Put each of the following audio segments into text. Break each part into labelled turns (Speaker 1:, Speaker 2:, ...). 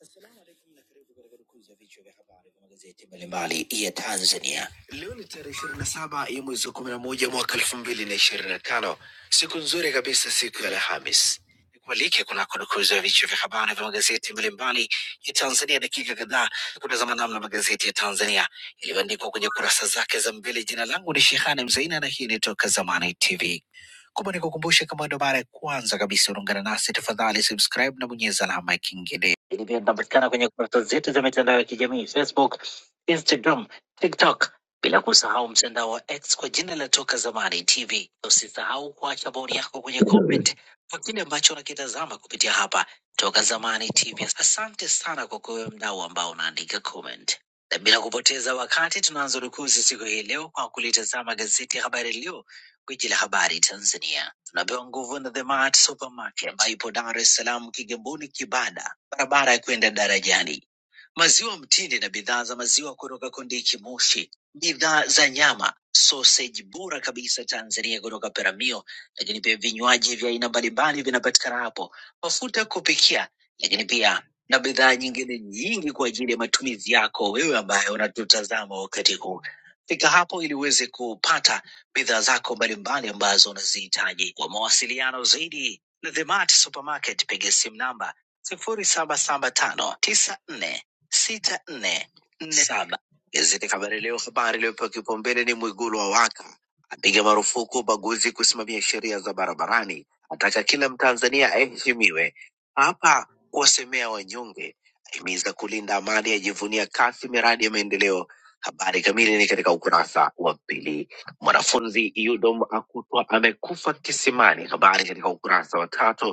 Speaker 1: Assalamu alaikum na karibu katika dukuzi ya vichwa vya habari vya magazeti mbalimbali ya Tanzania. Leo ni tarehe ishirini na saba ya mwezi wa kumi na moja mwaka elfu mbili na ishirini na tano siku nzuri kabisa, siku ya Alhamis. Nikualike kunako dukuzi ya vichwa vya habari vya magazeti mbalimbali ya Tanzania, dakika kadhaa ya kutazama namna magazeti ya Tanzania yaliyoandikwa kwenye kurasa zake za mbele. Jina langu ni Shehani Mzaina na hii ni Toka Zamani TV. Kumbe nikukumbushe, kama ndo mara ya kwanza kabisa unaungana nasi, tafadhali subscribe na bonyeza alama ya kengele lakini pia tunapatikana kwenye kurasa zetu za mitandao ya kijamii Facebook, Instagram, TikTok, bila kusahau mtandao wa X kwa jina la Toka Zamani TV. Usisahau kuacha bodi yako kwenye comment kwa kile ambacho unakitazama kupitia hapa Toka Zamani TV. Asante sana kwa kuwe mdau ambao unaandika comment. Na bila kupoteza wakati, tunaanza rukuzi siku hii leo kwa kulitazama gazeti ya Habari Leo, gwiji la habari Tanzania. Tunapewa nguvu na The Mart Supermarket ambayo ipo Dar es Salaam, Kigamboni, Kibada, barabara ya kwenda darajani maziwa mtindi na bidhaa za maziwa kutoka Kondiki Moshi, bidhaa za nyama, soseji bora kabisa Tanzania kutoka Peramio, lakini pia vinywaji vya aina mbalimbali vinapatikana hapo, mafuta ya kupikia, lakini pia na bidhaa nyingine nyingi kwa ajili ya matumizi yako wewe ambaye unatutazama wakati huu. Fika hapo ili uweze kupata bidhaa zako mbalimbali ambazo unazihitaji. Kwa mawasiliano zaidi na The Mart Supermarket, piga simu namba sifuri saba saba tano tisa nne sita nne nne saba. Gazeti Habari Leo, habari iliyopewa kipaumbele ni Mwigulu awaka, apiga marufuku ubaguzi kusimamia sheria za barabarani, ataka kila Mtanzania aheshimiwe, hapa kuwasemea wanyonge, ahimiza kulinda amani, ajivunia kasi miradi ya maendeleo. Habari kamili ni katika ukurasa wa pili. Mwanafunzi Yudom akutwa amekufa kisimani, habari katika ukurasa wa tatu.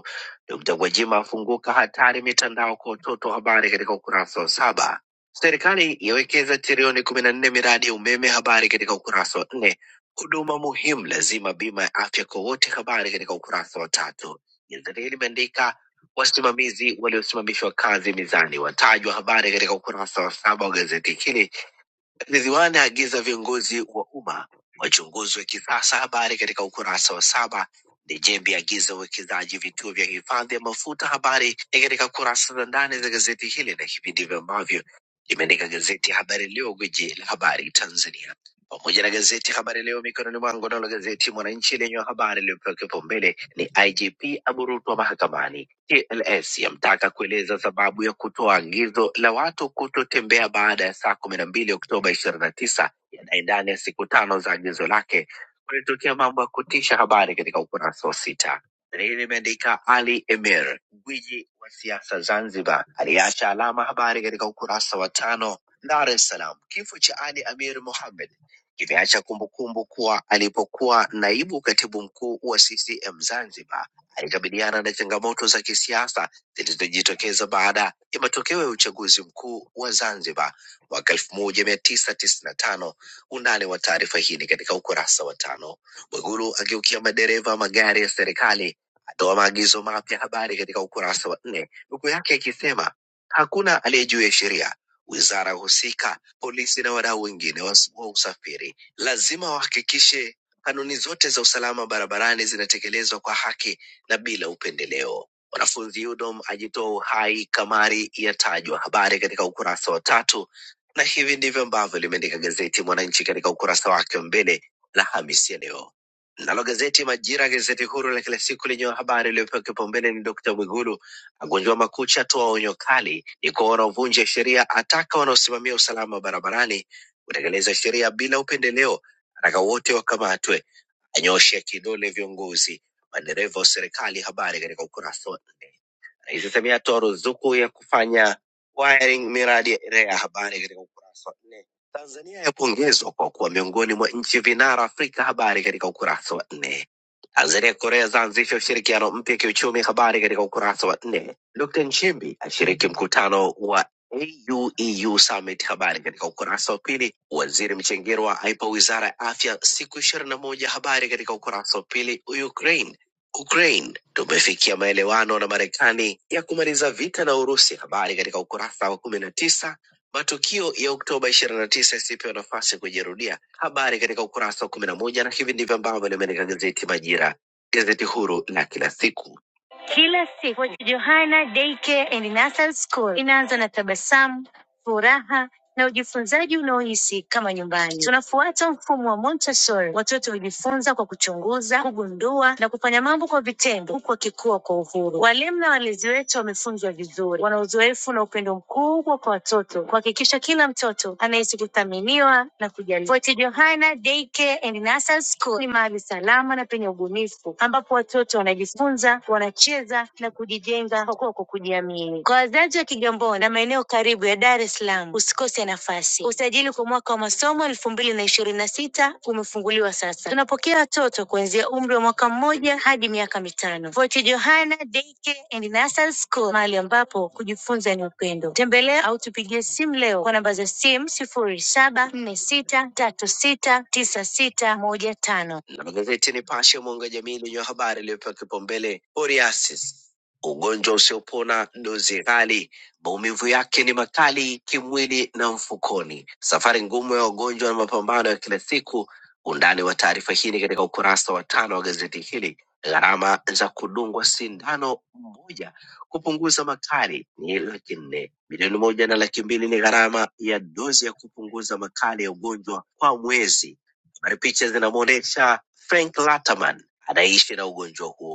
Speaker 1: Dkt. Gwajima afunguka hatari mitandao kwa watoto, habari katika ukurasa wa saba. Serikali yawekeza trilioni kumi na nne miradi ya umeme, habari katika ukurasa wa nne. Huduma muhimu lazima, bima ya afya kwa wote, habari katika ukurasa wa tatu. Gazeti hili limeandika wasimamizi waliosimamishwa kazi mizani watajwa, habari katika ukurasa wa saba wa gazeti hili Ridhiwani aagiza viongozi wa umma wachunguzwe kisasa. Habari katika ukurasa wa saba. Njembe agiza uwekezaji vituo vya hifadhi ya mafuta. Habari ni katika kurasa za ndani za gazeti hili na hivi ndivyo ambavyo limeandika gazeti Habari Leo, gwiji la habari Tanzania, pamoja na gazeti Habari Leo mikononi mwangu. Nalo gazeti Mwananchi lenye habari iliyopewa kipaumbele ni IGP aburutwa mahakamani TLS yamtaka kueleza sababu ya kutoa agizo la watu kutotembea baada ya saa kumi na mbili Oktoba ishirini na tisa yanaye ndani ya siku tano za agizo lake kulitokea mambo ya kutisha. Habari katika ukurasa wa sita. Hili limeandika Ali Emir, gwiji wa siasa Zanzibar, aliacha alama. Habari katika ukurasa wa tano. Dar es Salaam, kifo cha Ali Amir Mohamed kimeacha kumbukumbu kuwa alipokuwa naibu katibu mkuu wa CCM Zanzibar alikabiliana na changamoto za kisiasa zilizojitokeza baada ya matokeo ya uchaguzi mkuu wa Zanzibar mwaka elfu moja mia tisa tisini na tano. Undani wa taarifa hii ni katika ukurasa wa tano. Mwigulu ageukia madereva wa magari ya serikali atoa maagizo mapya, habari katika ukurasa wa nne, nukuu yake ikisema hakuna aliyejuu ya sheria. Wizara husika, polisi na wadau wengine wa wa usafiri lazima wahakikishe kanuni zote za usalama barabarani zinatekelezwa kwa haki na bila upendeleo. Wanafunzi UDOM ajitoa uhai, kamari yatajwa, habari katika ukurasa wa tatu, na hivi ndivyo ambavyo limeandika gazeti Mwananchi katika ukurasa wake wa mbele Alhamisi ya leo. Nalo gazeti Majira, gazeti huru la kila siku lenye habari iliyopewa kipaumbele ni Dkt. Mwigulu agonjwa makucha, atoa onyo kali, ni kwa wanaovunja sheria, ataka wanaosimamia usalama barabarani kutekeleza sheria bila upendeleo, ataka wote wakamatwe Anyooshea kidole viongozi madereva wa serikali. Habari katika ukurasa wa nne. Rais Samia atoa ruzuku ya kufanya wiring miradi ya REA. Habari katika ukurasa wa nne. Tanzania yapongezwa kwa kuwa miongoni mwa nchi vinara Afrika. Habari katika ukurasa wa nne. Tanzania Korea zaanzisha ushirikiano mpya kiuchumi. Habari katika ukurasa wa nne. Dkt Nchimbi ashiriki mkutano wa AUEU Summit. Habari katika ukurasa wa pili. Waziri Mchengerwa aipa wizara ya afya siku ishirini na moja. Habari katika ukurasa wa pili. Ukraine Ukraine tumefikia maelewano na Marekani ya kumaliza vita na Urusi. Habari katika ukurasa wa kumi na tisa. Matukio ya Oktoba ishirini na tisa yasipewa nafasi kujirudia. Habari katika ukurasa wa kumi na moja, na hivi ndivyo ambavyo limeandika gazeti Majira, gazeti huru la kila siku. Kila siku Johanna Daycare and Nursery School inaanza na tabasamu furaha na ujifunzaji unaohisi kama nyumbani. Tunafuata mfumo wa Montessori. Watoto hujifunza kwa kuchunguza, kugundua na kufanya mambo kwa vitendo, huku wakikua kwa uhuru. Walimu na walezi wetu wamefunzwa vizuri, wana uzoefu na upendo mkubwa kwa watoto, kuhakikisha kila mtoto anahisi kuthaminiwa na kujali. Fort Johanna Daycare and Nursery School ni mahali salama na penye ubunifu, ambapo watoto wanajifunza, wanacheza na kujijenga kwa kuwa kwa kujiamini. Wazazi wa Kigamboni na maeneo karibu ya Dar es Salaam usikose nafasi. Usajili kwa mwaka wa masomo elfu mbili na ishirini na sita umefunguliwa sasa. Tunapokea watoto kuanzia umri wa mwaka mmoja hadi miaka mitano. Fort Johanna Daycare and Nursery School, mahali ambapo kujifunza ni upendo. Tembelea au tupigie simu leo kwa namba za simu sifuri saba nne sita tatu sita tisa sita moja tano. La magazeti Nipashe, Mwanga wa Jamii lenye habari iliyopewa kipaumbele Oriasis ugonjwa usiopona, dozi kali, maumivu yake ni makali kimwili na mfukoni, safari ngumu ya wagonjwa na mapambano ya kila siku. Undani wa taarifa hii ni katika ukurasa wa tano wa gazeti hili. Gharama za kudungwa sindano moja kupunguza makali ni laki nne. Milioni moja na laki mbili ni gharama ya dozi ya kupunguza makali ya ugonjwa kwa mwezi. Habari picha zinamwonyesha Frank Lataman anaishi na ugonjwa huo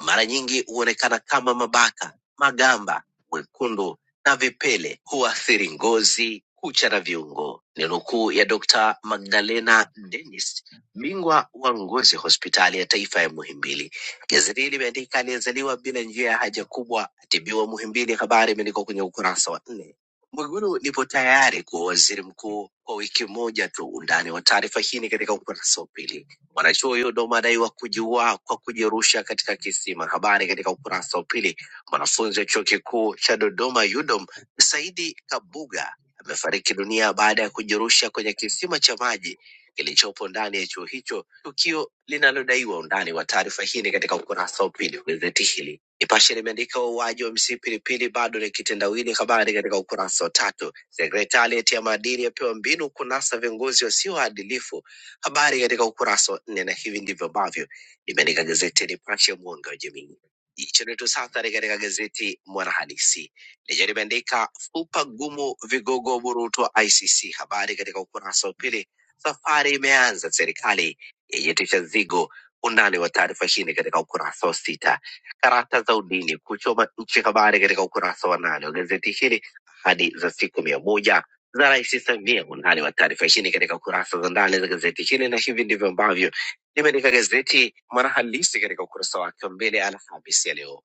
Speaker 1: mara nyingi huonekana kama mabaka, magamba, wekundu na vipele. Huathiri ngozi, kucha na viungo. Ni nukuu ya Dr. Magdalena Dennis, bingwa wa ngozi hospitali ya taifa ya Muhimbili. Gazeti hili limeandika aliyezaliwa bila njia ya haja kubwa atibiwa Muhimbili. Habari imeandikwa kwenye ukurasa wa nne. Mwigulu nipo tayari kuwa waziri mkuu kwa wiki moja tu. Undani wa taarifa hii ni katika ukurasa wa pili. Mwanachuo huyo daiwa kujiua kwa kujirusha katika kisima. Habari katika ukurasa wa pili. Mwanafunzi wa chuo kikuu cha Dodoma UDOM Saidi Kabuga amefariki dunia baada ya kujirusha kwenye kisima cha maji kilichopo ndani ya chuo hicho, tukio linalodaiwa. Undani wa taarifa hii ni katika ukurasa wa pili wa gazeti hili. Nipashe limeandika wauaji wa MC Pilipili bado ni kitendawili, habari katika ukurasa wa tatu. Sekretarieti ya maadili yapewa mbinu kunasa viongozi wasioadilifu Habari katika ukurasa wa nne, na hivi ndivyo ambavyo limeandika gazeti ya Nipashe ya mwanga wa jamii. Jicho letu sasa ni katika gazeti Mwanahalisi lenye limeandika fupa gumu, vigogo wa burutu wa ICC. Habari katika ukurasa wa pili, safari imeanza serikali yenyetisha zigo. Undani wa taarifa hii ni katika ukurasa wa sita. Karata za udini kuchoma nchi, habari katika ukurasa wa nane wa gazeti hili, ahadi za siku mia moja za Rais Samia. Undani wa taarifa hii ni katika kurasa za ndani za gazeti hili, na hivi ndivyo ambavyo limeandika gazeti Mwanahalisi katika ukurasa wake wa mbele Alhamisi ya leo.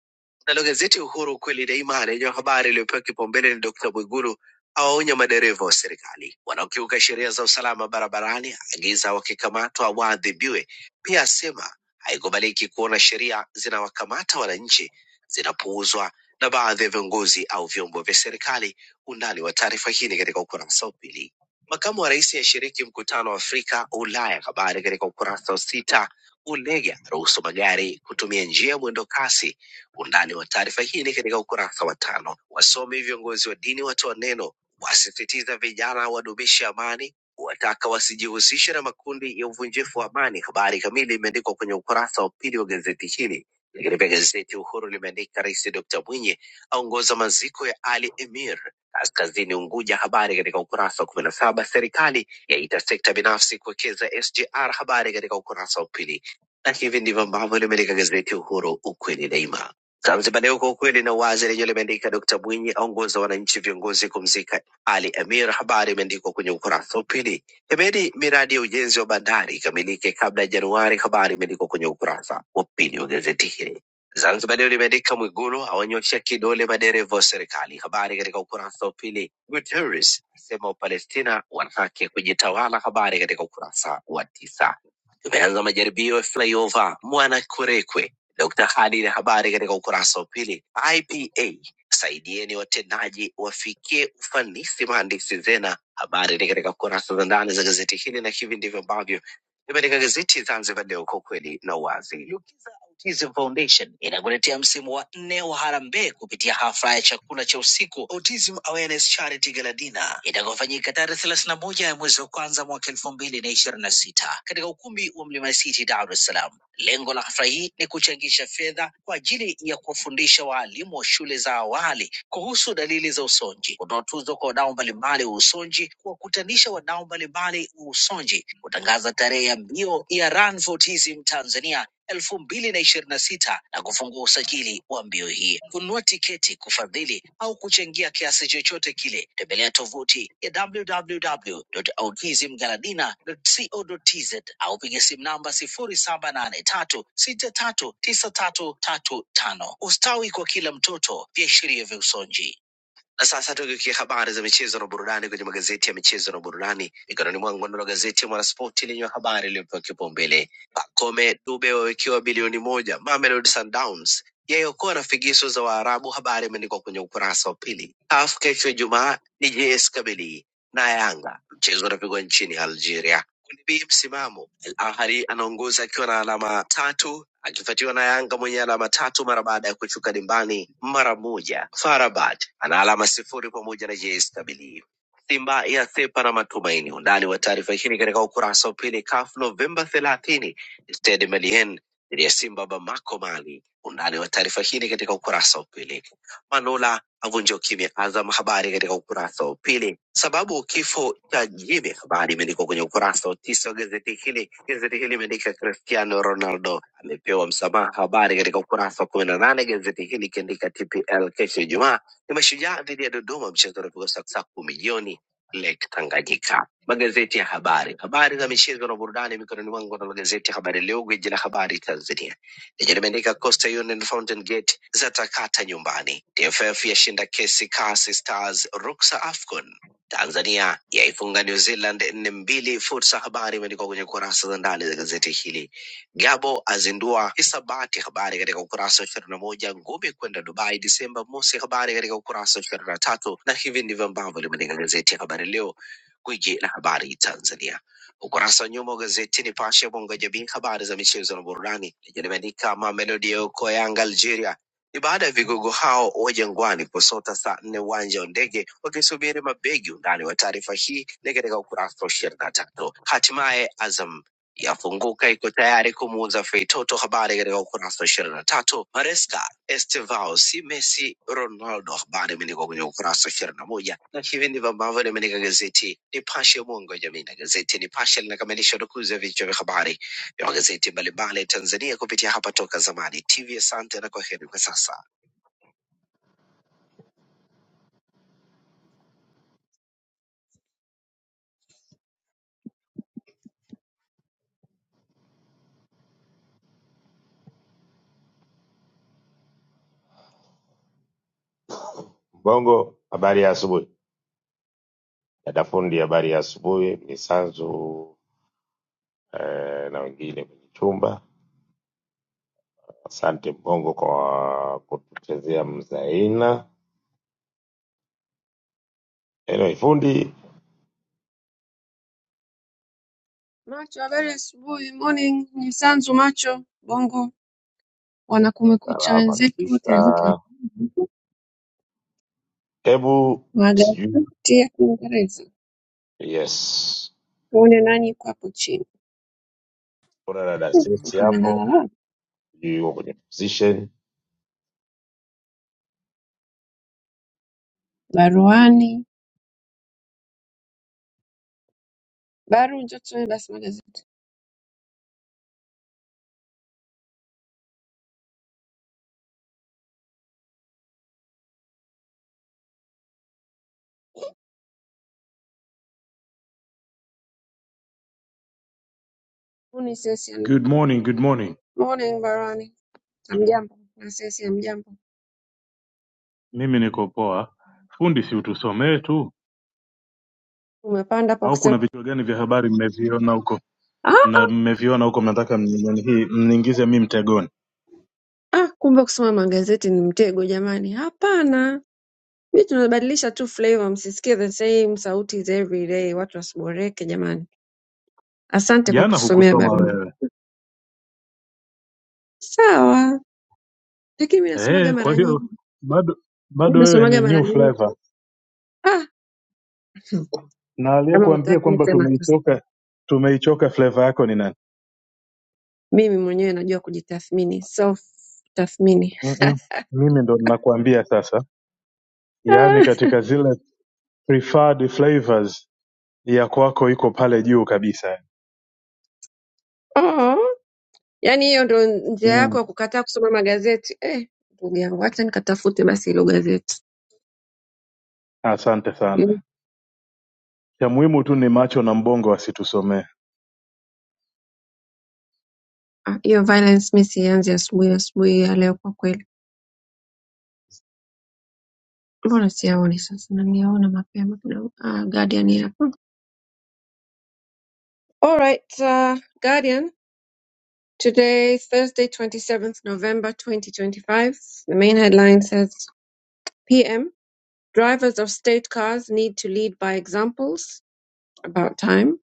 Speaker 1: Nalo gazeti Uhuru kweli daima lenye habari iliyopewa kipaumbele ni Dkt. Mwigulu awaonya madereva wa serikali wanaokiuka sheria za usalama barabarani, agiza wakikamatwa waadhibiwe. Pia asema haikubaliki kuona sheria zinawakamata wananchi zinapuuzwa na baadhi ya viongozi au vyombo vya serikali Undani wa taarifa hii ni katika ukurasa wa pili. Makamu wa rais ashiriki mkutano wa Afrika Ulaya, habari katika ukurasa wa sita. Ulega ruhusu magari kutumia njia ya mwendo kasi. Undani wa taarifa hii ni katika ukurasa wa tano. Wasomi viongozi wa dini watoa neno, wasisitiza vijana wadumishe amani, wataka wasijihusishe na makundi ya uvunjifu wa amani. Habari kamili imeandikwa kwenye ukurasa wa pili wa gazeti hili. Lakini pia gazeti Uhuru limeandika Rais Dr Mwinyi aongoza maziko ya Ali Emir Kaskazini Unguja, habari katika ukurasa wa kumi na saba. Serikali yaita sekta binafsi kuwekeza SGR, habari katika ukurasa wa pili. Na hivi ndivyo ambavyo limeandika gazeti Uhuru, ukweli daima. Zanzibar Leo, kwa ukweli na uwazi, lenyewe limeandika Dkt Mwinyi aongoza wananchi viongozi kumzika Ali Amir, habari imeandikwa kwenye ukurasa wa pili. Hemedi, miradi ya ujenzi wa bandari ikamilike kabla ya Januari, habari imeandikwa kwenye ukurasa wa pili wa gazeti hili. Zanzibar Leo limeandika Mwigulu awanyoshea kidole madereva wa serikali. Habari katika ukurasa wa pili. Guterres asema Wapalestina wana haki ya kujitawala. Habari katika ukurasa wa tisa. Tumeanza majaribio ya flyover Mwanakwerekwe. Dr. Khalid, habari katika ukurasa wa pili. IPA saidieni watendaji wafikie ufanisi, mhandisi Zena. Habari ni katika kurasa za ndani za gazeti hili, na hivi ndivyo ambavyo Limeandika gazeti Zanzibar Leo kwa ukweli na uwazi. Lukiza Autism Foundation inakuletea msimu wa nne wa harambee kupitia hafla ya chakula cha usiku Autism Awareness Charity Gala Dinner itakayofanyika tarehe thelathini na moja ya mwezi wa kwanza mwaka elfu mbili na ishirini na sita katika ukumbi wa Mlima City, Dar es Salaam. Lengo la hafla hii ni kuchangisha fedha kwa ajili ya kuwafundisha waalimu wa shule za awali kuhusu dalili za usonji, kutoa tuzo kwa wadau mbalimbali wa usonji, kuwakutanisha wadau mbalimbali wa usonji, kutangaza tarehe ya mbio ya Run for Autism Tanzania elfu mbili na ishirini na sita na kufungua usajili wa mbio hii. Kununua tiketi, kufadhili au kuchangia kiasi chochote kile, tembelea tovuti ya www.autismgaladina.co.tz au piga simu namba sifuri saba nane tatu sita tatu tisa tatu tatu tano. Ustawi kwa kila mtoto, viashiria vya usonji. Na sasa tukikia habari za michezo na burudani kwenye magazeti ya michezo na burudani, mikononi mwangu nalo gazeti ya Mwanaspoti lenye habari iliyopewa kipaumbele. Pacome Dube wawekewa bilioni moja, Mamelodi Sundowns yaiokoa na figisu za Waarabu, habari imeandikwa kwenye ukurasa wa pili. CAF kesho Ijumaa ni JS Kabylie na Yanga, mchezo unapigwa nchini Algeria. Kundi B msimamo Al Ahly anaongoza akiwa na alama tatu akifuatiwa na Yanga mwenye alama tatu mara baada ya kushuka dimbani mara moja. Farabad ana alama sifuri pamoja na JS Kabylie. Simba ya sepa na matumaini. Undani wa taarifa hii ni katika ukurasa wa pili. CAF Novemba thelathini, Stade Malien dhidi ya Simba Bamako, Mali. Undani wa taarifa hii ni katika ukurasa wa pili. Manula Avunja ukimya Azam. Habari katika ukurasa wa pili. Sababu kifo cha Jimmy, habari imeandikwa kwenye ukurasa wa tisa wa gazeti hili. Gazeti hili imeandika Cristiano Ronaldo amepewa msamaha, habari katika ukurasa wa kumi na nane. Gazeti hili ikiandika TPL kesho Ijumaa ni Mashujaa dhidi ya Dodoma, mchezo unapigwa saa saa kumi jioni Lake Tanganyika. Magazeti ya habari, habari za michezo na burudani mikononi mwangu, nalo gazeti ya Habari Leo, gwiji la habari Tanzania Lijeribandika Coastal Union Fountain Gate zatakata nyumbani. TFF yashinda kesi kasi Stars ruksa AFCON. Tanzania yaifunga New Zealand nne mbili. Fursa habari imeandikwa kwenye kurasa za ndani za gazeti hili. Gabo azindua hisabati, habari katika ukurasa wa ishirini na moja. Ngumi kwenda Dubai Disemba mosi, habari katika ukurasa wa ishirini na tatu. Na hivi ndivyo ambavyo limeandika gazeti ya Habari Leo, gwiji la habari Tanzania. Ukurasa wa nyuma wa gazeti Nipashe ya mwanga wa jamii, habari za michezo na burudani lenye limeandika Mamelodi yaokoa Yanga Algeria. Ni baada ya vigogo hao wa Jangwani kusota saa nne uwanja wa ndege wakisubiri mabegi. Undani wa taarifa hii ni katika ukurasa wa ishirini na tatu. Hatimaye Azam yafunguka iko tayari kumuuza Feitoto, habari katika ukurasa wa ishirini na tatu. Maresca Estevao si Messi, Ronaldo. Habari imeandikwa kwenye ukurasa wa ishirini na moja na hivi ndivyo ambavyo limeandika gazeti Nipashe, mwanga wa jamii, na gazeti Nipashe linakamilisha udukuzi ya vichwa vya habari vya magazeti mbalimbali ya Tanzania kupitia hapa Toka Zamani TV. Asante na kwaheri kwa sasa.
Speaker 2: Mbongo, habari ya asubuhi. Dada fundi, habari ya asubuhi. Misanzu eh, na wengine kwenye chumba, asante Mbongo kwa kutuchezea mzaina. Anyway, fundi
Speaker 3: Macho, habari ya asubuhi, morning, ni Sanzu Macho, Bongo, wana kumekucha
Speaker 2: salama
Speaker 3: wenzetu
Speaker 2: kabisa.
Speaker 3: wote, I hope I-
Speaker 2: Hebu sijui,
Speaker 3: magazeti ya Kiingereza,
Speaker 2: yes,
Speaker 3: tuone nani yuko hapo chini.
Speaker 2: kuna dada
Speaker 3: Hmm,
Speaker 2: Sesi
Speaker 3: Watu
Speaker 2: hapo,
Speaker 3: wamelalala,
Speaker 2: sijui yuko kwenye position.
Speaker 3: baruani, baru njoo tusome basi magazeti. Huu ni sesi ya
Speaker 4: Good morning, good morning.
Speaker 3: morning, baruani, hamjambo, na sesi ya mjambo,
Speaker 4: Mimi niko poa. Fundi, si utusomee tu
Speaker 3: umepanda hapo
Speaker 4: au
Speaker 3: kusema
Speaker 4: kuna vichwa gani vya habari mmeviona huko?
Speaker 3: ah,
Speaker 4: Mna
Speaker 3: ah,
Speaker 4: mmeviona huko mnataka mninyani hii mniingize mimi mtegoni.
Speaker 3: ah, kumbe kusoma magazeti ni mtego jamani, hapana. Mi tunabadilisha tu flavor, msisikie the same sauti za every day, watu wasiboreke jamani. Asante kwa
Speaker 4: Jana
Speaker 3: kutusomea
Speaker 4: hukusoma
Speaker 3: barua.
Speaker 4: wewe.
Speaker 3: Sawa, lakini mi nasomaga
Speaker 4: Eh, kwa
Speaker 3: mara
Speaker 4: hiyo
Speaker 3: nyingi,
Speaker 4: bado
Speaker 3: mi
Speaker 4: bado wewe ni
Speaker 3: nasomaga mara
Speaker 4: new
Speaker 3: nyingi.
Speaker 4: flavor.
Speaker 3: Ah,
Speaker 4: Na
Speaker 3: kama
Speaker 4: aliyekuambia
Speaker 3: hutaki mi
Speaker 4: kwamba
Speaker 3: sema tu, sina.
Speaker 4: tumeichoka tumeichoka flavor yako ni nani?
Speaker 3: mimi mwenyewe najua kujitathmini, self tathmini.
Speaker 4: Mm-mm. Mimi ndo ninakuambia sasa. Yaani katika zile preferred flavors ya kwako iko pale juu kabisa.
Speaker 3: Ah, oh. Yaani hiyo ndo njia yako
Speaker 4: Mm.
Speaker 3: ya kukataa kusoma magazeti eh? Ndugu yangu, wacha nikatafute basi hilo gazeti.
Speaker 4: Asante sana.
Speaker 3: Hiyo
Speaker 4: Cha muhimu tu ni macho na mbongo wasitusomee.
Speaker 3: ah, hiyo violence mi sianzi asubuhi asubuhi ya leo kwa kweli. Mbona siyaoni sasa? Naniyaona mapema kidogo. Ah, Guardian ya. Hmm. All right, uh, Guardian. Today, Thursday, 27th November 2025, the main headline says PM, drivers of state cars need to lead by examples. About time.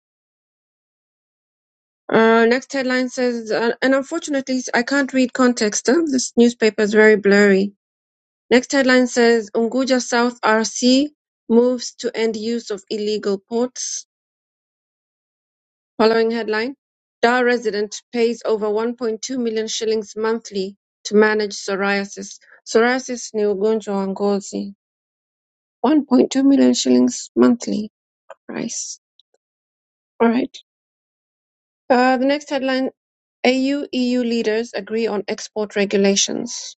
Speaker 3: Uh, next headline says, uh, and unfortunately, I can't read context. Huh? This newspaper is very blurry. Next headline says, Unguja South RC moves to end use of illegal ports. Following headline: Dar resident pays over one point two million shillings monthly to manage psoriasis. Psoriasis ni ugonjwa wa ngozi. 1.2 million shillings monthly price. All right. Uh, the next headline AU EU leaders agree on export regulations.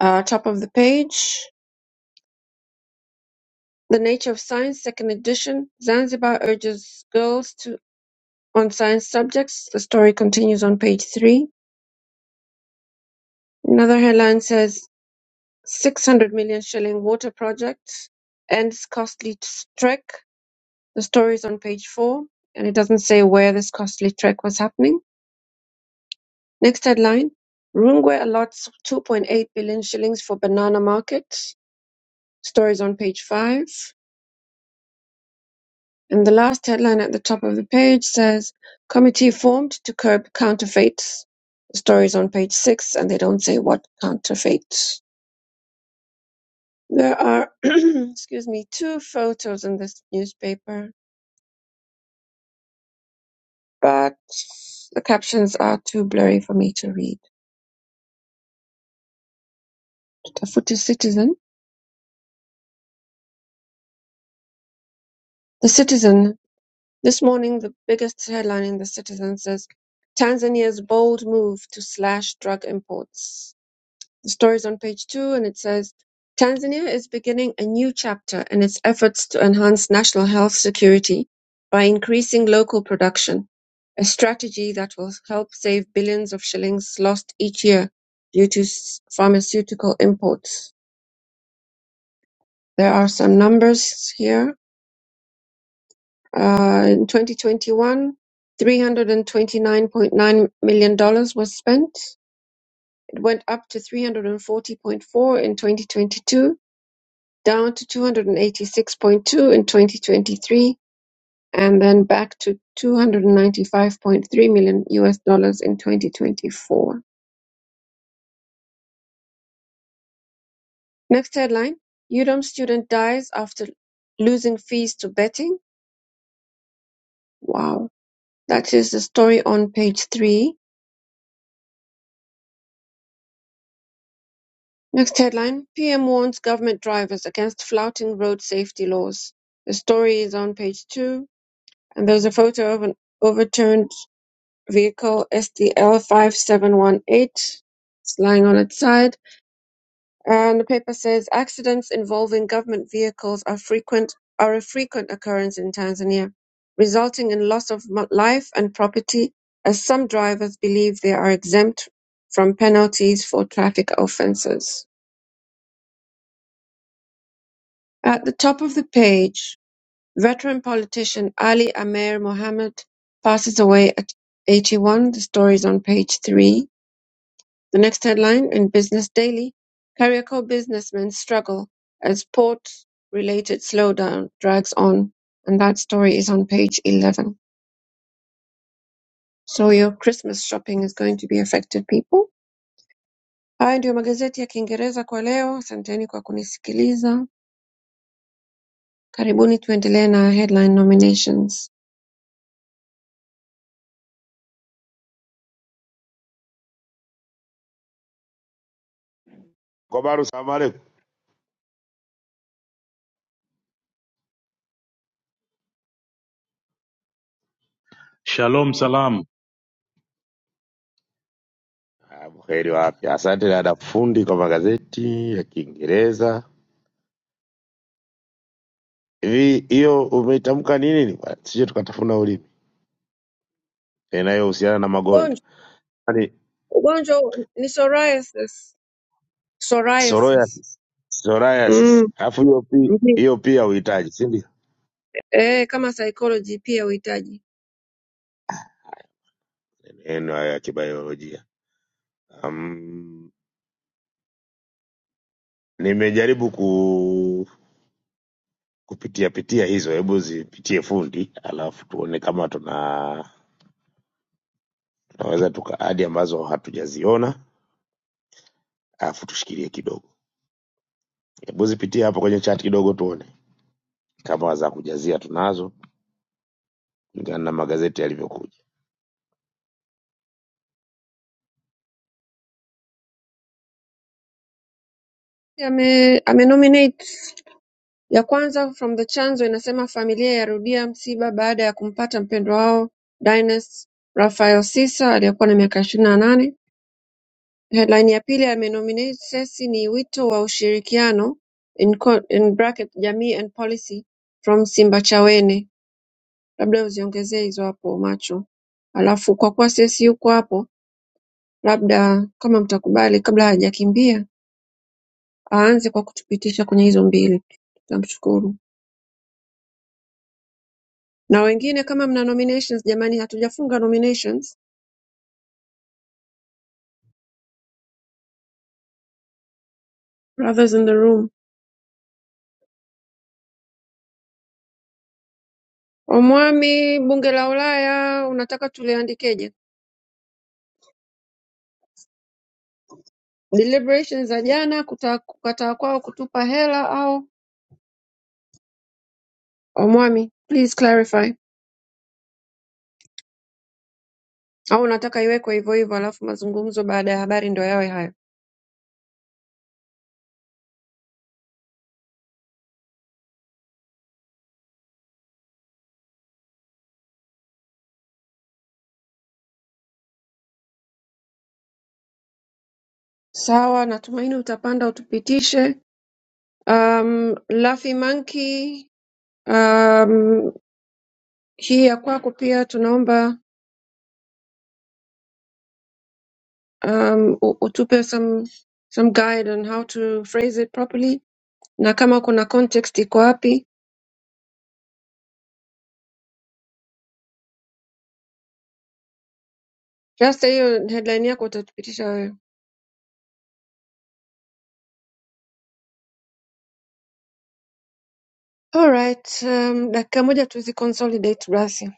Speaker 3: Uh, top of the page, The Nature of Science, second edition. Zanzibar urges girls to on science subjects. The story continues on page three. Another headline says 600 million shilling water project ends costly t- trek. The story is on page four, and it doesn't say where this costly trek was happening. Next headline Rungwe allots 2.8 billion shillings for banana market. Stories on page five. And the last headline at the top of the page says Committee formed to curb counterfeits. The story is on page six, and they don't say what counterfeit. There are, excuse me, two photos in this newspaper but the captions are too blurry for me to read. Tafuta Citizen. The Citizen. This morning, the biggest headline in The Citizen says Tanzania's bold move to slash drug imports. The story's on page two and it says Tanzania is beginning a new chapter in its efforts to enhance national health security by increasing local production, a strategy that will help save billions of shillings lost each year due to s- pharmaceutical imports. There are some numbers here. Uh, In 2021, $329.9 million dollars was spent. It went up to 340.4 in 2022, down to 286.2 in 2023, and then back to 295.3 million US dollars in 2024. Next headline: UDOM student dies after losing fees to betting. Wow, that is the story on page three. Next headline: PM warns government drivers against flouting road safety laws. The story is on page two, and there's a photo of an overturned vehicle, SDL 5718. It's lying on its side. And the paper says accidents involving government vehicles are frequent are a frequent occurrence in Tanzania, resulting in loss of mo- life and property, as some drivers believe they are exempt from penalties for traffic offences. At the top of the page, veteran politician Ali Amer Mohammed passes away at 81. The story is on page 3. The next headline in Business Daily, Kariako businessmen struggle as port-related slowdown drags on. And that story is on page 11. So your Christmas shopping is going to be affected, people. Haya ndiyo magazeti ya Kiingereza kwa leo. Asanteni kwa kunisikiliza. Karibuni tuendelee na headline nominations.
Speaker 2: Kobaru, salamu alaikum.
Speaker 4: Shalom salam.
Speaker 2: Ah, Buheri wa afya. Asante dada fundi kwa magazeti ya Kiingereza. Hivi hiyo umeitamka ni nini? bwana? Sije tukatafuna ulimi. yanayohusiana na
Speaker 3: Gonja.
Speaker 2: magonjwa yani
Speaker 3: Ugonjwa huu ni psoriasis. Psoriasis.
Speaker 2: psoriasis, psoriasis.
Speaker 3: Mm,
Speaker 2: Alafu hiyo pi-
Speaker 3: ndiyo.
Speaker 2: hiyo pia uhitaji, si ndio?
Speaker 3: Eh, kama psychology pia uhitaji.
Speaker 2: Neno hayo ya kibiolojia. Um, nimejaribu ku kupitia pitia hizo, hebu zipitie fundi, alafu tuone kama tuna tunaweza tuka adi ambazo hatujaziona, alafu tushikilie kidogo. Hebu zipitie hapo kwenye chat kidogo, tuone kama za kujazia tunazo kulingana na magazeti yalivyokuja.
Speaker 3: Ame, amenominate ya kwanza from the chanzo inasema familia yarudia msiba baada ya kumpata mpendwa wao Dynas Rafael Sisa aliyekuwa na miaka ishirini na nane. Headline ya pili amenominate Sesi ni wito wa ushirikiano in, co- in bracket, jamii and policy from Simbachawene labda uziongezee hizo hapo macho alafu kwa kuwa sisi yuko hapo labda kama mtakubali kabla hajakimbia aanze kwa kutupitisha kwenye hizo mbili tutamshukuru na wengine kama mna nominations jamani hatujafunga nominations brothers in the room omwami bunge la ulaya unataka tuliandikeje deliberations za jana kuta- kukataa kwao kutupa hela au omwami please clarify au unataka iwekwe hivyo hivyo alafu mazungumzo baada ya habari ndo yawe hayo sawa natumaini utapanda utupitishe um, Luffy Monkey um, hii ya kwako pia tunaomba um, u- utupe some, some guide on how to phrase it properly na kama kuna context iko wapi sasa hiyo headline yako utatupitisha wewe alright um, dakika moja tuzi consolidate basi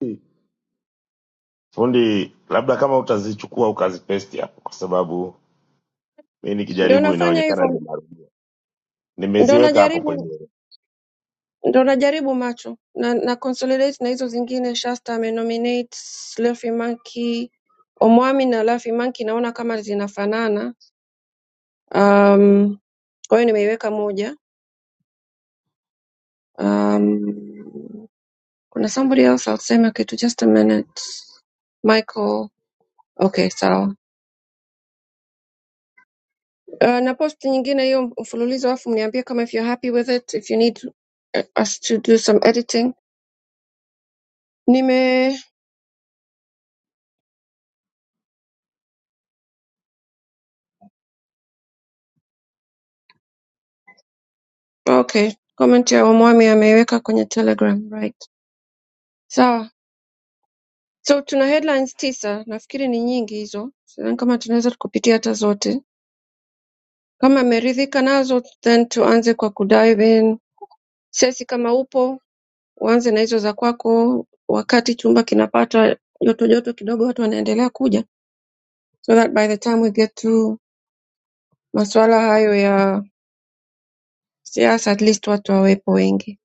Speaker 2: Hmm. Fundi, labda kama utazichukua ukazipesti hapo, kwa sababu mi
Speaker 3: ndio
Speaker 2: nikijaribu
Speaker 3: nafanya
Speaker 2: inaonekana
Speaker 3: hivyo
Speaker 2: nimerudia.
Speaker 3: ndio
Speaker 2: Nimeziweka hapo
Speaker 3: najaribu
Speaker 2: kwenye
Speaker 3: ndo najaribu macho na, na consolidate na hizo zingine Shasta amenominate Luffy Monkey Omwami na Luffy Monkey naona kama zinafanana um, kwa hiyo nimeiweka moja um, kuna somebody else alisema kitu just a minute Michael okay sawa uh, na post nyingine hiyo mfululizo alafu mniambie kama if you're happy with it if you need uh, us to do some editing nime okay comment ya Omwami ameiweka kwenye Telegram right sawa So tuna headlines tisa, nafikiri ni nyingi hizo. Sidhani kama tunaweza tukupitia hata zote. Kama ameridhika nazo, then tuanze kwa kudive in. Sesi, kama upo uanze na hizo za kwako, wakati chumba kinapata joto joto kidogo, watu wanaendelea kuja, so that by the time we get through masuala hayo ya siasa, at least watu wawepo wengi.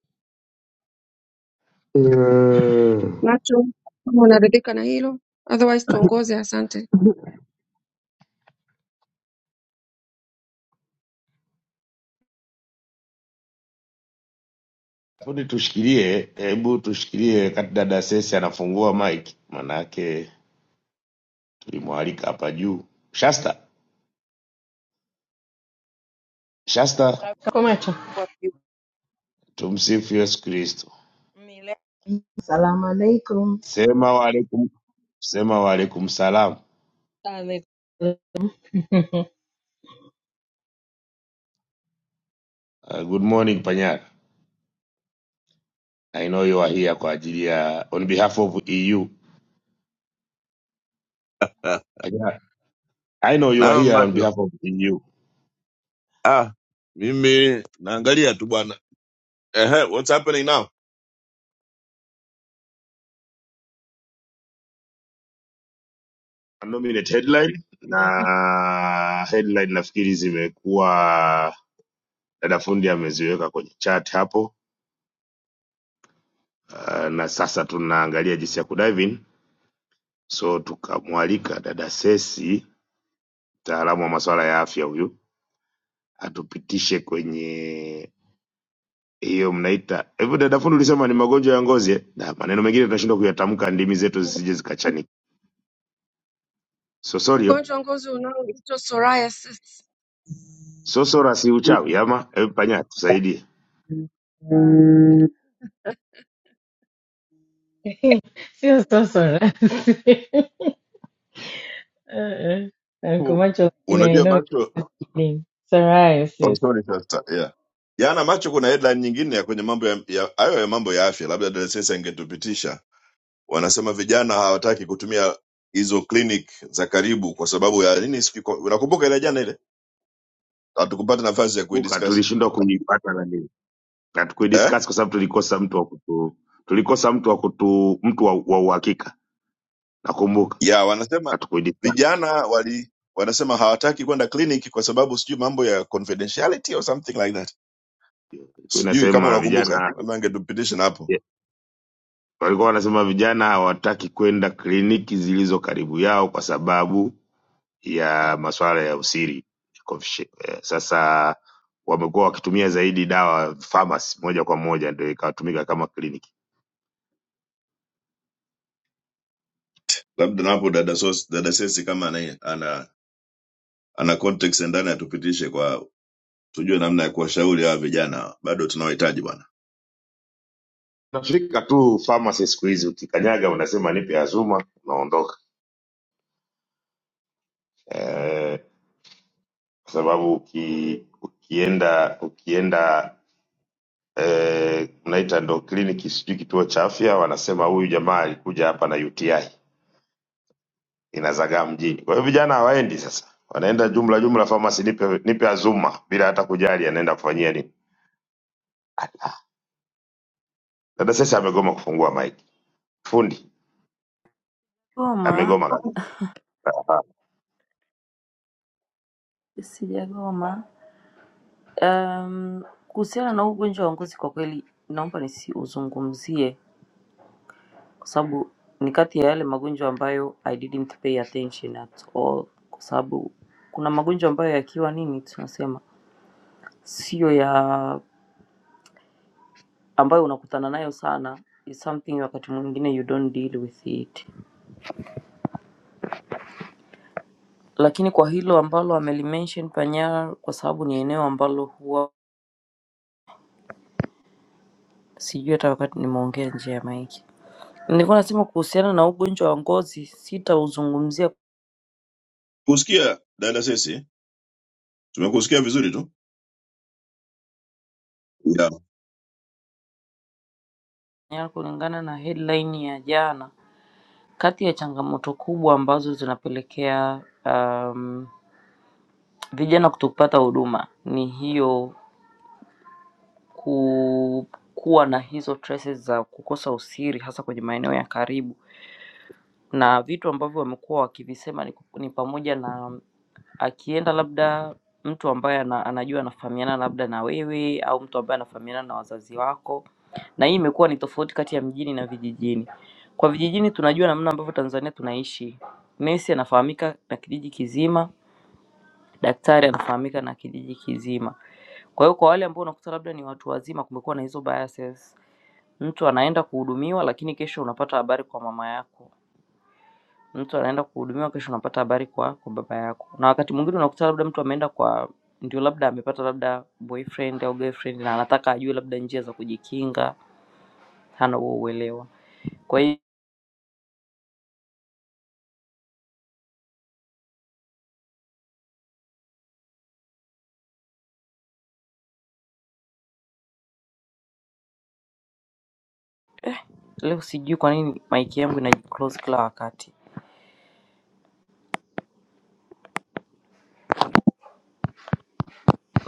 Speaker 2: Mm.
Speaker 3: Macho, kama unaridhika na hilo, otherwise tuongoze. Asante.
Speaker 2: fundi, tushikilie, hebu tushikilie wakati dada Sesi anafungua mic, manake tulimwalika hapa juu. Shasta, Shasta,
Speaker 5: Kumecha.
Speaker 2: tumsifu Yesu Kristo.
Speaker 5: Mile Salaam alaikum.
Speaker 2: Sema waalaikum, sema waalaikum salam.
Speaker 5: ame-
Speaker 2: Uh, good morning Panyara. I know you are here kwa ajili ya on behalf of EU.
Speaker 6: Ah,
Speaker 2: Panyara, I know you are
Speaker 6: Naam
Speaker 2: here on
Speaker 6: macho.
Speaker 2: behalf of EU.
Speaker 6: Ah, mimi naangalia tu bwana. Ehe, what's happening now?
Speaker 2: nominate headline na headline nafikiri zimekuwa dada fundi ameziweka kwenye chat hapo uh, na sasa tunaangalia jinsi ya kudive in so tukamwalika dada Sesi mtaalamu wa masuala ya afya huyu atupitishe kwenye hiyo mnaita hivyo dada fundi ulisema ni magonjwa ya ngozi eh? na maneno mengine tunashindwa kuyatamka ndimi zetu zisije zikachanika sosorio
Speaker 3: Ugonjwa wa ngozi unaoitwa psoriasis
Speaker 2: sosora si uchawi ama hebu panya tusaidie
Speaker 5: Sio sasa rasmi. Eh, eh.
Speaker 6: Hu-
Speaker 5: kumacha I
Speaker 6: Unajua
Speaker 5: know it's
Speaker 6: macho.
Speaker 5: kidding. It's
Speaker 6: Oh,
Speaker 5: sis.
Speaker 6: sorry sister. Yeah. Jana macho kuna headline nyingine ya kwenye mambo ya ya- hayo ya mambo ya afya, labda Dresesa ingetupitisha. Wanasema vijana hawataki kutumia hizo clinic za karibu kwa sababu ya nini? siki- kwa- Unakumbuka ile jana ile? Hatukupata nafasi ya
Speaker 2: buka
Speaker 6: kuidiscuss.
Speaker 2: tulishindwa kuipata na
Speaker 6: Eh?
Speaker 2: hatukuidiscuss kwa sababu tulikosa mtu wa kutu tulikosa mtu wa kutu mtu wa, wa uhakika nakumbuka
Speaker 6: Yeah, wanasema
Speaker 2: hatukuidiscuss
Speaker 6: vijana wali wanasema hawataki kwenda clinic kwa sababu sijui mambo ya confidentiality or something like that
Speaker 2: Ilikuwa
Speaker 6: sijui kama
Speaker 2: inasema
Speaker 6: unakumbuka eh?
Speaker 2: vijana
Speaker 6: labda angetupitisha na hapo
Speaker 2: yeah, walikuwa wanasema vijana hawataki kwenda kliniki zilizo karibu yao kwa sababu ya masuala ya usiri Confuci- eh, sasa wamekuwa wakitumia zaidi dawa pharmacy moja kwa moja ndio ikatumika kama kliniki
Speaker 6: labda na hapo dada, Sos- dada sesi kama ana, ana, ana context ya ndani atupitishe kwa tujue namna ya kuwashauri hawa vijana bado tunawahitaji bwana
Speaker 2: nafika tu pharmacy siku hizi ukikanyaga unasema nipe azuma unaondoka Eh kwa sababu uki, ukienda ukienda eh, mnaita ndo kliniki sijui kituo cha afya, wanasema huyu jamaa alikuja hapa na UTI inazagaa mjini. Kwa hiyo vijana hawaendi sasa, wanaenda jumla jumla pharmacy, nipe nipe Azuma bila hata kujali anaenda kufanyia nini. Dada sasa amegoma kufungua mic, fundi
Speaker 7: Goma
Speaker 2: amegoma kabisa. Hapa
Speaker 7: sijagoma kuhusiana na huu ugonjwa wa ngozi, kwa kweli naomba nisiuzungumzie kwa sababu ni kati ya yale magonjwa ambayo I didn't pay attention at all, kwa sababu kuna magonjwa ambayo yakiwa nini tunasema sio ya ambayo unakutana nayo sana is something wakati mwingine you don't deal with it, lakini kwa hilo ambalo amelimention Panyara, kwa sababu ni eneo ambalo huwa sijui hata wakati nimeongea nje ya maiki Nilikuwa nasema kuhusiana na ugonjwa wa ngozi, sitauzungumzia
Speaker 6: kusikia dada sesi tumekusikia vizuri tu yeah.
Speaker 7: kwenye- kulingana na headline ya jana. Kati ya changamoto kubwa ambazo zinapelekea um, vijana kutopata huduma ni hiyo ku, kuwa na hizo traces za kukosa usiri, hasa kwenye maeneo ya karibu, na vitu ambavyo wamekuwa wakivisema ni, ku- ni pamoja na akienda labda mtu ambaye ana, anajua anafahamiana labda na wewe au mtu ambaye anafahamiana na wazazi wako na hii imekuwa ni tofauti kati ya mjini na vijijini. Kwa vijijini tunajua namna ambavyo Tanzania tunaishi. Nesi anafahamika na kijiji kizima, daktari anafahamika na kijiji kizima. Kwa hiyo kwa wale ambao unakuta labda ni watu wazima, kumekuwa na hizo biases. Mtu anaenda kuhudumiwa, lakini kesho unapata habari kwa mama yako. Mtu anaenda kuhudumiwa, kesho unapata habari kwa, kwa baba yako. Na wakati mwingine unakuta labda mtu ameenda kwa ndio labda amepata labda boyfriend au girlfriend na anataka ajue labda njia za kujikinga, hana huo uelewa. Kwa hiyo Leo sijui kwa nini mic yangu inajiclose kila wakati.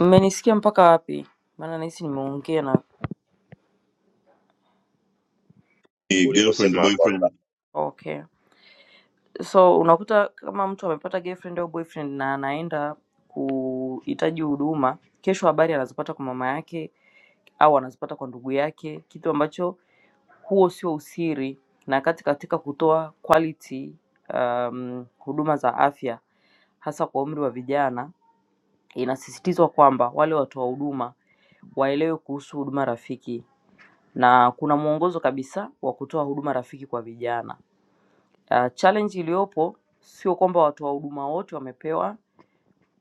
Speaker 7: Mmenisikia mpaka wapi? Maana nahisi nimeongea na
Speaker 6: Ni girlfriend
Speaker 2: Uliposema kwamba
Speaker 6: boyfriend
Speaker 7: okay. So unakuta kama mtu amepata girlfriend au boyfriend na anaenda kuhitaji huduma, kesho habari anazipata kwa mama yake au anazipata kwa ndugu yake, kitu ambacho huo sio usiri, na kati katika kutoa quality um, huduma za afya hasa kwa umri wa vijana, inasisitizwa kwamba wale watoa huduma waelewe kuhusu huduma rafiki na kuna mwongozo kabisa wa kutoa huduma rafiki kwa vijana. Uh, challenge iliyopo sio kwamba watoa huduma wote wamepewa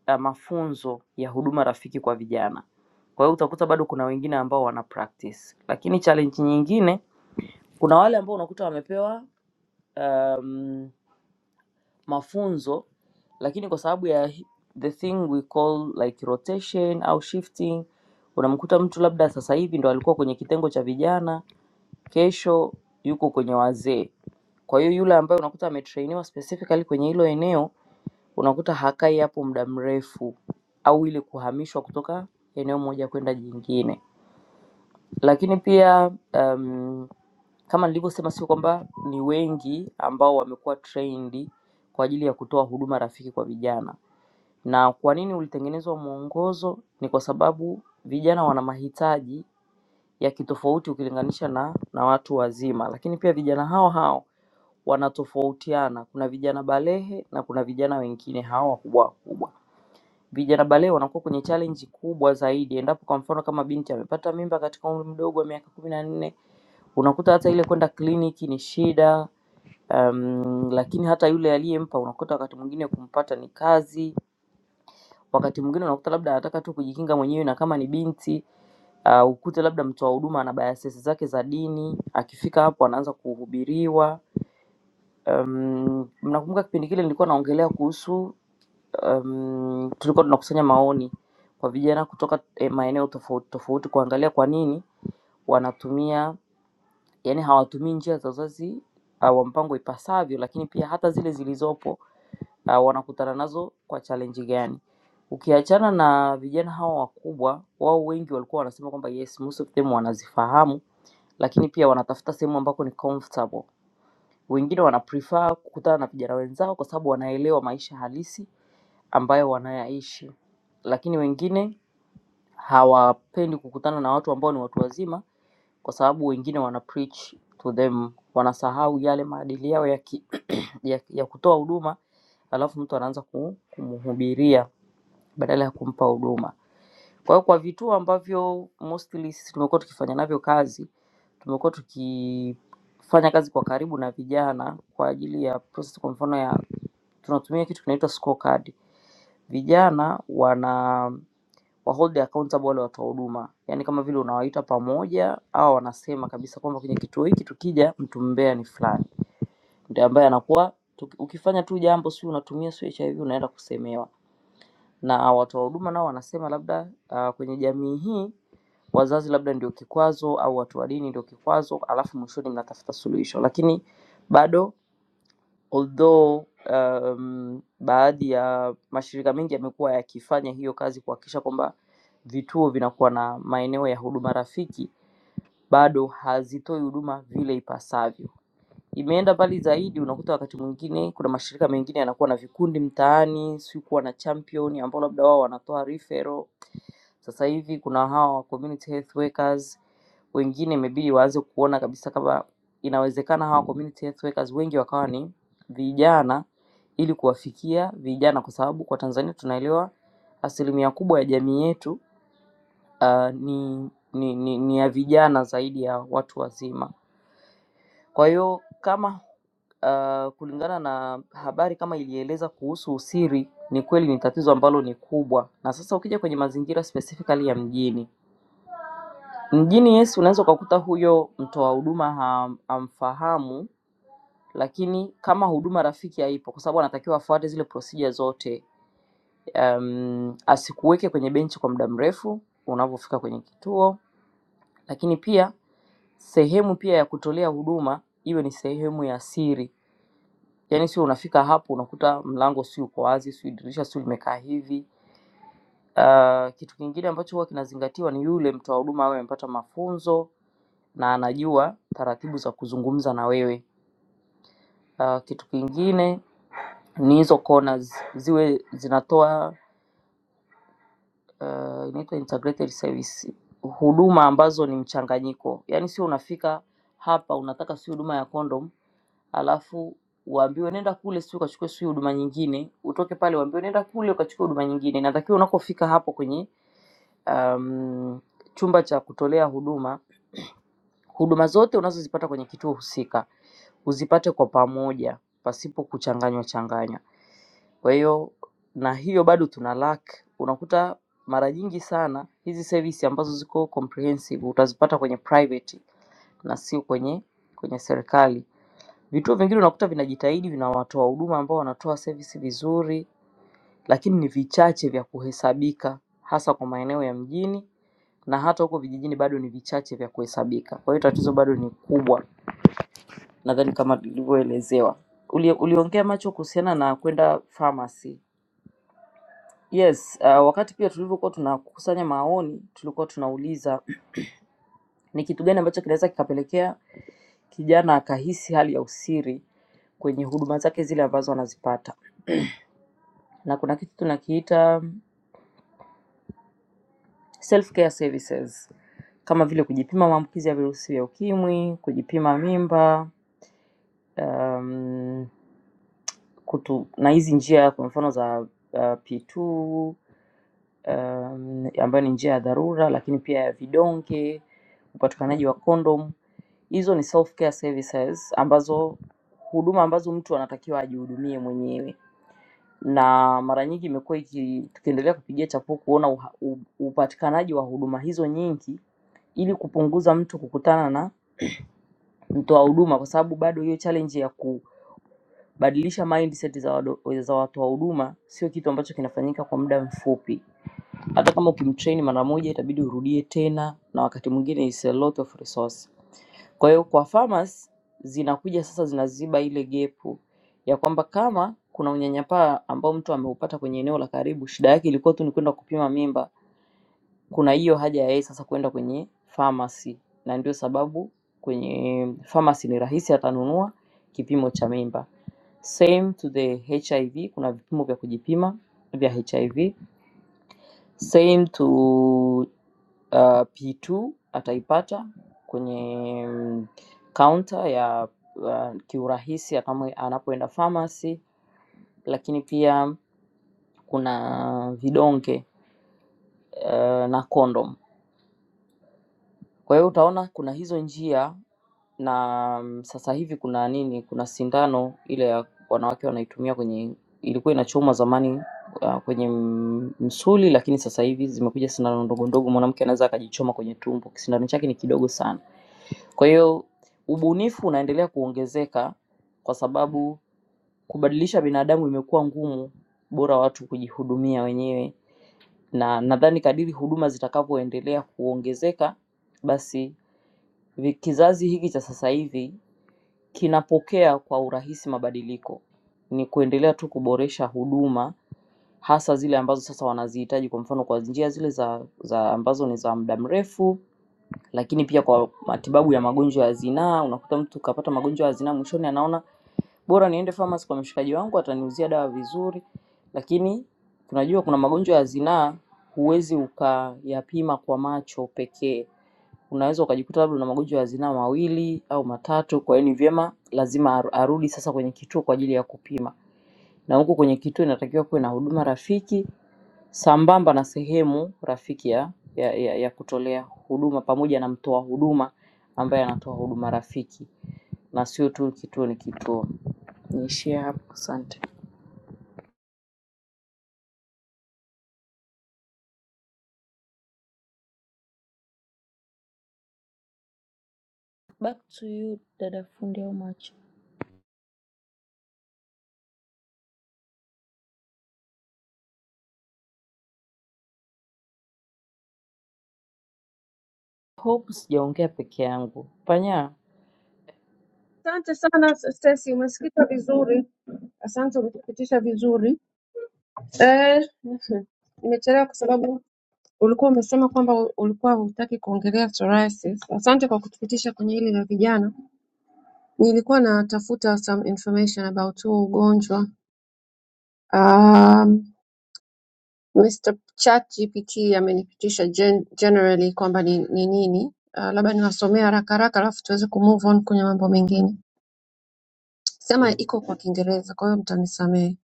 Speaker 7: uh, mafunzo ya huduma rafiki kwa vijana. Kwa hiyo utakuta bado kuna wengine ambao wana practice, lakini challenge nyingine, kuna wale ambao unakuta wamepewa um, mafunzo lakini kwa sababu ya hi- the thing we call like rotation au shifting, unamkuta mtu labda sasa hivi ndo alikuwa kwenye kitengo cha vijana kesho yuko kwenye wazee. Kwa hiyo yule ambaye unakuta ametrainiwa specifically kwenye hilo eneo, unakuta hakai hapo muda mrefu, au ili kuhamishwa kutoka eneo moja kwenda jingine. Lakini pia um, kama nilivyosema, sio kwamba ni wengi ambao wamekuwa trained kwa ajili ya kutoa huduma rafiki kwa vijana. Na kwa nini ulitengenezwa mwongozo? Ni kwa sababu vijana wana mahitaji ya kitofauti ukilinganisha na, na watu wazima, lakini pia vijana hao hao wanatofautiana. Kuna vijana balehe na kuna vijana wengine hawa wakubwa wakubwa. Vijana balehe wanakuwa kwenye challenge kubwa zaidi, endapo kwa mfano kama binti amepata mimba katika umri mdogo wa miaka kumi na nne, unakuta hata ile kwenda kliniki ni shida. Um, lakini hata yule aliyempa unakuta wakati mwingine kumpata ni kazi, wakati mwingine unakuta labda anataka tu kujikinga mwenyewe, na kama ni binti uh, ukute labda mtoa huduma ana biases zake za dini, akifika hapo anaanza kuhubiriwa Mm, Mnakumbuka kipindi kile nilikuwa naongelea kuhusu um, tulikuwa tunakusanya maoni kwa vijana kutoka eh, maeneo tofauti tofauti kuangalia kwa nini wanatumia yani hawatumii njia za uzazi uh, wa mpango ipasavyo, lakini pia hata zile zilizopo uh, wanakutana nazo kwa challenge gani. Ukiachana na vijana hawa wakubwa, wao wengi walikuwa wanasema kwamba yes, most of them wanazifahamu, lakini pia wanatafuta sehemu ambako ni comfortable wengine wanaprefer kukutana na vijana wenzao kwa sababu wanaelewa maisha halisi ambayo wanayaishi, lakini wengine hawapendi kukutana na watu ambao ni watu wazima, kwa sababu wengine wana preach to them, wanasahau yale maadili yao ya, ki, ya, ya kutoa huduma, alafu mtu anaanza ku- kumhubiria badala ya kumpa huduma. Kwa hiyo kwa vituo ambavyo mostly sisi tumekuwa tukifanya navyo kazi, tumekuwa tuki fanya kazi kwa karibu na vijana kwa ajili ya process kwa mfano ya tunatumia kitu kinaitwa scorecard. Vijana wana wahold accountable wale watoa huduma, yaani kama vile unawaita pamoja au wanasema kabisa kwamba kwenye kituo hiki tukija, mtu mbea ni fulani, ndio ambaye anakuwa tuki- ukifanya tu jambo, si unatumia si HIV unaenda kusemewa, na watoa huduma nao wanasema labda uh, kwenye jamii hii wazazi labda ndio kikwazo au watu wa dini ndio kikwazo, alafu mwishoni mnatafuta suluhisho, lakini bado although um, baadhi ya mashirika mengi yamekuwa yakifanya hiyo kazi kuhakikisha kwamba vituo vinakuwa na maeneo ya huduma rafiki, bado hazitoi huduma vile ipasavyo. Imeenda mbali zaidi, unakuta wakati mwingine kuna mashirika mengine yanakuwa na vikundi mtaani, si kuwa na champion ambao labda wao wanatoa referral sasa hivi kuna hawa community health workers wengine, imebidi waanze kuona kabisa kama inawezekana hawa community health workers wengi wakawa ni vijana, ili kuwafikia vijana, kwa sababu kwa Tanzania tunaelewa asilimia kubwa ya jamii yetu uh, ni, ni, ni, ni ya vijana zaidi ya watu wazima. Kwa hiyo kama uh, kulingana na habari kama ilieleza kuhusu usiri, ni kweli ni tatizo ambalo ni kubwa, na sasa ukija kwenye mazingira specifically ya mjini Mjini Yesu unaweza ukakuta huyo mtoa huduma ha- hamfahamu, lakini kama huduma rafiki haipo, kwa sababu anatakiwa afuate zile procedure zote um, asikuweke kwenye benchi kwa muda mrefu unavyofika kwenye kituo, lakini pia sehemu pia ya kutolea huduma iwe ni sehemu ya siri, yaani sio unafika hapo unakuta mlango si uko wazi, si dirisha si limekaa hivi. Uh, kitu kingine ambacho huwa kinazingatiwa ni yule mtoa huduma awe amepata mafunzo na anajua taratibu za kuzungumza na wewe. Uh, kitu kingine ni hizo corners ziwe zinatoa uh, inaitwa integrated service, huduma ambazo ni mchanganyiko, yaani sio unafika hapa unataka si huduma ya condom alafu uambiwe nenda kule si ukachukue si huduma nyingine, utoke pale uambiwe nenda kule ukachukue huduma nyingine. Inatakiwa unakofika hapo kwenye um, chumba cha kutolea huduma, huduma zote unazozipata kwenye kituo husika uzipate kwa pamoja pasipo kuchanganywa changanywa. Kwa hiyo na hiyo bado tuna lack, unakuta mara nyingi sana hizi service ambazo ziko comprehensive utazipata kwenye private na sio kwenye kwenye serikali. Vituo vingine unakuta vinajitahidi vina watoa huduma ambao wanatoa service vizuri, lakini ni vichache vya kuhesabika, hasa kwa maeneo ya mjini na hata huko vijijini bado ni vichache vya kuhesabika. Kwa hiyo tatizo bado ni kubwa nadhani kama tulivyoelezewa. Uli, uliongea macho kuhusiana na kwenda pharmacy. Yes, uh, wakati pia tulivyokuwa tunakusanya maoni tulikuwa tunauliza ni kitu gani ambacho kinaweza kikapelekea kijana akahisi hali ya usiri kwenye huduma zake zile ambazo anazipata, na kuna kitu tunakiita self care services kama vile kujipima maambukizi ya virusi vya ukimwi, kujipima mimba, mm, kutu, na hizi njia kwa mfano za uh, P2 ambayo ni njia ya dharura lakini pia ya vidonge, upatikanaji wa kondom. Hizo ni self care services ambazo huduma ambazo mtu anatakiwa ajihudumie mwenyewe, na mara nyingi imekuwa iki- tukiendelea kupigia chapuo kuona uha- u- upatikanaji wa huduma hizo nyingi ili kupunguza mtu kukutana na mtoa huduma, kwa sababu bado hiyo challenge ya kubadilisha mindset za, wado- za watoa huduma sio kitu ambacho kinafanyika kwa muda mfupi. hata kama ukimtrain mara moja itabidi urudie tena, na wakati mwingine is a lot of resource. Kwa hiyo kwa farmers zinakuja sasa zinaziba ile gepu ya kwamba kama kuna unyanyapaa ambao mtu ameupata kwenye eneo la karibu, shida yake ilikuwa tu ni kwenda kupima mimba, kuna hiyo haja ya yeye sasa kwenda kwenye pharmacy, na ndio sababu kwenye pharmacy ni rahisi, atanunua kipimo cha mimba. Same to the HIV, kuna vipimo vya kujipima vya HIV. Same to uh, P2 ataipata kwenye mm, counter ya uh, kiurahisi atamo- anapoenda pharmacy, lakini pia kuna vidonge uh, na kondom. Kwa hiyo utaona kuna hizo njia na mm, sasa hivi kuna nini, kuna sindano ile ya wanawake wanaitumia kwenye, ilikuwa inachomwa zamani uh, kwenye mm, msuli, lakini sasa hivi zimekuja sindano ndogo ndogo, mwanamke anaweza akajichoma kwenye tumbo, sindano chake ni kidogo sana Kwa hiyo ubunifu unaendelea kuongezeka kwa sababu kubadilisha binadamu imekuwa ngumu, bora watu kujihudumia wenyewe. Na nadhani kadiri huduma zitakavyoendelea kuongezeka, basi vi- kizazi hiki cha sasa hivi kinapokea kwa urahisi mabadiliko. Ni kuendelea tu kuboresha huduma hasa zile ambazo sasa wanazihitaji, kwa mfano kwa njia zile za za ambazo ni za muda mrefu lakini pia kwa matibabu ya magonjwa ya zinaa, unakuta mtu kapata magonjwa ya zinaa, mwishoni anaona bora niende pharmacy kwa mshikaji wangu ataniuzia dawa vizuri. Lakini tunajua kuna magonjwa ya zinaa huwezi ukayapima kwa macho pekee, unaweza ukajikuta labda una magonjwa ya zinaa mawili au matatu. Kwa hiyo ni vyema lazima aru- arudi sasa kwenye kituo kwa ajili ya kupima, na huko kwenye kituo inatakiwa kuwe na huduma rafiki sambamba na sehemu rafiki ya, ya, ya, ya kutolea huduma pamoja na mtoa huduma ambaye anatoa huduma rafiki na sio tu kituo ni kituo. Niishie hapo, asante. Hope sijaongea peke yangu. Panya,
Speaker 3: Asante sana Stacy, umesikika vizuri. Asante, umetupitisha vizuri. Eh, nimechelewa kwa sababu ulikuwa umesema kwamba ulikuwa hutaki kuongelea psoriasis. Asante kwa kutupitisha kwenye hili la vijana. Nilikuwa natafuta some information about huo ugonjwa. Um, Mr. ChatGPT amenipitisha gen generally kwamba ni ni nini. Uh, labda niwasomee haraka haraka alafu tuweze kumove on kwenye mambo mengine. Sema iko kwa Kiingereza, kwa hiyo mtanisamehe.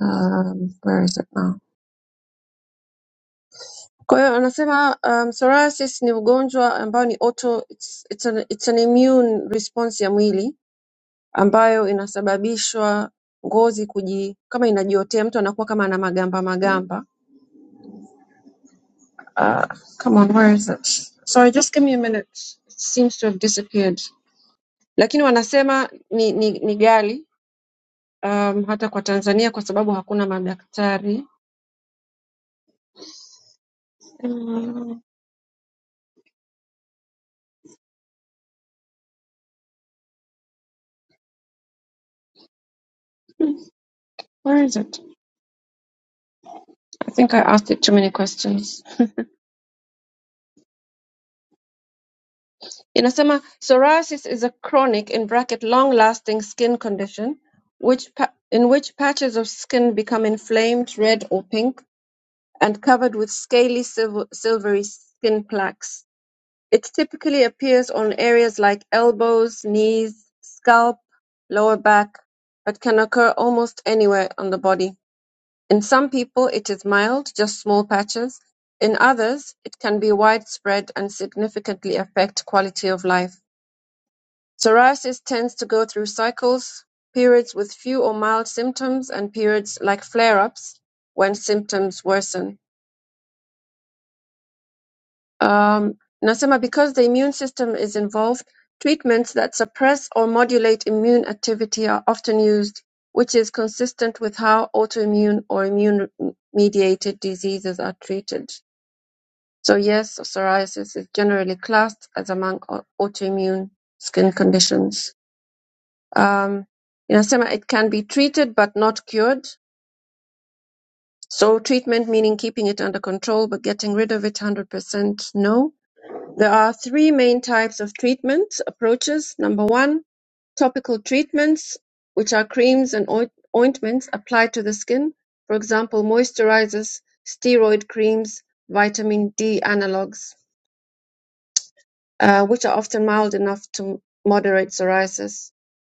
Speaker 3: um, where is it now? Kwa hiyo anasema um, psoriasis ni ugonjwa ambao ni auto, it's, it's, an, it's an immune response ya mwili ambayo inasababishwa ngozi kuji kama inajiotea, mtu anakuwa kama ana magamba magamba. Uh, come on, where is it? Sorry, just give me a minute. It seems to have disappeared. Lakini wanasema ni, ni, ni ghali um, hata kwa Tanzania kwa sababu hakuna madaktari. Um, where is it? I think I asked it too many questions. Inasema psoriasis is a chronic in bracket, (long-lasting) skin condition which pa- in which patches of skin become inflamed, red or pink, and covered with scaly silver- silvery skin plaques. It typically appears on areas like elbows, knees, scalp, lower back, but can occur almost anywhere on the body. In some people, it is mild, just small patches. In others, it can be widespread and significantly affect quality of life. Psoriasis tends to go through cycles, periods with few or mild symptoms and periods like flare-ups when symptoms worsen. Um, nasema because the immune system is involved, treatments that suppress or modulate immune activity are often used, which is consistent with how autoimmune or immune-mediated diseases are treated. So yes, psoriasis is generally classed as among au- autoimmune skin conditions. Um, Erasema, it can be treated but not cured. So treatment meaning keeping it under control but getting rid of it 100% no. There are three main types of treatment approaches. Number one, topical treatments, which are creams and oint- ointments applied to the skin. For example, moisturizers, steroid creams, vitamin D analogs. uh, which are often mild enough to moderate psoriasis.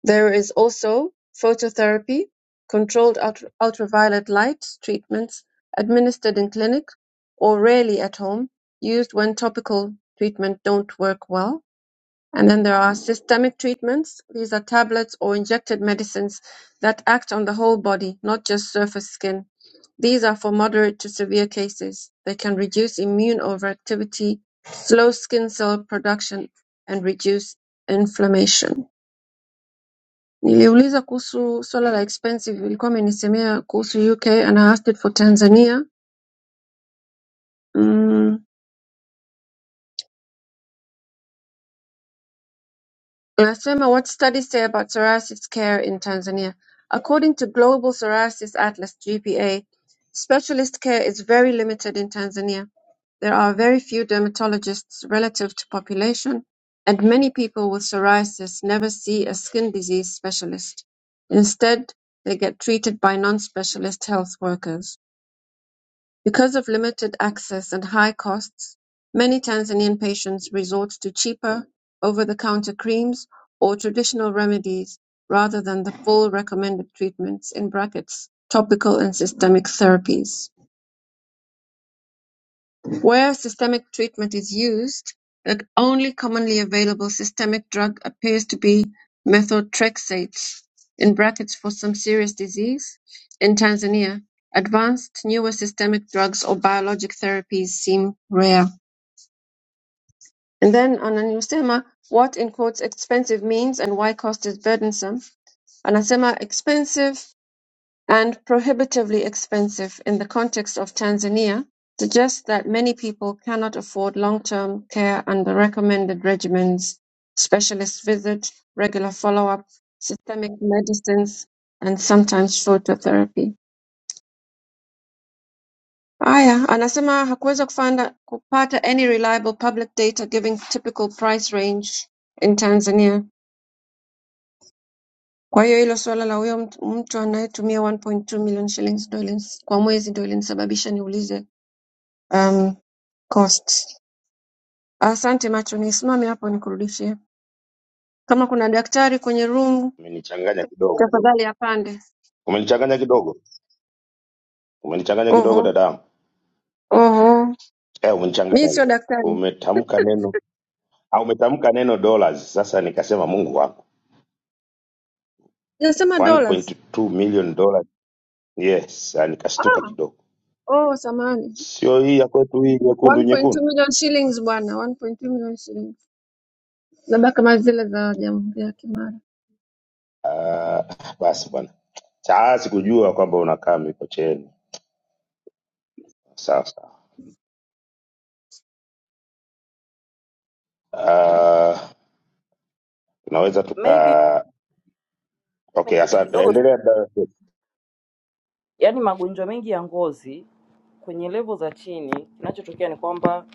Speaker 3: There is also phototherapy, controlled ultra- ultraviolet light treatments administered in clinic or rarely at home, used when topical treatment don't work well. And then there are systemic treatments. These are tablets or injected medicines that act on the whole body, not just surface skin. These are for moderate to severe cases; they can reduce immune overactivity, slow skin cell production, and reduce inflammation. Niliuliza kuhusu swala la expensive, ilikuwa amenisemea kuhusu UK and I asked it for Tanzania. Mm, Nasema what studies say about psoriasis care in Tanzania. According to Global Psoriasis Atlas, GPA, specialist care is very limited in Tanzania. There are very few dermatologists relative to population, and many people with psoriasis never see a skin disease specialist. Instead, they get treated by non-specialist health workers. Because of limited access and high costs, many Tanzanian patients resort to cheaper, over-the-counter creams or traditional remedies rather than the full recommended treatments in brackets, topical and systemic therapies. Where systemic treatment is used, the only commonly available systemic drug appears to be methotrexate In brackets (for some serious disease) in Tanzania. Advanced newer systemic drugs or biologic therapies seem rare. And then anasema what in quotes expensive means and why cost is burdensome. Anasema expensive and prohibitively expensive in the context of Tanzania suggests that many people cannot afford long-term care under recommended regimens, specialist visits, regular follow-up, systemic medicines, and sometimes phototherapy. Aya, anasema hakuweza kufanda, kupata any reliable public data giving typical price range in Tanzania. Kwa hiyo hilo suala la huyo mtu anayetumia 1.2 million shillings ndio ilins- kwa mwezi ndio linanisababisha niulize um, costs. Asante macho, nisimame hapo nikurudishie. Kama kuna daktari kwenye room
Speaker 2: umenichanganya kidogo,
Speaker 3: tafadhali apande.
Speaker 2: umenichanganya kidogo, umenichanganya kidogo
Speaker 3: Oho,
Speaker 2: dadamu,
Speaker 3: oho,
Speaker 2: eh,
Speaker 3: mi
Speaker 2: umenichanganya
Speaker 3: sio
Speaker 2: kidogo,
Speaker 3: daktari,
Speaker 2: umetamka neno au umetamka neno dollars. Sasa nikasema Mungu wangu
Speaker 3: nasema dollars.
Speaker 2: 1.2 million dollars. Yes, ah, nikastuka
Speaker 3: Ah,
Speaker 2: kidogo,
Speaker 3: oh, samani.
Speaker 2: sio hii ya kwetu hii nyekundu
Speaker 3: 1.2
Speaker 2: nyekundu.
Speaker 3: million shillings bwana, 1.2 million shillings, labda kama zile za jamhuri ya Kimara.
Speaker 2: Ah, basi bwana, saa sikujua kwamba unakaa Mikocheni. Sawa sawa, Ah, tunaweza
Speaker 7: maybe
Speaker 2: tuka
Speaker 7: niseme
Speaker 2: okay.
Speaker 7: kitu
Speaker 2: Asante,
Speaker 7: kidogo, tu.
Speaker 2: endelea dada Sesi.
Speaker 7: yaani magonjwa mengi ya ngozi kwenye levo za chini, kinachotokea ni kwamba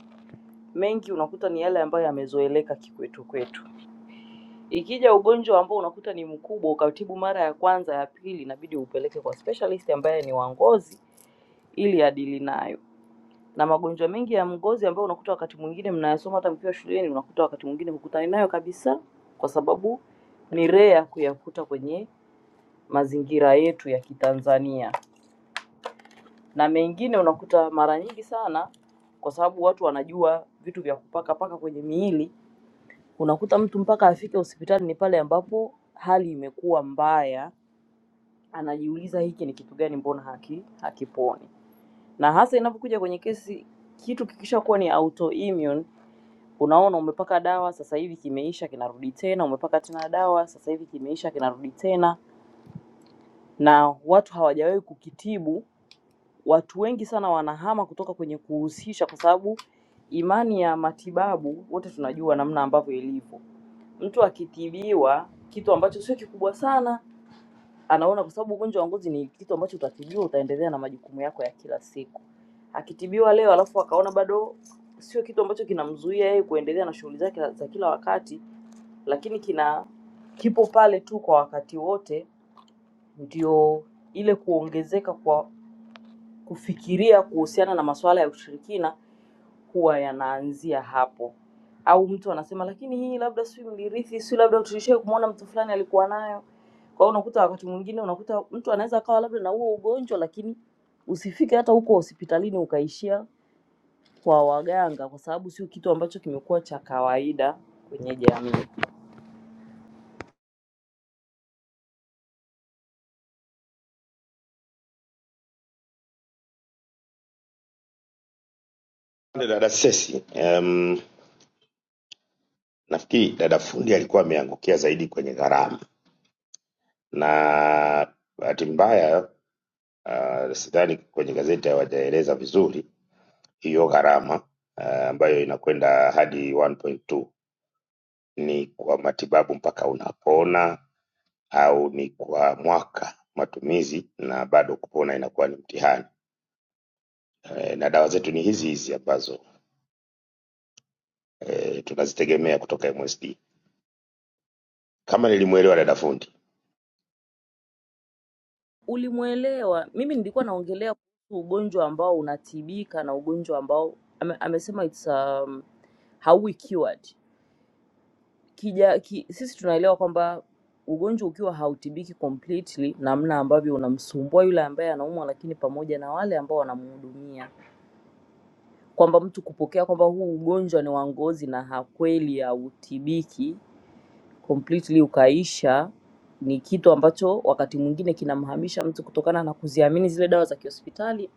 Speaker 7: mengi unakuta ni yale ambayo yamezoeleka kikwetu kwetu Ikija ugonjwa ambao unakuta ni mkubwa, ukatibu mara ya kwanza, ya pili, inabidi upeleke kwa specialist ambaye ni wa ngozi ili adili nayo. Na magonjwa mengi ya ngozi ambayo unakuta wakati mwingine mnayasoma hata mkiwa shuleni, unakuta wakati mwingine hukutani nayo kabisa, kwa sababu ni rare kuyakuta kwenye mazingira yetu ya Kitanzania, na mengine unakuta mara nyingi sana, kwa sababu watu wanajua vitu vya kupaka paka kwenye miili, unakuta mtu mpaka afike hospitali ni pale ambapo hali imekuwa mbaya anajiuliza hiki ni kitu gani, mbona haki hakiponi? Na hasa inapokuja kwenye kesi, kitu kikisha kuwa ni autoimmune, unaona umepaka dawa sasa hivi kimeisha, kinarudi tena, umepaka tena dawa sasa hivi kimeisha, kinarudi tena, na watu hawajawahi kukitibu. Watu wengi sana wanahama kutoka kwenye kuhusisha, kwa sababu imani ya matibabu wote tunajua namna ambavyo ilivyo. Mtu akitibiwa kitu ambacho sio kikubwa sana anaona kwa sababu ugonjwa wa ngozi ni kitu ambacho utatibiwa, utaendelea na majukumu yako ya kila siku. Akitibiwa leo alafu akaona bado sio kitu ambacho kinamzuia yeye kuendelea na shughuli zake za kila wakati, lakini kina kipo pale tu kwa wakati wote, ndio ile kuongezeka kwa kufikiria kuhusiana na masuala ya ushirikina huwa yanaanzia hapo. Au mtu anasema lakini hii labda si mlirithi, si labda tulishawahi kumwona mtu fulani alikuwa nayo. Kwa hiyo unakuta wakati mwingine unakuta mtu anaweza akawa labda na huo ugonjwa, lakini usifike hata huko hospitalini ukaishia kwa waganga, kwa sababu sio kitu ambacho kimekuwa cha kawaida kwenye jamii.
Speaker 2: Asante dada Sesi. Um, nafikiri dada fundi alikuwa ameangukia zaidi kwenye gharama na bahati mbaya uh, sidhani kwenye gazeti hawajaeleza vizuri hiyo gharama eh, ambayo inakwenda hadi 1.2 ni kwa matibabu mpaka unapona au ni kwa mwaka matumizi na bado kupona inakuwa ni mtihani eh, na dawa zetu ni hizi hizi ambazo eh, tunazitegemea kutoka MSD kama nilimwelewa dada fundi
Speaker 7: Ulimwelewa? Mimi nilikuwa naongelea kuhusu ugonjwa ambao unatibika na ugonjwa ambao ame, amesema it's um, hauwi cured kija, ki, sisi tunaelewa kwamba ugonjwa ukiwa hautibiki completely, namna ambavyo unamsumbua yule ambaye anaumwa, lakini pamoja na wale ambao wanamhudumia, kwamba mtu kupokea kwamba huu ugonjwa ni wa ngozi na hakweli hautibiki completely ukaisha, ni kitu ambacho wakati mwingine kinamhamisha mtu kutokana na kuziamini zile dawa za kihospitali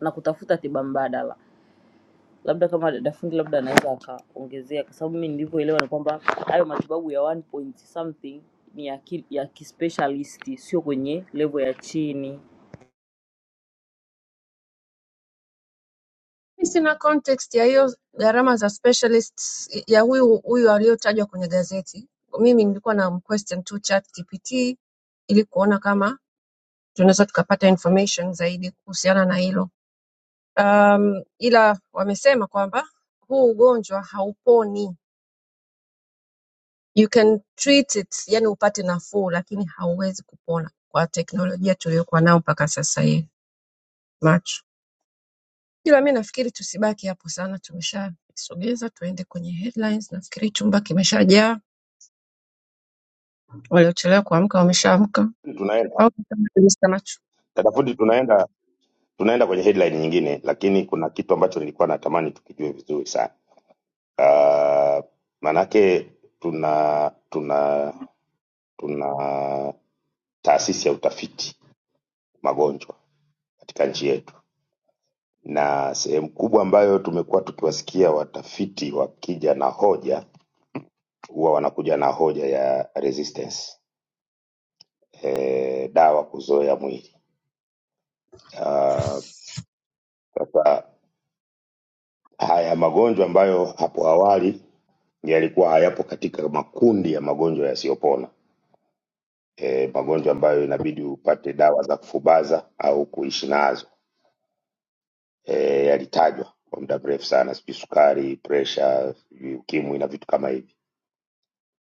Speaker 7: na kutafuta tiba mbadala. labda kama dada fundi labda anaweza akaongezea, kwa sababu mimi nilivyoelewa ni kwamba hayo matibabu ya one point something ni ya, ki, ya kispecialist, sio kwenye level ya chini,
Speaker 3: Mi Sina context ya hiyo gharama za specialists ya huyu huyu aliyotajwa kwenye gazeti. Mimi nilikuwa na question tu ChatGPT ili kuona kama tunaweza tukapata information zaidi kuhusiana na hilo um, ila wamesema kwamba huu ugonjwa hauponi you can treat it yani upate nafuu lakini hauwezi kupona kwa teknolojia tuliyokuwa nao mpaka sasa hii macho ila mi nafikiri tusibaki hapo sana tumeshasogeza tuende kwenye headlines nafikiri chumba kimeshajaa waliochelewa kuamka wameshaamka
Speaker 2: tunaenda
Speaker 3: Au kama Mr. macho
Speaker 2: dada fundi tunaenda tunaenda kwenye headline nyingine lakini kuna kitu ambacho nilikuwa natamani tukijue vizuri sana uh, manake tuna tuna tuna taasisi ya utafiti magonjwa katika nchi yetu na sehemu kubwa ambayo tumekuwa tukiwasikia watafiti wakija na hoja huwa wanakuja na hoja ya resistance e, dawa kuzoea mwili Ah, sasa haya magonjwa ambayo hapo awali yalikuwa hayapo katika makundi ya magonjwa yasiyopona e, magonjwa ambayo inabidi upate dawa za kufubaza au kuishi nazo eh, yalitajwa kwa muda mrefu sana, sijui sukari, presha, sijui ukimwi na vitu kama hivi.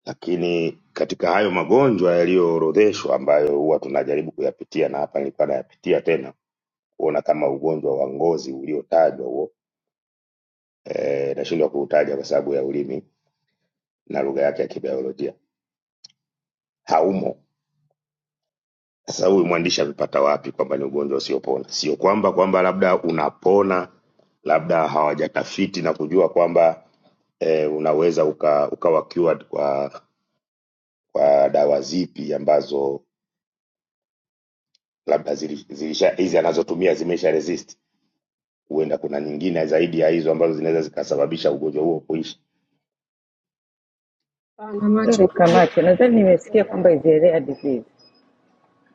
Speaker 2: Lakini katika hayo magonjwa yaliyoorodheshwa ambayo huwa tunajaribu kuyapitia, na hapa nilikuwa nayapitia tena kuona kama ugonjwa wa ngozi uliotajwa huo, eh, nashindwa kuutaja kwa sababu ya ulimi na lugha yake ya kibiolojia, haumo. Sasa huyu mwandishi amepata wapi kwamba ni ugonjwa usiopona? Sio kwamba kwamba labda unapona, labda hawajatafiti na kujua kwamba eh, unaweza uka, ukawa cured kwa kwa dawa zipi ambazo labda zili- zilisha hizi anazotumia zimesha resist. Huenda kuna nyingine zaidi ya hizo ambazo zinaweza zikasababisha ugonjwa huo kuishi.
Speaker 3: Hapana, macho
Speaker 8: Sorry, Camacho.
Speaker 3: umeelewa.
Speaker 8: Nadhani
Speaker 3: macho
Speaker 8: nimesikia
Speaker 3: hapana.
Speaker 8: kwamba is a rare disease.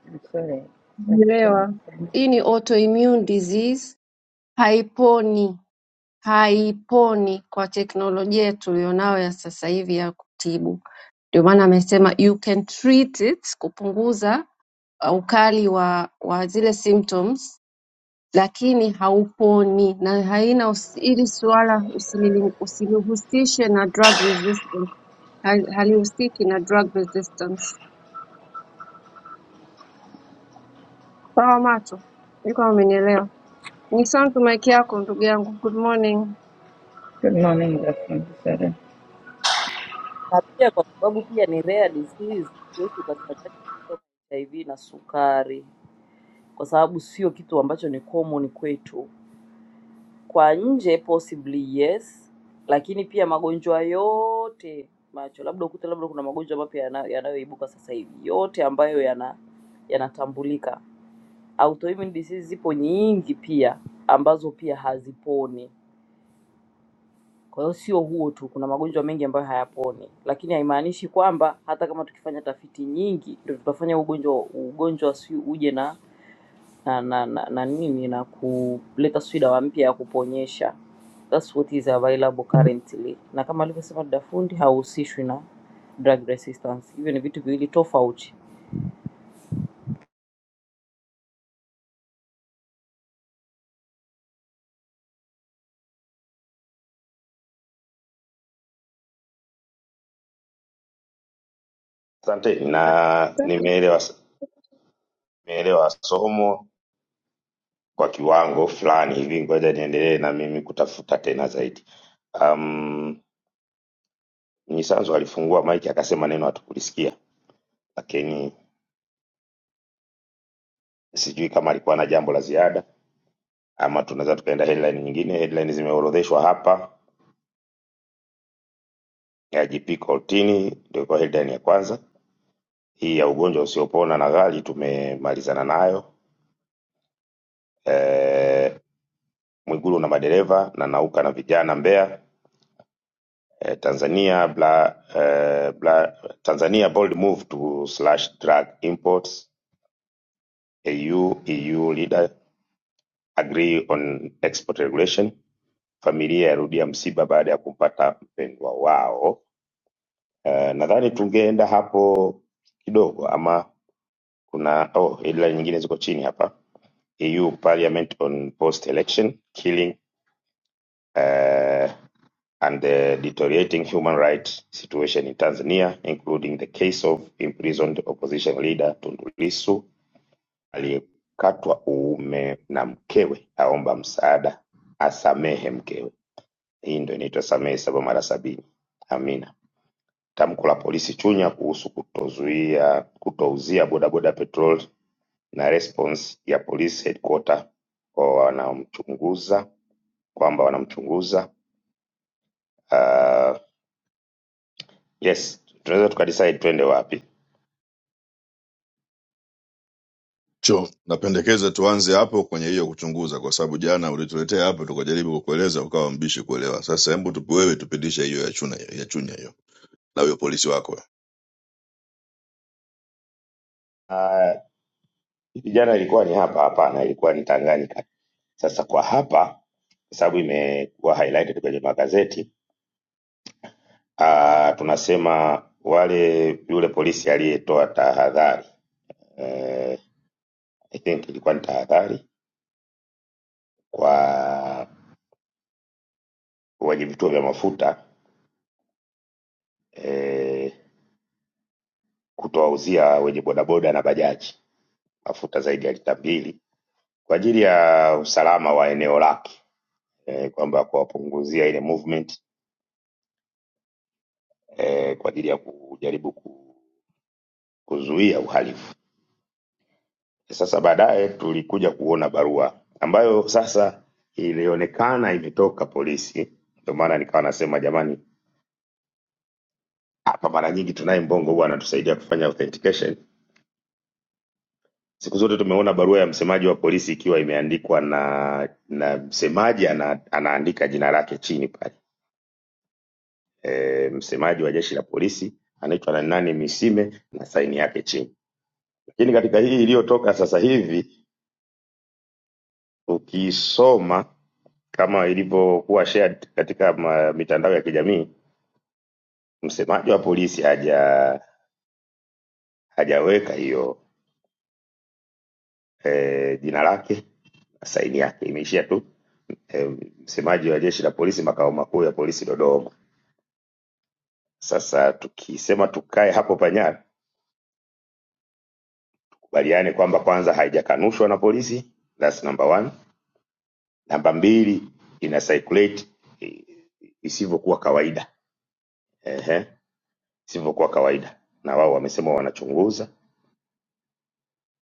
Speaker 8: I'm sorry. Asanteni
Speaker 3: Umeelewa.
Speaker 8: sana.
Speaker 3: hii ni autoimmune disease haiponi haiponi kwa teknolojia tulionayo ya sasa hivi ya kutibu ndio maana amesema you can treat it kupunguza uh, ukali wa, wa zile symptoms lakini hauponi na haina usi- hili suala usilili- usilihusishe na drug resistance Hal- halihusiki na drug resistance sawa macho sijui kama umenielewa ni sound mic yako ndugu yangu good morning
Speaker 8: Good morning, Dr. Sarah.
Speaker 7: na pia kwa sababu pia ni rare disease, huwezi ukachanganya kitu kama HIV na sukari, kwa sababu sio kitu ambacho ni common kwetu. Kwa nje possibly yes, lakini pia magonjwa yote macho, labda ukute labda kuna magonjwa mapya yana- yanayoibuka sasa hivi, yote ambayo yana yanatambulika autoimmune disease zipo nyingi pia ambazo pia haziponi. Kwa hiyo sio huo tu, kuna magonjwa mengi ambayo hayaponi, lakini haimaanishi kwamba hata kama tukifanya tafiti nyingi ndio tutafanya ugonjwa ugonjwa si uje na na, na, na, na nini na kuleta sijui dawa mpya ya kuponyesha. That's what is available currently, na kama alivyosema dada fundi hauhusishwi na drug resistance. Hivyo ni vitu viwili tofauti.
Speaker 2: Asanteni na
Speaker 3: asante
Speaker 2: nimeelewa nimeelewa somo kwa kiwango fulani hivi, ngoja niendelee na mimi kutafuta tena zaidi. Um, Mnyisanzo alifungua maiki akasema neno hatukulisikia, lakini sijui kama alikuwa na jambo la ziada ama tunaweza tukaenda headline nyingine. Headline zimeorodheshwa hapa ya GP Cortini, ndio kwa headline ya kwanza. Hii ya ugonjwa usiopona na ghali tumemalizana nayo. E, Mwigulu na madereva na nauka na vijana Mbeya. E, Tanzania bla, e, bla, Tanzania bold move to slash drug imports. AU EU leader agree on export regulation. Familia yarudia msiba baada ya kumpata mpendwa wao Eh, nadhani tungeenda hapo kidogo ama kuna oh, ila nyingine ziko chini hapa eu parliament on post election killing uh, and the deteriorating human rights situation in tanzania including the case of imprisoned opposition leader tundu lissu aliyekatwa uume na mkewe aomba msaada asamehe mkewe hii ndo inaitwa samehe saba mara sabini amina Tamko la polisi Chunya kuhusu kutozuia kutouzia bodaboda petroli na response ya polisi headquarters kwa wanamchunguza kwamba wanamchunguza uh, yes tunaweza tukadecide twende wapi
Speaker 6: cho napendekeza tuanze hapo kwenye hiyo kuchunguza kwa sababu jana ulituletea hapo tukajaribu kukueleza ukawa mbishi kuelewa sasa hebu tupe wewe tupitishe hiyo ya chunya ya chunya hiyo na huyo polisi wako
Speaker 2: uh, hivi jana ilikuwa ni hapa hapana ilikuwa ni tanganyika sasa kwa hapa kwa sababu imekuwa highlighted kwenye magazeti uh, tunasema wale yule polisi aliyetoa tahadhari uh, i think ilikuwa ni tahadhari kwa wenye vituo vya mafuta eh, kutowauzia wenye bodaboda na bajaji mafuta zaidi ya lita mbili kwa ajili ya usalama wa eneo lake eh, kwamba kuwapunguzia ile movement eh, kwa ajili ya kujaribu ku- kuzuia uhalifu. Sasa baadaye tulikuja kuona barua ambayo sasa ilionekana imetoka polisi, ndio maana nikawa nasema jamani, hapa mara nyingi tunaye Mbongo huwa anatusaidia kufanya authentication Siku zote tumeona barua ya msemaji wa polisi ikiwa imeandikwa na na msemaji ana, anaandika jina lake chini pale. E, msemaji wa jeshi la polisi anaitwa na nani Misime na saini yake chini. Lakini katika hii iliyotoka sasa hivi ukisoma kama ilivyokuwa shared katika ma, mitandao ya kijamii, msemaji wa polisi haja hajaweka hiyo e, jina lake na saini yake, imeishia tu e, msemaji wa jeshi la polisi makao makuu ya polisi Dodoma. Sasa tukisema tukae hapo panyara, kubaliane kwamba kwanza haijakanushwa na polisi, that's number one. Namba mbili, ina circulate eh, isivyokuwa kawaida, ehe, isivyokuwa kawaida, na wao wamesema wanachunguza,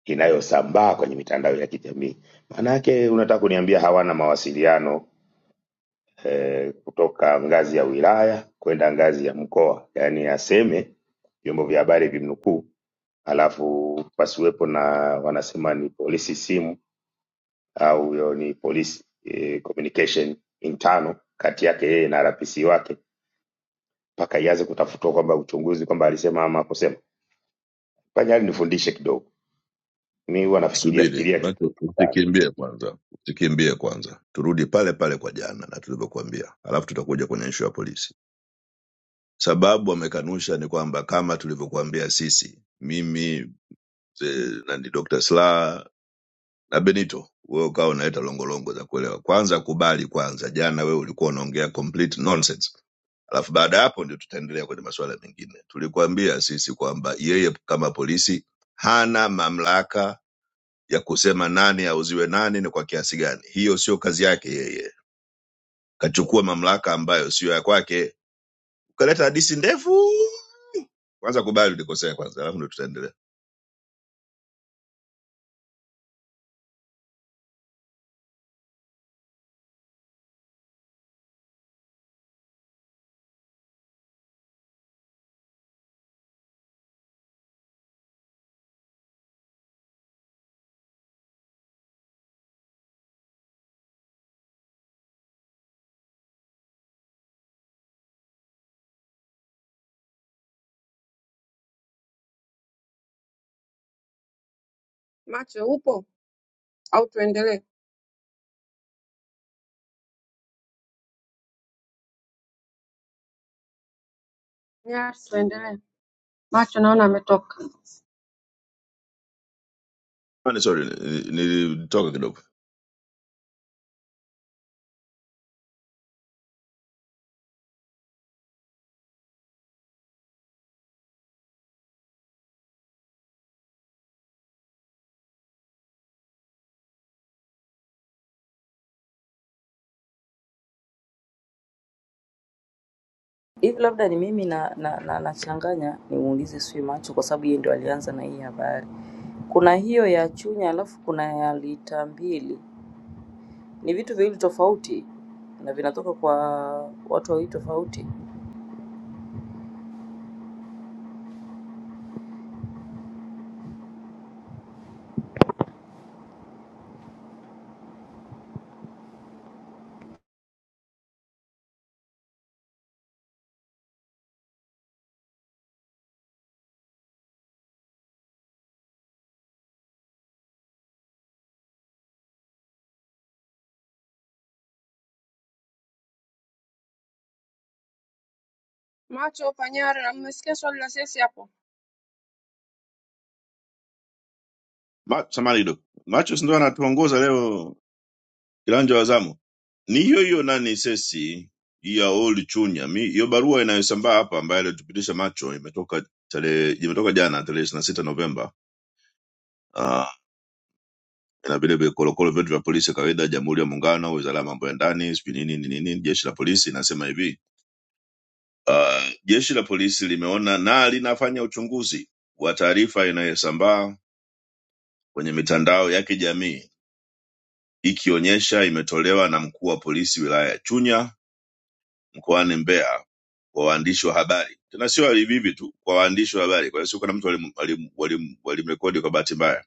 Speaker 2: inayosambaa kwenye mitandao ya kijamii. Maana yake unataka kuniambia hawana mawasiliano eh, kutoka ngazi ya wilaya kwenda ngazi ya mkoa, yaani aseme vyombo vya habari vimnukuu alafu pasiwepo na wanasema ni polisi simu au hiyo ni polisi eh, communication intano kati yake yeye na RPC wake mpaka ianze kutafutwa kwamba uchunguzi kwamba alisema ama akusema. Panyali nifundishe kidogo, mi huwa nafikiria
Speaker 6: Subiri
Speaker 2: fikiria kitu
Speaker 6: macho,
Speaker 2: sana.
Speaker 6: usikimbie kwanza, usikimbie kwanza, turudi pale pale kwa jana na tulivyokuambia, alafu tutakuja kwenye ishu ya polisi. Sababu wamekanusha ni kwamba kama tulivyokuambia sisi, mimi mzee nani, Dr. Slaa na Benito, wewe ukawa unaleta longolongo za kuelewa. Kwanza kubali kwanza, jana wewe ulikuwa unaongea complete nonsense, alafu baada ya hapo ndio tutaendelea kwenye masuala mengine. Tulikuambia sisi kwamba yeye kama polisi hana mamlaka ya kusema nani auziwe nani ni kwa kiasi gani. Hiyo sio kazi yake yeye, kachukua mamlaka ambayo siyo ya kwake, ukaleta hadisi ndefu. Kwanza kubali ulikosea kwanza, alafu ndo tutaendelea.
Speaker 3: macho upo au tuendelee? Nyar, tuendelee. Macho naona ametoka.
Speaker 6: Samahani, Sorry, ni- nilitoka kidogo.
Speaker 7: hivi labda ni mimi na, na, na, nachanganya nimuulize sui macho kwa sababu yeye ndio alianza na hii habari. Kuna hiyo ya Chunya alafu kuna ya lita mbili, ni vitu viwili tofauti na vinatoka kwa watu wawili tofauti.
Speaker 3: Macho Panyara, na mmesikia swali la sisi hapo?
Speaker 6: Ma- Samahani kidogo, Machus ndo anatuongoza leo kiranja wa zamu ni hiyo hiyo nani sesi ya Oli Chunya. Mi hiyo barua inayosambaa hapa ambayo alitupitisha macho imetoka tarehe imetoka jana tarehe 26 Novemba. Ah, na vile vile korokoro vyetu vya polisi ya kawaida, Jamhuri ya Muungano, Wizara ya Mambo ya Ndani, sijui nini nini nini, Jeshi la Polisi inasema hivi uh, jeshi la polisi limeona na linafanya uchunguzi wa taarifa inayosambaa kwenye mitandao ya kijamii ikionyesha imetolewa na mkuu wa polisi wilaya ya Chunya mkoani Mbeya kwa waandishi wa habari, tena sio hivi hivi tu, kwa waandishi wa habari. Kwa hiyo sio kuna mtu walimrekodi walim, walim walimrekodi kwa bahati mbaya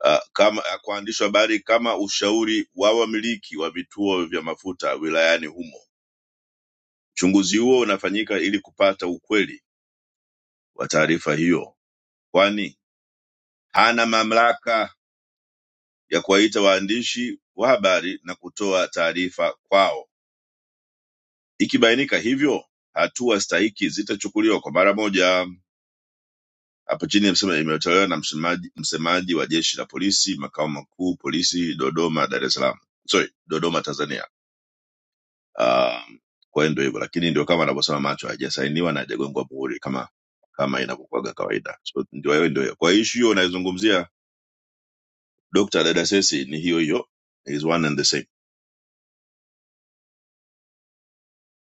Speaker 6: uh, kama ya kwa waandishi wa habari kama ushauri wa wamiliki wa vituo vya mafuta wilayani humo. Uchunguzi huo unafanyika ili kupata ukweli wa taarifa hiyo, kwani hana mamlaka ya kuwaita waandishi wa habari na kutoa taarifa kwao. Ikibainika hivyo, hatua stahiki zitachukuliwa kwa mara moja. Hapo chini amesema imetolewa na msemaji, msemaji wa jeshi la polisi makao makuu polisi Dodoma, Dar es Salaam, sorry, Dodoma, Tanzania. Um, kwa hiyo ndio hivyo, lakini ndio kama anavyosema macho, hajasainiwa na hajagongwa muhuri kama kama inavyokuwaga kawaida. So ndio hiyo ndio hiyo. Kwa hiyo issue hiyo unayozungumzia Dr. Dada Sesi ni hiyo hiyo, is one and the same.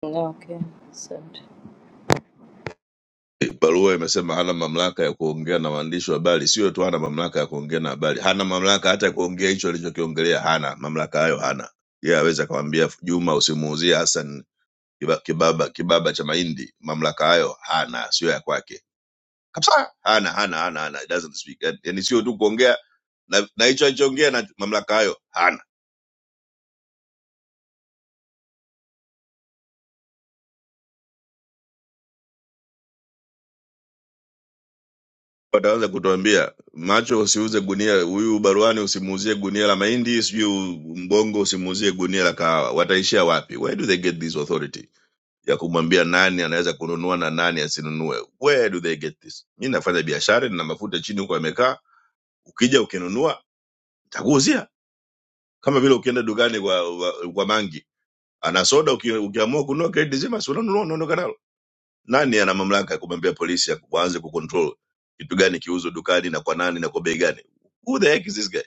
Speaker 7: Okay, asante.
Speaker 6: Barua imesema hana mamlaka ya kuongea na waandishi wa habari. Sio tu hana mamlaka ya kuongea na habari, hana mamlaka hata ya kuongea hicho alichokiongelea. Hana mamlaka hayo, hana yeye. Aweza akamwambia Juma usimuuzie Hassan kiba- kibaba kibaba cha mahindi. Mamlaka hayo hana, sio ya kwake kabisa hana hana hana hana He doesn't speak yani yani sio tu kuongea na na hicho alichoongea na mamlaka hayo hana wataanza kutuambia macho usiuze gunia huyu baruani usimuuzie gunia la mahindi sijui mbongo usimuuzie gunia la kahawa wataishia wapi where do they get this authority ya kumwambia nani anaweza kununua na nani asinunue where do they get this mi nafanya biashara nina mafuta chini huko yamekaa ukija ukinunua takuuzia kama vile ukienda dukani kwa, kwa, kwa mangi ana soda uki- ukiamua kununua kredi nzima si unanunua unaondoka nalo Nani ana mamlaka ya kumwambia polisi ya- waanze kucontrol kitu gani kiuzwe dukani na kwa nani na kwa bei gani? Who the heck is this guy?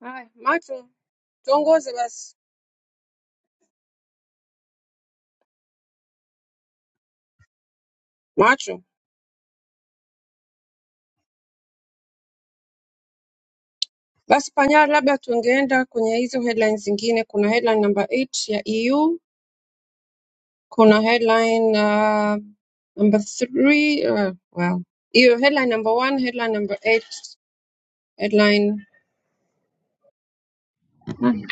Speaker 3: Haya, macho tuongoze basi. Macho basi, Panyara, labda tungeenda kwenye hizo headlines zingine. Kuna headline number 8 ya EU, kuna headline uh, number 3 uh, well, hiyo headline number 1, headline number 8, headline Hmm.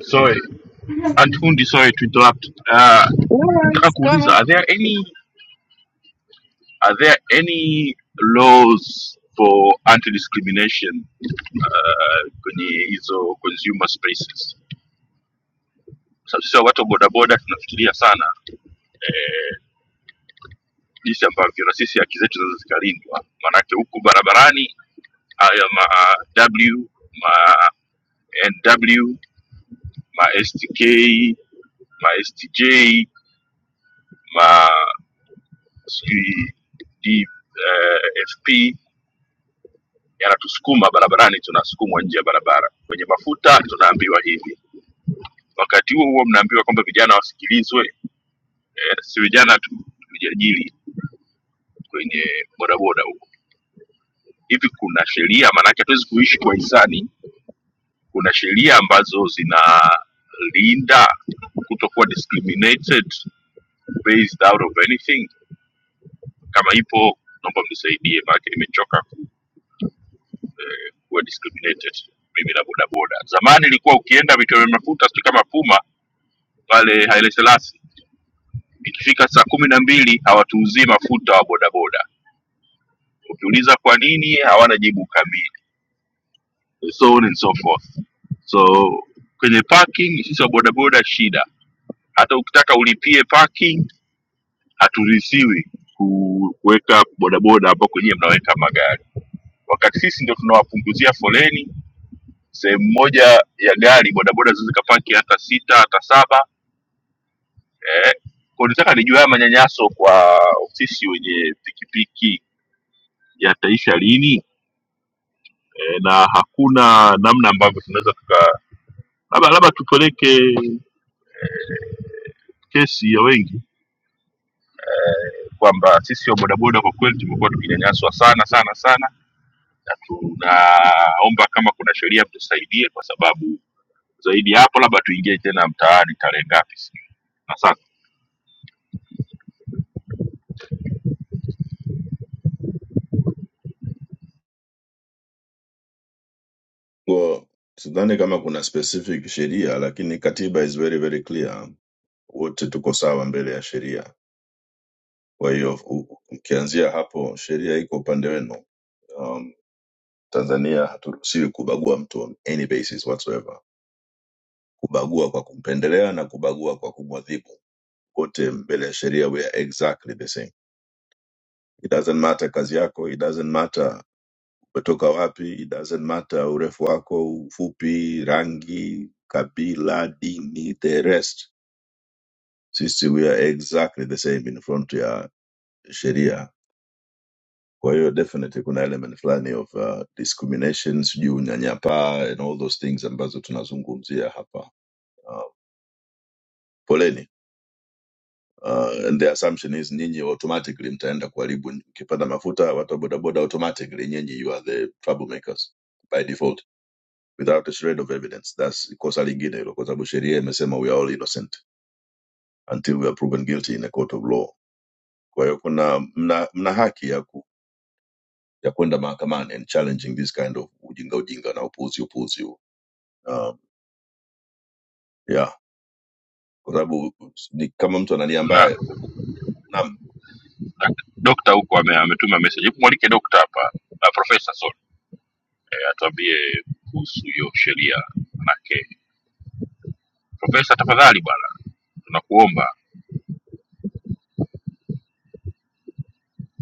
Speaker 1: Sorry, Antundi, sorry to interrupt. Uh,
Speaker 3: no
Speaker 1: nataka
Speaker 3: worries, go
Speaker 1: kuuliza,
Speaker 3: ahead.
Speaker 1: are there any are there any laws for anti discrimination uh, kwenye hizo consumer spaces? Sasa sisi watu wa bodaboda tunafikiria sana eh, jinsi ambavyo na sisi haki zetu zinaweza zikalindwa, maanake huku barabarani haya ma W ma NW ma STK ma STJ ma sijui D- eh, FP yanatusukuma barabarani, tunasukumwa nje ya barabara. Kwenye mafuta tunaambiwa hivi, wakati huo huo mnaambiwa kwamba vijana wasikilizwe, eh, si vijana tu, tujiajiri kwenye bodaboda hivi kuna sheria maanake hatuwezi kuishi kwa hisani kuna sheria ambazo zinalinda kutokuwa discriminated based out of anything kama ipo naomba mnisaidie maanake nimechoka ku- eh, kuwa discriminated mimi na bodaboda zamani ilikuwa ukienda vituo vya mafuta sijui kama puma pale Haile Selassie ikifika saa kumi na mbili hawatuuzii mafuta wa bodaboda ukiuliza kwa nini hawana jibu kamili so on and so forth so kwenye parking sisi wa bodaboda shida hata ukitaka ulipie parking haturuhusiwi ku- kuweka bodaboda hapo kwenyewe mnaweka magari wakati sisi ndio tunawapunguzia foleni sehemu moja ya gari bodaboda zinaweza zikapaki hata sita hata saba eh. Kwa nitaka nijue haya manyanyaso kwa sisi wenye pikipiki yataisha lini eh, na hakuna namna ambavyo tunaweza tuka labda labda tupeleke kesi ya wengi kwamba sisi wa bodaboda kwa kweli tumekuwa tukinyanyaswa sana sana sana na tunaomba kama kuna sheria mtusaidie kwa sababu zaidi ya hapo labda tuingie tena mtaani tarehe ngapi sijui na sasa
Speaker 6: Well, sidhani kama kuna specific sheria, lakini katiba is very very clear, wote tuko sawa mbele ya sheria. Kwa hiyo u- ukianzia hapo, sheria iko upande wenu. Um, Tanzania haturuhusiwi kubagua mtu on any basis whatsoever, kubagua kwa kumpendelea na kubagua kwa kumwadhibu. Wote mbele ya sheria we are exactly the same. It doesn't matter kazi yako, it doesn't matter umetoka wapi it doesn't matter urefu wako ufupi rangi kabila dini the rest sisi we are exactly the same in front ya sheria kwa hiyo definitely kuna element fulani of uh, discrimination sijui unyanyapaa and all those things ambazo tunazungumzia hapa uh, poleni Uh, and the assumption is nyinyi automatically mtaenda kuharibu mkipanda mafuta watu wa bodaboda automatically nyinyi you are the troublemakers by default without a shred of evidence. That's kosa lingine hilo, kwa sababu sheria imesema we are all innocent until we are proven guilty in a court of law. Kwa hiyo kuna mna, mna haki ya ku, ya kwenda mahakamani and challenging this kind of ujinga ujinga na upuuzi upuuzi huu. Um, yeah, kwa sababu ni kama mtu anania
Speaker 1: kuna
Speaker 6: mbaya naam,
Speaker 1: na- dokta huko ame- ametuma message hebu mwalike dokta hapa na profesa sorry eh, atuambie kuhusu hiyo sheria manake profesa tafadhali bwana tunakuomba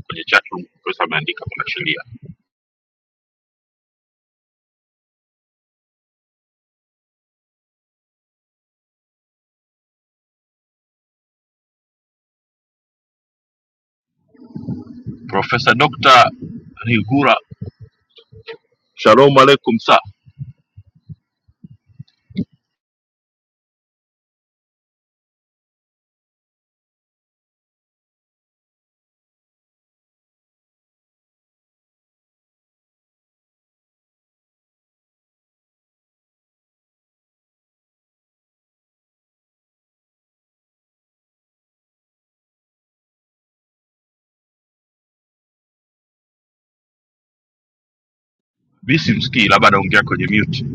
Speaker 1: kwenye chat room profesa ameandika kuna sheria profesa dokta rigura shalom aleikum sir. mi simsikii labda anaongea kwenye mute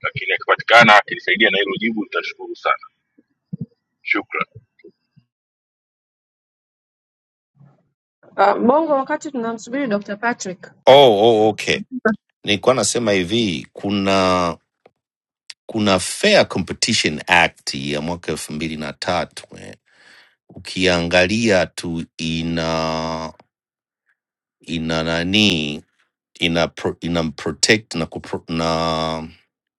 Speaker 1: lakini akipatikana akinisaidia na hilo jibu nitashukuru sana shukran
Speaker 3: Uh, Bongo, wakati tunamsubiri Dr. Patrick. Go
Speaker 9: Oh, oh, okay. Nilikuwa nasema hivi kuna kuna Fair Competition Act ya mwaka elfu mbili na tatu eh. Ukiangalia tu ina ina nani ina pro, ina protect na kupro, na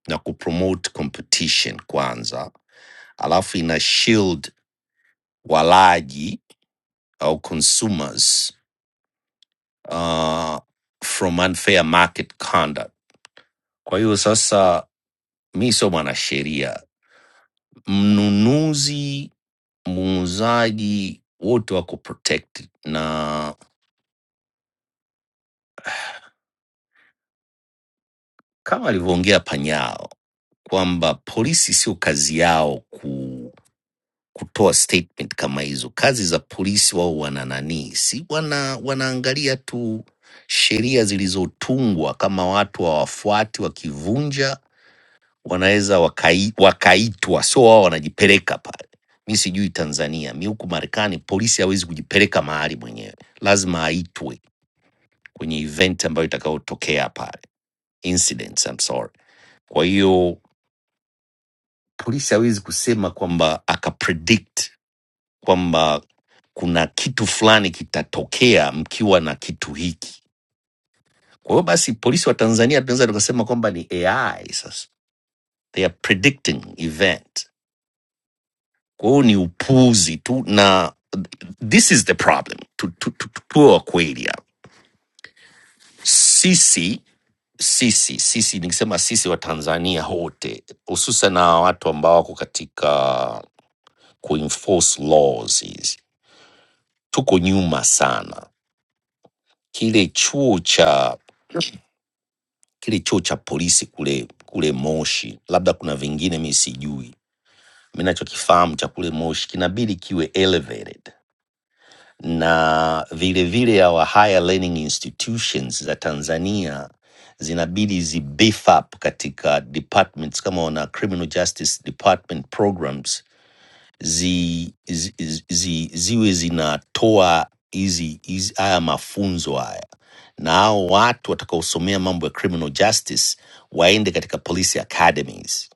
Speaker 9: na kupromote competition kwanza, alafu ina shield walaji au consumers uh, from unfair market conduct. Kwa hiyo sasa, mi sio mwanasheria mnunuzi muuzaji wote wako protected na kama alivyoongea panyao kwamba polisi sio kazi yao ku, kutoa statement kama hizo kazi za polisi wao wana nani si wana wanaangalia tu sheria zilizotungwa kama watu hawafuati wakivunja wanaweza wakai, wakaitwa, sio wao wanajipeleka pale. Mi sijui Tanzania, mi huku Marekani polisi hawezi kujipeleka mahali mwenyewe, lazima aitwe kwenye event ambayo itakayotokea pale, incidents, I'm sorry. Kwa hiyo polisi hawezi kusema kwamba akapredict kwamba kuna kitu fulani kitatokea mkiwa na kitu hiki. Kwa hiyo basi, polisi wa Tanzania tunaweza tukasema kwamba ni AI sasa, they are predicting event. Kwa hiyo ni upuuzi tu na This is the problem tu, tu, tu, tu, tuwe kweli hapa. Sisi sisi sisi nikisema sisi wa Tanzania wote hususan na watu ambao wako katika kuenforce laws hizi tuko nyuma sana. Kile chuo cha kile chuo cha polisi kule kule Moshi, labda kuna vingine mi sijui, mi nachokifahamu cha kule Moshi kinabidi kiwe elevated na vilevile our higher learning institutions za Tanzania zinabidi zi beef up katika departments kama wana criminal justice department programs zi, zi, zi, zi, ziwe zinatoa hizi hizi- haya mafunzo haya na hao watu watakaosomea mambo ya criminal justice waende katika police academies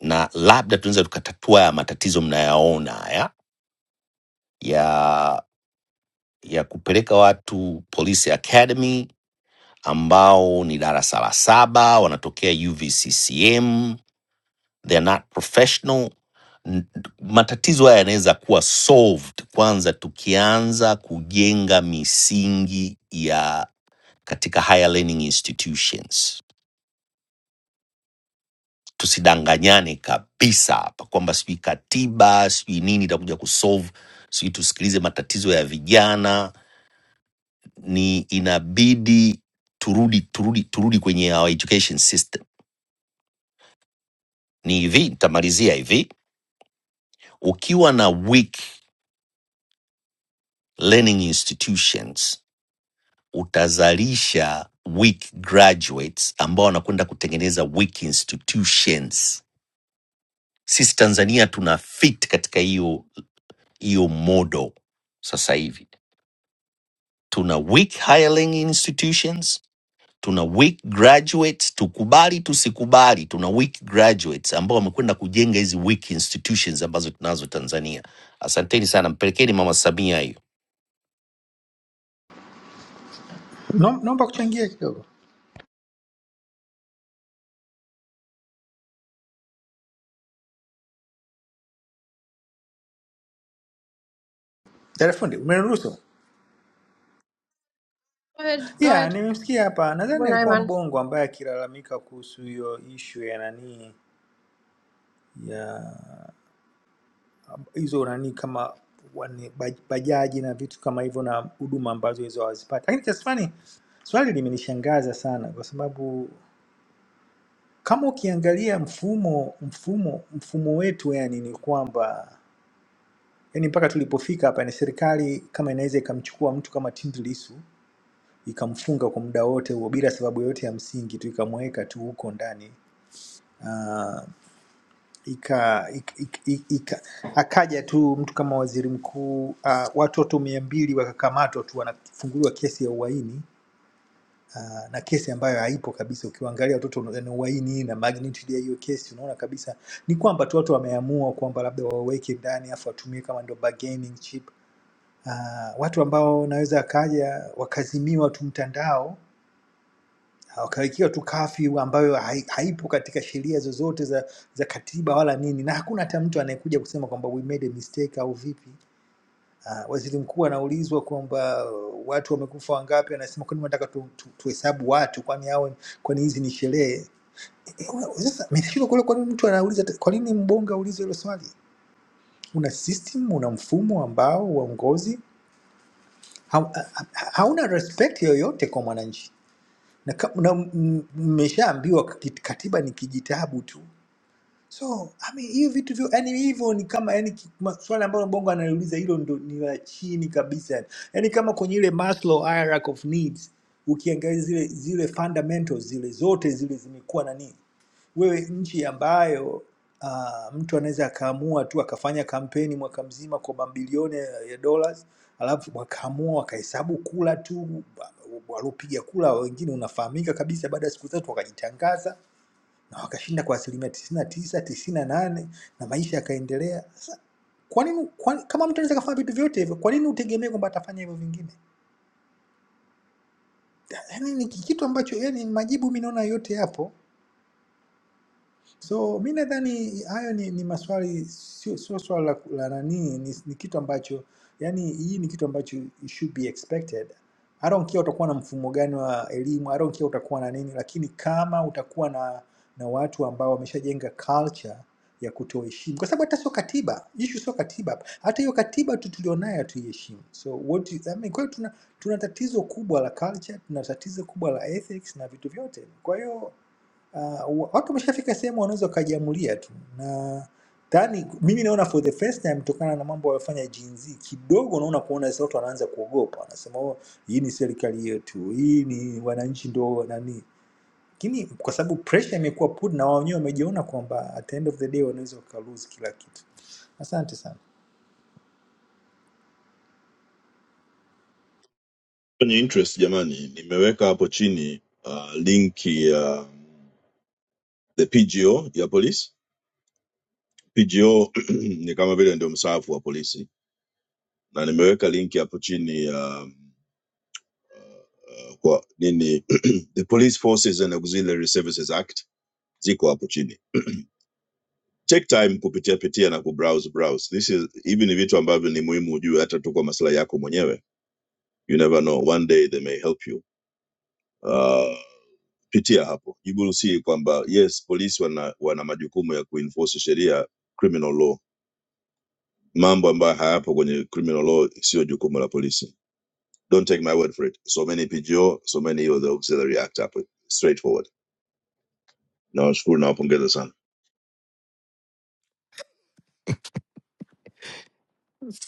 Speaker 9: na labda tunaweza tukatatua ya matatizo mnayaona haya ya ya kupeleka watu Police Academy ambao ni darasa la saba, wanatokea UVCCM, they're not professional. N- Matatizo haya yanaweza kuwa solved kwanza tukianza kujenga misingi ya katika higher learning institutions. Tusidanganyane kabisa hapa kwamba sijui katiba sijui nini itakuja kusolve, sijui tusikilize matatizo ya vijana ni inabidi turudi turudi turudi kwenye our education system ni hivi nitamalizia hivi ukiwa na weak learning institutions utazalisha weak graduates ambao wanakwenda kutengeneza weak institutions sisi tanzania tuna fit katika hiyo hiyo modo sasa hivi tuna weak higher learning institutions tuna weak graduates tukubali tusikubali tuna weak graduates ambao wamekwenda kujenga hizi weak institutions ambazo tunazo tanzania asanteni sana mpelekeni mama samia hiyo
Speaker 10: No- Naomba kuchangia kidogo. Dada fundi, umeniruhusu?
Speaker 3: ahead, go
Speaker 10: Yeah,
Speaker 3: ahead.
Speaker 10: nimemsikia hapa.
Speaker 3: Karibu
Speaker 10: Nadhani alikuwa
Speaker 3: Naiman.
Speaker 10: mbongo ambaye akilalamika kuhusu hiyo ishu ya nani ya hizo nani kama wane- baj- bajaji na vitu kama hivyo na huduma ambazo hizo hawazipati. Lakini kiasi fulani swali limenishangaza sana kwa sababu kama ukiangalia mfumo mfumo mfumo wetu yani ni kwamba yani mpaka tulipofika hapa ni serikali kama inaweza ikamchukua mtu kama Tundu Lissu ikamfunga kwa muda wote huo bila sababu yoyote ya msingi tu, ikamweka tu huko ndani ika, ik- ik- ik- ika akaja tu mtu kama waziri mkuu uh, watoto mia mbili wakakamatwa tu wanafunguliwa kesi ya uhaini uh, na kesi ambayo haipo kabisa. Ukiwaangalia watoto ni uhaini na magnitude ya hiyo kesi, unaona kabisa ni kwamba tu watu wameamua kwamba labda waweke ndani afu watumie kama ndo bargaining chip uh, watu ambao wanaweza akaja wakazimiwa tu mtandao wakawekewa tu kafyu ambayo hai- haipo katika sheria zozote za, za katiba wala nini, na hakuna hata mtu anayekuja kusema kwamba we made a mistake au vipi. Uh, waziri mkuu anaulizwa kwamba uh, watu wamekufa wangapi, anasema kwani nataka tuhesabu tu, tu tuhesabu watu, kwani hao kwani hizi ni sherehe? Eh, Sasa meshindwa kule, kwa nini mtu anauliza, kwa nini mbongo aulize hilo swali? Una system, una mfumo ambao uongozi ha, ha, hauna respect yoyote kwa mwananchi na, ka- na m- m- mmeshaambiwa kati- katiba ni kijitabu tu So I mean, hiyo vitu vyo yani hivyo ni kama yani ki- ma- swali ambalo Bongo analiuliza hilo ndo ni la chini kabisa. Yani kama kwenye ile Maslow hierarchy of needs ukiangalia zile zile fundamentals zile zote zile zimekuwa nani? Wewe nchi ambayo uh, mtu anaweza akaamua tu akafanya kampeni mwaka mzima kwa mabilioni ya ya dollars, alafu wakaamua wakahesabu kula tu wa- waliopiga kula wengine, unafahamika kabisa, baada ya siku tatu wakajitangaza na wakashinda kwa asilimia tisini na tisa tisini na nane na maisha yakaendelea. Sasa kwa nini kwa, kama mtu anaweza kafanya vitu vyote hivyo, kwa nini utegemee kwamba atafanya hivyo vingine? Yaani ni kitu ambacho yani majibu mimi naona yote yapo, So mi nadhani hayo ni, ni maswali sio sio swala la, la nani ni, ni kitu ambacho yani hii ni kitu ambacho it should be expected. I don't care utakuwa na mfumo gani wa elimu, I don't care utakuwa na nini, lakini kama utakuwa na na watu ambao wameshajenga culture ya kutoheshimu, kwa sababu hata sio katiba, issue sio katiba, hapa. hata hiyo katiba tu tulionayo hatuiheshimu. So what you- I mean, kwa hiyo tuna, tuna tatizo kubwa la culture, tuna tatizo kubwa la ethics na vitu vyote, kwa hiyo uh, watu wameshafika sehemu wanaweza wakajiamulia tu na tani, mimi naona for the first time tokana na mambo waliofanya Gen Z kidogo, naona kuona sasa watu wanaanza kuogopa, wanasema oh, hii ni serikali yetu, hii ni wananchi ndo nani, lakini kwa sababu pressure imekuwa put na wao wenyewe wamejiona kwamba at the end of the day wanaweza waka lose kila kitu. Asante sana.
Speaker 6: kwenye interest jamani, nimeweka hapo chini uh, link ya the PGO ya polisi. PGO ni kama vile ndio msaafu wa polisi, na nimeweka link hapo chini ya um, uh, kwa nini the police forces and auxiliary services act ziko hapo chini take time kupitia pitia na kubrowse browse this is hivi ni vitu ambavyo ni muhimu ujue hata tu kwa maslahi yako mwenyewe you never know one day they may help you uh, pitia hapo you will see kwamba yes polisi wana, wana majukumu ya kuenforce sheria criminal law mambo ambayo hayapo kwenye criminal law sio jukumu la polisi don't take my word for it so many pgo so many of the auxiliary act hapo straightforward nawashukuru nawapongeza sana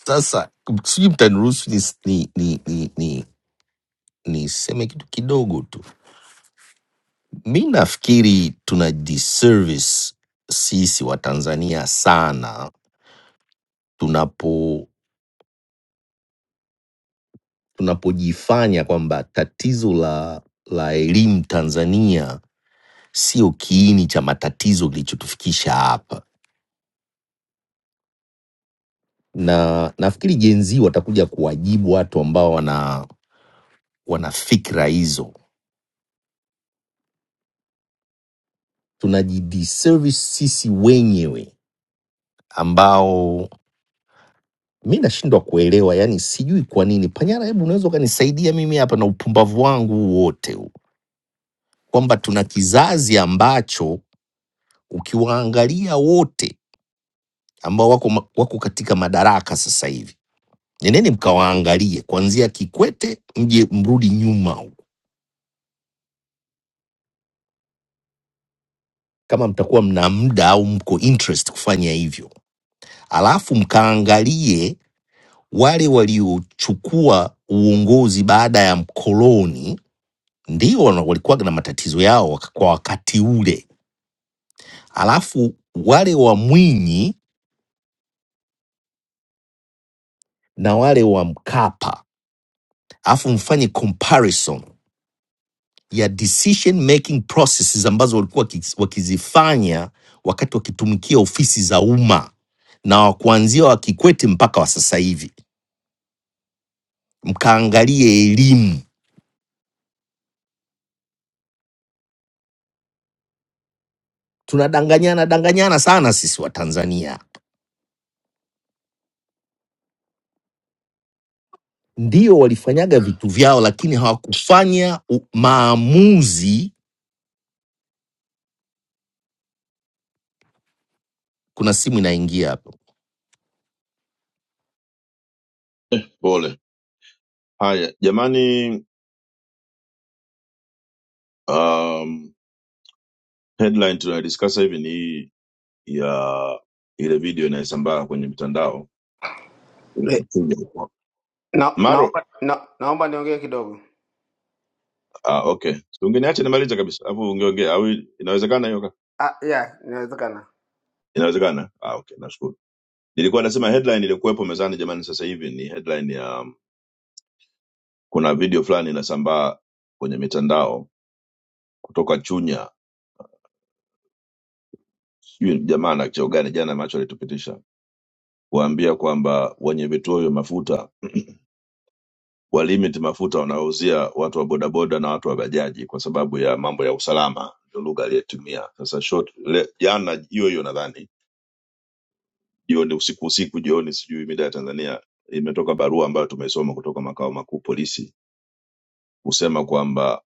Speaker 9: Sasa sijui mtaniruhusu ni, ni, ni, ni, ni, niseme kitu kidogo tu. Mi nafikiri tuna disservice sisi Watanzania sana tunapo tunapojifanya kwamba tatizo la la elimu Tanzania sio kiini cha matatizo kilichotufikisha hapa, na nafikiri jenzi watakuja kuwajibu watu ambao wana wana fikra hizo. Tunajidiservice sisi wenyewe ambao mi nashindwa kuelewa, yani sijui kwa nini. Panyara, hebu unaweza ukanisaidia mimi hapa na upumbavu wangu huu wote huu, kwamba tuna kizazi ambacho ukiwaangalia wote ambao wako, ma- wako katika madaraka sasa hivi nendeni mkawaangalie kuanzia Kikwete, mje mrudi nyuma huko kama mtakuwa mna muda au mko interest kufanya hivyo, alafu mkaangalie wale waliochukua uongozi baada ya mkoloni, ndio wana- walikuwa na matatizo yao wak- kwa wakati ule, alafu wale wa Mwinyi na wale wa Mkapa, alafu mfanye comparison ya decision making processes ambazo walikuwa wakis- wakizifanya wakati wakitumikia ofisi za umma na wa kuanzia wa Kikwete mpaka wa sasa hivi, mkaangalie elimu. Tunadanganyana danganyana sana sisi Watanzania. Ndio walifanyaga vitu vyao, lakini hawakufanya u- maamuzi. Kuna simu inaingia hapo.
Speaker 6: Pole. Haya jamani, um, headline tunayodiskasa hivi ni hii ya ile video inayosambaa kwenye mitandao
Speaker 11: Eh, Na,
Speaker 6: Maro.
Speaker 11: naomba na, naomba niongee kidogo.
Speaker 6: Ah, okay, Si ungeniacha nimalize kabisa, alafu ungeongea au inawezekana hiyo? kaka?
Speaker 11: Ah, yeah, inawezekana.
Speaker 6: Inawezekana. Ah, okay, nashukuru. Nilikuwa nasema headline iliyokuwepo mezani jamani, sasa hivi ni headline ya um, kuna video fulani inasambaa kwenye mitandao kutoka Chunya, sijui jamaa na cheo gani, jana macho alitupitisha kuambia kwamba wenye vituo vya mafuta walimit mafuta wanaouzia watu wa bodaboda na watu wa bajaji kwa sababu ya mambo ya usalama, ndio lugha aliyetumia. Sasa short le, jana hiyo hiyo nadhani jioni, usiku usiku, jioni, sijui mida ya Tanzania, imetoka barua ambayo tumeisoma kutoka makao makuu polisi kusema kwamba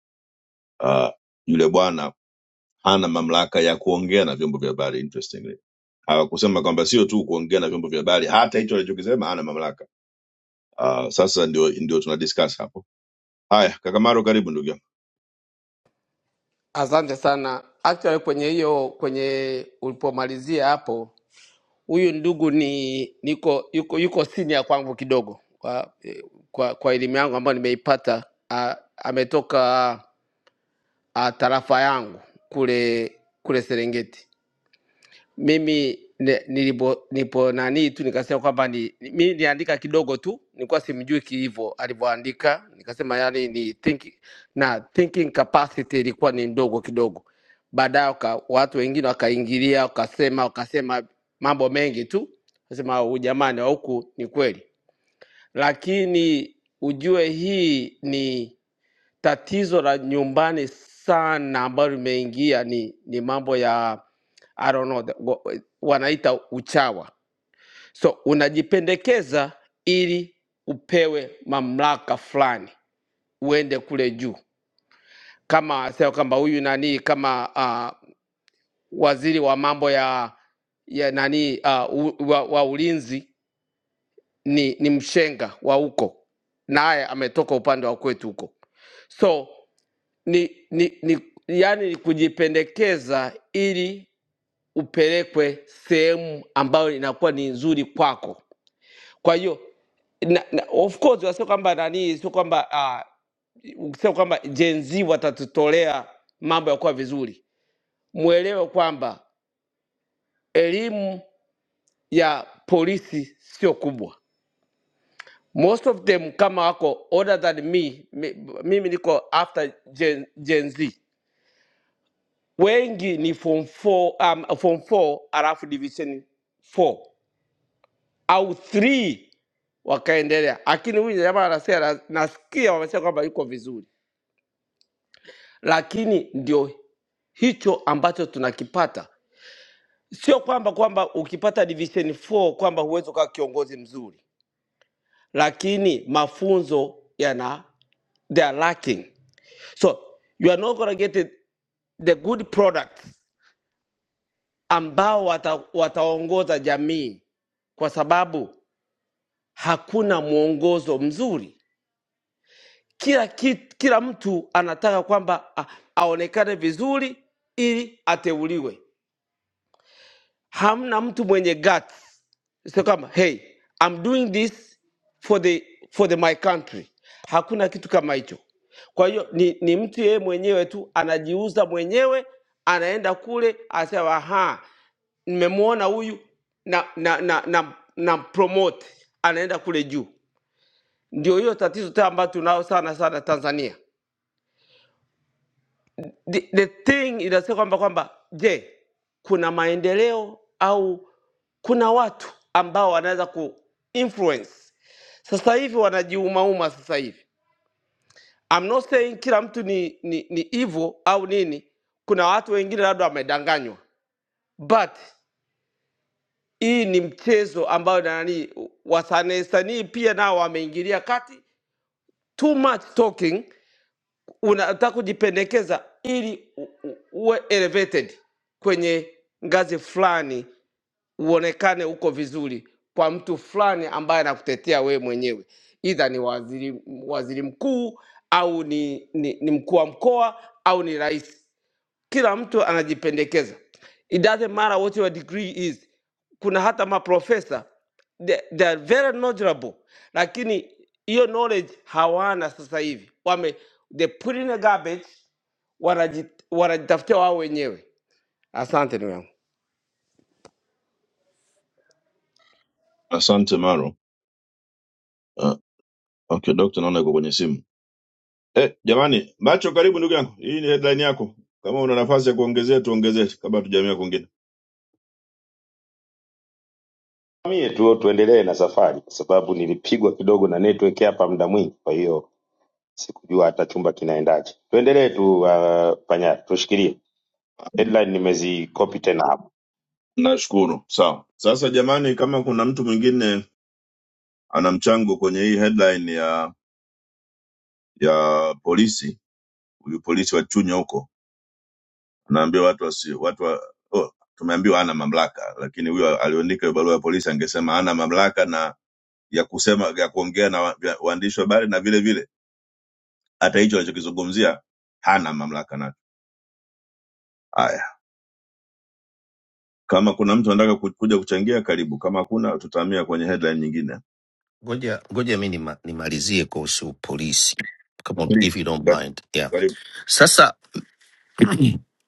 Speaker 6: uh, yule bwana hana mamlaka ya kuongea na vyombo vya habari interesting hawakusema kwamba sio tu kuongea na vyombo vya habari, hata hicho alichokisema hana mamlaka. Uh, sasa ndio ndio tuna discuss hapo. Haya, kaka Maro, karibu ndugu yangu.
Speaker 11: Asante sana. Actually kwenye hiyo kwenye ulipomalizia hapo, huyu ndugu ni niko yuko, yuko senior kwangu kidogo kwa eh, kwa, kwa elimu yangu ambayo nimeipata. ah, Ametoka ah, tarafa yangu kule kule Serengeti. mimi ne, nilipo, nipo nanii tu nikasema kwamba ni, ni- mi niandika kidogo tu, nilikuwa simjui kiivo alivyoandika, nikasema yani ni think, na thinking capacity ilikuwa ni ndogo kidogo. Baadaye waka- watu wengine wakaingilia wakasema wakasema mambo mengi tu, kasema jamani, wa huku ni kweli, lakini ujue hii ni tatizo la nyumbani sana ambalo limeingia ni, ni mambo ya I don't know, the- wa- wa- wanaita uchawa. So unajipendekeza ili upewe mamlaka fulani, uende kule juu, kama sema kwamba huyu nani kama uh, waziri wa mambo ya ya nani uh, u, wa, wa ulinzi ni, ni mshenga wa huko, naye ametoka upande wa kwetu huko so ni, ni, ni yani ni kujipendekeza ili upelekwe sehemu ambayo inakuwa ni nzuri kwako. Kwa hiyo na, na, of course wasio kwamba nani, sio kwamba uh, sio kwamba Gen Z watatutolea mambo ya kuwa vizuri. Mwelewe kwamba elimu ya polisi sio kubwa. Most of them kama wako older than me, mi- mimi niko after Gen, Gen Z wengi ni form 4 um, form 4 alafu division 4 au 3 wakaendelea, lakini huyu jamaa anasema, nasikia wamesema kwamba yuko vizuri, lakini ndio hicho ambacho tunakipata. Sio kwamba kwamba ukipata division 4 kwamba huwezi ukawa kiongozi mzuri, lakini mafunzo yana they are lacking, so you are not gonna get the the good product ambao wata, wataongoza jamii kwa sababu hakuna mwongozo mzuri. Kila, ki, kila mtu anataka kwamba a- aonekane vizuri ili ateuliwe. hamna mtu mwenye guts sio kama hey I'm doing this for the for the my country hakuna kitu kama hicho kwa hiyo ni, ni mtu yeye mwenyewe tu anajiuza mwenyewe anaenda kule anasema ha nimemwona huyu na na na, na, na promote anaenda kule juu ndio hiyo tatizo ta ambayo tunao sana sana tanzania the, the thing inasema kwamba kwamba je kuna maendeleo au kuna watu ambao wanaweza ku influence sasa hivi wanajiumauma sasa hivi I'm not saying kila mtu ni ni, ni evil au nini kuna watu wengine labda wamedanganywa but hii ni mchezo ambayo na nani wasanii sanii pia nao wameingilia kati too much talking unataka kujipendekeza ili u, u, uwe elevated kwenye ngazi fulani uonekane uko vizuri kwa mtu fulani ambaye anakutetea wewe mwenyewe idha ni waziri, waziri mkuu au ni, ni, ni mkuu wa mkoa au ni rais kila mtu anajipendekeza it doesn't matter what your degree is kuna hata maprofesa they, they are very knowledgeable lakini hiyo knowledge hawana sasa hivi wame they put in the garbage wanaji- wanajitafutia wao wenyewe asante ndugu yangu
Speaker 6: Asante Maro. Uh, okay, doctor, naona yuko kwenye simu. Eh, jamani, macho, karibu ndugu yangu, hii ni headline yako. Kama una nafasi ya kuongezea tuongezee, kabla tujamia kwingine.
Speaker 2: Mie tu tuendelee na safari, kwa sababu nilipigwa kidogo na network hapa muda mwingi, kwa hiyo sikujua hata chumba kinaendaje. Tuendelee tu uh, Panyali, tushikilie headline. Nimezikopi tena hapo,
Speaker 6: Nashukuru, sawa. Sasa jamani, kama kuna mtu mwingine ana mchango kwenye hii headline ya ya polisi, huyu polisi wa Chunya huko Naambia watu wasi, watu wa, oh, tumeambiwa hana mamlaka, lakini huyo aliandika hiyo barua ya polisi angesema hana mamlaka na ya kusema ya kuongea na wa- vya- waandishi wa habari na vile vile hata hicho alichokizungumzia hana mamlaka nacho. Haya, kama kuna mtu anataka ku- kuja kuchangia, karibu. Kama hakuna, tutahamia kwenye headline nyingine.
Speaker 9: Ngoja ngoja mi nima, nimalizie kuhusu polisi kama ut- if you
Speaker 6: Please,
Speaker 9: don't
Speaker 6: ka-
Speaker 9: mind. Yeah.
Speaker 6: karibu.
Speaker 9: Sasa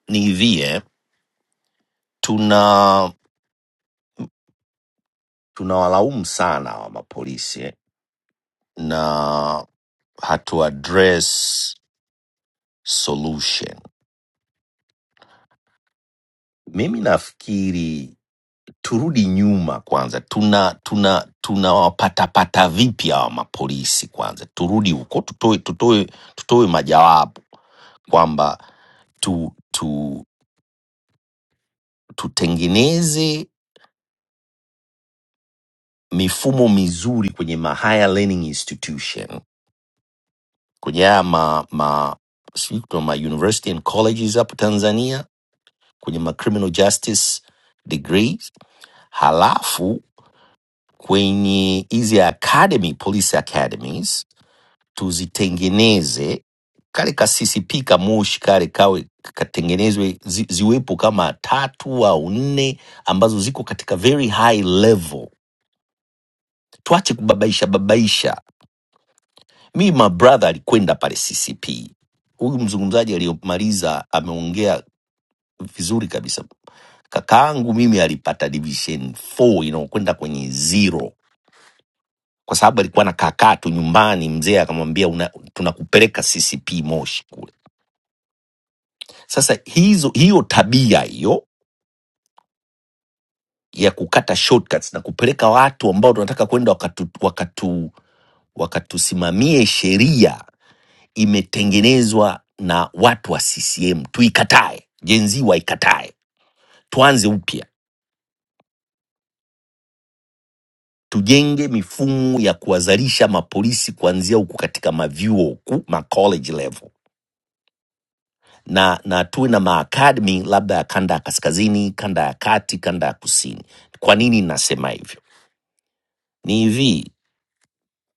Speaker 9: ni hivi eh, tuna tunawalaumu sana wa mapolisi eh, na hatu address solution. mimi nafikiri turudi nyuma kwanza tuna tuna tunawapatapata vipi hawa mapolisi kwanza turudi huko tutoe tutoe tutoe majawabu kwamba tu, tu tutengeneze mifumo mizuri kwenye ma higher learning institution kwenye haya ma, ma, sijui kuna ma university and colleges hapo tanzania kwenye ma criminal justice degrees halafu kwenye hizi academy police academies tuzitengeneze kale kasisipi kamoshi kale kawe katengenezwe zi, ziwepo kama tatu au nne ambazo ziko katika very high level tuache kubabaisha babaisha mi my brother alikwenda pale ccp huyu mzungumzaji aliyomaliza ameongea vizuri kabisa kakaangu mimi alipata division 4 inayokwenda kwenye zero kwa sababu alikuwa na kakaa tu nyumbani mzee akamwambia "Una- tunakupeleka ccp moshi Sasa hizo hiyo tabia hiyo ya kukata shortcuts na kupeleka watu ambao tunataka kwenda wakatu, wakatu, wakatusimamie sheria imetengenezwa na watu wa CCM. Tuikatae, jenzi waikatae, tuanze upya, tujenge mifumo ya kuwazalisha mapolisi kuanzia huku katika mavyuo huku ma college level na na tuwe na maakademi labda ya kanda ya kaskazini, kanda ya kati, kanda ya kusini. Kwa nini nasema hivyo? Ni hivi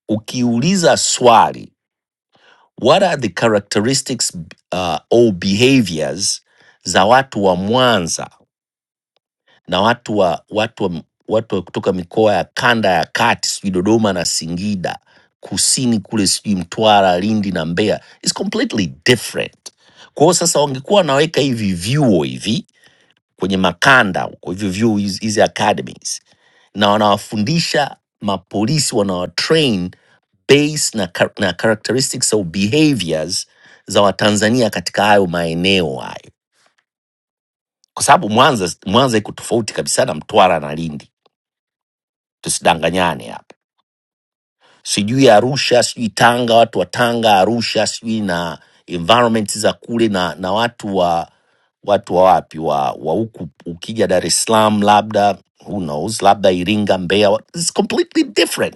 Speaker 9: ukiuliza swali what are the characteristics uh, or behaviors za watu wa Mwanza na watu wa watu wa, watu wa kutoka mikoa ya kanda ya kati sijui Dodoma na Singida kusini kule sijui Mtwara, Lindi na Mbeya is completely different. Kwa hiyo sasa wangekuwa wanaweka hivi vyuo hivi kwenye makanda huko hivyo vyuo hizi hizi academies na wanawafundisha mapolisi wanawatrain base na, char na characteristics au behaviors za Watanzania katika hayo maeneo hayo, kwa sababu Mwanza Mwanza iko tofauti kabisa na Mtwara na Lindi, tusidanganyane hapa. Sijui Arusha, sijui Tanga, watu wa Tanga, Arusha, sijui na environment za kule na, na watu wa watu wa wapi wa wa huku, ukija Dar es Salaam, labda who knows, labda Iringa, Mbeya, it's completely different.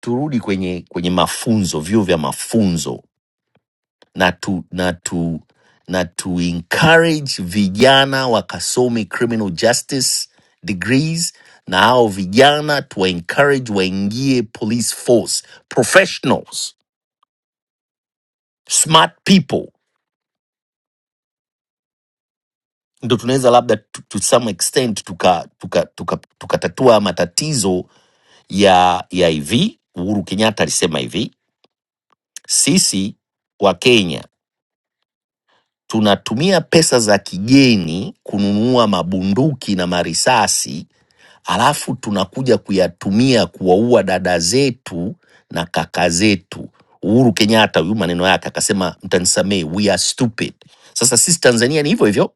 Speaker 9: Turudi kwenye kwenye mafunzo, vyuo vya mafunzo na tu na tu na tu encourage vijana wakasome criminal justice degrees na hao vijana tuwa encourage waingie police force professionals smart people ndo tunaweza labda to, to some extent tukatatua tuka, tuka, tuka tukatatua matatizo ya ya hivi uhuru kenyatta alisema hivi sisi wa kenya tunatumia pesa za kigeni kununua mabunduki na marisasi alafu tunakuja kuyatumia kuwaua dada zetu na kaka zetu. Uhuru Kenyatta huyu maneno yake akasema, mtanisamee, we are stupid. Sasa sisi Tanzania ni hivyo hivyo,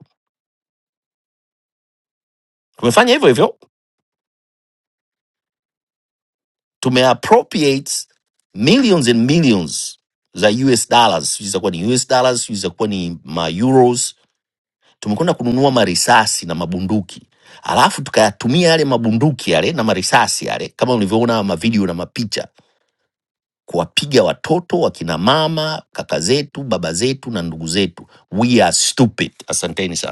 Speaker 9: tumefanya hivyo hivyo, tumeappropriate millions and millions za US dollars, sijui zitakuwa ni US dollars, sijui zitakuwa ni ma euros. Tumekwenda kununua marisasi na mabunduki, alafu tukayatumia yale mabunduki yale na marisasi yale, kama ulivyoona mavideo na mapicha kuwapiga watoto, wakina mama, kaka zetu, baba zetu na ndugu zetu. We are stupid. Asanteni sana.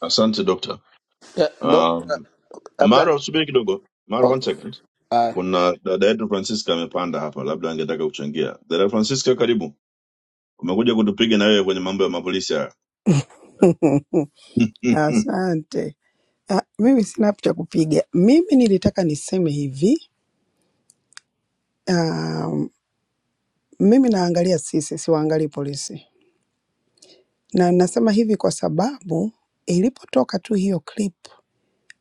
Speaker 6: Asante dokta.
Speaker 11: Yeah, Dr.
Speaker 6: Um,
Speaker 11: Abdul.
Speaker 6: Maro, subiri kidogo. Maro, one
Speaker 11: Okay.
Speaker 6: second.
Speaker 11: Uh,
Speaker 6: Kuna dada yetu Francisca amepanda hapa, labda angetaka kuchangia. Dada Francisca, karibu. umekuja kutupiga na wewe kwenye mambo ya mapolisi haya Mhm.
Speaker 12: Asante. Ah, mimi sina cha kupiga. Mimi nilitaka niseme hivi, um, mimi naangalia sisi, siwaangalii polisi, na nasema hivi kwa sababu ilipotoka tu hiyo clip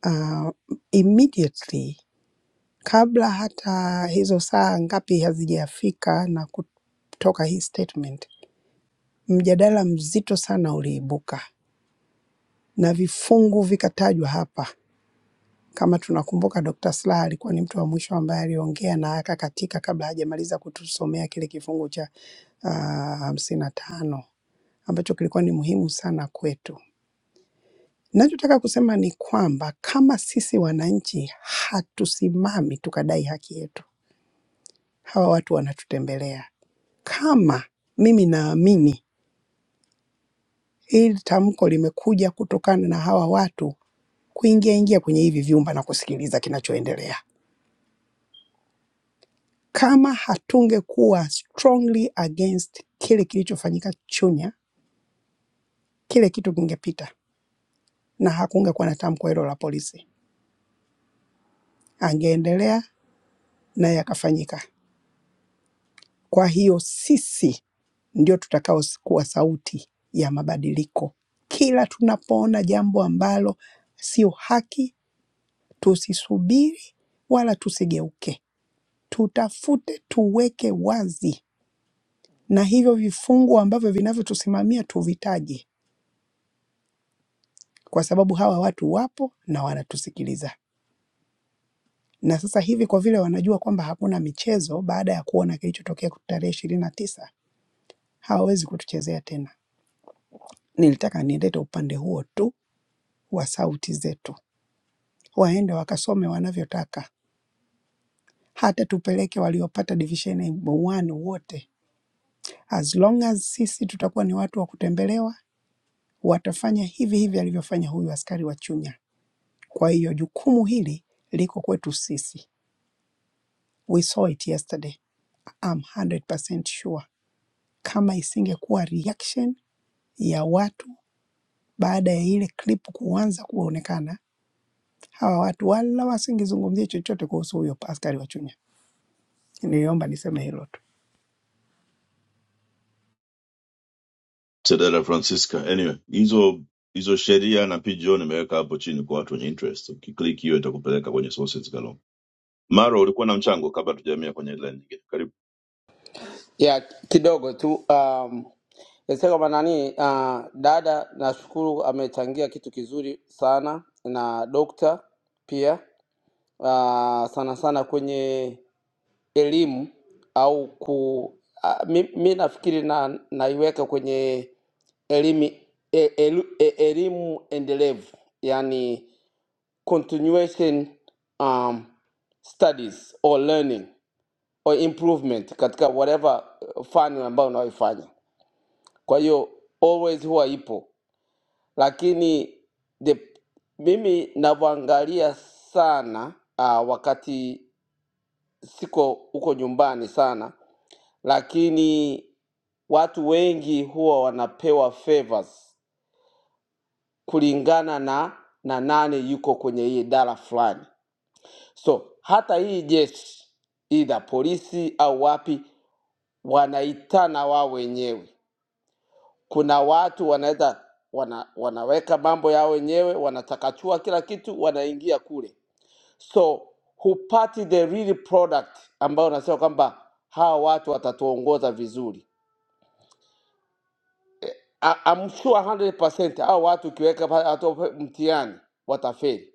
Speaker 12: uh, immediately kabla hata hizo saa ngapi hazijafika na kutoka hii statement, mjadala mzito sana uliibuka na vifungu vikatajwa hapa Kama tunakumbuka Dr. Slaa alikuwa ni mtu wa mwisho ambaye aliongea na akakatika kabla hajamaliza kutusomea kile kifungu cha ah, hamsini na tano ambacho kilikuwa ni muhimu sana kwetu. Nachotaka kusema ni kwamba kama sisi wananchi hatusimami tukadai haki yetu, hawa watu wanatutembelea. Kama mimi naamini hili tamko limekuja kutokana na hawa watu kuingia ingia kwenye hivi vyumba na kusikiliza kinachoendelea Kama hatungekuwa strongly against kile kilichofanyika Chunya, kile kitu kingepita na hakungekuwa na tamko hilo la polisi, angeendelea na yakafanyika. Kwa hiyo sisi ndio tutakao kuwa sauti ya mabadiliko. Kila tunapoona jambo ambalo sio haki, tusisubiri wala tusigeuke, tutafute, tuweke wazi, na hivyo vifungu ambavyo vinavyotusimamia tuvitaje kwa sababu hawa watu wapo na wanatusikiliza. Na sasa hivi kwa vile wanajua kwamba hakuna michezo baada ya kuona kilichotokea tarehe ishirini na tisa, hawawezi kutuchezea tena. Nilitaka nilete upande huo tu wa sauti zetu, waende wakasome wanavyotaka, hata tupeleke waliopata division one wote, as long as sisi tutakuwa ni watu wa kutembelewa, watafanya hivi hivi alivyofanya huyu askari wa Chunya. Kwa hiyo jukumu hili liko kwetu sisi. We saw it yesterday I'm 100% sure kama isingekuwa reaction ya watu baada ya ile clip kuanza kuonekana, hawa watu wala wasingezungumzia chochote kuhusu huyo askari wa Chunya. Niliomba niseme hilo tu.
Speaker 6: Tedela Francisca. Anyway, hizo hizo sheria na PGO nimeweka hapo chini kwa watu wenye interest. Ukiklik hiyo itakupeleka kwenye sources galore. Maro, ulikuwa na mchango kabla tujamia kwenye headline nyingine. Karibu.
Speaker 11: yeah, kidogo tu um, nisema kama nani uh, dada nashukuru amechangia kitu kizuri sana na dokta pia uh, sana sana kwenye elimu au ku uh, mi, mi nafikiri na naiweka kwenye elimu e, elu, e, elimu endelevu yani continuation um, studies or learning or improvement katika whatever uh, fani ambayo unaoifanya kwa hiyo always huwa ipo lakini the, mimi navyoangalia sana uh, wakati siko huko nyumbani sana, lakini watu wengi huwa wanapewa favors kulingana na na nane yuko kwenye hii idara fulani. So hata hii jeshi, idha polisi au wapi, wanaitana wao wenyewe. Kuna watu wanaweza wana, wanaweka mambo yao wenyewe, wanatakachua kila kitu, wanaingia kule so hupati the real product ambayo unasema kwamba hawa watu watatuongoza vizuri I- I'm sure 100% hawa watu ukiweka pa- hata upe- mtihani watafeli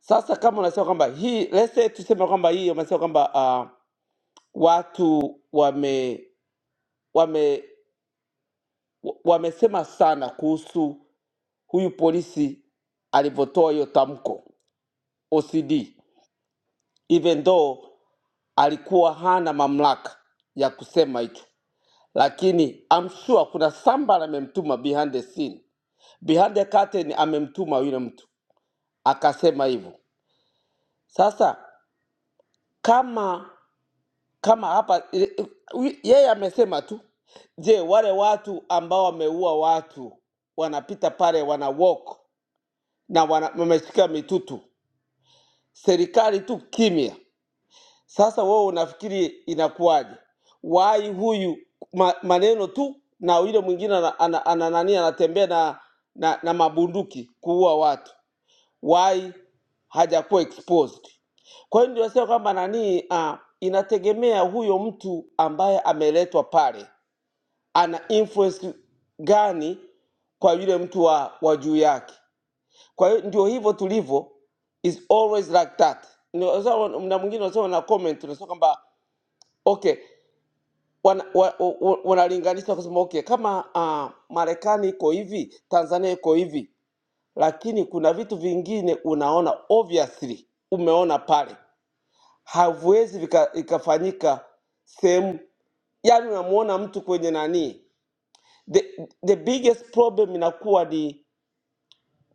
Speaker 11: sasa kama unasema kwamba hii let's say tuseme kwamba hii unasema kwamba uh, watu wame wame wa- wamesema sana kuhusu huyu polisi alivyotoa hiyo tamko OCD even though alikuwa hana mamlaka ya kusema hicho lakini I'm sure kuna somebody amemtuma behind the scene, behind the curtain, amemtuma yule mtu akasema hivyo. Sasa kama kama hapa ile- wi- yeye amesema tu, je, wale watu ambao wameua watu wanapita pale wana walk na wana- wameshika mitutu, serikali tu kimya Sasa wewe unafikiri inakuwaje? Wai huyu ma, maneno tu na yule mwingine ana, ana, ana, nani anatembea na, na, na mabunduki kuua watu. Wai hajakuwa exposed. Kwa hiyo ndio nasema kwamba nani uh, inategemea huyo mtu ambaye ameletwa pale ana influence gani kwa yule mtu wa, wa juu yake. Kwa hiyo ndio hivyo tulivyo is always like that. Ndio sasa mna mwingine unasema na comment unasema kwamba Okay, wana, wa, wa, wanalinganisha kusema okay, kama uh, Marekani iko hivi, Tanzania iko hivi, lakini kuna vitu vingine unaona obviously umeona pale haviwezi vika- ikafanyika sehemu, yani unamuona mtu kwenye nani, the, the biggest problem inakuwa ni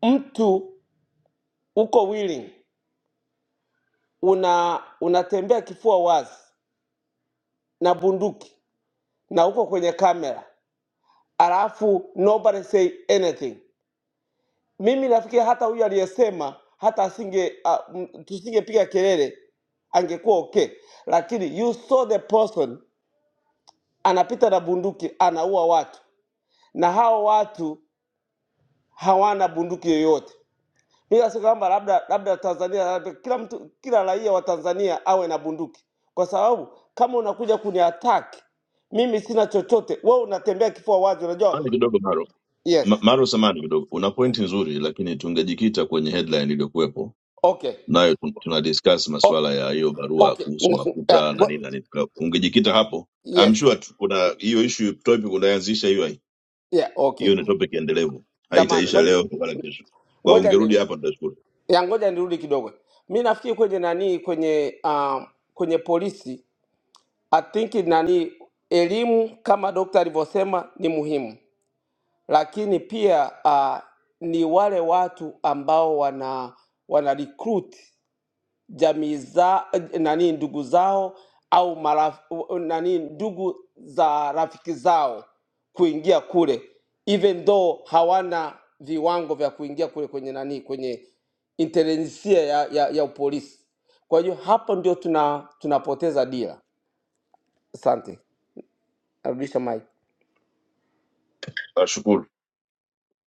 Speaker 11: mtu uko willing, una unatembea kifua wazi na bunduki na uko kwenye kamera, alafu nobody say anything Mimi nafikiri hata huyu aliyesema hata asinge uh, tusingepiga kelele angekuwa okay, lakini you saw the person anapita na bunduki anaua watu, na hao watu hawana bunduki yoyote. Mimi nasema kwamba labda labda Tanzania, labda kila mtu, kila raia wa Tanzania awe na bunduki, kwa sababu kama unakuja kuni attack mimi sina chochote, wewe unatembea kifua wazi,
Speaker 6: Samahani
Speaker 11: unajua.
Speaker 6: kidogo Maro. Ma
Speaker 11: Yes,
Speaker 6: Maro, samahani kidogo. Una point nzuri, lakini tungejikita kwenye headline iliyokuwepo
Speaker 11: okay,
Speaker 6: nayo tun- tuna discuss
Speaker 11: o,
Speaker 6: masuala ya hiyo barua
Speaker 11: okay,
Speaker 6: kuhusu
Speaker 11: Ngo- ngo- yeah,
Speaker 6: mafuta na
Speaker 11: ngo-
Speaker 6: nini na nini. Ungejikita hapo I'm
Speaker 11: yes,
Speaker 6: sure tu- kuna hiyo issue topic unaanzisha hiyo
Speaker 11: yeah, okay.
Speaker 6: hiyo ni topic endelevu
Speaker 11: Samahani,
Speaker 6: haitaisha
Speaker 11: ngoja
Speaker 6: leo wala kesho kwa
Speaker 11: ngoja
Speaker 6: ungerudi
Speaker 11: ni,
Speaker 6: hapa tutashukuru
Speaker 11: ya ngoja nirudi kidogo. Mi nafikiri kwenye nani kwenye um, kwenye polisi I think nani elimu kama dokta alivyosema ni muhimu, lakini pia uh, ni wale watu ambao wana wana recruit jamii za nani ndugu zao au maraf, nani ndugu za rafiki zao kuingia kule even though hawana viwango vya kuingia kule kwenye nani kwenye intelijensia ya, ya, ya upolisi kwa hiyo hapo ndio tuna tunapoteza dira asante narudisha mike
Speaker 6: ashukuru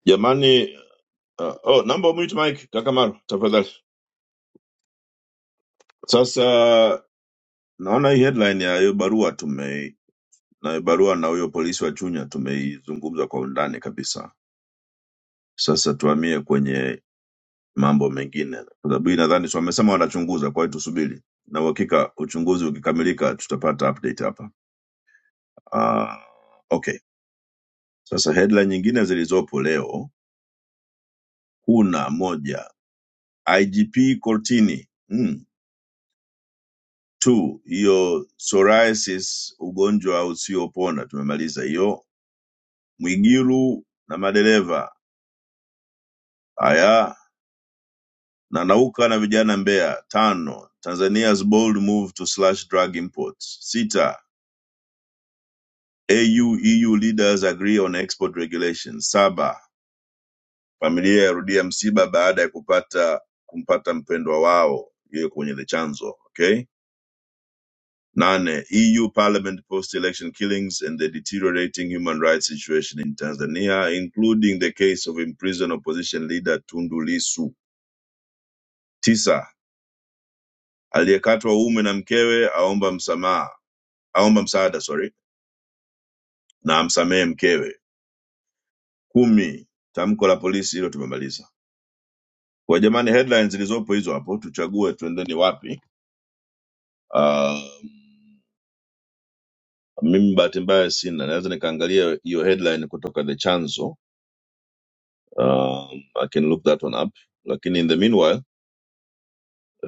Speaker 6: jamani uh, oh naomba umute mike kaka Maru tafadhali sasa naona hii headline ya hiyo barua tume na hiyo barua na huyo polisi wa Chunya tumeizungumza kwa undani kabisa sasa tuhamie kwenye mambo mengine kwa sababu hii nadhani si wamesema wanachunguza kwa hiyo tusubiri na uhakika uchunguzi ukikamilika tutapata update hapa uh, okay sasa headline nyingine zilizopo leo Kuna moja, IGP Cortini. Mm. Two, hiyo psoriasis ugonjwa usiopona tumemaliza hiyo. Mwigiru na madereva haya na nauka na vijana Mbeya. Tano, Tanzania's bold move to slash drug imports. Sita, AU EU leaders agree on export regulations. Saba, familia yarudia msiba baada ya kupata kumpata mpendwa wao, hiyo kwenye the chanzo. Okay? Nane, EU Parliament post-election killings and the deteriorating human rights situation in Tanzania, including the case of imprisoned opposition leader Tundu Lissu. Tisa, aliyekatwa uume na mkewe aomba msamaha, aomba msaada sorry, na amsamehe mkewe. Kumi, tamko la polisi, hilo tumemaliza. Kwa jamani, headlines zilizopo hizo hapo, tuchague tuendeni wapi. Uh, mimi bahati mbaya sina, naweza nikaangalia hiyo headline kutoka the chanzo Um, I can look that one up. Lakini in the meanwhile,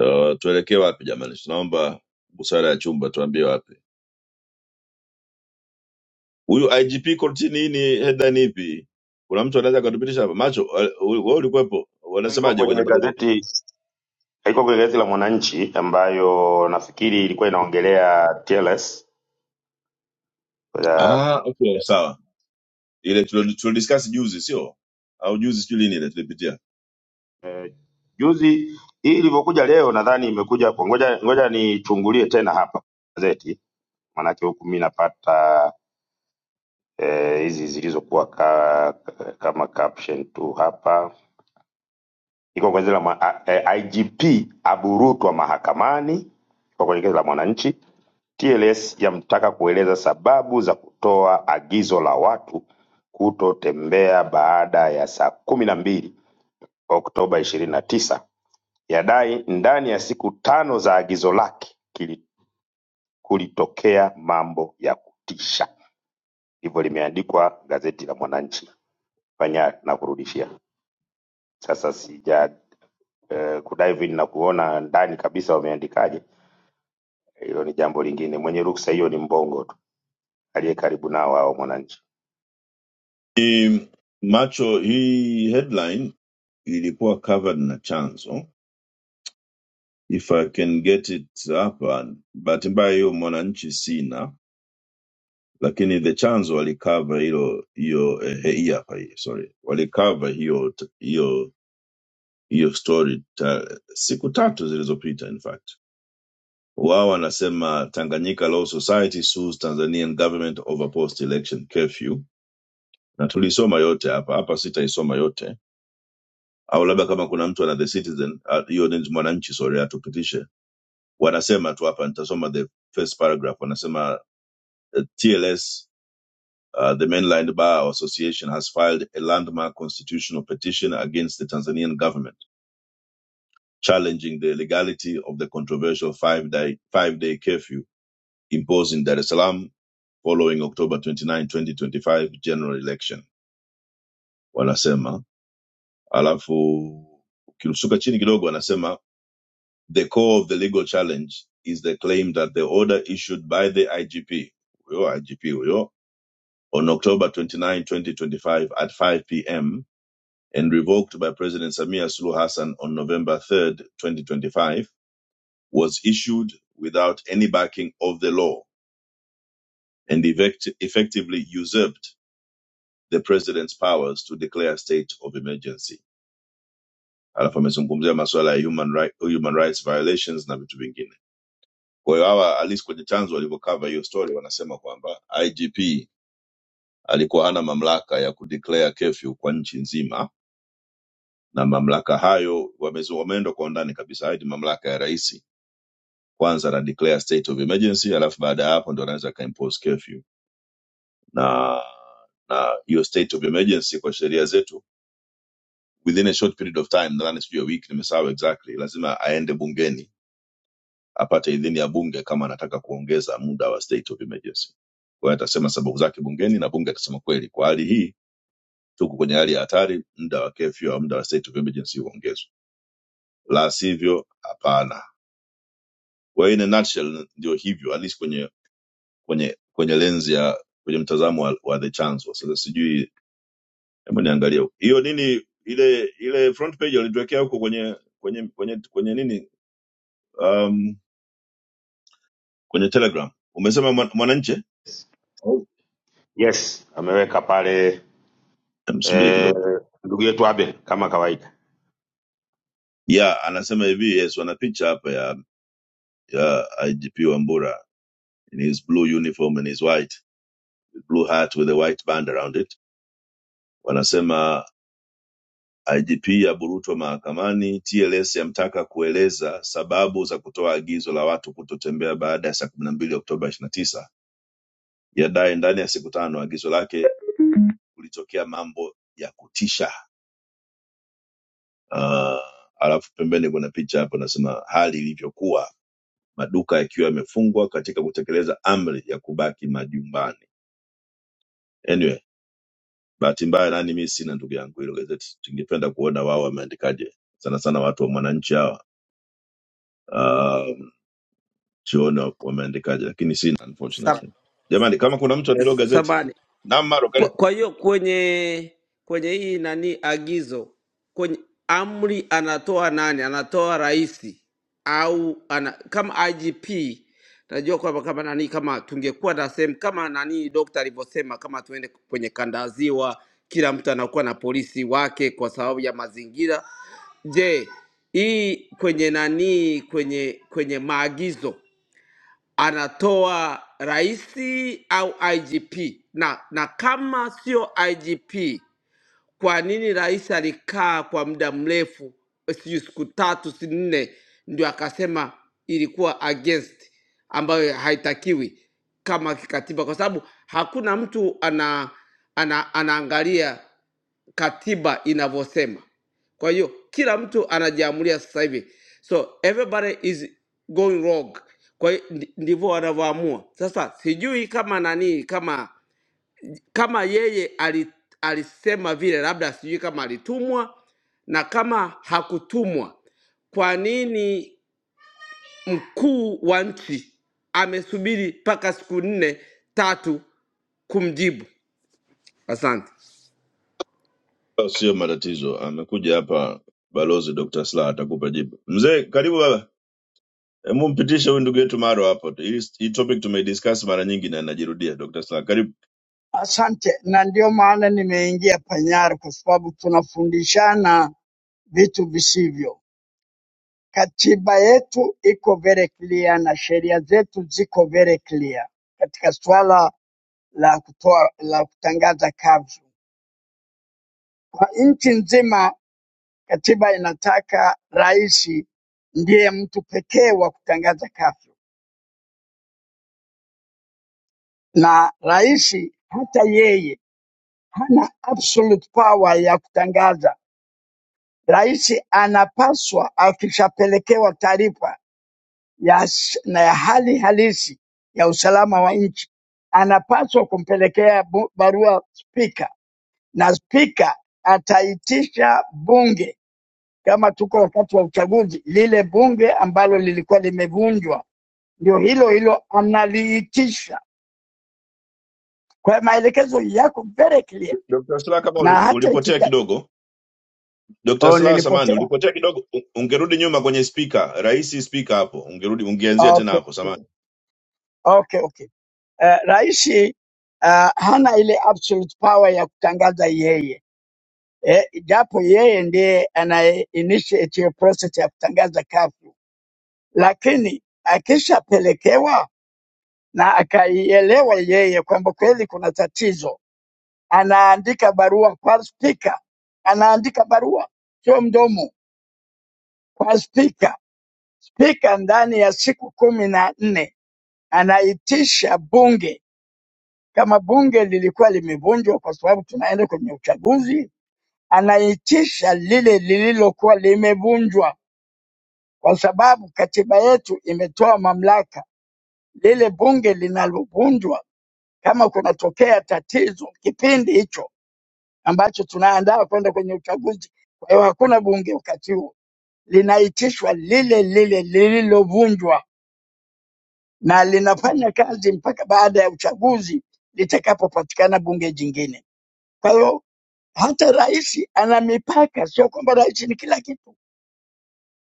Speaker 6: uh, tuelekee wapi jamani? Tunaomba busara ya chumba tuambie wapi. Huyu IGP korti nini headline ipi? Kuna mtu anaweza akatupitisha hapa? Macho, eh, wewe ulikuwepo.
Speaker 2: iko
Speaker 6: Wanasemaje kwenye
Speaker 2: kwenye
Speaker 6: magazeti?
Speaker 2: gazeti haiko kwenye gazeti la Mwananchi ambayo nafikiri ilikuwa inaongelea TLS. Ya,
Speaker 6: Ah, okay, sawa. Ile tulio tulio discuss juzi, sio? Au juzi sijui lini ile tulipitia.
Speaker 2: eh, Juzi hii ilivyokuja leo, nadhani imekuja kwa ngoja, ngoja nichungulie tena hapa gazeti, maanake huku mi napata eh, hizi zilizokuwa ka, kama caption tu hapa. Iko kwenye gazeti la mwa- a- eh, IGP aburutwa mahakamani, iko kwenye gazeti la Mwananchi TLS yamtaka kueleza sababu za kutoa agizo la watu kutotembea baada ya saa kumi na mbili Oktoba ishirini na tisa yadai ndani ya siku tano za agizo lake kili- kulitokea mambo ya kutisha. Hivyo limeandikwa gazeti la Mwananchi. Fanya na kurudishia. Sasa sija eh, kudive in na kuona ndani kabisa wameandikaje, hilo ni jambo lingine. Mwenye ruksa hiyo ni Mbongo tu aliye karibu nao hao Mwananchi.
Speaker 6: Ni Macho, hii headline ilikuwa covered na chanzo. If I can get it hapa, bahati mbaya hiyo Mwananchi sina lakini the chanzo walikava hilo hiyo eh, eh, hii hapa hii sorry walikava hiyo hiyo hiyo story ta, siku tatu zilizopita in fact wao wanasema tanganyika law society sues tanzanian government over post election curfew na tulisoma yote hapa hapa sitaisoma yote au labda kama kuna mtu ana the citizen ah, hiyo ni mwananchi sorry atupitishe wanasema tu hapa nitasoma the first paragraph wanasema eh, tls Uh, the Mainland Bar Association has filed a landmark constitutional petition against the Tanzanian government, challenging the legality of the controversial five-day five-day curfew imposed in Dar es Salaam following October 29, 2025 general election. Wanasema alafu ukirusuka chini kidogo wanasema the core of the legal challenge is the claim that the order issued by the IGP, huyo IGP huyo, on October 29, 2025 at 5 p.m and revoked by President Samia Suluhu Hassan on November 3, 2025, was issued without any backing of the law and effect- effectively usurped the president's powers to declare a state of emergency. Alafu amezungumzia masuala ya human, right, human rights violations na vitu vingine. Kwa hiyo hawa at least kwenye chanzo walivyokava hiyo story wanasema kwamba IGP alikuwa hana mamlaka ya kudeclare curfew kwa nchi nzima, na mamlaka hayo wamezo- wameenda kwa undani kabisa. Haya ni mamlaka ya rais kwanza ana declare state of emergency alafu baada ya hapo ndo anaweza akaimpose curfew na na hiyo state of emergency kwa sheria zetu within a short period of time nadhani sijui ya wiki nimesahau exactly lazima aende bungeni apate idhini ya bunge kama anataka kuongeza muda wa state of emergency kwa hiyo atasema sababu zake bungeni na bunge atasema kweli kwa hali hii tuko kwenye hali ya hatari muda wa curfew au muda wa state of emergency uongezwe la sivyo hapana kwa hiyo in a nutshell ndio hivyo at least kwenye kwenye kwenye lenzi ya kwenye mtazamo wa, wa the chanzo sasa sijui hebu niangalie huko. hiyo nini ile ile front page alituwekea huko kwenye kwenye kwenye kwenye nini um, kwenye telegram umesema mwan- mwananchi oh.
Speaker 2: Yes, ameweka pale
Speaker 6: msubiri
Speaker 2: eh,
Speaker 6: kidogo
Speaker 2: ndugu yetu Abel kama kawaida.
Speaker 6: ya anasema hivi yes wana picha hapa ya ya igp wambura in his blue uniform and his white blue hat with a white band around it wanasema IGP aburutwa mahakamani TLS yamtaka kueleza sababu za kutoa agizo la watu kutotembea baada ya saa kumi na mbili Oktoba ishirini na tisa yadai ndani ya siku tano agizo lake kulitokea mambo ya kutisha uh, alafu pembeni kuna picha hapo nasema hali ilivyokuwa maduka yakiwa yamefungwa katika kutekeleza amri ya kubaki majumbani anyway bahati mbaya nani mi sina ndugu yangu hilo gazeti tungependa kuona wao wameandikaje sana sana watu wa mwananchi hawa Uh, siona wameandikaje lakini sina unfortunately jamani kama kuna mtu anaelewa gazeti namaro
Speaker 11: Kwa
Speaker 6: karibu
Speaker 11: kwa hiyo kwenye kwenye hii nani agizo kwenye amri anatoa nani? Anatoa rais au ana, kama IGP najua kwamba kama nani, kama tungekuwa na sehemu kama nani dokta alivyosema, kama tuende kwenye kanda ziwa, kila mtu anakuwa na polisi wake kwa sababu ya mazingira. Je, hii kwenye nani, kwenye kwenye maagizo anatoa raisi au IGP na, na kama sio IGP, kwa nini rais alikaa kwa muda mrefu, sijui siku tatu si nne, ndio akasema ilikuwa against, ambayo haitakiwi kama kikatiba, kwa sababu hakuna mtu ana, ana, anaangalia katiba inavyosema. Kwa hiyo kila mtu anajiamulia sasa hivi, so everybody is going wrong. Kwa hiyo ndi- ndivyo wanavyoamua sasa. Sijui kama nani, kama kama yeye ali, alisema vile, labda sijui kama alitumwa na kama hakutumwa, kwa nini mkuu wa nchi amesubiri mpaka siku nne tatu kumjibu? Asante.
Speaker 6: sio matatizo amekuja hapa balozi dr sla atakupa jibu mzee karibu baba Hebu mpitishe huyu ndugu yetu maro hapo hii hii topic tumeidiscuss mara nyingi na inajirudia dr sla karibu
Speaker 13: Asante, na ndio maana nimeingia Panyara kwa sababu tunafundishana vitu visivyo. Katiba yetu iko very clear na sheria zetu ziko very clear katika suala la kutoa la kutangaza kavu kwa nchi nzima. Katiba inataka rais ndiye mtu pekee wa kutangaza kavu, na rais hata yeye hana absolute power ya kutangaza Rais anapaswa akishapelekewa taarifa ya, s- na ya hali halisi ya usalama wa nchi anapaswa kumpelekea bu- barua spika, na spika ataitisha bunge, kama tuko wakati wa uchaguzi, lile bunge ambalo lilikuwa limevunjwa, ndio hilo hilo analiitisha. Kwa hiyo maelekezo yako very clear,
Speaker 6: dr sla kama
Speaker 13: na
Speaker 6: uli,
Speaker 13: hata
Speaker 6: ulipotea
Speaker 13: ikita...
Speaker 6: kidogo dr
Speaker 13: Oh,
Speaker 6: sla samani
Speaker 13: nilipotea.
Speaker 6: ulipotea kidogo u- ungerudi nyuma kwenye spika rahisi spika hapo ungerudi ungeanzia tena
Speaker 13: Okay,
Speaker 6: hapo
Speaker 13: okay,
Speaker 6: samani
Speaker 13: okay, okay. eh, raisi ah, hana ile absolute power ya kutangaza yeye eh, japo yeye ndiye anaye initiate hiyo process ya kutangaza kafu, lakini akishapelekewa na akaielewa yeye kwamba kweli kuna tatizo, anaandika barua kwa spika, anaandika barua sio mdomo, kwa spika. Spika ndani ya siku kumi na nne anaitisha bunge kama bunge lilikuwa limevunjwa kwa sababu tunaenda kwenye uchaguzi, anaitisha lile lililokuwa limevunjwa, kwa sababu katiba yetu imetoa mamlaka lile bunge linalovunjwa, kama kunatokea tatizo kipindi hicho ambacho tunaandaa kwenda kwenye uchaguzi. Kwa hiyo hakuna bunge wakati huo, linaitishwa lile lile lililovunjwa, na linafanya kazi mpaka baada ya uchaguzi litakapopatikana bunge jingine. Kwa hiyo hata rais ana mipaka, sio kwamba rais ni kila kitu.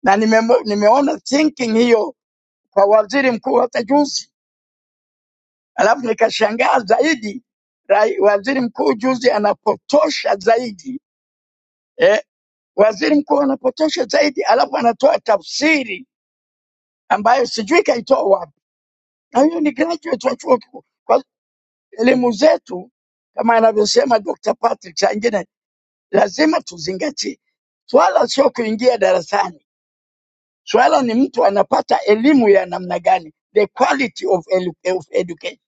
Speaker 13: Na nime, nimeona thinking hiyo kwa waziri mkuu hata juzi, alafu nikashangaa zaidi rai, waziri mkuu juzi anapotosha zaidi eh, waziri mkuu anapotosha zaidi, alafu anatoa tafsiri ambayo sijui kaitoa wapi, na huyo ni graduate wa chuo kikuu. Kwa elimu zetu kama anavyosema Dr. Patrick, saa ingine lazima tuzingatie swala, sio kuingia darasani Swala ni mtu anapata elimu ya namna gani, the quality of, edu of education.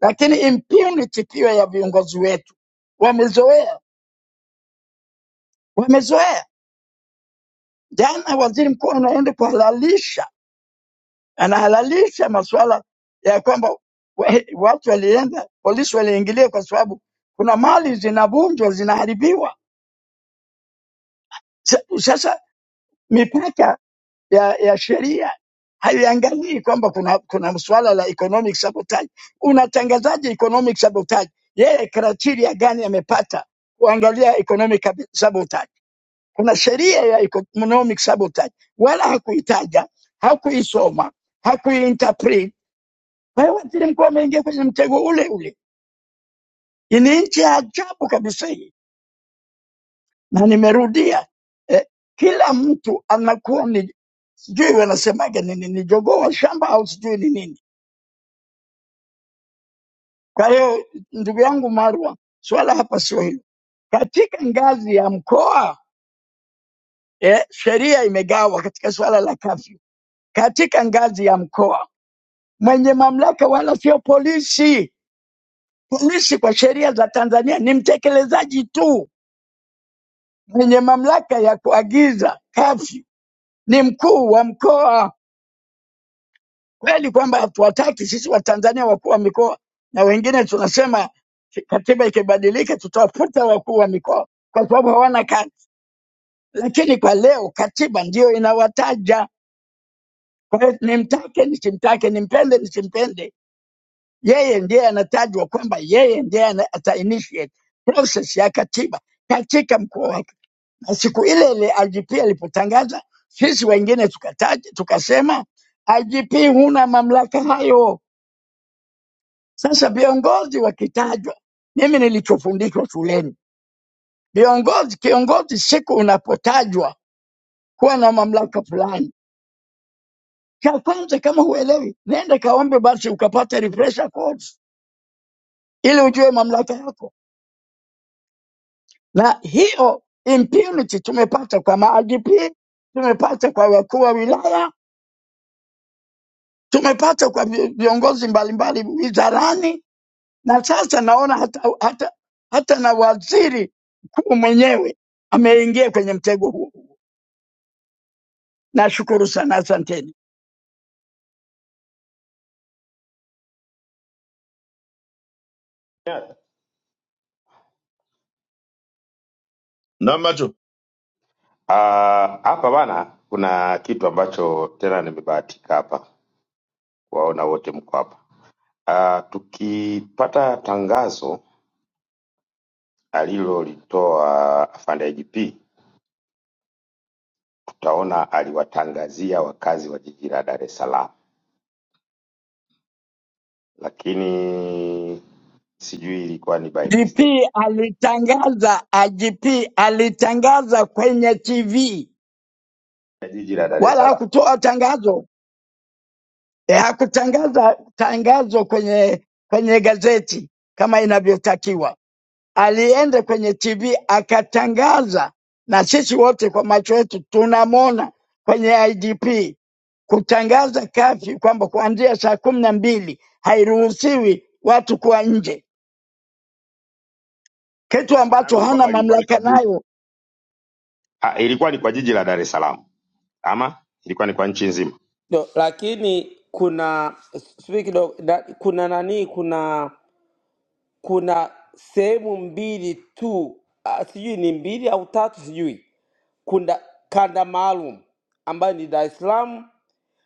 Speaker 13: Lakini impunity pia ya viongozi wetu wamezoea, wamezoea. Jana waziri mkuu anaenda kuhalalisha, anahalalisha masuala ya kwamba wa- watu walienda, polisi waliingilia kwa sababu kuna mali zinavunjwa, zinaharibiwa. Sa- Sasa mipaka ya, ya sheria haiangalii kwamba kuna, kuna suala la economic sabotage. Unatangazaje economic sabotage? Yeye criteria gani amepata kuangalia economic sabotage? Kuna sheria ya economic sabotage, wala hakuitaja, hakuisoma, hakuiinterpret. Kwa hiyo waziri mkuu ameingia kwenye mtego ule ule. Ni nchi ya ajabu kabisa hii, na nimerudia eh, kila mtu anakuwa ni sijui wanasemaga ni, ni, ni jogoo wa shamba au sijui ni nini Kwa hiyo ndugu yangu Marwa, swala hapa sio hilo. Katika ngazi ya mkoa eh, sheria imegawa katika swala la kafyu. Katika ngazi ya mkoa mwenye mamlaka wala sio polisi. Polisi kwa sheria za Tanzania ni mtekelezaji tu. Mwenye mamlaka ya kuagiza kafyu ni mkuu wa mkoa. Kweli kwamba hatuwataki sisi Watanzania wakuu wa mikoa, na wengine tunasema katiba ikibadilika tutawafuta wakuu wa mikoa kwa sababu hawana kazi lakini kwa leo katiba ndiyo inawataja. Kwa hiyo nimtake nisimtake, nimpende nisimpende, yeye ndiye anatajwa kwamba yeye ndiye ana- ata initiate process ya katiba katika mkoa wake. Na siku ile ile IGP alipotangaza, sisi wengine tukataja, tukasema IGP huna mamlaka hayo. Sasa viongozi wakitajwa, mimi nilichofundishwa shuleni, viongozi kiongozi, siku unapotajwa kuwa na mamlaka fulani Kakwanza, kama huelewi, nenda kaombe basi ukapate refresher course ili ujue mamlaka yako. Na hiyo impunity tumepata kwa ma IGP, tumepata kwa wakuu wa wilaya, tumepata kwa vi- viongozi mbalimbali wizarani, na sasa naona hata, hata, hata na waziri mkuu mwenyewe ameingia kwenye mtego huo. Nashukuru sana, asanteni.
Speaker 2: Yeah.
Speaker 6: namacho
Speaker 2: Ah, Hapa bana, kuna kitu ambacho tena nimebahatika hapa kuwaona wote mko hapa. Ah, tukipata tangazo alilolitoa afande IGP, tutaona aliwatangazia wakazi wa jiji la Dar es Salaam, lakini sijui ilikuwa ni by
Speaker 13: IGP
Speaker 2: mistake
Speaker 13: alitangaza, IGP alitangaza kwenye TV
Speaker 2: ya jiji la Dar es
Speaker 13: wala
Speaker 2: Salaam.
Speaker 13: hakutoa tangazo eh, hakutangaza tangazo kwenye kwenye gazeti kama inavyotakiwa. Alienda kwenye TV akatangaza, na sisi wote kwa macho yetu tunamwona kwenye IDP kutangaza kafi kwamba kuanzia saa kumi na mbili hairuhusiwi watu kuwa nje, kitu
Speaker 2: Maana
Speaker 13: ambacho
Speaker 2: yangu ni
Speaker 13: hana
Speaker 2: kwamba ilikuwa ni
Speaker 13: mamlaka
Speaker 2: kwa jiji,
Speaker 13: nayo
Speaker 2: ah, ilikuwa ni kwa jiji la Dar es Salaam ama ilikuwa ni kwa nchi nzima?
Speaker 11: No, lakini kuna sijui kidogo na- kuna nani kuna kuna sehemu mbili tu ah, sijui ni mbili au tatu sijui kuna kanda maalum ambayo ni Dar es Salaam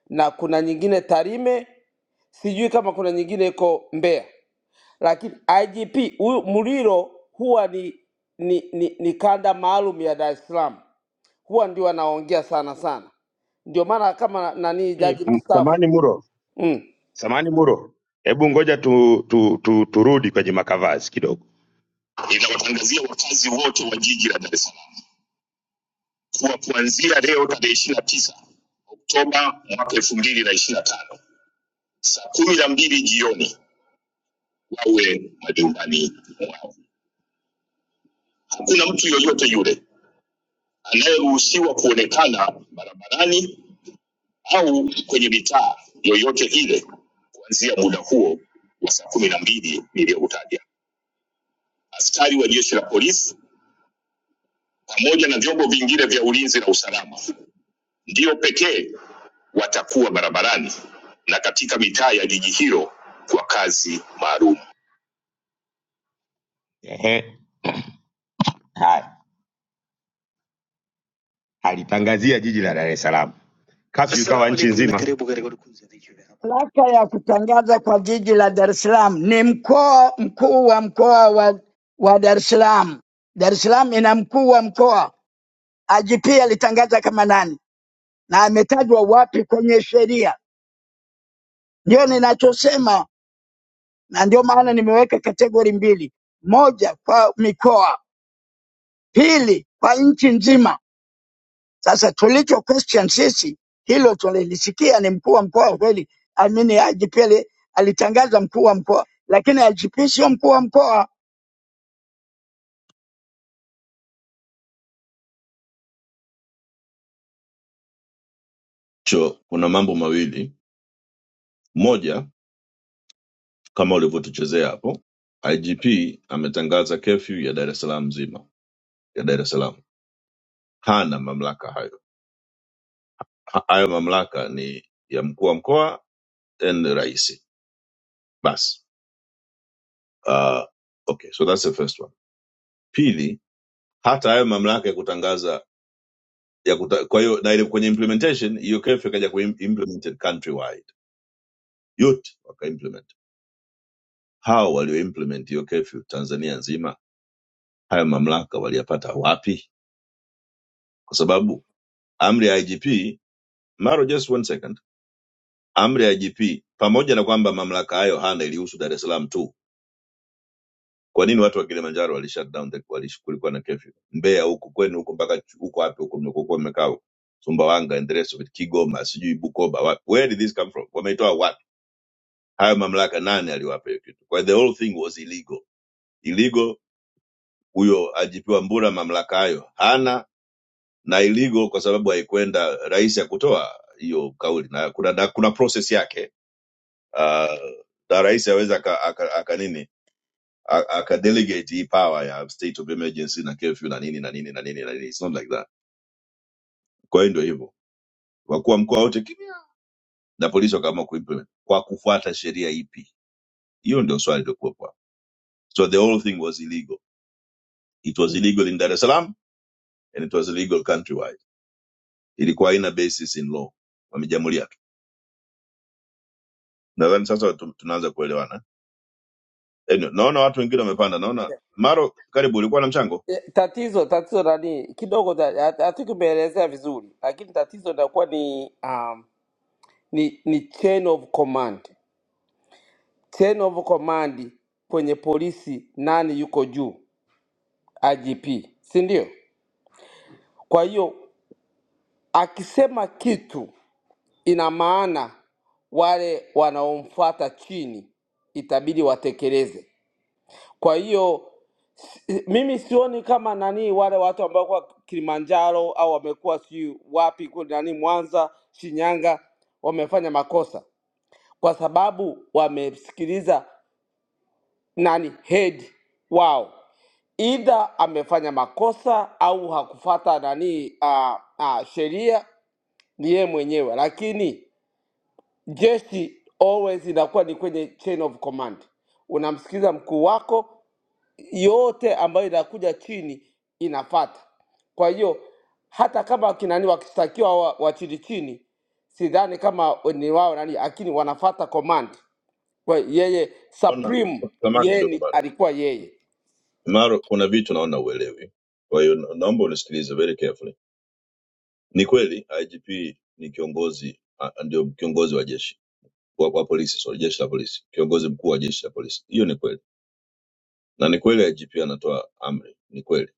Speaker 11: na kuna nyingine Tarime sijui kama kuna nyingine iko Mbeya lakini IGP huyu Muriro huwa ni ni, ni, ni kanda maalum ya Dar es Salaam huwa ndio anaongea sana sana ndio maana kama nani
Speaker 2: Eh,
Speaker 11: jaji mstaafu
Speaker 2: Samani Muro,
Speaker 11: mm.
Speaker 2: samani Muro, hebu ngoja tu, tu, tu, turudi kwenye makavazi kidogo. Inawatangazia wakazi wote wa jiji la Dar es Salaam kuwa kuanzia leo tarehe ishirini na tisa Oktoba mwaka elfu mbili na ishirini na tano saa kumi na mbili jioni wawe majumbani mwao. Hakuna mtu yoyote yule anayeruhusiwa kuonekana barabarani au kwenye mitaa yoyote ile kuanzia muda huo wa saa kumi na mbili niliyoutaja. askari wa jeshi la polisi pamoja na vyombo vingine vya ulinzi na usalama ndio pekee watakuwa barabarani na katika mitaa ya jiji hilo kwa kazi maalum. Ehe, haya alitangazia jiji la Dar es Salaam kafyu ikawa nchi nzima.
Speaker 13: Mamlaka ya kutangaza kwa jiji la Dar es Salaam ni mkoa mkuu wa mkoa wa, wa Dar es Salaam. Dar es Salaam ina mkuu wa mkoa. IGP alitangaza kama nani na ametajwa wapi kwenye sheria? Ndio ninachosema, na ndio maana nimeweka kategori mbili: moja kwa mikoa, pili kwa nchi nzima. Sasa tulicho question sisi, hilo tulilisikia, ni mkuu wa mkoa kweli, amini IGP alitangaza mkuu wa mkoa, lakini IGP sio mkuu wa mkoa.
Speaker 6: cho kuna mambo mawili moja Kama ulivyotuchezea hapo, IGP ametangaza kefyu ya Dar es Salaam nzima, ya Dar es Salaam. Hana mamlaka hayo, Ha- hayo mamlaka ni ya mkuu wa mkoa and rais. Basi uh, okay, so that's the first one. Pili, hata hayo mamlaka ya kutangaza ya kuta, kwa hiyo na ile kwenye implementation hiyo kefyu ikaja kuimplemented countrywide, yote wakaimplement. Hao walioimplement hiyo kefyu Tanzania nzima, hayo mamlaka waliyapata wapi? Kwa sababu amri ya IGP Maro, just one second. Amri ya IGP pamoja na kwamba mamlaka hayo hana ilihusu Dar es Salaam tu. Kwa nini watu wa Kilimanjaro wali shut down the wali kulikuwa na curfew? Mbeya huko kwenu huko mpaka ch- huko wapi huko mnakokuwa mmekaa huko? Sumbawanga and the rest of it, Kigoma, sijui Bukoba, wapi. Where did this come from? Wameitoa wapi? Hayo mamlaka nani aliwapa hiyo kitu? Kwa hiyo the whole thing was illegal. Illegal huyo IGP wa Mbura mamlaka hayo hana na illegal kwa sababu haikwenda rais ya kutoa hiyo kauli na kuna na kuna process yake uh, na rais aweza aka, aka, aka nini a- aka delegate hii power ya state of emergency na curfew na nini na nini na nini na nini it's not like that kwa hiyo ndio hivyo wakuu wa mkoa wote kimya na polisi wakaamua kuimplement kwa kufuata sheria ipi hiyo ndio swali lilikuwepo hapo. so the whole thing was illegal it was illegal in Dar es Salaam and it was illegal countrywide ilikuwa haina basis in law wamejamulia tu nadhani sasa tu- tunaanza kuelewana anyway, naona watu wengine wamepanda naona Maro karibu ulikuwa na mchango
Speaker 11: Eh, Tatizo tatizo nani kidogo za- ha- hataki umeelezea vizuri, lakini tatizo linakuwa ni, um, ni ni chain of command, chain of command kwenye polisi, nani yuko juu? IGP, si ndio? Kwa hiyo akisema kitu, ina maana wale wanaomfuata chini itabidi watekeleze. Kwa hiyo si- mimi sioni kama nani wale watu ambao kwa Kilimanjaro au wamekuwa sijui wapi kule nani Mwanza, Shinyanga wamefanya makosa, kwa sababu wamemsikiliza nani head wao, either amefanya makosa au hakufata nani uh, uh, sheria ni yeye mwenyewe, lakini jeshi always inakuwa ni kwenye chain of command, unamsikiliza mkuu wako yote ambayo inakuja chini inafata. Kwa hiyo hata kama akina nani wakistakiwa wa, wa chini chini, sidhani kama ni wao nani, lakini wanafata command. Kwa hiyo yeye
Speaker 6: naona
Speaker 11: supreme,
Speaker 6: samani
Speaker 11: yeye
Speaker 6: kidogo
Speaker 11: ni
Speaker 6: bado
Speaker 11: alikuwa yeye
Speaker 6: Maro, kuna vitu naona uelewi, kwa hiyo na- naomba unisikilize very carefully. Ni kweli IGP ni kiongozi a- ndio kiongozi wa jeshi wa, wa polisi sorry, jeshi la polisi, kiongozi mkuu wa jeshi la polisi. Hiyo ni kweli, na ni kweli IGP anatoa amri, ni kweli.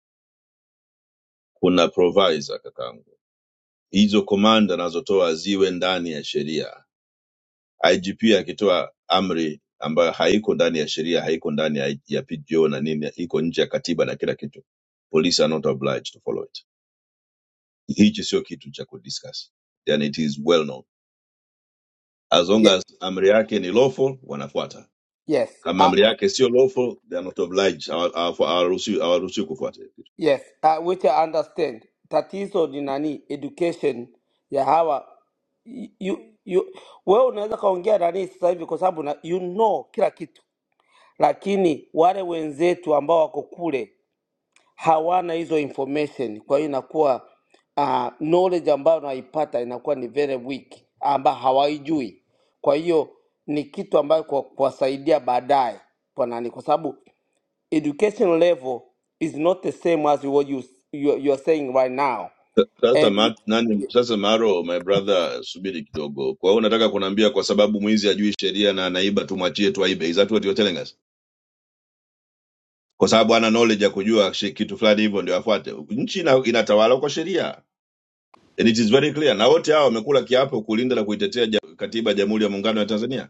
Speaker 6: Kuna provisor kakaangu, hizo komanda anazotoa ziwe ndani ya sheria. IGP akitoa amri ambayo haiko ndani ya sheria, haiko ndani ya, ya PGO na nini, iko nje ya katiba na kila kitu, polisi are not obliged to follow it hichi sio kitu cha kudiscuss yani it is well known as long
Speaker 11: Ye,
Speaker 6: as amri yake ni lawful wanafuata
Speaker 11: yes
Speaker 6: kama
Speaker 11: uh,
Speaker 6: amri yake sio lawful they are not obliged hawa- hawa- hawaruhusiwi hawaruhusiwi kufuata hiyo kitu.
Speaker 11: yes uh, which I understand. Tatizo ni nani, education ya hawa you, you, wewe unaweza kaongea nani sasa hivi kwa sababu na- you know kila kitu, lakini wale wenzetu ambao wako kule hawana hizo information, kwa hiyo inakuwa uh, knowledge ambayo wanaipata inakuwa ni very weak, ambayo hawaijui. Kwa hiyo ni kitu ambayo kwa kuwasaidia baadaye kwa nani, kwa sababu education level is not the same as what you, you, you are saying right now
Speaker 6: Sa- sasa
Speaker 11: and
Speaker 6: ma, nani sasa maro my brother subiri kidogo kwa hiyo unataka kuniambia kwa sababu mwizi ajui sheria na anaiba tumwachie tu aibe is that what you're telling us kwa sababu ana knowledge ya kujua shi- kitu fulani hivyo ndio afuate nchi ina, inatawala kwa sheria and it is very clear na wote hao wamekula kiapo kulinda na kuitetea ja- katiba ya jamhuri ya muungano wa tanzania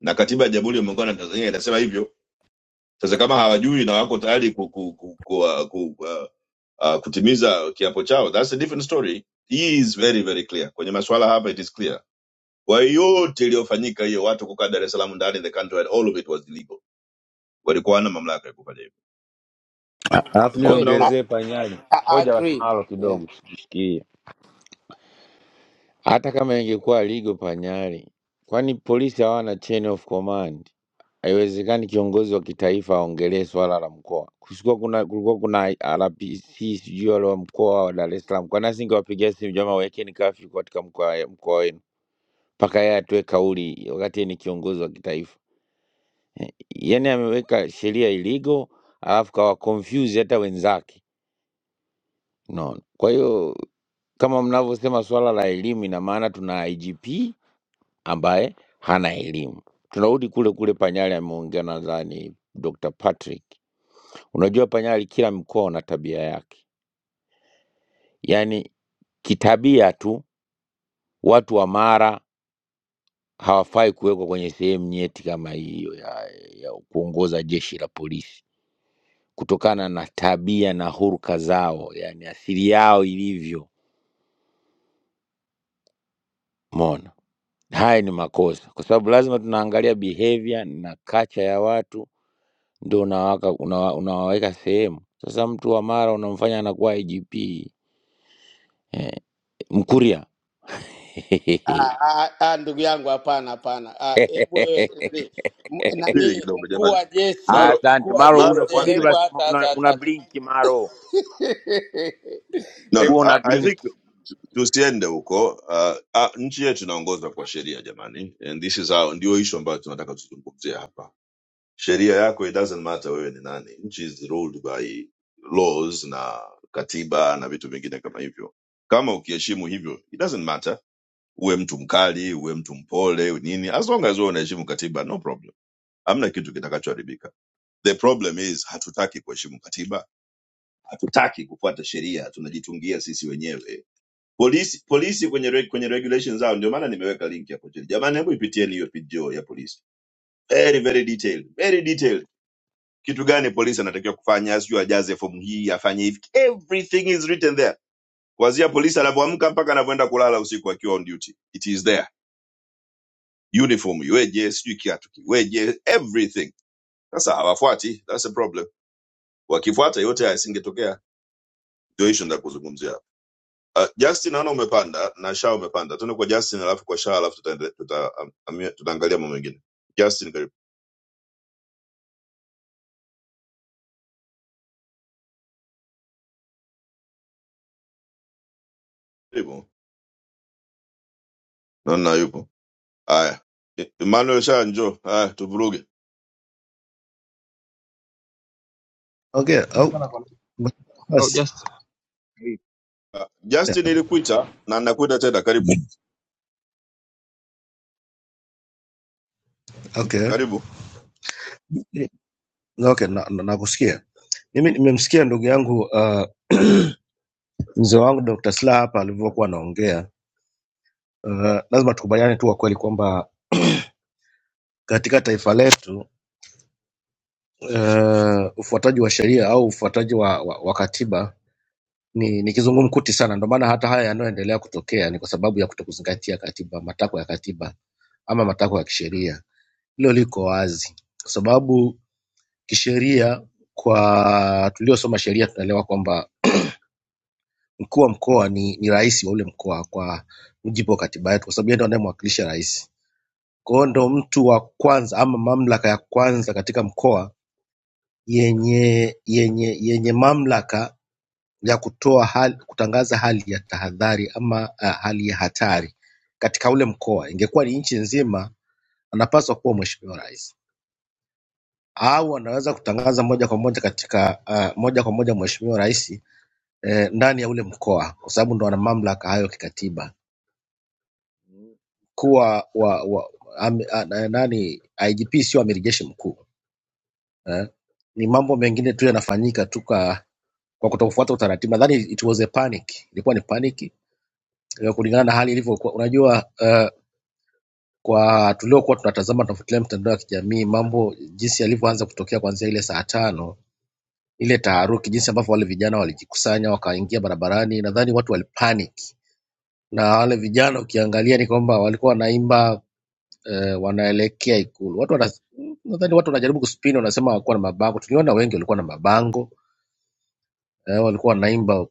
Speaker 6: na katiba ya Jamhuri ya Muungano wa Tanzania inasema hivyo. Sasa kama hawajui na wako tayari ku, ku, ku, ku, uh, ku, uh, uh, kutimiza kiapo chao, that's a different story. Hii is very very clear kwenye masuala hapa, it is clear. Kwa hiyo yote iliyofanyika hiyo, watu kukaa Dar es Salaam ndani the country, and all of it was illegal, walikuwa wana mamlaka ya kufanya hivyo.
Speaker 14: alafu
Speaker 6: Ya ng'ombe
Speaker 11: kweli I,
Speaker 6: naona
Speaker 14: niongezee panyali
Speaker 11: I I
Speaker 14: ngoja
Speaker 11: agree
Speaker 14: wasimalo
Speaker 11: yeah.
Speaker 14: kidogo sijishikie hata kama ingekuwa ligo panyali kwani polisi hawana chain of command haiwezekani kiongozi wa kitaifa aongelee swala la mkoa kusikuwa kuna kulikuwa kuna rpc sijui wale wa mkoa wa dar es salaam kwani asingewapigia simu jamaa wekeni kafyu katika mkoa mkoa wenu mpaka yeye atoe kauli wakati yeye ni kiongozi wa kitaifa yani ameweka sheria iligo alafu kawa confuse hata wenzake Unaona? Kwa hiyo kama mnavyosema swala la elimu, ina maana tuna IGP ambaye hana elimu. Tunarudi kule kule Panyali ameongea, nadhani Dr. Patrick. Unajua Panyali, kila mkoa una tabia yake, yaani kitabia tu watu wa Mara hawafai kuwekwa kwenye sehemu nyeti kama hiyo ya, ya kuongoza jeshi la polisi kutokana na tabia na huruka zao, yani asili yao ilivyo. Umeona? Haya ni makosa, kwa sababu lazima tunaangalia behavior na culture ya watu, ndio unawaka unawa, unawaweka sehemu. Sasa mtu wa Mara unamfanya anakuwa IGP eh, Mkuria.
Speaker 11: Ah, ah, ah, ndugu yangu hapana hapana Ah, hebu wewe, nani m-
Speaker 6: pili
Speaker 11: nani,
Speaker 6: kidogo,
Speaker 11: mkuu
Speaker 6: jamani.
Speaker 11: wa jeshi
Speaker 6: Maro,
Speaker 11: mkuu
Speaker 14: Asante
Speaker 11: wa
Speaker 14: Maro,
Speaker 11: jeshi
Speaker 6: Maro,
Speaker 11: eh,
Speaker 6: one
Speaker 14: unasubiri
Speaker 11: hebu
Speaker 6: second.
Speaker 14: basi,
Speaker 11: hata
Speaker 14: una,
Speaker 11: hata
Speaker 14: una
Speaker 11: hata
Speaker 14: blink Maro,
Speaker 6: No, no,
Speaker 11: Hebu
Speaker 14: huwa
Speaker 6: I,
Speaker 14: una
Speaker 11: acha
Speaker 6: I
Speaker 14: blink
Speaker 6: think
Speaker 11: nika-
Speaker 6: tusiende huko. Uh, uh, nchi yetu inaongozwa kwa sheria jamani, and this is how, ndio issue ambayo tunataka tuzungumzie hapa sheria yako it doesn't matter wewe ni nani nchi is ruled by laws na katiba na vitu vingine kama hivyo kama ukiheshimu hivyo it doesn't matter uwe mtu mkali uwe mtu mpole uwe nini as long as wewe unaheshimu katiba no problem hamna kitu kitakachoharibika the problem is hatutaki kuheshimu katiba hatutaki kufuata sheria tunajitungia sisi wenyewe polisi polisi kwenye reg- kwenye regulations zao ndio maana nimeweka link hapo chini jamani hebu ipitieni hiyo video ya polisi very very detailed very detailed kitu gani polisi anatakiwa kufanya, sijui ajaze fomu hii, afanye hivi. Everything is written there, kuanzia polisi anavyoamka mpaka anavyoenda kulala usiku akiwa on duty, it is there. Uniform iweje, sijui kiatu kiweje, everything. Sasa hawafuati, that's the problem. Wakifuata yote haya yasingetokea. Ndio issue ndio kuzungumzia. hapa. Uh, Justin naona umepanda na Shaa umepanda, tuende kwa Justin alafu kwa Shaa alafu tutaende- tuta, um, amia- tutaangalia mambo mengine. Justin karibu, Karibu. naona yupo. Haya, Emmanuel Shaa njoo, haya tuvuruge.
Speaker 15: Okay. Oh,
Speaker 16: au
Speaker 15: basi.
Speaker 16: just
Speaker 6: Justin ilikuita na nakuita tena, karibu
Speaker 15: Okay.
Speaker 6: karibu.
Speaker 15: Okay, na, na, nakusikia. Mimi nimemsikia ndugu yangu uh, mzee wangu Dr. Slaa hapa alivyokuwa anaongea. Uh, lazima tukubaliane tu kwa kweli kwamba katika taifa letu uh, ufuataji wa sheria au ufuataji wa, wa, wa katiba ni, ni kizungumkuti sana. Ndio maana hata haya yanayoendelea kutokea ni kwa sababu ya kutokuzingatia katiba, matakwa ya katiba ama matakwa ya kisheria. Hilo liko wazi, kwa sababu Kisheria kwa tuliosoma sheria tunaelewa kwamba mkuu wa mkoa ni, ni rais wa ule mkoa kwa mujibu wa katiba yetu, kwa sababu yeye ndo anayemwakilisha rais. Kwa hiyo ndo mtu wa kwanza ama mamlaka ya kwanza katika mkoa yenye yenye yenye mamlaka ya kutoa hali, kutangaza hali ya tahadhari ama uh, hali ya hatari katika ule mkoa. Ingekuwa ni nchi nzima, anapaswa kuwa mheshimiwa rais, au anaweza kutangaza moja kwa moja katika uh, moja kwa moja mheshimiwa rais eh, ndani ya ule mkoa, kwa sababu ndo wana mamlaka hayo kikatiba. Mkuu wa, wa, wa am, a, na- nani IGP sio amiri jeshi mkuu eh? Ni mambo mengine tu yanafanyika tu kwa kwa kutofuata utaratibu. Nadhani it was a panic, ilikuwa ni panic eh, kulingana na hali ilivyokuwa. Unajua eh, kwa tuliokuwa tunatazama tunafuatilia mtandao wa kijamii, mambo jinsi yalivyoanza kutokea kuanzia ile saa tano ile taharuki, jinsi ambavyo wale vijana walijikusanya wakaingia barabarani, nadhani watu walipanic na wale vijana ukiangalia ni kwamba walikuwa wanaimba eh, wanaelekea Ikulu. Watu wana, nadhani watu wanajaribu kuspin, wanasema hawakuwa na mabango. Tuliona wengi walikuwa na mabango eh, walikuwa wanaimba.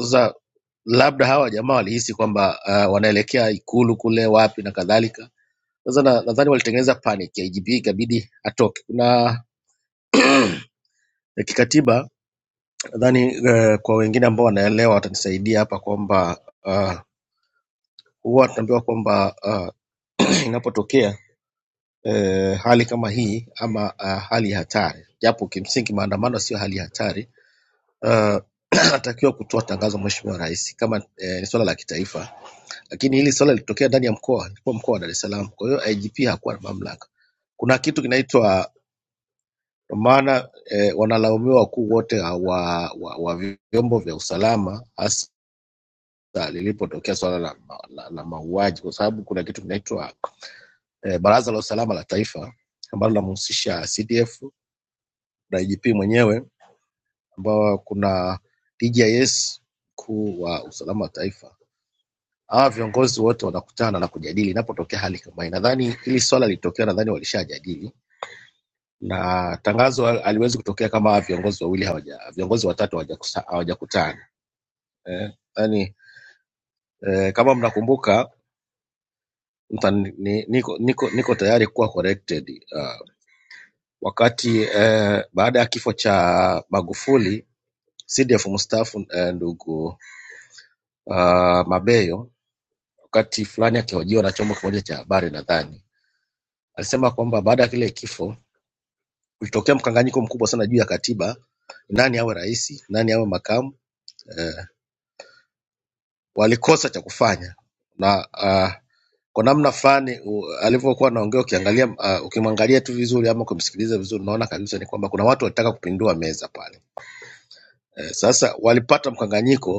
Speaker 15: Sasa labda hawa jamaa walihisi kwamba uh, wanaelekea Ikulu kule wapi na kadhalika. Sasa na- nadhani walitengeneza panic ya IGP ikabidi atoke. Kuna eh, kikatiba nadhani eh, kwa wengine ambao wanaelewa watanisaidia hapa kwamba uh, huwa tunaambiwa kwamba uh, inapotokea eh, hali kama hii ama ah, hali hatari, japo kimsingi maandamano sio hali hatari. Uh, anatakiwa kutoa tangazo Mheshimiwa Rais kama eh, ni swala la kitaifa, lakini hili swala lilitokea ndani ya mkoa, ilikuwa mkoa wa Dar es Salaam. Kwa hiyo IGP hakuwa na mamlaka. Kuna kitu kinaitwa kwa maana eh, wanalaumiwa wakuu wote wa, wa, wa vyombo vya usalama hasa lilipotokea swala la, la, la mauaji, kwa sababu kuna kitu kinaitwa eh, Baraza la Usalama la Taifa ambalo linamhusisha CDF na IGP mwenyewe ambao kuna DJIS mkuu wa usalama wa taifa. Hawa viongozi wote wanakutana na kujadili inapotokea hali kama hii. Nadhani hili swala lilitokea, nadhani walishajadili na tangazo hal- haliwezi kutokea kama hawa viongozi wawili hawaja, viongozi watatu hawajakusa- hawajakutana. Eh, yani, eh, kama mnakumbuka mtani- ni- niko, niko, niko tayari kuwa corrected uh, wakati eh, baada ya kifo cha Magufuli CDF mstaafu eh, ndugu uh, Mabeyo wakati fulani akihojiwa na chombo kimoja cha habari nadhani alisema kwamba baada ya kile kifo kulitokea mkanganyiko mkubwa sana juu ya katiba, nani awe rais, nani awe makamu. Eh, walikosa cha kufanya na uh, kwa namna fulani u- alivyokuwa anaongea, ukiangalia uh, ukimwangalia tu vizuri ama kumsikiliza vizuri, unaona kabisa ni kwamba kuna watu walitaka kupindua meza pale. Eh, sasa walipata mkanganyiko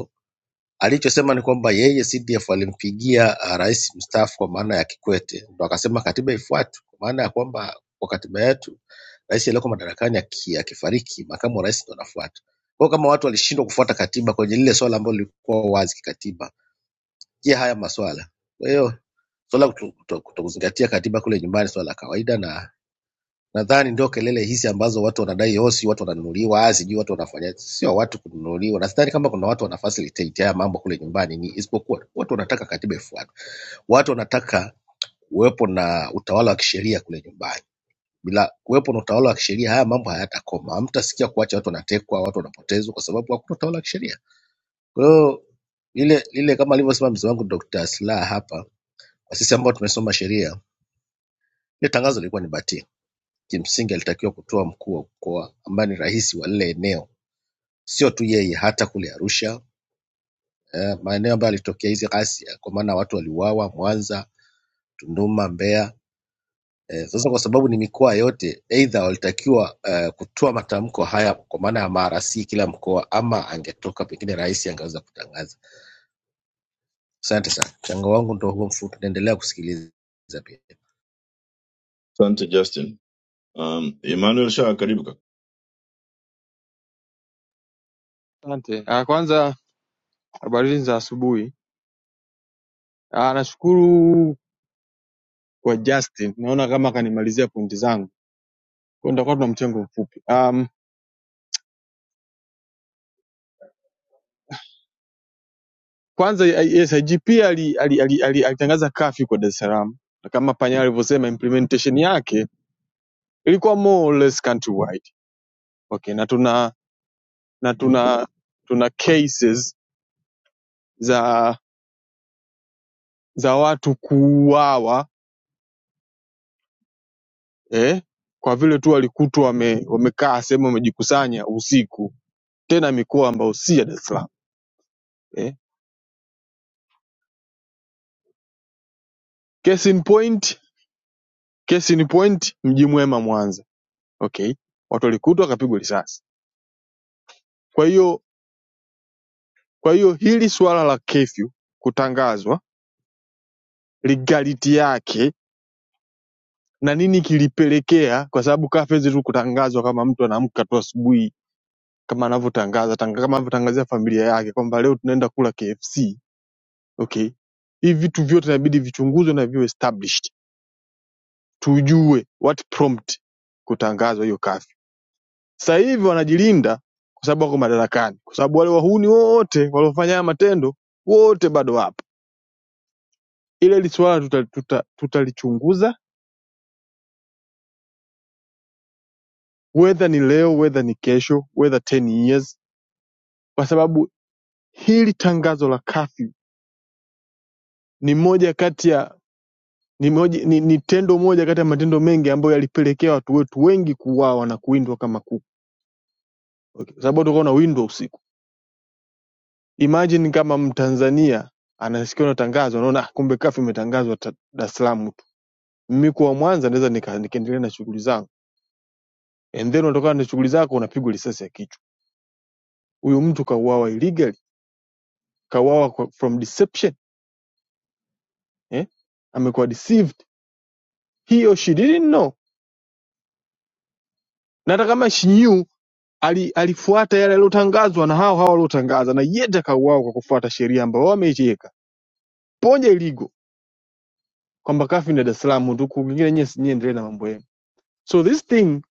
Speaker 15: Alichosema ni kwamba yeye CDF alimpigia ah, rais mstaafu kwa maana ya Kikwete, ndo akasema katiba ifuatwe, kwa maana ya kwamba kwa katiba yetu rais aliyoko madarakani aki- akifariki, makamu wa rais ndo anafuata. Kwa hiyo kama watu walishindwa kufuata katiba kwenye lile swala ambalo lilikuwa wazi kikatiba, je, haya maswala? Kwa hiyo swala kuto- kuto- kutokuzingatia katiba kule nyumbani swala la kawaida na Nadhani ndio kelele hizi ambazo watu wanadai oh, si watu wananunuliwa, ah, sijui watu wanafanya, sio watu kununuliwa. Na sidhani kama kuna watu wanafacilitate haya mambo kule nyumbani, ni isipokuwa watu wanataka katiba ifuatwe, watu wanataka kuwepo na utawala wa kisheria kule nyumbani. Bila kuwepo na utawala wa kisheria, haya mambo hayatakoma. Hamtasikia kuacha watu wanatekwa, watu wanapotezwa, kwa sababu hakuna utawala wa kisheria. Kwa hiyo lile lile, kama alivyosema mzee wangu Dr. Slaa hapa, kwa sisi ambao tumesoma sheria, ile tangazo lilikuwa ni batili Kimsingi alitakiwa kutoa mkuu wa mkoa ambaye ni rais wa lile eneo, sio tu yeye, hata kule Arusha eh, maeneo ambayo alitokea hizi ghasia, kwa maana watu waliuawa Mwanza, Tunduma, Mbeya. Eh, sasa kwa sababu ni mikoa yote, aidha walitakiwa eh, kutoa matamko haya kwa maana ya maarasi kila mkoa, ama angetoka pengine rais angeweza kutangaza. Asante sana, mchango wangu ndo huo mfupi, naendelea kusikiliza pia.
Speaker 6: Asante Justin. Um, Emmanuel Shaa, karibu kaka.
Speaker 16: asante. Ah, Kwanza habari za asubuhi. Ah, Nashukuru kwa Justin, naona kama akanimalizia pointi zangu, kwa hiyo nitakuwa tuna mchango mfupi. Um, kwanza yes, IGP ali, ali, ali, ali, alitangaza kafi kwa Dar es Salaam na kama Panya alivyosema implementation yake ilikuwa more or less countrywide. Okay, na tuna na tuna tuna cases za za watu kuuawa eh, kwa vile tu walikutwa wame, wamekaa sehemu wamejikusanya usiku, tena mikoa ambayo si ya Dar es Salaam eh. Case in point, case in point, Mji Mwema Mwanza, okay, watu walikutwa wakapigwa risasi. Kwa hiyo kwa hiyo hili suala la kefyu kutangazwa legality yake na nini kilipelekea, kwa sababu kafezi tu kutangazwa kama mtu anaamka tu asubuhi kama anavyotangaza tanga- kama anavyotangazia familia yake kwamba leo tunaenda kula KFC okay hivi vitu vyote inabidi vichunguzwe na viwe established tujue what prompt kutangazwa hiyo kafyu sasa hivi wanajilinda kwa sababu wako madarakani kwa sababu wale wahuni wote waliofanya haya matendo wote bado wapo ile hili swala tutalichunguza tuta, tuta tutalichunguza, whether ni leo whether ni kesho whether 10 years kwa sababu hili tangazo la kafyu ni moja kati ya ni, moja, ni, ni tendo moja kati ya matendo mengi ambayo yalipelekea watu wetu wengi kuuawa na kuwindwa kama kuku okay. Sababu tulikuwa na window usiku. Imagine kama Mtanzania anasikia na tangazo anaona "Ah, kumbe kafu imetangazwa ta- Dar es Salaam tu. Mimi kuwa Mwanza naweza nika- nikaendelea na shughuli zangu. And then unatokana na shughuli zako unapigwa risasi ya kichwa. Huyu mtu kauawa illegally, kauawa kwa- from deception, eh? Amekuwa deceived. He or she didn't know. Na hata kama she knew ali, alifuata yale yaliyotangazwa na hao hao waliotangaza na yeye akauawa kwa kufuata sheria ambayo wao wameiweka. Ponje iligo kwamba kafu ni Dar es Salaam tu kwingine nyie nyie endelee na mambo yenu. So this thing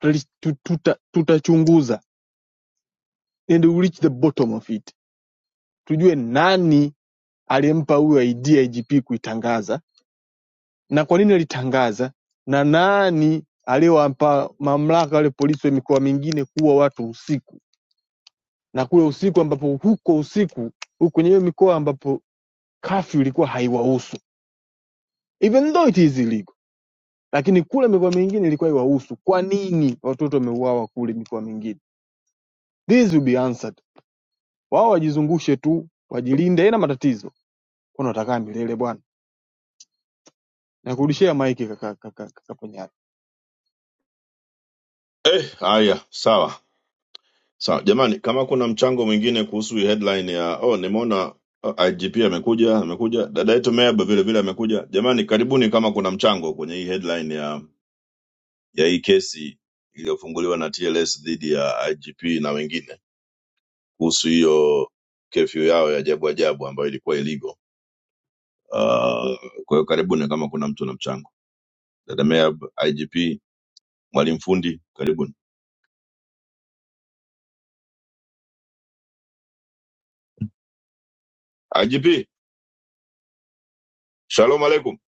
Speaker 16: tuli- tu- tuta- tutachunguza and we reach the bottom of it, tujue nani aliyempa huyo idea IGP kuitangaza na kwa nini alitangaza na nani aliyowapa mamlaka wale polisi wa mikoa mingine kuwa watu usiku na kule usiku ambapo huko usiku huko kwenye hiyo mikoa ambapo kafyu ilikuwa haiwahusu even though it is illegal, lakini kule mikoa mingine ilikuwa iwahusu. Kwa nini watoto wameuawa kule mikoa mingine? This will be answered Wao wajizungushe tu wajilinde na matatizo kwani watakaa milele bwana nakurudishia maiki kaka Ponyayo
Speaker 6: Eh, haya, sawa sawa. Jamani, kama kuna mchango mwingine kuhusu hii headline ya oh, nimeona oh, IGP amekuja, amekuja dada yetu Meaba vile vile amekuja. Jamani, karibuni kama kuna mchango kwenye hii headline ya ya hii kesi iliyofunguliwa na TLS dhidi ya IGP na wengine kuhusu hiyo kefyu yao ya ajabu ajabu ambayo ilikuwa illegal. Uh, kwa hiyo karibuni kama kuna mtu na mchango. dada Meab, IGP, mwalimu fundi, karibuni. IGP, shalom aleikum.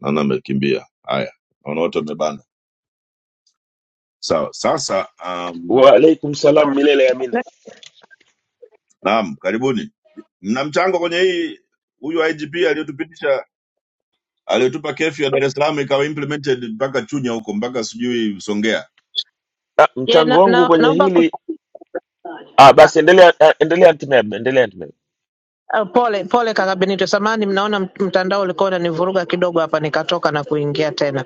Speaker 6: Naona amekimbia. Haya, naona wote wamebana. Sawa, sasa um,
Speaker 17: Waalaikum salam milele ya amina.
Speaker 6: naam, karibuni. Mna mchango kwenye hii huyu IGP aliyotupitisha aliyotupa kefu ya Dar es Salaam ikawa implemented mpaka Chunya huko mpaka sijui Songea.
Speaker 17: Ah,
Speaker 18: Ye,
Speaker 17: mchango
Speaker 18: na,
Speaker 17: wangu
Speaker 18: na,
Speaker 17: kwenye
Speaker 18: naomba ku,
Speaker 17: hili ah, basi endelea ah, endelea Antimeb, endelea Antimeb.
Speaker 18: uh, pole pole kaka Benito, samahani, mnaona mt- mtandao ulikuwa unanivuruga kidogo hapa, nikatoka na kuingia tena.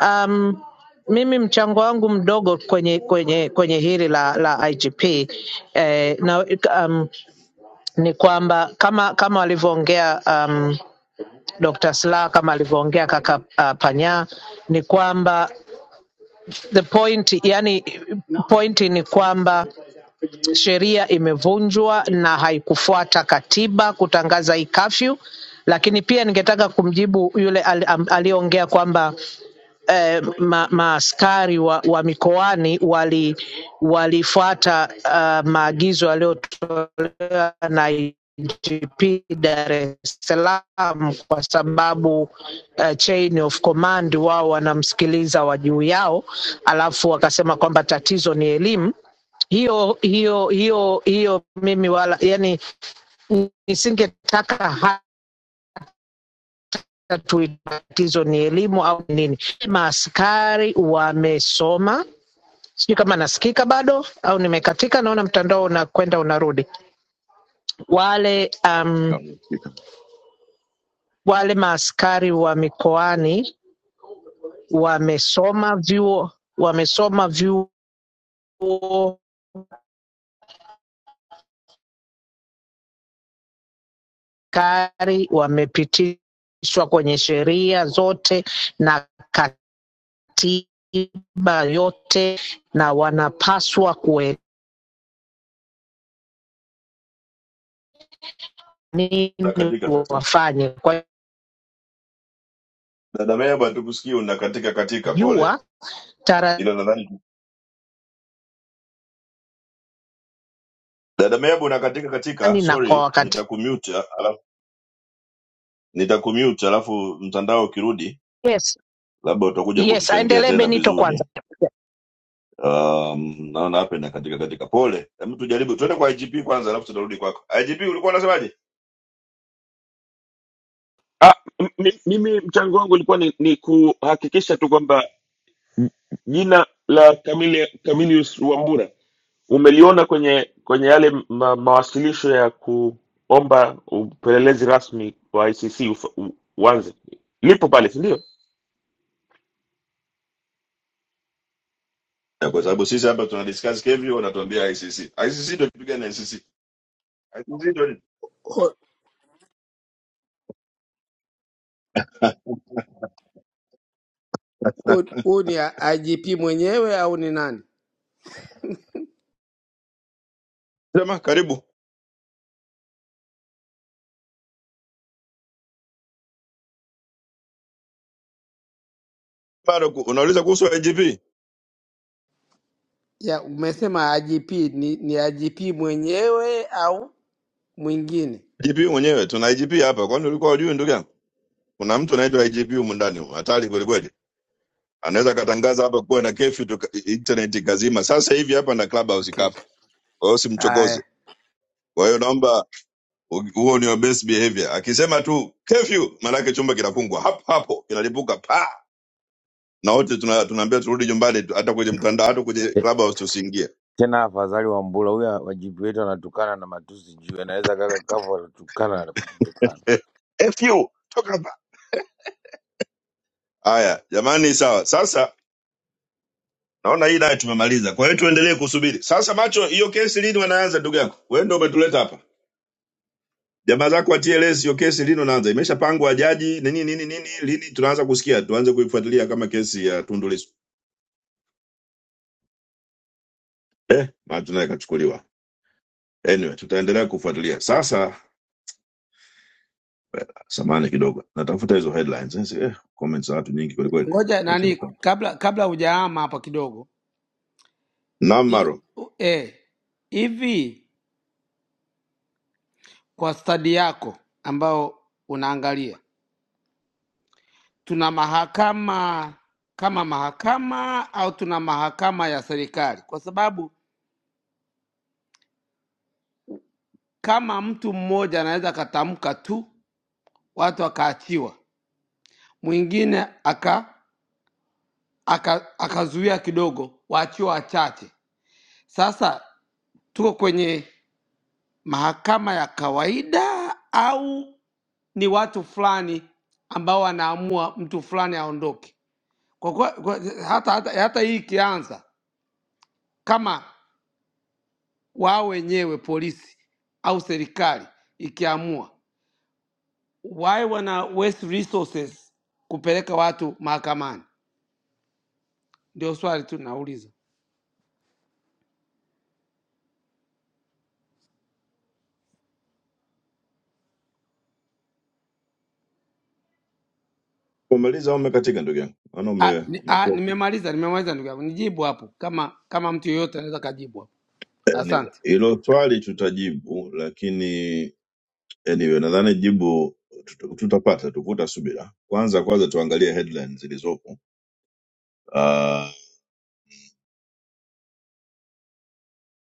Speaker 18: Um, mimi mchango wangu mdogo kwenye kwenye kwenye hili la la IGP eh, na, um, ni kwamba kama kama walivyoongea um, Dr. Slaa kama alivyoongea kaka uh, Panya ni kwamba the point, yani pointi ni kwamba sheria imevunjwa na haikufuata katiba kutangaza hii kafyu, lakini pia ningetaka kumjibu yule al- am- aliyeongea kwamba eh, ma, maaskari wa, wa mikoani wali walifuata uh, maagizo yaliyotolewa na IGP Dar es Salaam kwa sababu uh, chain of command wao wanamsikiliza wa juu yao, alafu wakasema kwamba tatizo ni elimu hiyo hiyo hiyo hiyo mimi wala yani nisingetaka hata tuwe tatizo ni elimu au nini. Maaskari wamesoma, sijui kama nasikika bado au nimekatika. Naona mtandao unakwenda unarudi. Wale um,
Speaker 6: Kamefika.
Speaker 18: wale maaskari wa mikoani wamesoma vyuo, wamesoma vyuo kari, wamepitishwa kwenye sheria zote na kat tiba yote na wanapaswa kuwe nini
Speaker 6: Unakatika sasa.
Speaker 18: wafanye kwa
Speaker 6: Dada Meab hatukusikii unakatika katika pole.
Speaker 18: jua
Speaker 6: Ila
Speaker 18: taradhani
Speaker 6: nadhani Dada Meab unakatika katika,
Speaker 18: na kwa
Speaker 6: sorry,
Speaker 18: wakati.
Speaker 6: nitakumute alafu nitakumute alafu mtandao ukirudi
Speaker 18: Yes,
Speaker 6: labda utakuja
Speaker 18: yes,
Speaker 6: kutuchangia
Speaker 18: aendelee
Speaker 6: tena
Speaker 18: Benito kwanza.
Speaker 6: vizuri um, naona hapa inakatika katika katika pole hebu tujaribu tuende kwa igp kwanza alafu tutarudi kwako igp ulikuwa unasemaje
Speaker 17: Ah, m- mi- mimi mchango wangu ulikuwa ni, ni kuhakikisha tu kwamba m- jina la Camille, Camillus Wambura umeliona kwenye kwenye yale ma, mawasilisho ya kuomba upelelezi rasmi wa ICC ufa- u- uanze, lipo pale, si ndio?
Speaker 6: Ya, kwa sababu sisi hapa tuna discuss kevyo wanatuambia icc icc ndio kipiga na icc icc ndio nini?
Speaker 11: Hu- hu- Huu ni IGP mwenyewe au ni nani?
Speaker 6: sema karibu bado ku- unauliza kuhusu igp
Speaker 11: Ya, umesema IGP ni, ni IGP mwenyewe au mwingine?
Speaker 6: igp mwenyewe tuna igp hapa kwani ulikuwa hujui ndugu yangu kuna mtu anaitwa igp humu ndani humu, hatari kweli kweli anaweza akatangaza hapa kuwa na kefi internet ikazima sasa hivi hapa na clubhouse
Speaker 11: Okay.
Speaker 6: ikafa kwa hiyo simchokoze
Speaker 11: Haya.
Speaker 6: kwa hiyo naomba huo ni your best behavior. Akisema tu curfew, maanake chumba kinafungwa hapo hapo, kinalipuka pa na wote tuna- tunaambia turudi nyumbani, tu- hata kwenye mtandao, hata kwenye
Speaker 14: Te-
Speaker 6: clubhouse tusiingie.
Speaker 14: tena. Afadhali Wambula huyo IGP wetu anatukana na matusi juu, anaweza kaka kavu anatukana na kututukana.
Speaker 6: Eh, curfew, toka hapa. Haya jamani, sawa. Sasa naona hii nayo tumemaliza, kwa hiyo tuendelee kusubiri sasa. Macho, hiyo kesi lini wanaanza? Ndugu yako wewe ndio umetuleta hapa, jamaa zako wa TLS, hiyo kesi lini wanaanza? Imeshapangwa jaji nini nini nini, lini tunaanza kusikia, tuanze kuifuatilia kama kesi ya Tundu Lissu? Eh, macho naye kachukuliwa. Anyway, tutaendelea kufuatilia sasa. Samani kidogo, natafuta hizo headlines. Sasa eh, comments za watu nyingi kweli kweli.
Speaker 11: Ngoja
Speaker 6: Acha
Speaker 11: nani
Speaker 6: nipa.
Speaker 11: kabla kabla hujaama hapa kidogo.
Speaker 6: Naam Maro,
Speaker 11: U- Eh, hivi kwa stadi yako ambao unaangalia tuna mahakama kama mahakama au tuna mahakama ya serikali? Kwa sababu kama mtu mmoja anaweza akatamka tu watu wakaachiwa, mwingine aka, aka, akazuia kidogo, waachiwa wachache. Sasa tuko kwenye mahakama ya kawaida au ni watu fulani ambao wanaamua mtu fulani aondoke? Kwa, kwa, kwa, hata, hata, hata hii ikianza kama wao wenyewe polisi au serikali ikiamua, why wana waste resources kupeleka watu mahakamani? Ndio swali tu nauliza.
Speaker 6: umemaliza au umekatika ndugu yangu? Maana
Speaker 11: Ah,
Speaker 6: ume
Speaker 11: ni, ah,
Speaker 6: umekuwa uki-
Speaker 11: nimemaliza nimemaliza ndugu yangu, nijibu hapo kama kama mtu yeyote anaweza kajibu hapo.
Speaker 6: anyway.
Speaker 11: Asante.
Speaker 6: Hilo swali tutajibu, lakini anyway, nadhani jibu tuta- tutapata, tuvuta subira. Kwanza kwanza tuangalie headlines zilizopo. Uh,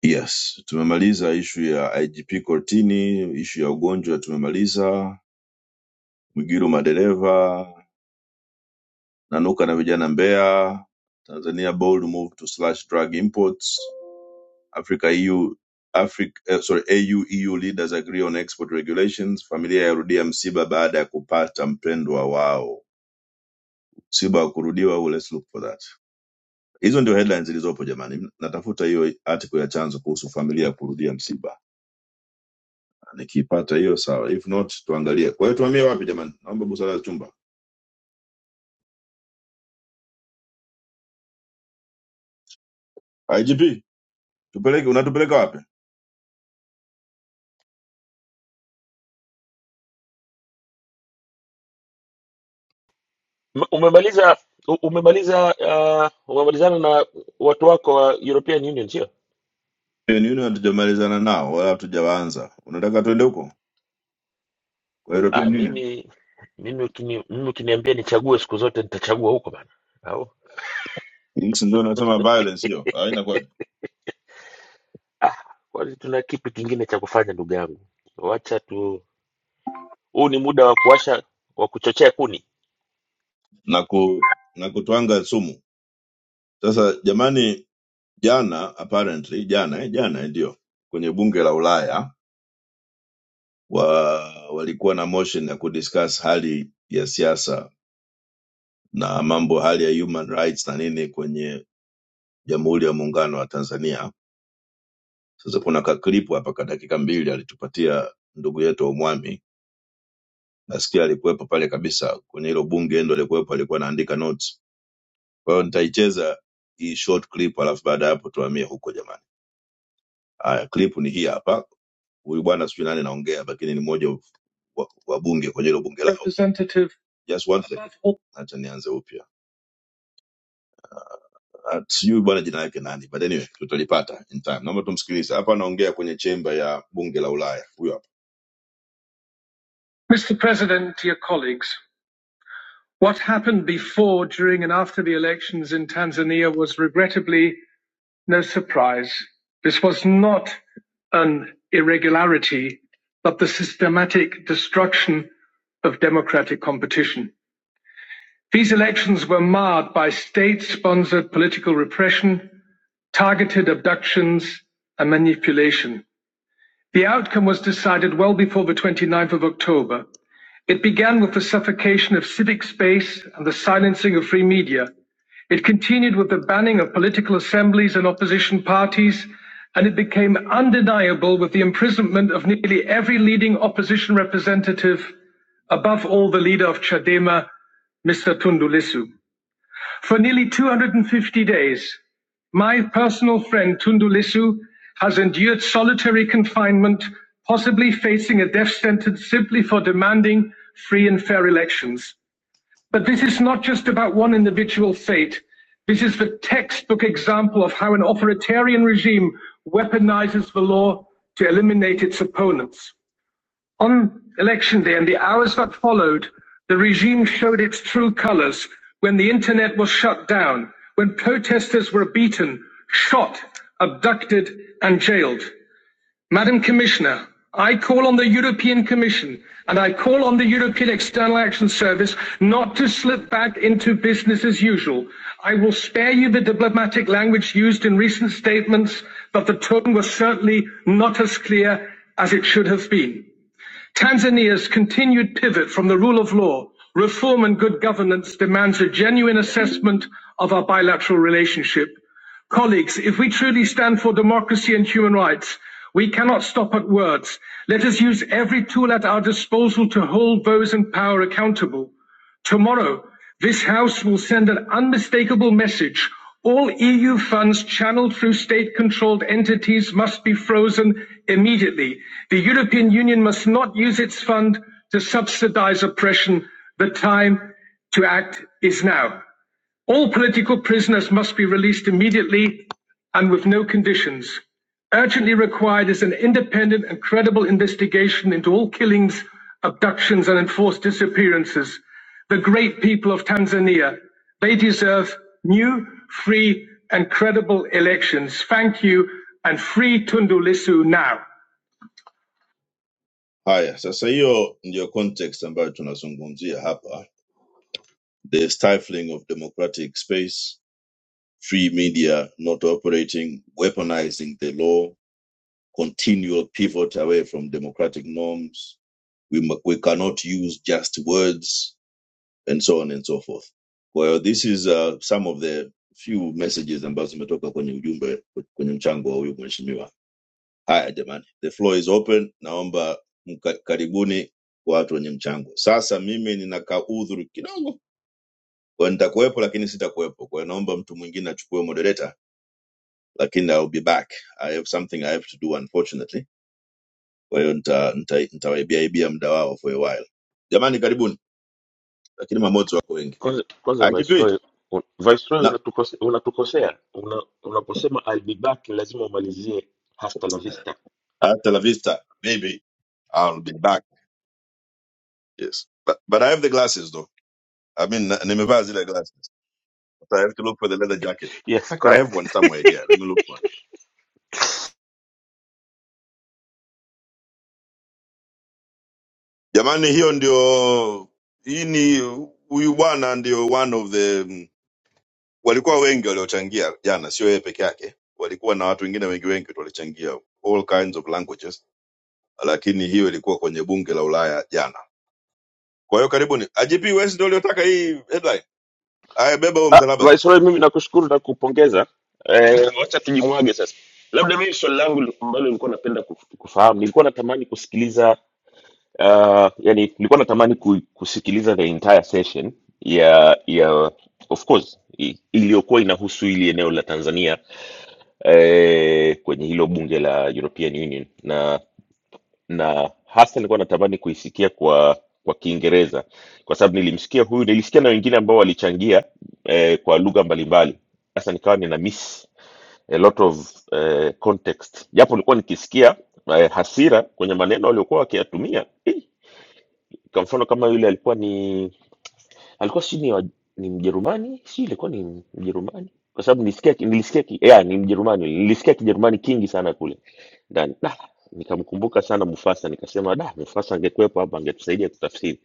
Speaker 6: yes, tumemaliza ishu ya IGP Kortini, ishu ya ugonjwa tumemaliza. Mwigiru madereva Nanuka na vijana Mbeya, Tanzania bold move to slash drug imports. Africa EU Africa, eh, sorry, AU EU leaders agree on export regulations. Familia yarudia msiba baada ya kupata mpendwa wao. Msiba wa kurudiwa ule, let's look for that. Hizo ndio headlines zilizopo jamani. Natafuta hiyo article ya chanzo kuhusu familia kurudia msiba. Nikiipata hiyo sawa. If not tuangalie. Kwa hiyo tuhamie wapi jamani? Naomba busara ya chumba. IGP, tupeleke unatupeleka wapi?
Speaker 17: M- Umemaliza u- umemaliza uh, umemalizana na watu wako wa European Union sio?
Speaker 6: European Union hatujamalizana nao wala hatujawaanza. Unataka tuende huko kwa
Speaker 17: Ah,
Speaker 6: European Union?
Speaker 17: mimi mimi ukini, mimi ukiniambia nichague siku zote nitachagua huko bana. Au
Speaker 6: Hichi ndio nasema violence hiyo, Ah, inakuwaje?
Speaker 17: ah, kwani tuna kipi kingine cha kufanya ndugu yangu? Wacha tu, huu ni muda wa kuwasha wa kuchochea kuni.
Speaker 6: Na ku na kutwanga sumu. Sasa jamani, jana apparently jana eh, jana eh, ndio kwenye bunge la Ulaya wa, walikuwa na motion ya kudiscuss hali ya siasa na mambo hali ya human rights na nini kwenye Jamhuri ya Muungano wa Tanzania. Sasa kuna kaklipu hapa ka dakika mbili alitupatia ndugu yetu Omwami Nasikia alikuwepo pale kabisa kwenye hilo bunge, ndo alikuwepo, alikuwa anaandika notes. Kwa hiyo nitaicheza hii short clip, alafu baada ya hapo tuhamie huko jamani. Haya, clip ni hii hapa. Huyu bwana sijui nani naongea, lakini ni mmoja wa wa bunge kwenye hilo bunge lao. Representative. Just one second. Acha nianze upya. Ah, Sijui bwana jina yake nani, but anyway tutalipata in time. Naomba tumsikilize. Hapa anaongea kwenye chemba ya bunge la Ulaya. Huyo hapa. Mr President, dear colleagues. What happened before, during, and after the elections in Tanzania was regrettably no surprise. This was not an irregularity, but the systematic destruction of democratic competition. These elections were marred by state sponsored political repression, targeted abductions, and manipulation. The outcome was decided well before the 29th of October it began with the suffocation of civic space and the silencing of free media. It continued with the banning of political assemblies and opposition parties, and it became undeniable with the imprisonment of nearly every leading opposition representative, above all the leader of Chadema, Mr. Tundulisu. For nearly 250 days, my personal friend Tunde Lissu has endured solitary confinement, possibly facing a death sentence simply for demanding free and fair elections. But this is not just about one individual's fate. This is the textbook example of how an authoritarian regime weaponizes the law to eliminate its opponents. On election day and the hours that followed, the regime showed its true colors when the internet was shut down, when protesters were beaten, shot, abducted, and jailed. Madam Commissioner, I call on the European Commission and I call on the European External Action Service not to slip back into business as usual. I will spare you the diplomatic language used in recent statements, but the tone was certainly not as clear as it should have been. Tanzania's continued pivot from the rule of law, reform and good governance demands a genuine assessment of our bilateral relationship. Colleagues, if we truly stand for democracy and human rights, we cannot stop at words. Let us use every tool at our disposal to hold those in power accountable. Tomorrow, this House will send an unmistakable message. All EU funds channeled through state controlled entities must be frozen immediately. The European Union must not use its fund to subsidize oppression. The time to act is now. All political prisoners must be released immediately and with no conditions. Urgently required is an independent and credible investigation into all killings, abductions, and enforced disappearances. The great people of Tanzania, they deserve new, free, and credible elections. Thank you, and free Tundu Lissu now. Haya, sasa hiyo ndiyo context ambayo tunazungumzia hapa, the stifling of democratic space free media not operating, weaponizing the law, continual pivot away from democratic norms. We, we cannot use just words and so on and so forth. Well, this is uh, some of the few messages ambazo zimetoka kwenye ujumbe kwenye mchango wa huyu mheshimiwa. Haya jamani, the floor is open. Naomba mka- karibuni watu wenye mchango. Sasa mimi nina kaudhuru kidogo, kwa nitakuwepo lakini sitakuwepo. Kwa hiyo naomba mtu mwingine achukue moderator lakini I'll be back. I have something I have to do unfortunately. Kwa hiyo nita- nita- nitawaibiaibia muda wao for a while. Jamani, karibuni, lakini mamoto wako wengi.
Speaker 17: Kwanza kwanza
Speaker 6: Akitui
Speaker 17: Viceroy, un- Viceroy
Speaker 6: na
Speaker 17: unatukose, unatukosea una, unaposema I'll be back lazima umalizie hasta la vista.
Speaker 6: hasta la vista baby, I'll be back. Yes, but but I have the glasses though. I mean, na- nimevaa zile glasses, so I have to look for the leather jacket. In
Speaker 17: Yes,
Speaker 6: fact, I have one
Speaker 17: correct.
Speaker 6: somewhere here. Let me look for it. Jamani, hiyo ndio hii ni huyu bwana ndio one of the walikuwa wengi waliochangia jana, sio yeye peke yake, walikuwa na watu wengine wengi wengi tu walichangia all kinds of languages, lakini hiyo ilikuwa kwenye bunge la Ulaya jana. Kwa hiyo karibuni, IGP West ndio uliotaka hii headline. Haya, beba huo
Speaker 17: Ah,
Speaker 6: msalaba sasa.
Speaker 17: Viceroy, mimi nakushukuru na kupongeza. Eh, wacha tujimwage sasa. Labda mimi swali langu ambalo nilikuwa napenda kuf- kufahamu, nilikuwa natamani kusikiliza Uh, yani nilikuwa natamani ku, kusikiliza the entire session ya ya of course i- iliyokuwa inahusu hili eneo la Tanzania eh, kwenye hilo bunge la European Union na na hasa nilikuwa natamani kuisikia kwa kwa Kiingereza kwa sababu nilimsikia huyu, nilisikia na wengine ambao walichangia eh, kwa lugha mbalimbali. Sasa nikawa nina miss a lot of eh, context, japo nilikuwa nikisikia eh, hasira kwenye maneno waliokuwa wakiyatumia eh, kwa mfano kama yule alikuwa ni alikuwa si ni, wa- ni Mjerumani, si ilikuwa ni Mjerumani, kwa sababu nilisikia nilisikia ki- yeah, ni Mjerumani, nilisikia Kijerumani kingi sana kule ndani da nikamkumbuka sana Mufasa, nikasema da, Mufasa angekuwepo hapa angetusaidia kutafsiri.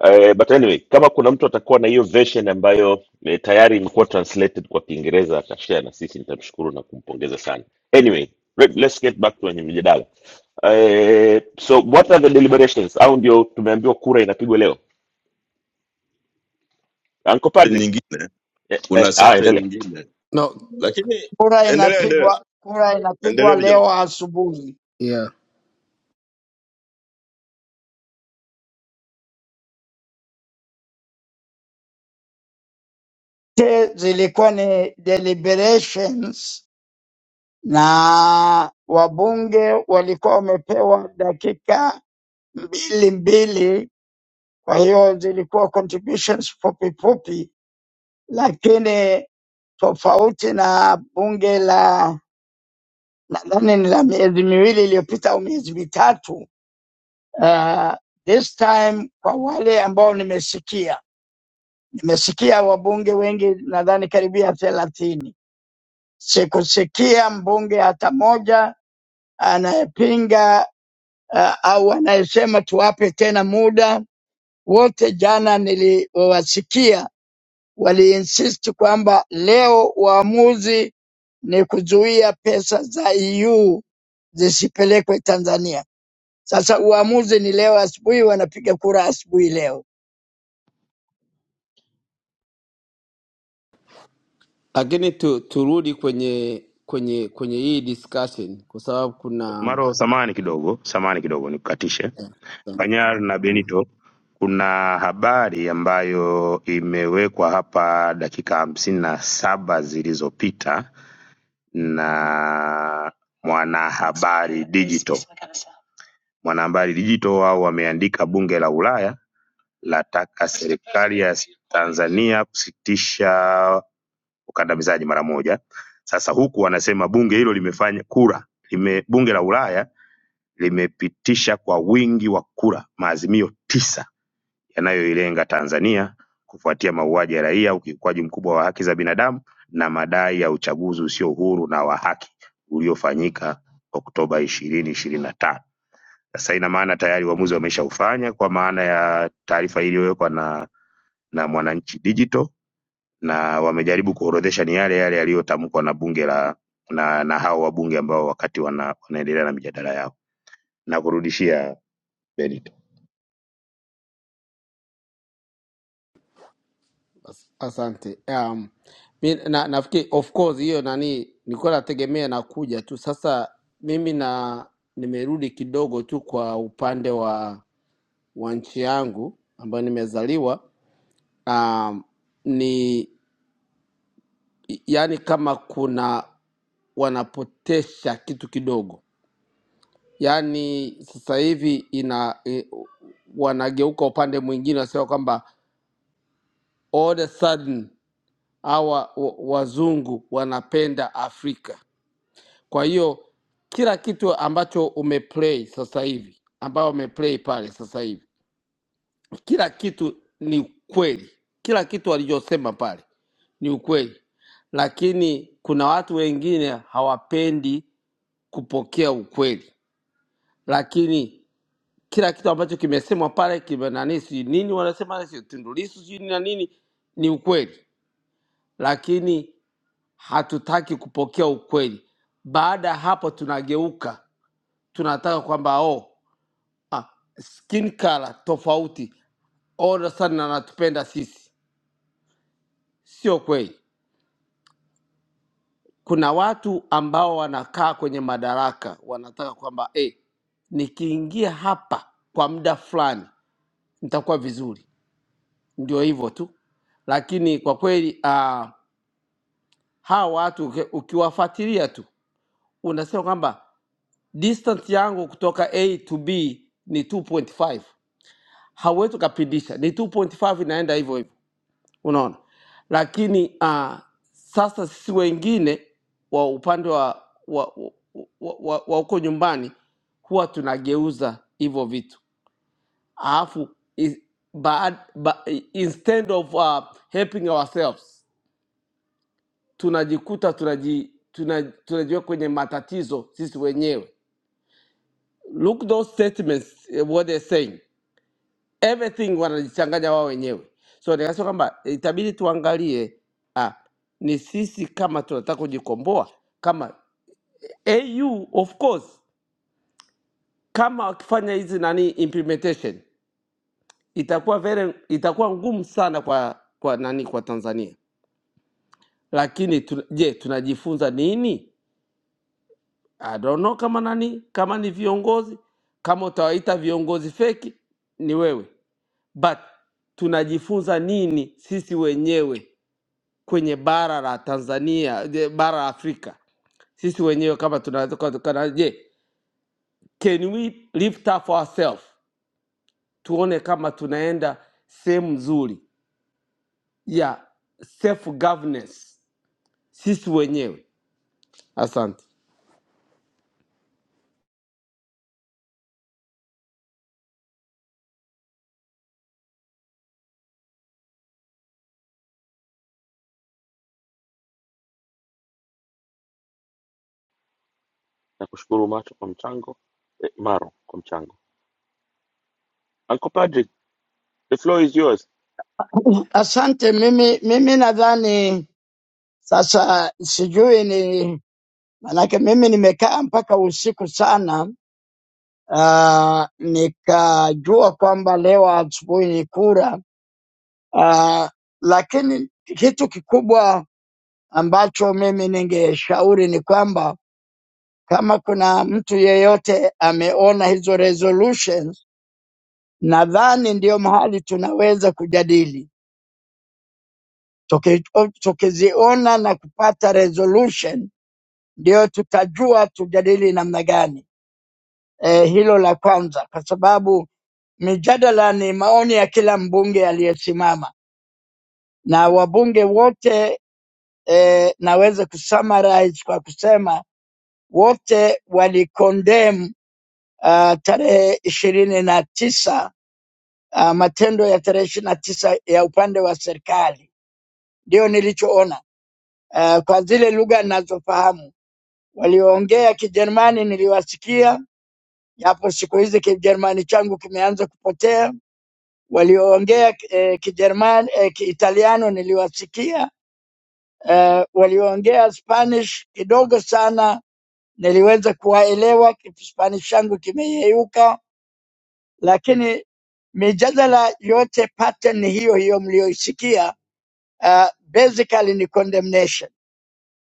Speaker 17: Uh, but anyway, kama kuna mtu atakuwa na hiyo version ambayo eh, tayari imekuwa translated kwa Kiingereza atashare na sisi, nitamshukuru na kumpongeza sana. Anyway, let- let's get back to wenye mjadala. Uh, so what are the deliberations? Au ndio tumeambiwa kura inapigwa leo? Anko Padri
Speaker 6: Nyingine
Speaker 17: eh, eh,
Speaker 6: kuna
Speaker 17: ah,
Speaker 6: session
Speaker 17: endelea.
Speaker 6: nyingine,
Speaker 11: no
Speaker 6: lakini
Speaker 13: Kura
Speaker 6: endelea, endelea,
Speaker 13: inapigwa, kura inapigwa
Speaker 6: endeleeni jamani.
Speaker 13: leo asubuhi.
Speaker 11: yeah
Speaker 13: Zote Zilikuwa ni deliberations na wabunge walikuwa wamepewa dakika mbili mbili, kwa hiyo zilikuwa contributions fupi fupi, lakini tofauti na bunge la nadhani ni la miezi miwili iliyopita au miezi mitatu. Uh, this time kwa wale ambao nimesikia, nimesikia wabunge wengi, nadhani karibia thelathini. Sikusikia mbunge hata moja anayepinga uh, au anayesema tuwape tena muda. Wote jana niliwasikia waliinsisti kwamba leo uamuzi ni kuzuia pesa za EU zisipelekwe Tanzania Sasa uamuzi ni leo asubuhi, wanapiga kura asubuhi leo.
Speaker 11: lakini tu, turudi kwenye kwenye kwenye hii discussion kwa sababu kuna
Speaker 2: Maro, samani kidogo, samani kidogo, nikukatishe. Panyar na Benito, kuna habari ambayo imewekwa hapa dakika hamsini na saba zilizopita na Mwanahabari Digital Mwanahabari Digital wao wameandika Bunge la Ulaya lataka serikali ya Tanzania kusitisha ukandamizaji mara moja. Sasa huku wanasema bunge hilo limefanya kura lime, bunge la Ulaya limepitisha kwa wingi wa kura maazimio tisa yanayoilenga Tanzania kufuatia mauaji ya raia, ukiukwaji mkubwa wa haki za binadamu na madai ya uchaguzi usio huru na wa haki uliofanyika Oktoba ishirini ishirini na tano. Sasa ina maana tayari uamuzi wameshaufanya kwa maana ya taarifa iliyowekwa na na Mwananchi Digital na wamejaribu kuorodhesha ni yale yale yaliyotamkwa na bunge la na, na hao wabunge ambao wakati wana, wanaendelea na mijadala yao. Nakurudishia Benito.
Speaker 11: as- asante um, mi, na, nafikiri of course hiyo nani nilikuwa nategemea nakuja tu sasa mimi na nimerudi kidogo tu kwa upande wa wa nchi yangu ambayo nimezaliwa um, ni yani kama kuna wanapotesha kitu kidogo yaani sasa hivi ina e, wanageuka upande mwingine wanasema kwamba all the sudden hawa wa- wazungu wanapenda afrika kwa hiyo kila kitu ambacho umeplay sasa hivi ambayo umeplay pale sasa hivi kila kitu ni ukweli kila kitu walichosema pale ni ukweli lakini kuna watu wengine hawapendi kupokea ukweli lakini kila kitu ambacho kimesemwa pale kime nani sijui nini wanasema sio tundulisu sijui na nini ni ukweli lakini hatutaki kupokea ukweli baada ya hapo tunageuka tunataka kwamba oh, ah, skin color tofauti all of a sudden anatupenda sisi sio kweli kuna watu ambao wanakaa kwenye madaraka wanataka kwamba eh, nikiingia hapa kwa muda fulani nitakuwa vizuri ndio hivyo tu lakini kwa kweli uh, hawa watu uki- ukiwafuatilia tu unasema kwamba distance yangu kutoka a to b ni 2.5 hauwezi ukapindisha ni 2.5 inaenda hivyo hivyo unaona lakini uh, sasa sisi wengine wa upande wa wa wa wa- wa- wa huko nyumbani huwa tunageuza hivyo vitu alafu is- baad- ba, instead of uh, helping ourselves tunajikuta tunaji, tuna, tunajiwa kwenye matatizo sisi wenyewe. Look those statements eh, what they're saying, everything wanajichanganya wao wenyewe. So nikasema kwamba eh, itabidi tuangalie ah, ni sisi kama tunataka kujikomboa kama AU of course, kama wakifanya hizi nani implementation itakuwa very, itakuwa ngumu sana kwa kwa nani kwa Tanzania, lakini tu, je, tunajifunza nini? I don't know kama nani, kama ni viongozi, kama utawaita viongozi feki ni wewe, but tunajifunza nini sisi wenyewe kwenye bara la Tanzania, je, bara la Afrika, sisi wenyewe kama tunaweza kwa- kana- je, can we lift up ourselves, tuone kama tunaenda sehemu nzuri ya self governance sisi wenyewe. Asante.
Speaker 17: Nakushukuru Macho kwa mchango eh, Maro kwa mchango. Anko Padri, the floor is yours.
Speaker 13: Asante. Mimi mimi nadhani sasa, sijui ni manake, mimi nimekaa mpaka usiku sana, uh, nikajua kwamba leo asubuhi ni kura uh, lakini kitu kikubwa ambacho mimi ningeshauri ni kwamba kama kuna mtu yeyote ameona hizo resolutions, nadhani ndio mahali tunaweza kujadili tukiziona na kupata resolution ndio tutajua tujadili namna gani. E, hilo la kwanza, kwa sababu mijadala ni maoni ya kila mbunge aliyesimama na wabunge wote e, naweza kusummarize kwa kusema wote walicondemn uh, tarehe ishirini na tisa uh, matendo ya tarehe ishirini na tisa ya upande wa serikali, ndio nilichoona uh, kwa zile lugha ninazofahamu Walioongea Kijerumani niliwasikia, japo siku hizi Kijerumani changu kimeanza kupotea. Walioongea eh, Kijerumani eh, Kiitaliano niliwasikia. Eh, walioongea Spanish kidogo sana niliweza kuwaelewa, Spanish changu kimeyeyuka, lakini mijadala yote pattern ni hiyo hiyo mliyoisikia. Uh, basically ni condemnation.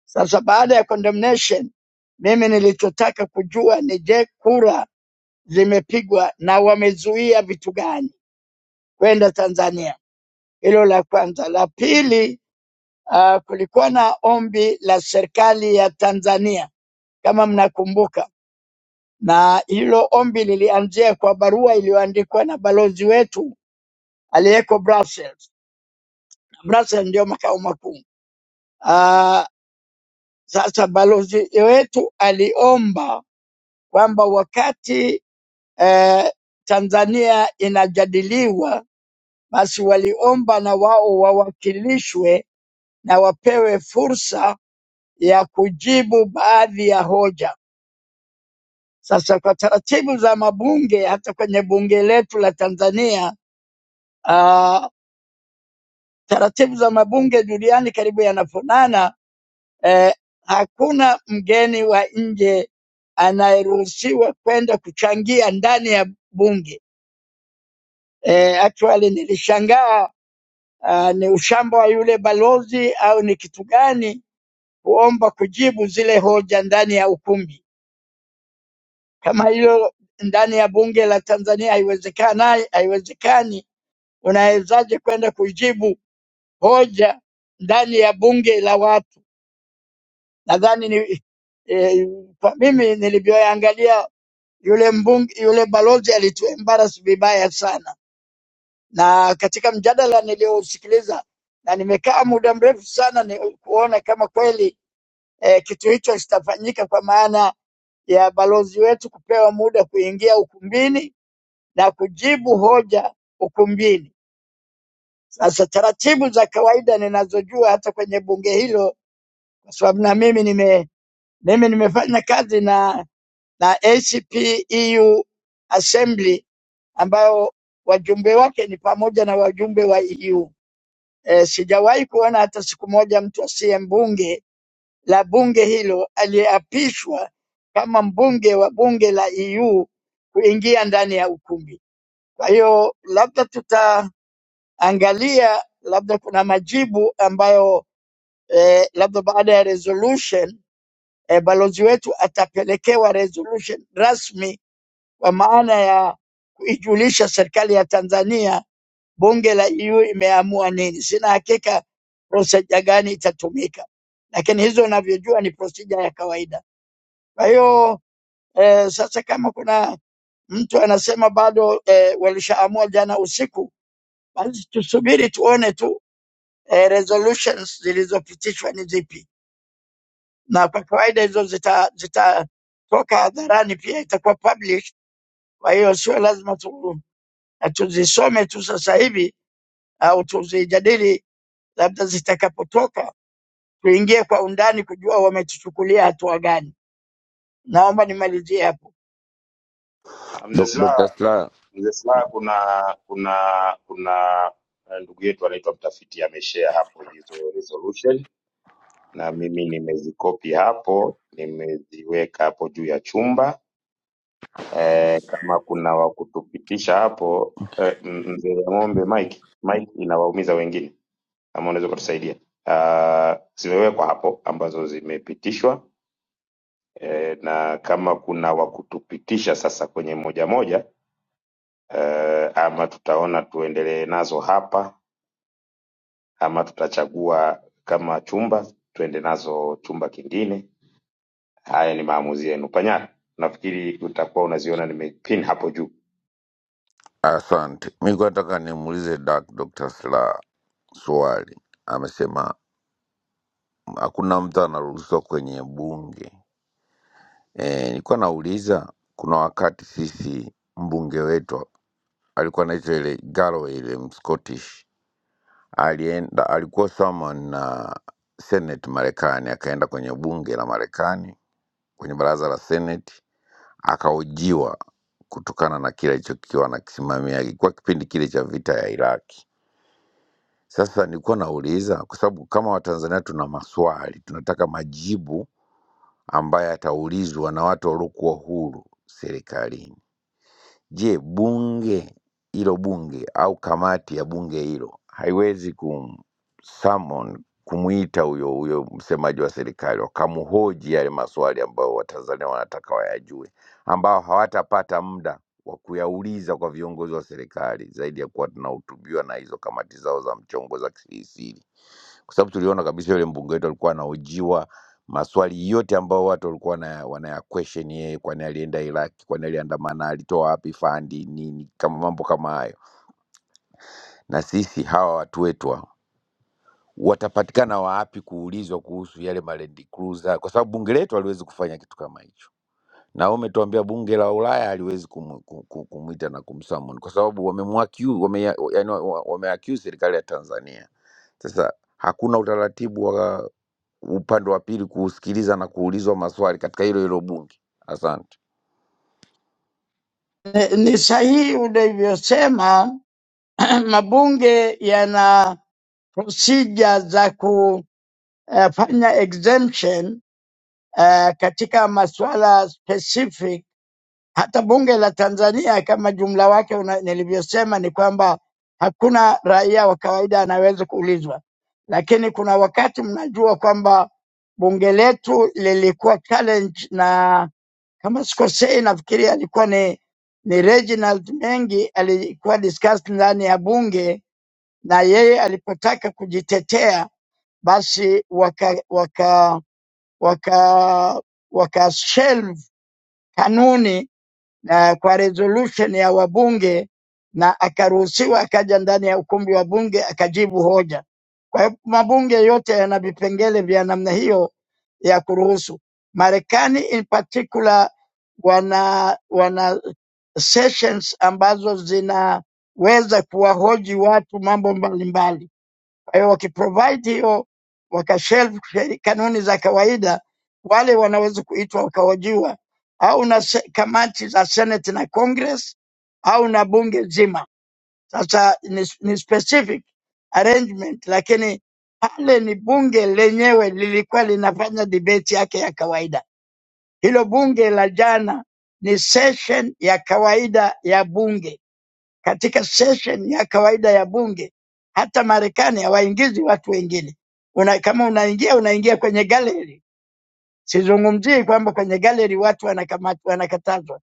Speaker 13: Sasa baada ya condemnation, mimi nilichotaka kujua ni je, kura zimepigwa na wamezuia vitu gani kwenda Tanzania. Hilo la kwanza. La pili, uh, kulikuwa na ombi la serikali ya Tanzania kama mnakumbuka, na hilo ombi lilianzia kwa barua iliyoandikwa na balozi wetu aliyeko Brussels. Brussels ndio makao makuu. Uh, sasa balozi wetu aliomba kwamba wakati eh, Tanzania inajadiliwa Basi waliomba na wao wawakilishwe na wapewe fursa ya kujibu baadhi ya hoja. Sasa kwa taratibu za mabunge, hata kwenye bunge letu la Tanzania, uh, taratibu za mabunge duniani karibu yanafanana. Eh, hakuna mgeni wa nje anayeruhusiwa kwenda kuchangia ndani ya bunge. Eh, actually nilishangaa ah, ni ushamba wa yule balozi au ni kitu gani kuomba kujibu zile hoja ndani ya ukumbi. Kama hilo ndani ya bunge la Tanzania haiwezekani, haiwezekani, unawezaje kwenda kujibu hoja ndani ya bunge la watu? Nadhani ni eh, kwa mimi nilivyoangalia yule mbunge, yule balozi alituembarasi vibaya sana, na katika mjadala niliyousikiliza na nimekaa muda mrefu sana ni kuona kama kweli eh, kitu hicho kitafanyika kwa maana ya balozi wetu kupewa muda kuingia ukumbini na kujibu hoja ukumbini. Sasa taratibu za kawaida ninazojua hata kwenye bunge hilo, kwa sababu na mimi nime mimi nimefanya kazi na na ACP EU Assembly ambayo wajumbe wake ni pamoja na wajumbe wa EU. E, sijawahi kuona hata siku moja mtu asiye mbunge la bunge hilo aliyeapishwa kama mbunge wa bunge la EU kuingia ndani ya ukumbi. Kwa hiyo labda tutaangalia, labda kuna majibu ambayo eh, labda baada ya resolution eh, balozi wetu atapelekewa resolution rasmi kwa maana ya kuijulisha serikali ya Tanzania bunge la EU imeamua nini. Sina hakika procedure gani itatumika, lakini hizo unavyojua ni procedure ya kawaida. Kwa hiyo eh, sasa kama kuna mtu anasema bado eh, walishaamua jana usiku, basi tusubiri tuone tu eh, resolutions zilizopitishwa ni zipi, na kwa kawaida hizo zita zitatoka hadharani, pia itakuwa published. Kwa hiyo sio lazima tu eh, tuzisome tu sasa hivi au tuzijadili, labda zitakapotoka tuingie kwa undani kujua wametuchukulia hatua gani. Naomba nimalizie hapo.
Speaker 2: Ah, Mzee
Speaker 14: Dok-
Speaker 2: Silaa
Speaker 14: Dr. Sla,
Speaker 2: Mzee Slaha, kuna kuna kuna eh, ndugu yetu anaitwa mtafiti ameshare hapo hizo resolution na mimi nimezikopi hapo, nimeziweka hapo juu ya chumba eh, kama kuna wa kutupitisha hapo eh, m- mzee Ng'ombe Mike, Mike inawaumiza wengine, kama unaweza kutusaidia. Uh, zimewekwa hapo ambazo zimepitishwa eh, na kama kuna wa kutupitisha sasa kwenye moja moja eh, ama tutaona tuendelee nazo hapa ama tutachagua kama chumba tuende nazo chumba kingine. Haya ni maamuzi yenu. Panyara, nafikiri utakuwa unaziona nimepin hapo juu.
Speaker 14: Asante, mi kuwa nataka nimuulize Dak- Dr. Slaa swali. Amesema hakuna mtu anaruhusiwa kwenye bunge. E, nilikuwa nauliza kuna wakati sisi mbunge wetu alikuwa anaitwa ile Galloway ile Mscottish alienda, alikuwa summon na Senate Marekani, akaenda kwenye bunge la Marekani, kwenye baraza la Senate akahojiwa kutokana na kile alichokiwa anakisimamia, ilikuwa kipindi kile cha vita ya Iraki. Sasa nilikuwa nauliza kwa sababu kama Watanzania tuna maswali, tunataka majibu ambaye ataulizwa na watu waliokuwa huru serikalini. Je, bunge hilo bunge au kamati ya bunge hilo haiwezi kum summon kumwita huyo huyo msemaji wa serikali wakamhoji yale maswali ambayo Watanzania wanataka wayajue, ambao hawatapata muda wa kuyauliza kwa viongozi wa serikali zaidi ya kuwa tunahutubiwa na hizo kamati zao za mchongo za kisiri kwa sababu tuliona kabisa yule mbunge wetu alikuwa anahojiwa maswali yote ambayo watu walikuwa wana- wanaya question yeye, kwani alienda Iraki, kwani aliandamana, alitoa wapi fandi nini, kama mambo kama hayo. Na sisi hawa watu wetu hawa, watapatikana wapi kuulizwa kuhusu yale Land Cruiser, kwa sababu bunge letu haliwezi kufanya kitu kama hicho, na umetuambia bunge la Ulaya haliwezi kumu- ku- ku- kumwita na kumsummon kwa sababu wamemwaccuse wame, yani, wame wameaccuse serikali ya Tanzania. Sasa hakuna utaratibu wa upande wa pili kuusikiliza na kuulizwa maswali katika hilo hilo bunge. Asante,
Speaker 13: Ni, ni sahihi ulivyosema mabunge yana procedure za kufanya exemption eh, katika masuala specific. Hata bunge la Tanzania kama jumla wake una- nilivyosema ni kwamba hakuna raia wa kawaida anaweza kuulizwa, lakini kuna wakati mnajua kwamba bunge letu lilikuwa challenge na kama sikosei, nafikiri alikuwa ni ni Reginald Mengi alikuwa discussed ndani ya bunge na yeye alipotaka kujitetea basi waka waka waka waka shelve kanuni uh, kwa resolution ya wabunge na akaruhusiwa akaja ndani ya ukumbi wa bunge akajibu hoja. Kwa hiyo mabunge yote yana vipengele vya namna hiyo ya kuruhusu. Marekani in particular wana wana sessions ambazo zinaweza kuwahoji watu mambo mbalimbali kwa hiyo wakiprovide hiyo wakashelve sheri- kanuni za kawaida, wale wanaweza kuitwa wakahojiwa au na se- kamati za Senate na Congress au na bunge zima. Sasa ni, ni specific arrangement, lakini pale ni bunge lenyewe lilikuwa linafanya debate yake ya kawaida. Hilo bunge la jana ni session ya kawaida ya bunge katika session ya kawaida ya bunge. Hata Marekani hawaingizi watu wengine. Una, kama unaingia unaingia kwenye gallery. Sizungumzii kwamba kwenye gallery watu wanakamatwa, wanakatazwa.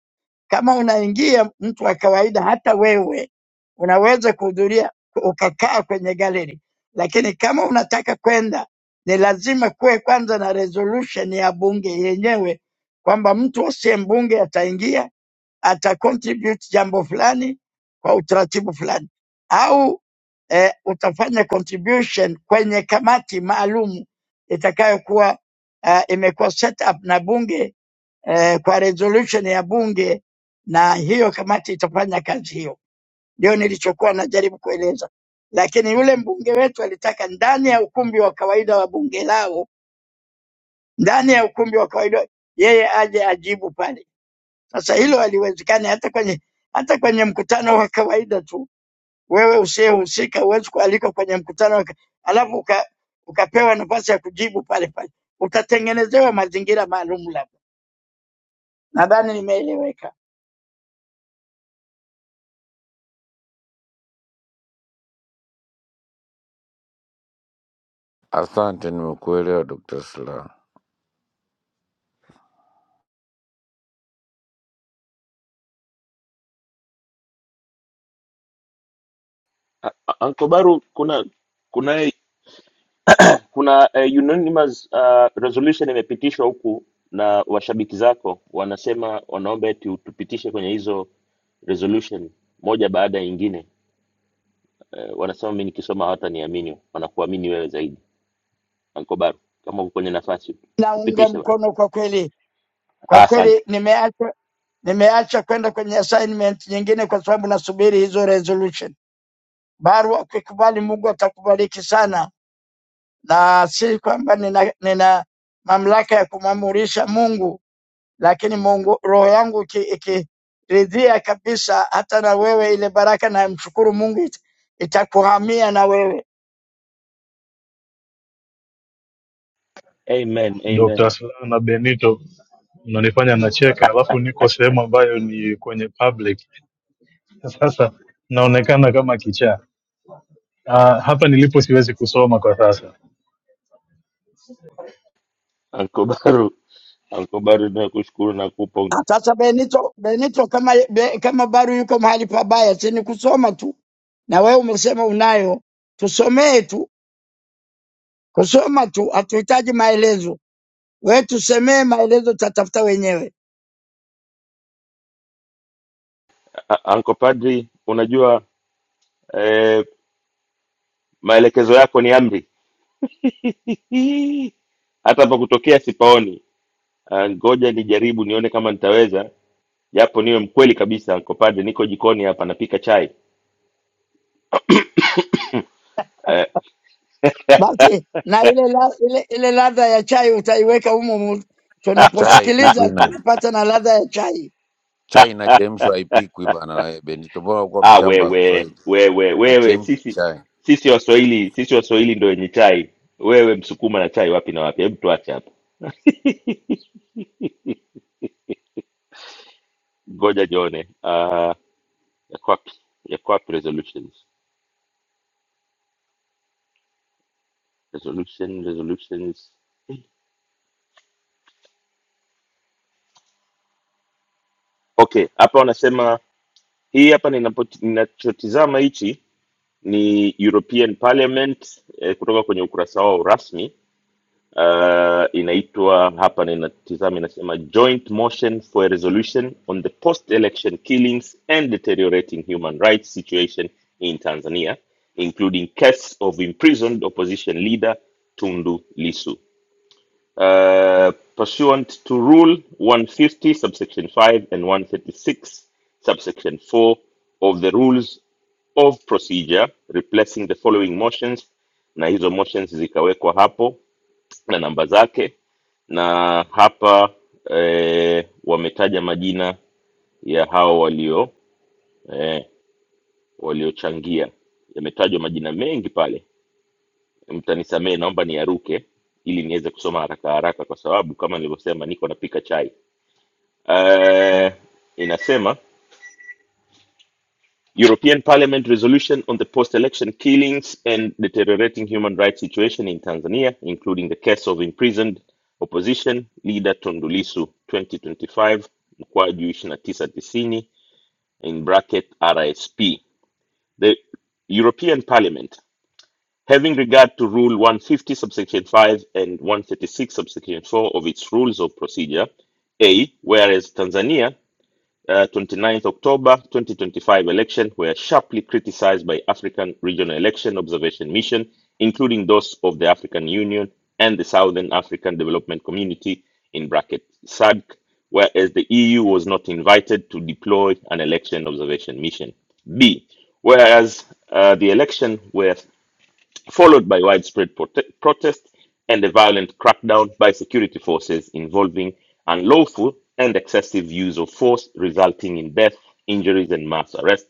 Speaker 13: Kama unaingia mtu wa kawaida, hata wewe unaweza kuhudhuria ukakaa kwenye gallery, lakini kama unataka kwenda ni lazima kuwe kwanza na resolution ya bunge yenyewe kwamba mtu asiye mbunge ataingia ata contribute jambo fulani kwa utaratibu fulani, au eh, utafanya contribution kwenye kamati maalum itakayokuwa uh, imekuwa set up na bunge eh, kwa resolution ya bunge, na hiyo kamati itafanya kazi hiyo. Ndio nilichokuwa najaribu kueleza, lakini yule mbunge wetu alitaka ndani ya ukumbi wa kawaida wa bunge lao, ndani ya ukumbi wa kawaida, yeye aje ajibu pale. Sasa hilo haliwezekani hata kwenye hata kwenye mkutano wa kawaida tu, wewe usiyehusika huwezi kualikwa kwenye mkutano wa ka- alafu uka, ukapewa nafasi ya kujibu pale pale, utatengenezewa mazingira maalum. Labda nadhani nimeeleweka.
Speaker 14: asante, nimekuelewa Dr. Slaa.
Speaker 17: Ah, ah, Anko Baru, kuna kuna kuna eh, unanimous uh, resolution imepitishwa huku na washabiki zako wanasema wanaomba eti tupitishe kwenye hizo resolution moja baada ya nyingine. Eh, wanasema mimi nikisoma hawataniamini, wanakuamini wewe zaidi. Anko Baru, kama uko kwenye nafasi
Speaker 13: Naunga
Speaker 17: tupitishe bwana.
Speaker 13: mkono kwa kweli, kwa
Speaker 17: Ah, asante.
Speaker 13: kweli nimeacha nimeacha kwenda kwenye assignment nyingine kwa sababu nasubiri hizo resolution. Barua ukikubali, Mungu atakubariki sana, na si kwamba nina, nina mamlaka ya kumwamurisha Mungu lakini Mungu, roho yangu iki- ikiridhia kabisa, hata na wewe ile baraka, na mshukuru Mungu, ita- itakuhamia na wewe.
Speaker 17: Amen, amen.
Speaker 4: Dr. Slaa na Benito mnanifanya nacheka, alafu niko sehemu ambayo ni kwenye public. Sasa naonekana kama kichaa. Ah, hapa nilipo siwezi kusoma kwa sasa.
Speaker 17: Anko Baru. Anko Padri, tunakushukuru na kupo
Speaker 13: Sasa Benito, Benito kama, be, kama bado yuko mahali pabaya, si ni kusoma tu, na wewe umesema unayo, tusomee tu, kusoma tu, hatuhitaji maelezo. Wewe tusemee maelezo, tutatafuta wenyewe.
Speaker 17: Anko Padri, unajua eh, maelekezo yako ni amri. Hii, Hata pa kutokea sipaoni. Ah, Ngoja nijaribu nione kama nitaweza, japo niwe mkweli kabisa. Anko Padri, niko jikoni hapa napika chai. Eh,
Speaker 13: Basi na ile, la, ile, ile ladha ya chai utaiweka humo, humo.
Speaker 14: Chai
Speaker 13: tunaposikiliza
Speaker 14: haipikwi na
Speaker 13: tunapata na ladha ya chai.
Speaker 14: chai inachemshwa, haipikwi bana. eh, Benito, mbona ukuwa
Speaker 17: ah,
Speaker 14: mshamba wa
Speaker 17: wewe
Speaker 14: Kiswahili?
Speaker 17: wewe wewe,
Speaker 14: Nachemsha
Speaker 17: sisi
Speaker 14: chai.
Speaker 17: sisi Waswahili, sisi Waswahili ndio wenye chai. Wewe Msukuma na chai wapi na wapi? Hebu tuache hapo. ngoja jione uh, yako wapi yako wapi resolutions resolution resolutions okay hapa wanasema hii hapa ninapo- ninachotizama hichi ni european parliament eh, kutoka kwenye ukurasa wao rasmi uh, inaitwa hapa ninatizama inasema joint motion for a resolution on the post election killings and deteriorating human rights situation in tanzania including case of imprisoned opposition leader tundu lisu uh, pursuant to Rule 150, subsection 5 and 136, subsection 4 of the Rules of Procedure, replacing the following motions, na hizo motions zikawekwa hapo na namba zake, na hapa eh, wametaja majina ya hao walio eh, waliochangia. Yametajwa majina mengi pale, mtanisamee, naomba niaruke ili niweze kusoma haraka haraka, kwa sababu kama nilivyosema, niko napika chai uh, inasema European Parliament resolution on the post-election killings and deteriorating human rights situation in Tanzania, including the case of imprisoned opposition leader Tundu Lissu 2025 mkwaju ishirini na tisa tisini in bracket RSP. The European Parliament, having regard to Rule 150 subsection 5 and 136 subsection 4 of its rules of procedure, A, whereas Tanzania uh, 29th October 2025 election were sharply criticized by African Regional Election Observation Mission, including those of the African Union and the Southern African Development Community in bracket SADC, whereas the EU was not invited to deploy an election observation mission. B. Whereas uh, the election were followed by widespread prote- protest and a violent crackdown by security forces involving unlawful and excessive use of force, resulting in death, injuries, and mass arrest.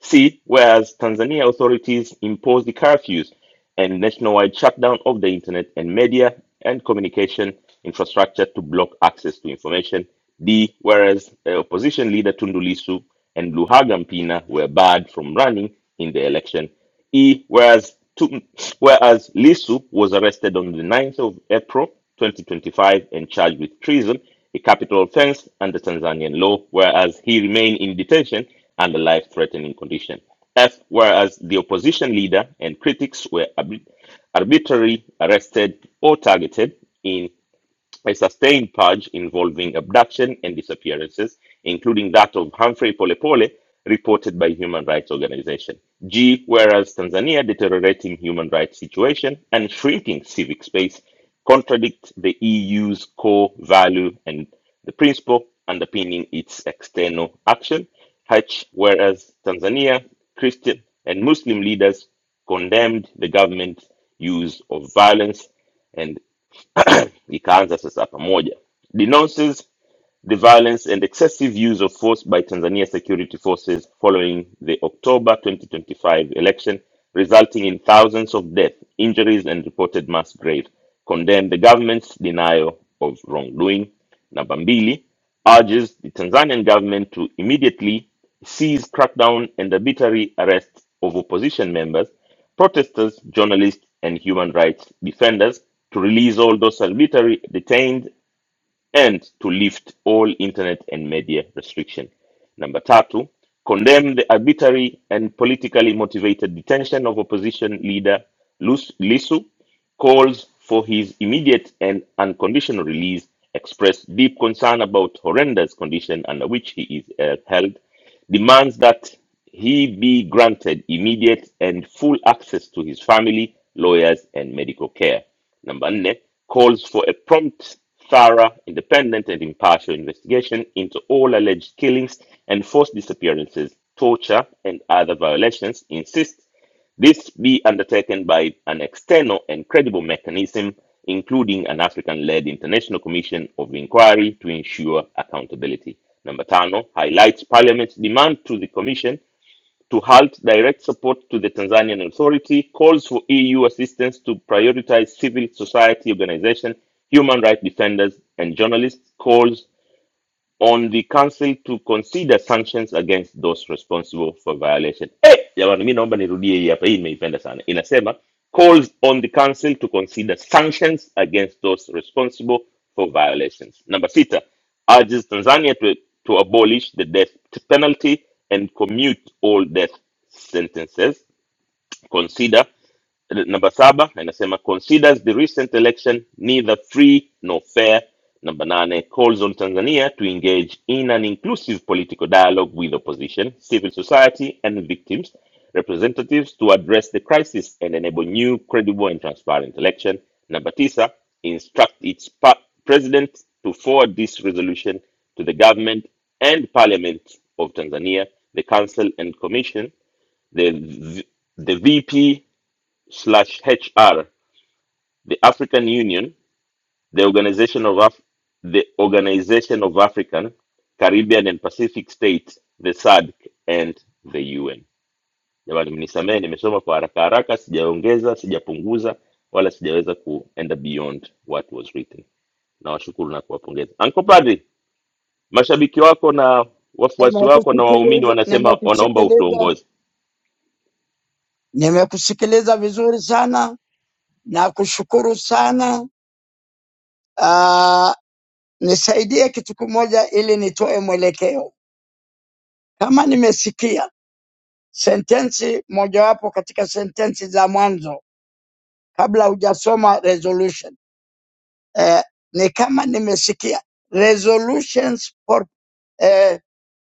Speaker 17: C. Whereas Tanzania authorities imposed the curfews and nationwide shutdown of the internet and media and communication infrastructure to block access to information. D. Whereas uh, opposition leader Tundu Lissu and Luhaga Mpina were barred from running in the election he, whereas, two, whereas Lee Sup was arrested on the ninth of April 2025 and charged with treason, a capital offense under Tanzanian law, whereas he remained in detention under life threatening condition. F, whereas the opposition leader and critics were arbi- arbitrarily arrested or targeted in a sustained purge involving abduction and disappearances, including that of Humphrey Polepole, reported by human rights organization. G, whereas Tanzania deteriorating human rights situation and shrinking civic space contradict the EU's core value and the principle underpinning its external action. H, whereas Tanzania Christian and Muslim leaders condemned the government's use of violence and ikaanza sasa pamoja denounces the violence and excessive use of force by Tanzania security forces following the October 2025 election, resulting in thousands of deaths, injuries, and reported mass graves, condemned the government's denial of wrongdoing. Number Mbili urges the Tanzanian government to immediately cease crackdown and arbitrary arrest of opposition members, protesters, journalists, and human rights defenders, to release all those arbitrarily detained and to lift all internet and media restriction. Number tatu, condemn the arbitrary and politically motivated detention of opposition leader Lus- Lisu, calls for his immediate and unconditional release, expressed deep concern about horrendous condition under which he is uh, held, demands that he be granted immediate and full access to his family, lawyers, and medical care. Number nine calls for a prompt, thorough, independent, and impartial investigation into all alleged killings and forced disappearances, torture, and other violations. Insists this be undertaken by an external and credible mechanism, including an African led international commission of inquiry to ensure accountability. Number 10 highlights Parliament's demand to the Commission to halt direct support to the Tanzanian Authority, calls for EU assistance to prioritize civil society organizations, human rights defenders, and journalists, calls on the council to consider sanctions against those responsible for violation. Eh, jamani, mi naomba nirudie hii hapa, hii nimeipenda sana. Inasema calls on the council to consider sanctions against those responsible for violations. Number sita urges Tanzania to, to abolish the death penalty and commute all death sentences consider number saba inasema considers the recent election neither free nor fair number nane calls on tanzania to engage in an inclusive political dialogue with opposition civil society and victims representatives to address the crisis and enable new credible and transparent election number tisa instruct its pa- president to forward this resolution to the government and parliament of tanzania the council and commission the, the VP slash HR, the African Union, the Organization of Af- the Organization of African, Caribbean and Pacific States, the SADC and the UN. Jamani, mnisamehe, nimesoma kwa haraka haraka, sijaongeza, sijapunguza wala sijaweza kuenda beyond what was written. Nawashukuru na kuwapongeza. Uncle Padri, mashabiki wako na wafuasi wako na waumini
Speaker 13: Nimekusikiliza,
Speaker 17: wanasema wanaomba
Speaker 13: nimekusikiliza,
Speaker 17: utuongoze.
Speaker 13: nimekusikiliza vizuri sana na kushukuru sana. Uh, nisaidie kitu kimoja ili nitoe mwelekeo. Kama nimesikia sentensi mojawapo katika sentensi za mwanzo kabla hujasoma resolution eh, ni kama nimesikia resolutions for eh,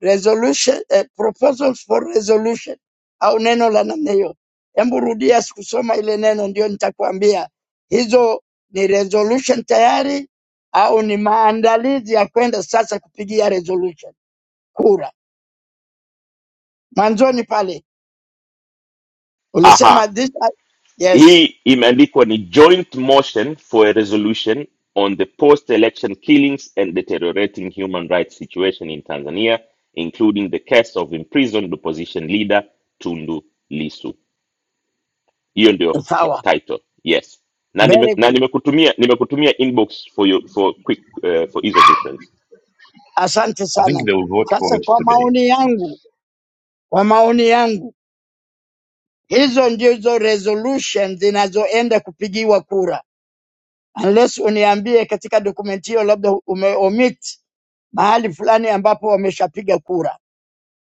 Speaker 13: resolution eh, proposal for resolution au neno la namna hiyo. Hebu rudia sikusoma ile neno, ndio nitakuambia hizo ni resolution tayari au ni maandalizi ya kwenda sasa kupigia resolution kura. Mwanzoni pale
Speaker 17: Aha.
Speaker 13: ulisema this are... yes,
Speaker 17: Hii imeandikwa ni joint motion for a resolution on the post-election killings and deteriorating human rights situation in Tanzania including the case of imprisoned opposition leader Tundu Lissu. Hiyo ndio he-
Speaker 13: sawa,
Speaker 17: title. Yes. Na nime,
Speaker 13: very
Speaker 17: na
Speaker 13: good,
Speaker 17: nimekutumia nimekutumia inbox for your, for quick uh, for ease of reference.
Speaker 13: asante
Speaker 1: i think
Speaker 13: sana.
Speaker 1: they will vote for
Speaker 13: Sasa
Speaker 1: it
Speaker 13: kwa
Speaker 1: today
Speaker 13: maoni yangu, kwa maoni yangu hizo ndizo resolution zinazoenda kupigiwa kura unless uniambie katika dokumenti hiyo labda umeomit mahali fulani ambapo wameshapiga kura.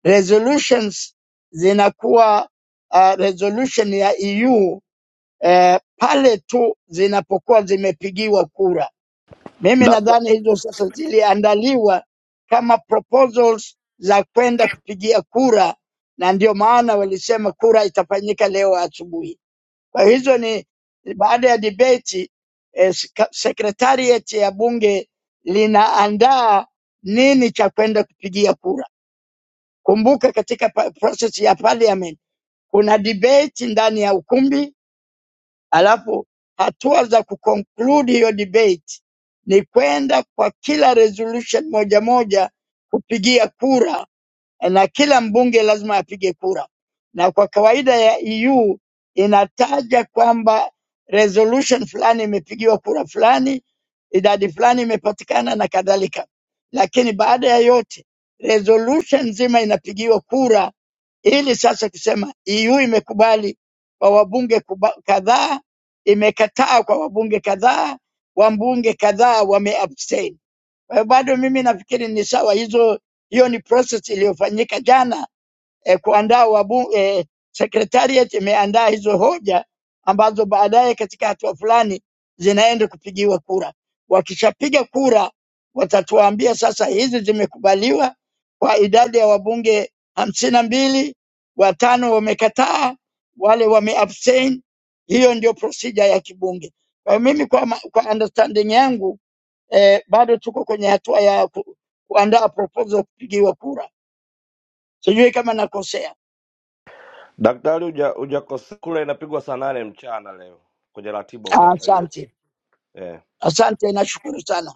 Speaker 13: Resolutions zinakuwa uh, resolution ya EU eh, pale tu zinapokuwa zimepigiwa kura. Mimi
Speaker 19: Dakta-
Speaker 13: nadhani hizo sasa ziliandaliwa kama proposals za kwenda kupigia kura, na ndio maana walisema kura itafanyika leo asubuhi. Kwa hiyo hizo ni ni baada ya debate eh, sika- secretariat ya bunge linaandaa nini cha kwenda kupigia kura. Kumbuka katika pa- process ya parliament kuna debate ndani ya ukumbi, alafu hatua za kuconclude hiyo debate ni kwenda kwa kila resolution moja moja kupigia kura na kila mbunge lazima apige kura, na kwa kawaida ya EU inataja kwamba resolution fulani imepigiwa kura fulani, idadi fulani imepatikana na kadhalika, lakini baada ya yote resolution nzima inapigiwa kura ili sasa kusema EU imekubali kwa wabunge kuba- kadhaa, imekataa kwa wabunge kadhaa, wabunge kadhaa wameabstain. Kwa hiyo bado mimi nafikiri ni sawa hizo, hiyo ni process iliyofanyika jana eh, kuandaa wabu, eh, secretariat imeandaa hizo hoja ambazo baadaye katika hatua fulani zinaenda kupigiwa kura. Wakishapiga kura, watatuambia sasa hizi zimekubaliwa kwa idadi ya wabunge hamsini na mbili, watano wamekataa, wale wameabstain. Hiyo ndio procedure ya kibunge. Kwa hiyo mimi kwa, ma- kwa understanding yangu eh, bado tuko kwenye hatua ya ku, kuandaa proposal kupigiwa kura. Sijui kama nakosea.
Speaker 19: Daktari, huja- hujakosea kula, inapigwa saa nane mchana leo kwenye ratiba
Speaker 13: Ah,
Speaker 19: ukiangalia
Speaker 13: Asante,
Speaker 19: eh.
Speaker 13: asante, nashukuru sana,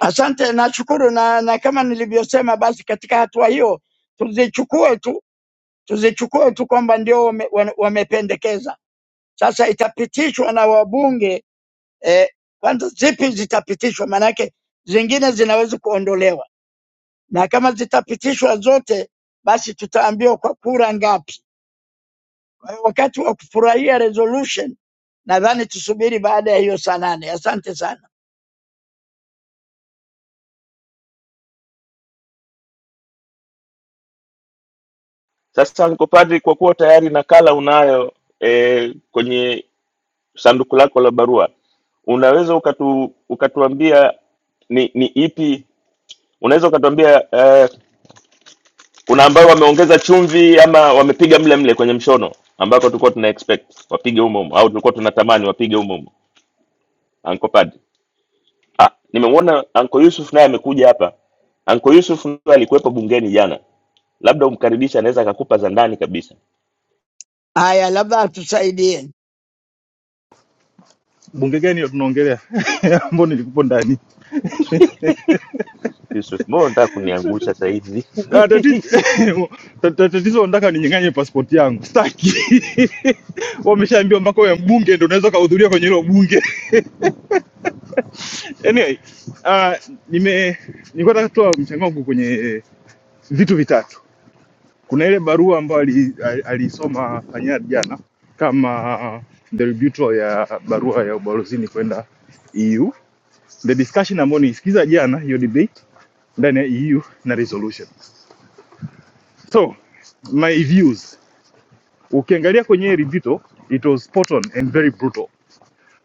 Speaker 13: asante, nashukuru na, na kama nilivyosema, basi katika hatua hiyo tuzichukue tu tuzichukue tu kwamba ndio wame, wana- wamependekeza. Sasa itapitishwa na wabunge eh, kwanza zipi zitapitishwa? Maanake zingine zinaweza kuondolewa, na kama zitapitishwa zote, basi tutaambiwa kwa kura ngapi. Kwa hiyo wakati wa kufurahia resolution, nadhani tusubiri baada ya hiyo saa nane. Asante sana.
Speaker 17: Sasa Uncle Padri, kwa kuwa tayari nakala unayo eh, kwenye sanduku lako la barua unaweza ukatu, ukatuambia ni, ni ipi unaweza ukatuambia uh, kuna ambayo wameongeza chumvi ama wamepiga mle mle kwenye mshono ambako tulikuwa tuna expect wapige humo humo au tulikuwa tunatamani wapige humo humo Anko Padri. Ah, nimemwona Anko Yusuf naye amekuja hapa. Anko Yusuf ndio alikuwepo bungeni jana, labda umkaribisha, anaweza akakupa za ndani kabisa.
Speaker 13: Haya, labda atusaidie,
Speaker 20: bunge gani ya tunaongelea ambao nilikupo ndani
Speaker 17: Yusuf Mo nataka kuniangusha saa hizi
Speaker 20: Ah, tatizo ta- ta- tatizo nataka ninyang'anye pasipoti yangu staki wameshaambiwa mpaka wewe mbunge ndio unaweza ukahudhuria kwenye hilo bunge anyway ah, nime nilikuwa nataka kutoa mchango wangu kwenye eh, vitu vitatu kuna ile barua ambayo ali- ali- aliisoma panyari jana kama debiuto ya barua ya ubalozini kwenda EU the discussion ambayo nisikiza jana hiyo debate ndani ya EU na resolution So my views, ukiangalia kwenye hili vito, it was spot on and very brutal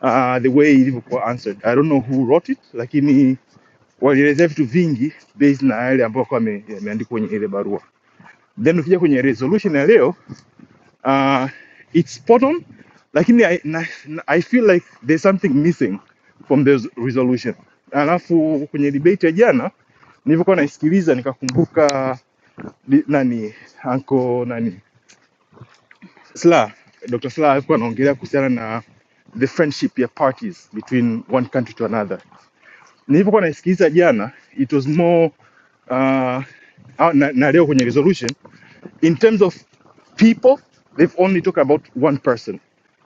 Speaker 20: uh, the way ilivyokuwa answered. I don't know who wrote it, lakini walielezea vitu vingi based na yale ambayo kwa ame- yameandikwa kwenye ile barua. Then ukija kwenye resolution ya leo uh, it's spot on, lakini I, na, na- I feel like there's something missing from the resolution. Alafu kwenye debate ya jana nilivyokuwa naisikiliza nikakumbuka di- nani anko nani Sla, Dr. Sla alikuwa anaongelea kuhusiana na the friendship ya parties between one country to another. Nilipokuwa naisikiliza jana, it was more uh, au- na, na leo kwenye resolution in terms of people they've only talked about one person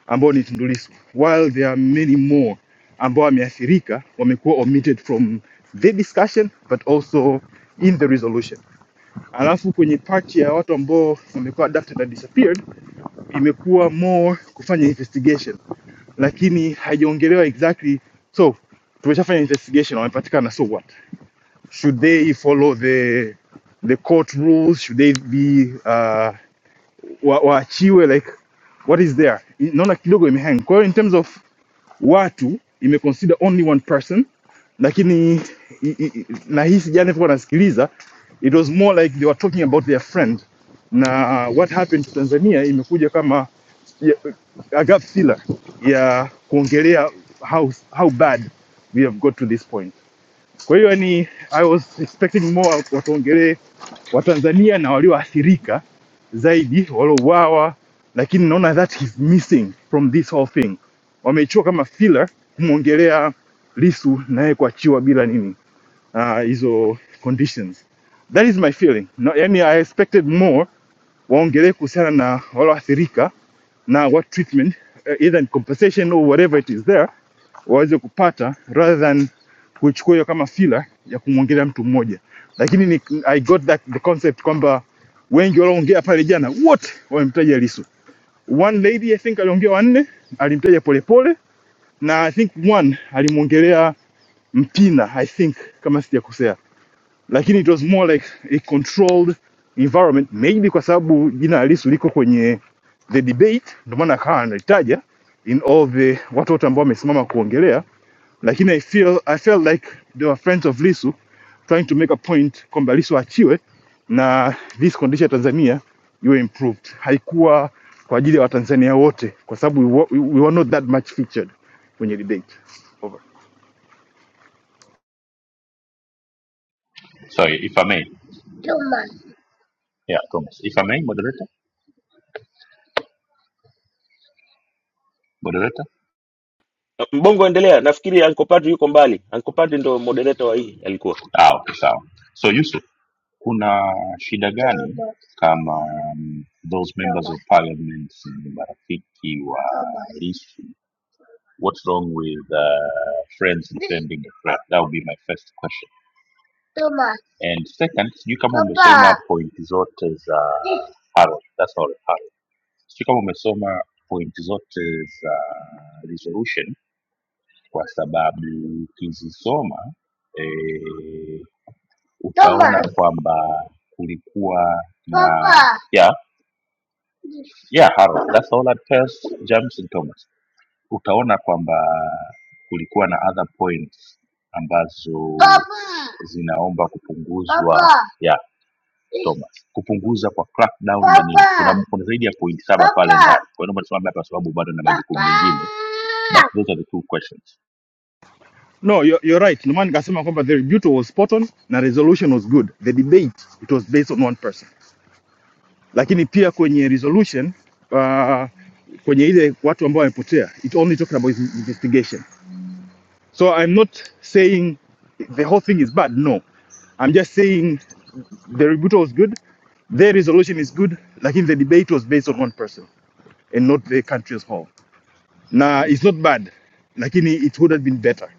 Speaker 20: ambao ni Tundu Lissu while there are many more ambao wameathirika wamekuwa omitted from the discussion but also in the resolution. Alafu kwenye part ya watu ambao wamekuwa abducted and disappeared imekuwa more kufanya investigation lakini haijaongelewa exactly so tumeshafanya investigation wamepatikana so what should they follow the the court rules should they be uh, wa- waachiwe wa like what is there naona kidogo imehang kwa hiyo in terms of watu ime consider only one person lakini i, i, i- na hii sijani alikuwa anasikiliza it was more like they were talking about their friend na uh, what happened to tanzania imekuja kama ya- a gap filler ya kuongelea how, how bad we have got to this point Kwa hiyo ni I was expecting more watuongelee Watanzania na walioathirika zaidi waliouawa, lakini naona that is missing from this whole thing. Wameichukua kama filler kumwongelea Lissu naye kuachiwa bila nini ah, hizo uh, conditions. That is my feeling. No, yani I expected more waongelee kuhusiana na walioathirika now, what treatment, uh, either in compensation or whatever it is there, waweze kupata rather than kuichukua hiyo kama filler ya kumwongelea mtu mmoja. Lakini ni, I got that the concept kwamba wengi walioongea pale jana wote wamemtaja Lissu. One lady I think aliongea wanne, alimtaja Polepole na I think one alimwongelea Mpina I think kama sijakosea lakini it was more like a controlled environment maybe kwa sababu jina halisi liko kwenye the debate ndio maana akawa analitaja in all the watu wote ambao wamesimama kuongelea lakini I feel, I felt like they were friends of Lisu trying to make a point kwamba Lisu achiwe na this condition ya Tanzania iwe improved. Haikuwa kwa ajili ya Watanzania wote kwa sababu we, wa- we were not that much featured kwenye debate. Over.
Speaker 1: sorry if i may yeah thomas if i may moderator moderator
Speaker 17: Mbongo, endelea. Nafikiri Uncle Padri yuko mbali. Uncle Padri ndo moderator wa hii alikuwa.
Speaker 1: ah okay sawa so yusuf kuna shida gani kama um, those members of parliament ni marafiki wa Lissu what's wrong with uh, friends defending a friend that would be my first question Toba. And second, sijui kama umesoma Papa. point zote za Harold, that's all Harold. Sijui kama umesoma point zote za resolution kwa sababu ukizisoma eh, utaona Papa. kwamba kulikuwa na Papa. yeah, yeah, Harold, that's all at first, James and Thomas. Utaona kwamba kulikuwa na other points ambazo Papa. zinaomba kupunguzwa Papa. Oktoba kupunguza kwa crackdown na nini, kuna, kuna zaidi ya point saba pale ndani. Kwa hiyo naomba nisimame hapa, kwa sababu bado na majukumu mengine. But those are the two questions.
Speaker 20: No, you're, you're right. Lumani kasema kwamba the rebuttal was spot on na resolution was good. The debate it was based on one person. Lakini pia kwenye resolution uh, kwenye ile watu ambao wamepotea it only talking about investigation. So I'm not saying the whole thing is bad. No. I'm just saying the rebuttal was good. Their resolution is good. Lakini the debate was based on one person and not the country as whole. Na it's not bad. Lakini it would have been better.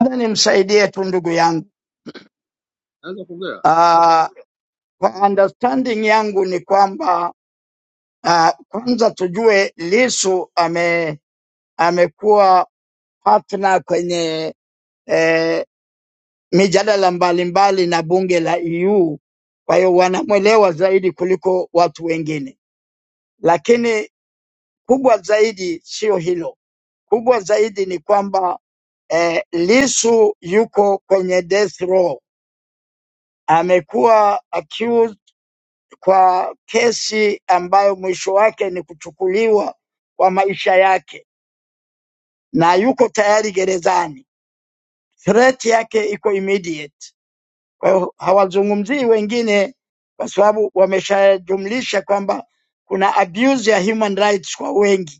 Speaker 13: labda nimsaidie tu ndugu yangu.
Speaker 21: Naweza kuongea?
Speaker 13: Uh, kwa understanding yangu ni kwamba uh, kwanza tujue Lisu ame amekuwa partner kwenye eh, mijadala mbalimbali na bunge la EU, kwa hiyo wanamwelewa zaidi kuliko watu wengine, lakini kubwa zaidi sio hilo Kubwa zaidi ni kwamba eh, Lissu yuko kwenye death row, amekuwa accused kwa kesi ambayo mwisho wake ni kuchukuliwa kwa maisha yake, na yuko tayari gerezani. Threat yake iko immediate. Kwa hiyo hawazungumzii wengine, kwa sababu wameshajumlisha kwamba kuna abuse ya human rights kwa wengi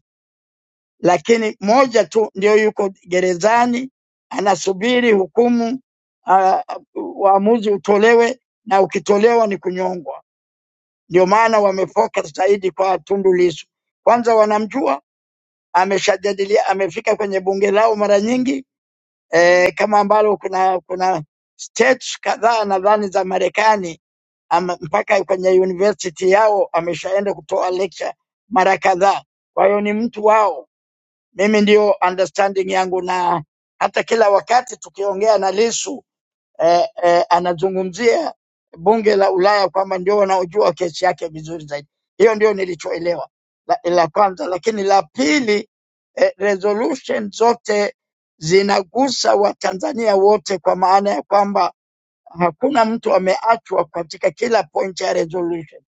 Speaker 13: lakini moja tu ndio yuko gerezani anasubiri hukumu ah, uamuzi utolewe, na ukitolewa ni kunyongwa. Ndio maana wamefocus zaidi kwa Tundu Lissu. Kwanza wanamjua, ameshajadilia, amefika kwenye bunge lao mara nyingi eh, kama ambalo kuna kuna states kadhaa nadhani za Marekani ama mpaka kwenye university yao ameshaenda kutoa lecture mara kadhaa. Kwa hiyo ni mtu wao mimi ndio understanding yangu, na hata kila wakati tukiongea na Lisu eh, eh, anazungumzia bunge la Ulaya kwamba ndio wanaojua kesi yake vizuri zaidi. Hiyo ndio nilichoelewa la, la kwanza, lakini la pili eh, resolution zote zinagusa Watanzania wote, kwa maana ya kwamba hakuna mtu ameachwa katika kila point ya resolution,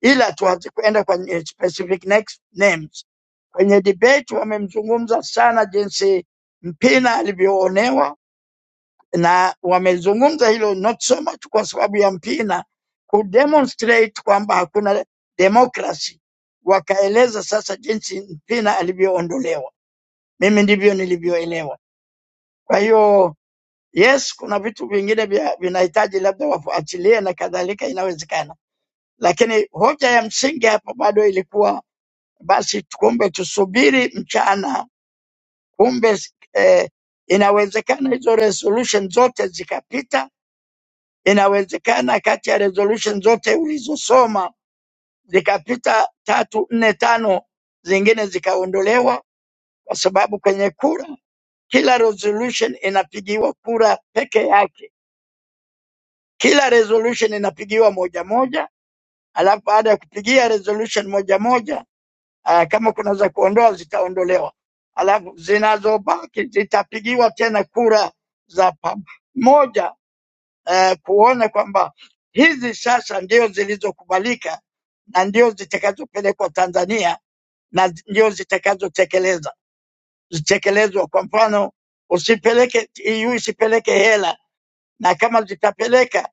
Speaker 13: ila tu hazikuenda kwenye specific next names Kwenye debate wamemzungumza sana jinsi Mpina alivyoonewa, na wamezungumza hilo not so much kwa sababu ya Mpina kudemonstrate kwamba hakuna demokrasi, wakaeleza sasa jinsi Mpina alivyoondolewa. Mimi ndivyo nilivyoelewa. Kwa hiyo yes, kuna vitu vingine vya- vinahitaji labda wafuatilie na kadhalika, inawezekana, lakini hoja ya msingi hapa bado ilikuwa basi, tukumbe tusubiri mchana Kumbe eh, inawezekana hizo resolution zote zikapita. Inawezekana kati ya resolution zote ulizosoma zikapita tatu, nne, tano, zingine zikaondolewa, kwa sababu kwenye kura kila resolution inapigiwa kura peke yake. Kila resolution inapigiwa moja moja, alafu baada ya kupigia resolution moja moja uh, kama kuna za kuondoa zitaondolewa, alafu zinazobaki zitapigiwa tena kura za pamoja uh, kuona kwamba hizi sasa ndio zilizokubalika na ndio zitakazopelekwa Tanzania na zi- ndio zitakazotekeleza zitekelezwa. Kwa mfano, usipeleke EU isipeleke hela, na kama zitapeleka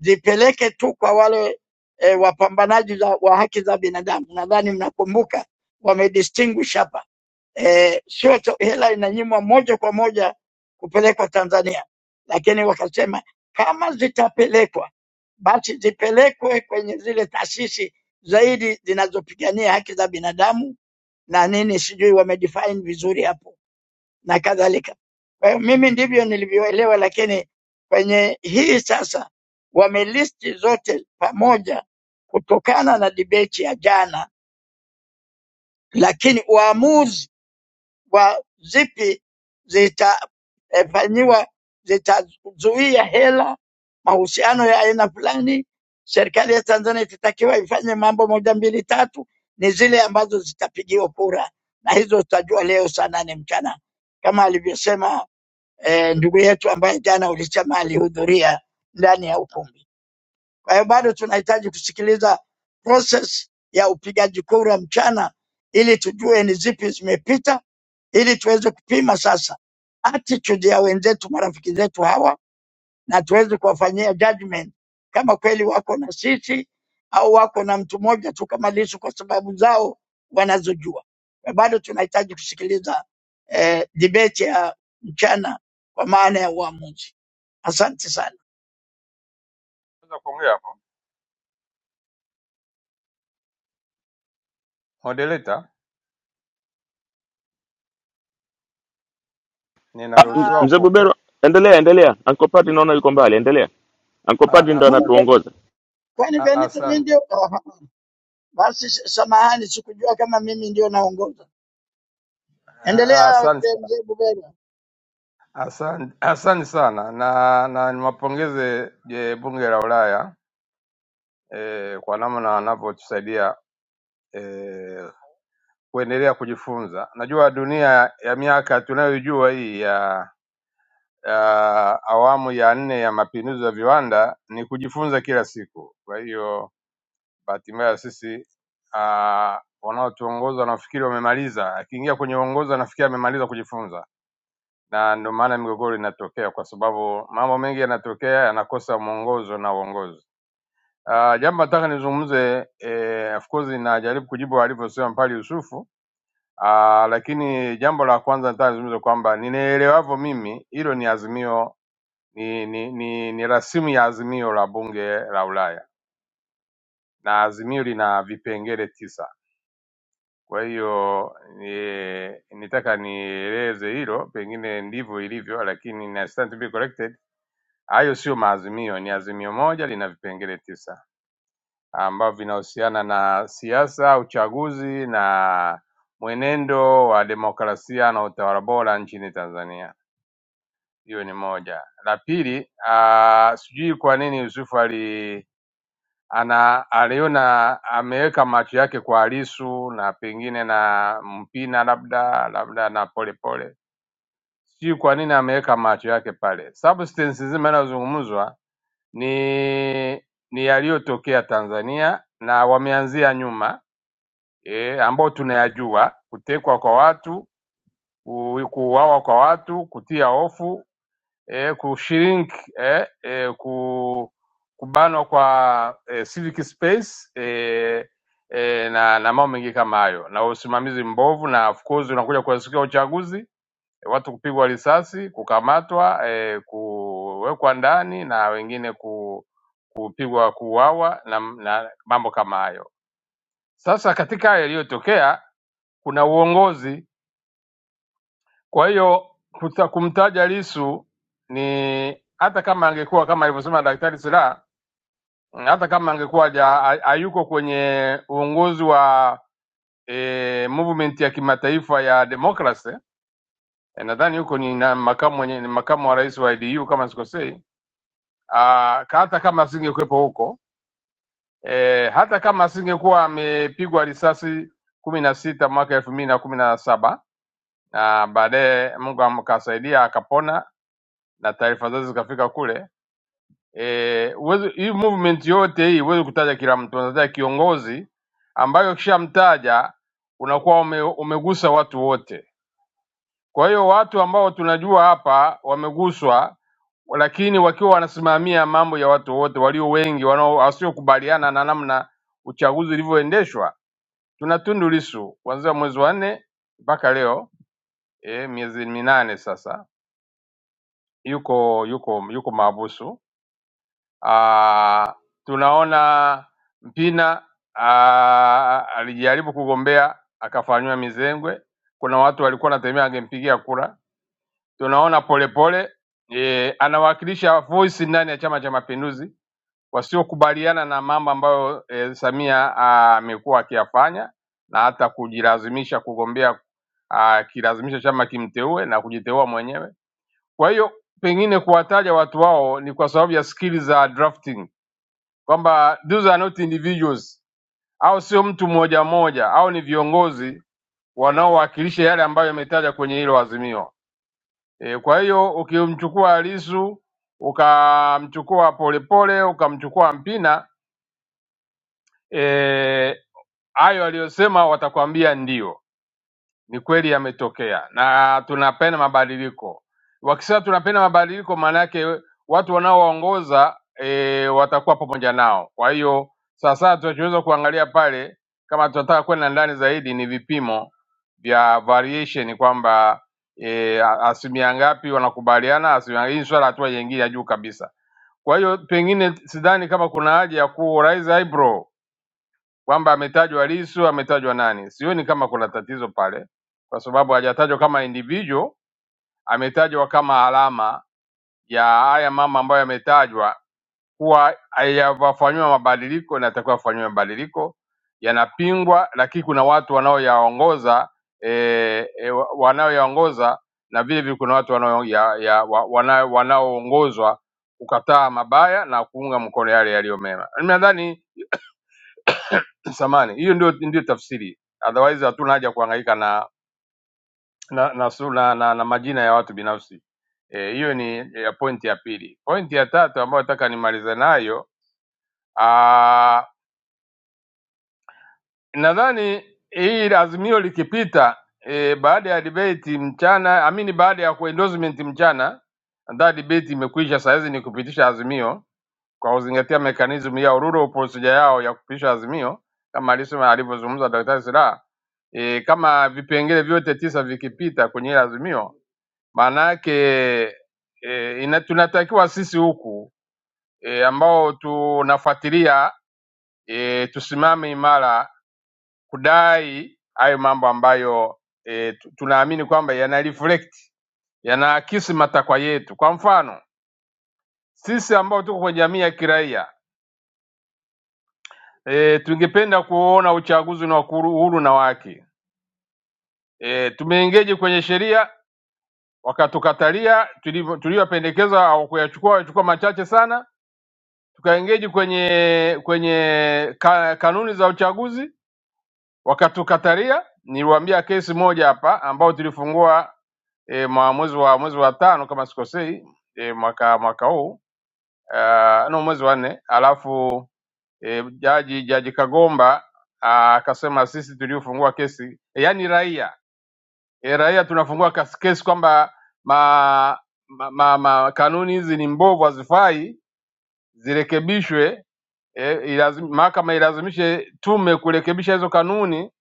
Speaker 13: zipeleke tu kwa wale e, wapambanaji za, wa haki za binadamu. Nadhani mnakumbuka wamedistinguish hapa eh, sio to- hela inanyimwa moja kwa moja kupelekwa Tanzania, lakini wakasema kama zitapelekwa basi zipelekwe kwenye zile taasisi zaidi zinazopigania haki za binadamu na nini, sijui wamedefine vizuri hapo na kadhalika. Kwa hiyo mimi ndivyo nilivyoelewa, lakini kwenye hii sasa wamelisti zote pamoja kutokana na debate ya jana, lakini uamuzi wa zipi zitafanyiwa zitazuia hela mahusiano ya aina fulani. Serikali ya Tanzania itatakiwa ifanye mambo moja mbili tatu, ni zile ambazo zitapigiwa kura, na hizo tutajua leo saa nane mchana kama alivyosema eh, ndugu yetu ambaye jana ulisema alihudhuria ndani ya ukumbi. Kwa hiyo bado tunahitaji kusikiliza process ya upigaji kura mchana, ili tujue ni zipi zimepita ili tuweze kupima sasa attitude ya wenzetu, marafiki zetu hawa, na tuweze kuwafanyia judgment kama kweli wako na sisi au wako na mtu mmoja tu kama Lissu kwa sababu zao wanazojua. Bado tunahitaji kusikiliza eh, debate ya mchana kwa maana ya uamuzi. Asante sana.
Speaker 21: Naweza kuongea hapo? Moderator,
Speaker 17: Ah, mz-
Speaker 13: Ah,
Speaker 21: ninaruhusiwa
Speaker 17: mzee
Speaker 21: kuongea?
Speaker 17: Bubero, endelea, endelea. Uncle Padri naona yuko mbali, endelea. Uncle
Speaker 21: A-
Speaker 17: Padri ndo
Speaker 21: Asante,
Speaker 13: kumbe
Speaker 17: anatuongoza.
Speaker 13: kwani
Speaker 21: a-
Speaker 13: Benito mimi
Speaker 21: asante,
Speaker 13: ndio? Aha. Basi samahani, sikujua kama mimi ndio naongoza.
Speaker 21: a-
Speaker 13: Endelea
Speaker 21: asante,
Speaker 13: eh, mzee Bubera.
Speaker 21: asante, asante sana na na niwapongeze je, bunge la Ulaya eh, kwa namna wanavyotusaidia eh, kuendelea kujifunza. Najua dunia ya miaka tunayoijua hii ya ya awamu ya nne ya mapinduzi ya viwanda ni kujifunza kila siku, kwa hiyo Bahati mbaya sisi ah, wanaotuongoza nafikiri wamemaliza. Akiingia kwenye uongozi anafikiri amemaliza kujifunza, na ndio maana migogoro inatokea, kwa sababu mambo mengi yanatokea yanakosa mwongozo na uongozi. Uh, jambo nataka nizungumze eh, of course najaribu kujibu alivyosema Mpali Yusufu uh, lakini jambo la kwanza nataka nizungumze kwamba ninaelewavyo mimi hilo ni azimio ni, ni, ni, ni rasimu ya azimio la bunge la Ulaya na azimio lina vipengele tisa Kwa hiyo eh, nitaka nieleze hilo, pengine ndivyo ilivyo, lakini na stand to be corrected. Hayo sio maazimio, ni azimio moja lina vipengele tisa ambavyo vinahusiana na siasa, uchaguzi na mwenendo wa demokrasia na utawala bora nchini Tanzania. Hiyo ni moja. La pili, ah, sijui kwa nini Yusufu ali ana aliona ameweka macho yake kwa Lissu na pengine na Mpina labda labda na Polepole, sijui kwa nini ameweka macho yake pale. Substance nzima inayozungumzwa ni ni yaliyotokea Tanzania na wameanzia nyuma e, ambao tunayajua, kutekwa kwa watu, ku- kuuawa kwa watu, kutia hofu eh, kushiriki eh, eh, ku, kubanwa kwa eh, civic space eh, eh, na, na mambo mengi kama hayo na usimamizi mbovu, na of course unakuja kuasikia uchaguzi eh, watu kupigwa risasi, kukamatwa, eh, kuwekwa ndani na wengine ku, kupigwa kuuawa na, na mambo kama hayo. Sasa katika haya yaliyotokea kuna uongozi Kwa hiyo kuta- kumtaja Lissu ni hata kama angekuwa kama alivyosema Daktari Slaa, mm, hata kama angekuwa haja- ha- hayuko kwenye uongozi wa e, movement ya kimataifa ya demokrasi e, nadhani huko ni na makamu mwenye, ni makamu wa rais wa IDU kama sikosei. Ah, ka- hata kama asingekuwepo huko e, hata kama asingekuwa amepigwa risasi kumi na sita mwaka elfu mbili na kumi na saba na baadaye Mungu amkasaidia akapona na taarifa zote zikafika kule. E, uwezi, hii movement yote hii huwezi kutaja kila mtu, unataja kiongozi ambayo ukishamtaja unakuwa ume, umegusa watu wote. Kwa hiyo watu ambao tunajua hapa wameguswa, lakini wakiwa wanasimamia mambo ya watu wote walio wengi wanao wasiokubaliana na namna uchaguzi ulivyoendeshwa. Tuna Tundu Lissu kuanzia mwezi wa nne mpaka leo e, miezi minane sasa yuko yuko yuko maabusu Ah, tunaona Mpina ah, alijaribu kugombea akafanyiwa mizengwe. Kuna watu walikuwa wanatemea angempigia kura. Tunaona Polepole e, anawakilisha voice ndani ya Chama cha Mapinduzi wasiokubaliana na mambo ambayo e, Samia ah, amekuwa akiyafanya na hata kujilazimisha kugombea akilazimisha chama kimteue na kujiteua mwenyewe. Kwa hiyo pengine kuwataja watu wao ni kwa sababu ya skili za drafting kwamba these are not individuals au sio mtu mmoja mmoja au ni viongozi wanaowakilisha yale ambayo yametaja kwenye hilo azimio e, kwa hiyo ukimchukua Lissu ukamchukua Polepole ukamchukua Mpina eh, hayo aliyosema watakwambia ndio ni kweli yametokea na tunapenda mabadiliko. Wakisema tunapenda mabadiliko, maana yake watu wanaowaongoza e, watakuwa pamoja nao. Kwa hiyo sasa tunachoweza kuangalia pale, kama tunataka kwenda ndani zaidi, ni vipimo vya variation kwamba e, asilimia ngapi wanakubaliana, asilimia hii ni swala hatua nyingine ya juu kabisa. Kwa hiyo pengine sidhani kama kuna haja ya ku raise eyebrow kwamba ametajwa Lissu, ametajwa nani. Sioni kama kuna tatizo pale, kwa sababu hajatajwa kama individual, ametajwa kama alama ya haya mama ambayo yametajwa kuwa hayafanyiwa mabadiliko, inatakiwa afanyiwe mabadiliko, yanapingwa, lakini kuna watu wanaoyaongoza e, e, wa- wanaoyaongoza na vile vile kuna watu wanao- ya- ya- wa- wanao- wanaoongozwa kukataa mabaya na kuunga mkono yale yaliyo mema. Mimi Nadhani samani hiyo ndio ndio tafsiri otherwise hatuna haja kuhangaika na na na, su- na, na, na majina ya watu binafsi Eh, hiyo e, ni eh, pointi ya pili pointi ya tatu ambayo nataka nimalize nayo ah, nadhani hii azimio likipita eh, baada ya debate mchana amini baada ya ku- endorsement mchana nadhani debate imekwisha sahizi ni kupitisha azimio kwa kuzingatia mekanizmu ya rule of procedure yao ya kupitisha azimio kama alisema alivyozungumza Daktari Silaa e, kama vipengele vyote tisa vikipita kwenye ile azimio, maana yake e, ina, tunatakiwa sisi huku e, ambao tunafuatilia e, tusimame imara kudai hayo mambo ambayo e, tu- tunaamini kwamba yana reflect yanaakisi matakwa yetu. Kwa mfano sisi ambao tuko kwenye jamii ya kiraia E, tungependa kuona uchaguzi na uhuru na wake. E, tumeingeji kwenye sheria wakatukatalia, tulivyo- tuliyopendekeza hawakuyachukua, wachukua machache sana. Tukaingeji kwenye kwenye ka, kanuni za uchaguzi wakatukatalia. Niliwaambia kesi moja hapa ambao tulifungua e, mwa- mwezi wa mwezi wa tano kama sikosei, e, mwaka mwaka huu uh, no mwezi wa nne alafu e, jaji jaji Kagomba ah, akasema sisi tuliofungua kesi e, yani raia e, raia tunafungua kas- kesi kwamba ma, ma, ma, ma, kanuni hizi ni mbovu, hazifai, zirekebishwe. E, ilazim, mahakama ilazimishe tume kurekebisha hizo kanuni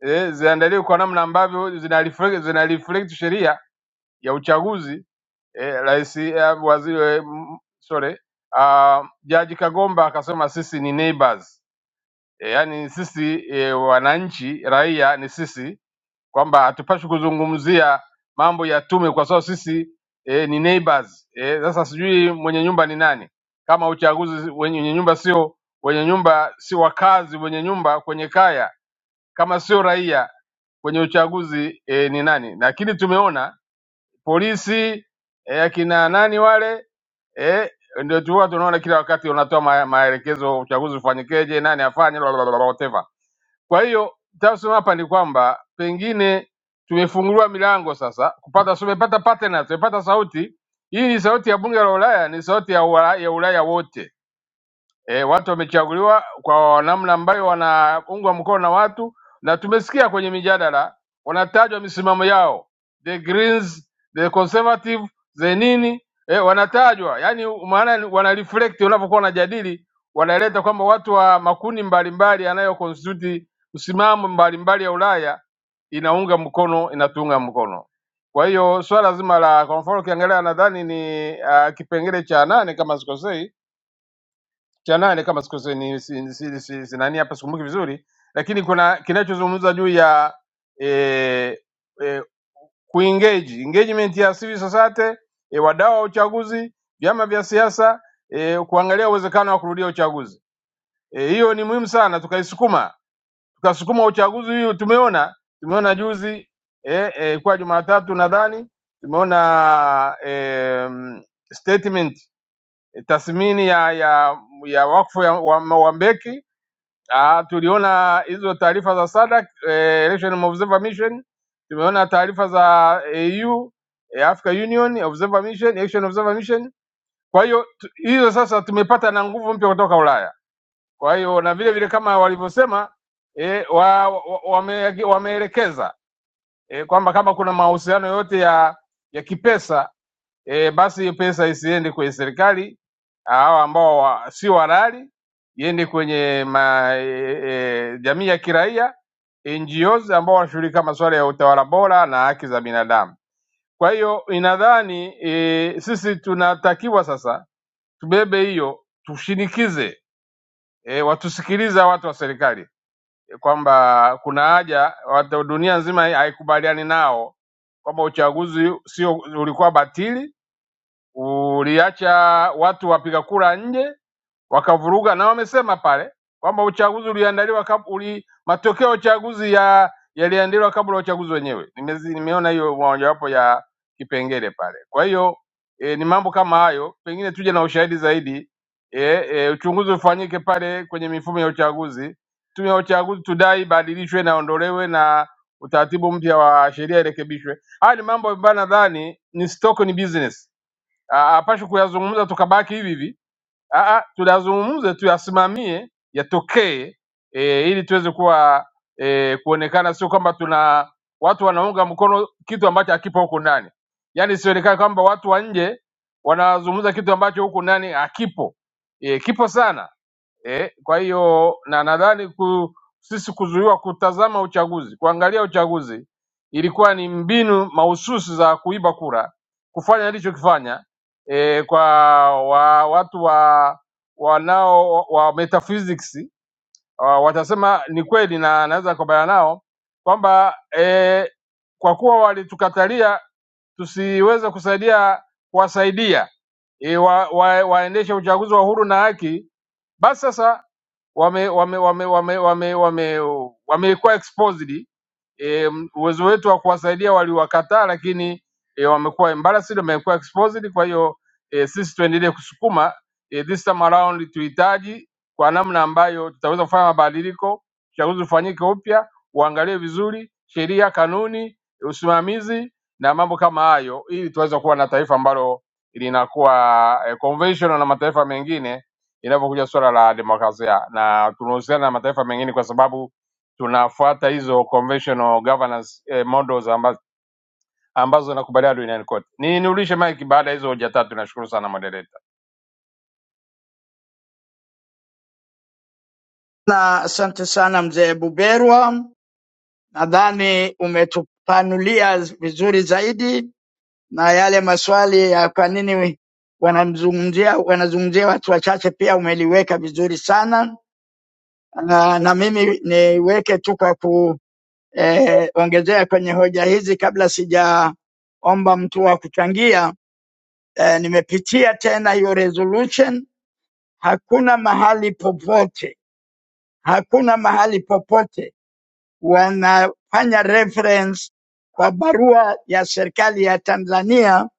Speaker 21: e, ziandaliwe kwa namna ambavyo zina reflect, zina reflect sheria ya uchaguzi e, rais eh, waziri eh, m- sorry, ah, uh, jaji Kagomba akasema sisi ni neighbors e, yani sisi e, wananchi raia ni sisi, kwamba hatupashi kuzungumzia mambo ya tume kwa sababu sisi e, ni neighbors e. Sasa sijui mwenye nyumba ni nani, kama uchaguzi wenye nyumba sio wenye nyumba si wakazi wenye nyumba kwenye kaya, kama sio raia kwenye uchaguzi e, ni nani? Lakini tumeona polisi e, akina nani wale eh, ndio tu huwa tunaona kila wakati wanatoa ma- maelekezo uchaguzi ufanyikeje, nani afanye la- la- la- la- whatever. Kwa hiyo tunachosema hapa ni kwamba pengine tumefunguliwa milango sasa kupata, tumepata partners, tumepata sauti. Hii ni sauti ya bunge la Ulaya, ni sauti ya Ulaya, ya Ulaya wote e, watu wamechaguliwa kwa namna ambayo wanaungwa mkono na watu, na tumesikia kwenye mijadala wanatajwa misimamo yao, the Greens, the Conservative, the nini e, wanatajwa yani, maana ni- wana reflect unapokuwa wanajadili, wanaleta kwamba watu wa makundi mbalimbali yanayo constitute msimamo mbalimbali ya Ulaya inaunga mkono inatuunga mkono. Kwa hiyo swala zima la kwa mfano ukiangalia nadhani ni uh, kipengele cha nane kama sikosei cha nane kama sikose ni si, si, si, si, nani hapa sikumbuki vizuri, lakini kuna kinachozungumza juu ya eh, eh, kuengage engagement ya civil society eh, wadau wa uchaguzi, vyama vya siasa eh, kuangalia uwezekano wa kurudia uchaguzi. Eh, Hiyo ni muhimu sana, tukaisukuma tukasukuma uchaguzi hiyo. Tumeona tumeona juzi eh, eh, kwa Jumatatu nadhani tumeona eh, statement eh, tathmini ya ya ya wakfu ya, wa, wa Mbeki Ah, tuliona hizo taarifa za SADC, eh, Election Observer Mission, tumeona taarifa za AU, eh, Africa Union Observer Mission, Election Observer Mission. Kwa hiyo tu- hizo sasa tumepata na nguvu mpya kutoka Ulaya. Kwa hiyo na vile vile kama walivyosema eh, wa, wa, wame, wameelekeza eh, kwamba kama kuna mahusiano yote ya ya kipesa e, basi hiyo pesa isiende kwenye serikali hawa ambao wa, sio halali, iende kwenye ma, e, e, jamii ya kiraia NGOs ambao wanashughulika masuala ya utawala bora na haki za binadamu. Kwa hiyo inadhani e, sisi tunatakiwa sasa tubebe hiyo, tushinikize e, watusikiliza watu wa serikali e, kwamba kuna haja watu, dunia nzima haikubaliani nao kwamba uchaguzi sio ulikuwa batili uliacha watu wapiga kura nje wakavuruga, na wamesema pale kwamba uchaguzi uliandaliwa kab, uli, matokeo ya uchaguzi ya yaliandaliwa kabla ya uchaguzi wenyewe. Nimezi, nimeona hiyo mojawapo ya kipengele pale. Kwa hiyo e, ni mambo kama hayo, pengine tuje na ushahidi zaidi e, e, uchunguzi ufanyike pale kwenye mifumo ya uchaguzi. Tume ya uchaguzi tudai ibadilishwe na ondolewe na utaratibu mpya wa sheria irekebishwe. Haya ni mambo ambayo nadhani ni stock, ni business hapashi kuyazungumza tukabaki hivi hivi. Ah, ah, Tuyazungumze, tuyasimamie, yatokee e, ili tuweze kuwa e, kuonekana, sio kwamba tuna watu wanaunga mkono kitu ambacho hakipo huku ndani, yaani isionekane kwamba watu wa nje wanazungumza kitu ambacho huku ndani hakipo. E, kipo sana eh, kwa hiyo na nadhani ku, sisi kuzuiwa kutazama uchaguzi, kuangalia uchaguzi ilikuwa ni mbinu mahususi za kuiba kura, kufanya alichokifanya eh, kwa wa, watu wa wanao wa metaphysics uh, watasema ni kweli na naweza kubaliana nao kwamba eh, kwa kuwa walitukatalia tusiweze kusaidia kuwasaidia e, wa, wa, waendeshe uchaguzi wa huru na haki, basi sasa wame wame wame wame wame wame wamekuwa exposed e, uwezo wetu wa kuwasaidia waliwakataa, lakini e, wamekuwa embarrassed, wamekuwa exposed. Kwa hiyo e, sisi tuendelee kusukuma e, this time around tuhitaji kwa namna ambayo tutaweza kufanya mabadiliko, uchaguzi ufanyike upya, uangaliwe vizuri sheria, kanuni, usimamizi na mambo kama hayo, ili tuweze kuwa na taifa ambalo linakuwa eh, conventional na mataifa mengine inapokuja suala la demokrasia, na tunahusiana na mataifa mengine kwa sababu tunafuata hizo conventional governance eh, models ambazo ambazo zinakubaliana duniani kote. Ninurishe mike baada ya hizo hoja tatu. Nashukuru sana moderator.
Speaker 13: Na asante sana mzee Buberwa, nadhani umetupanulia vizuri zaidi na yale maswali ya kwa nini wanamzungumzia wanazungumzia watu wachache pia umeliweka vizuri sana na, na mimi niweke tu kwa kuongezea eh, ongezea kwenye hoja hizi kabla sijaomba mtu wa kuchangia eh, nimepitia tena hiyo resolution, hakuna mahali popote, hakuna mahali popote wanafanya reference kwa barua ya serikali ya Tanzania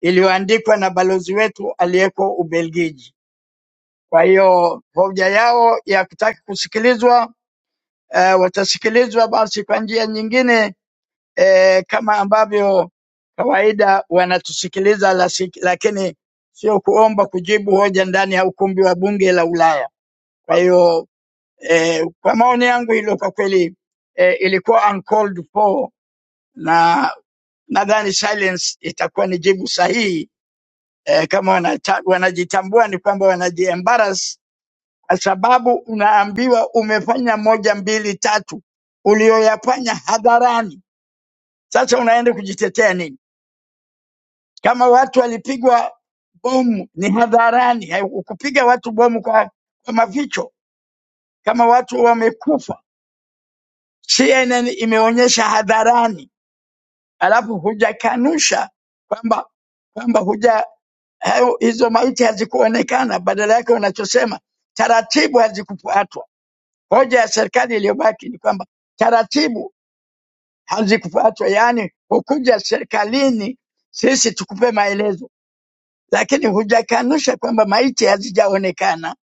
Speaker 13: iliyoandikwa na balozi wetu aliyeko Ubelgiji. Kwa hiyo hoja yao ya kutaka kusikilizwa eh, watasikilizwa basi kwa njia nyingine eh, kama ambavyo kawaida wanatusikiliza, lasi- lakini sio kuomba kujibu hoja ndani ya ukumbi wa bunge la Ulaya. Kwa hiyo eh, kwa maoni yangu hilo kwa kweli eh, ilikuwa uncalled for na nadhani silence itakuwa ni jibu sahihi eh, kama wanata, wanajitambua ni kwamba wanajiembaras kwa sababu unaambiwa umefanya moja mbili tatu ulioyafanya hadharani. Sasa unaenda kujitetea nini? Kama watu walipigwa bomu ni hadharani, kupiga watu bomu kwa, kwa maficho. Kama watu wamekufa, CNN imeonyesha hadharani, alafu hujakanusha kwamba kwamba huja hayo hizo maiti hazikuonekana, badala yake wanachosema taratibu hazikufuatwa. Hoja ya serikali iliyobaki ni kwamba taratibu hazikufuatwa, yaani hukuja serikalini sisi tukupe maelezo, lakini hujakanusha kwamba maiti hazijaonekana.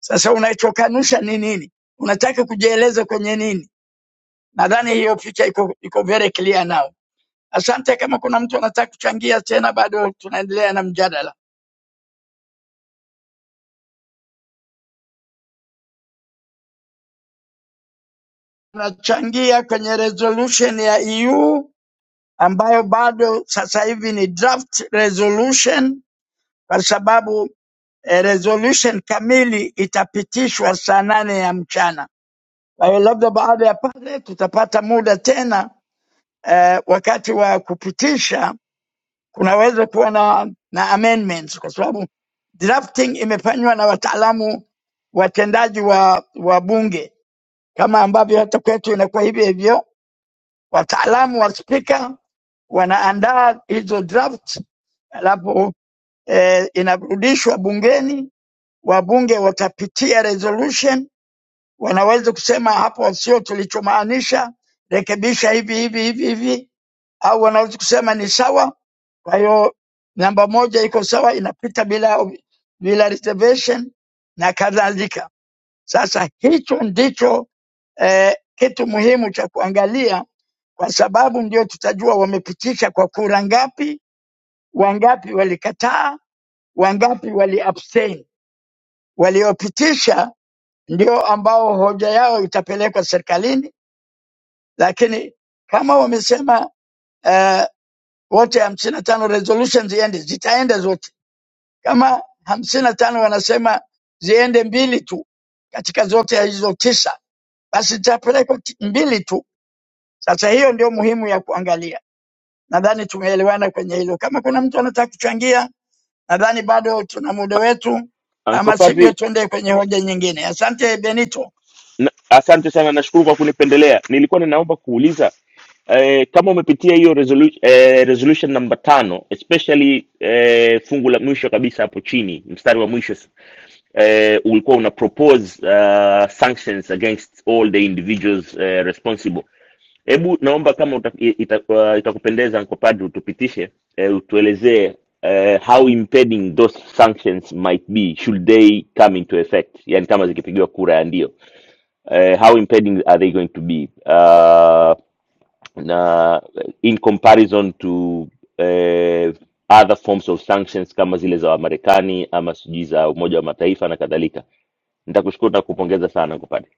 Speaker 13: Sasa unachokanusha ni nini? Unataka kujieleza kwenye nini? Nadhani hiyo picha iko, iko very clear now. Asante. Kama kuna mtu anataka kuchangia tena, bado tunaendelea na mjadala. tunachangia kwenye resolution ya EU ambayo bado sasa hivi ni draft resolution, kwa sababu eh, resolution kamili itapitishwa saa nane ya mchana. Kwa hiyo labda baada ya pale tutapata muda tena eh, wakati wa kupitisha kunaweza kuwa na, na amendments kwa sababu drafting imefanywa na wataalamu watendaji wa, wa bunge kama ambavyo hata kwetu inakuwa hivyo hivyo wataalamu wa spika wanaandaa hizo draft, alafu eh, inarudishwa bungeni, wabunge watapitia resolution, wanaweza kusema hapo sio tulichomaanisha, rekebisha hivi hivi hivi hivi, au wanaweza kusema ni sawa. Kwa hiyo namba moja iko sawa, inapita bila bila reservation na kadhalika. Sasa hicho ndicho eh, kitu muhimu cha kuangalia kwa sababu ndio tutajua wamepitisha kwa kura ngapi, wangapi walikataa, wangapi wali abstain. Waliopitisha ndio ambao hoja yao itapelekwa serikalini, lakini kama wamesema uh, wote hamsini na tano resolution ziende, zitaenda zote. Kama hamsini na tano wanasema ziende mbili tu katika zote ya hizo tisa, basi zitapelekwa ti- mbili tu. Sasa hiyo ndio muhimu ya kuangalia. Nadhani tumeelewana kwenye hilo. Kama kuna mtu anataka kuchangia, nadhani bado tuna muda wetu,
Speaker 17: Uncle
Speaker 13: ama sivyo
Speaker 17: Padri,
Speaker 13: tuende kwenye hoja nyingine. Asante Benito.
Speaker 17: na, asante sana, nashukuru kwa kunipendelea. Nilikuwa ninaomba kuuliza eh, kama umepitia hiyo resolu eh, resolution namba tano especially eh, fungu la mwisho kabisa hapo chini, mstari wa mwisho eh, ulikuwa una propose uh, sanctions against all the individuals eh, responsible Hebu naomba kama uta, ita, uh, itakupendeza Uncle Padri tupitishe eh, utuelezee eh, how impeding those sanctions might be should they come into effect, yani kama zikipigiwa kura ya ndio eh, how impeding are they going to be uh, na in comparison to eh, other forms of sanctions kama zile za Wamarekani ama sijui za Umoja wa Mataifa na kadhalika. Nitakushukuru na kupongeza sana Uncle Padri.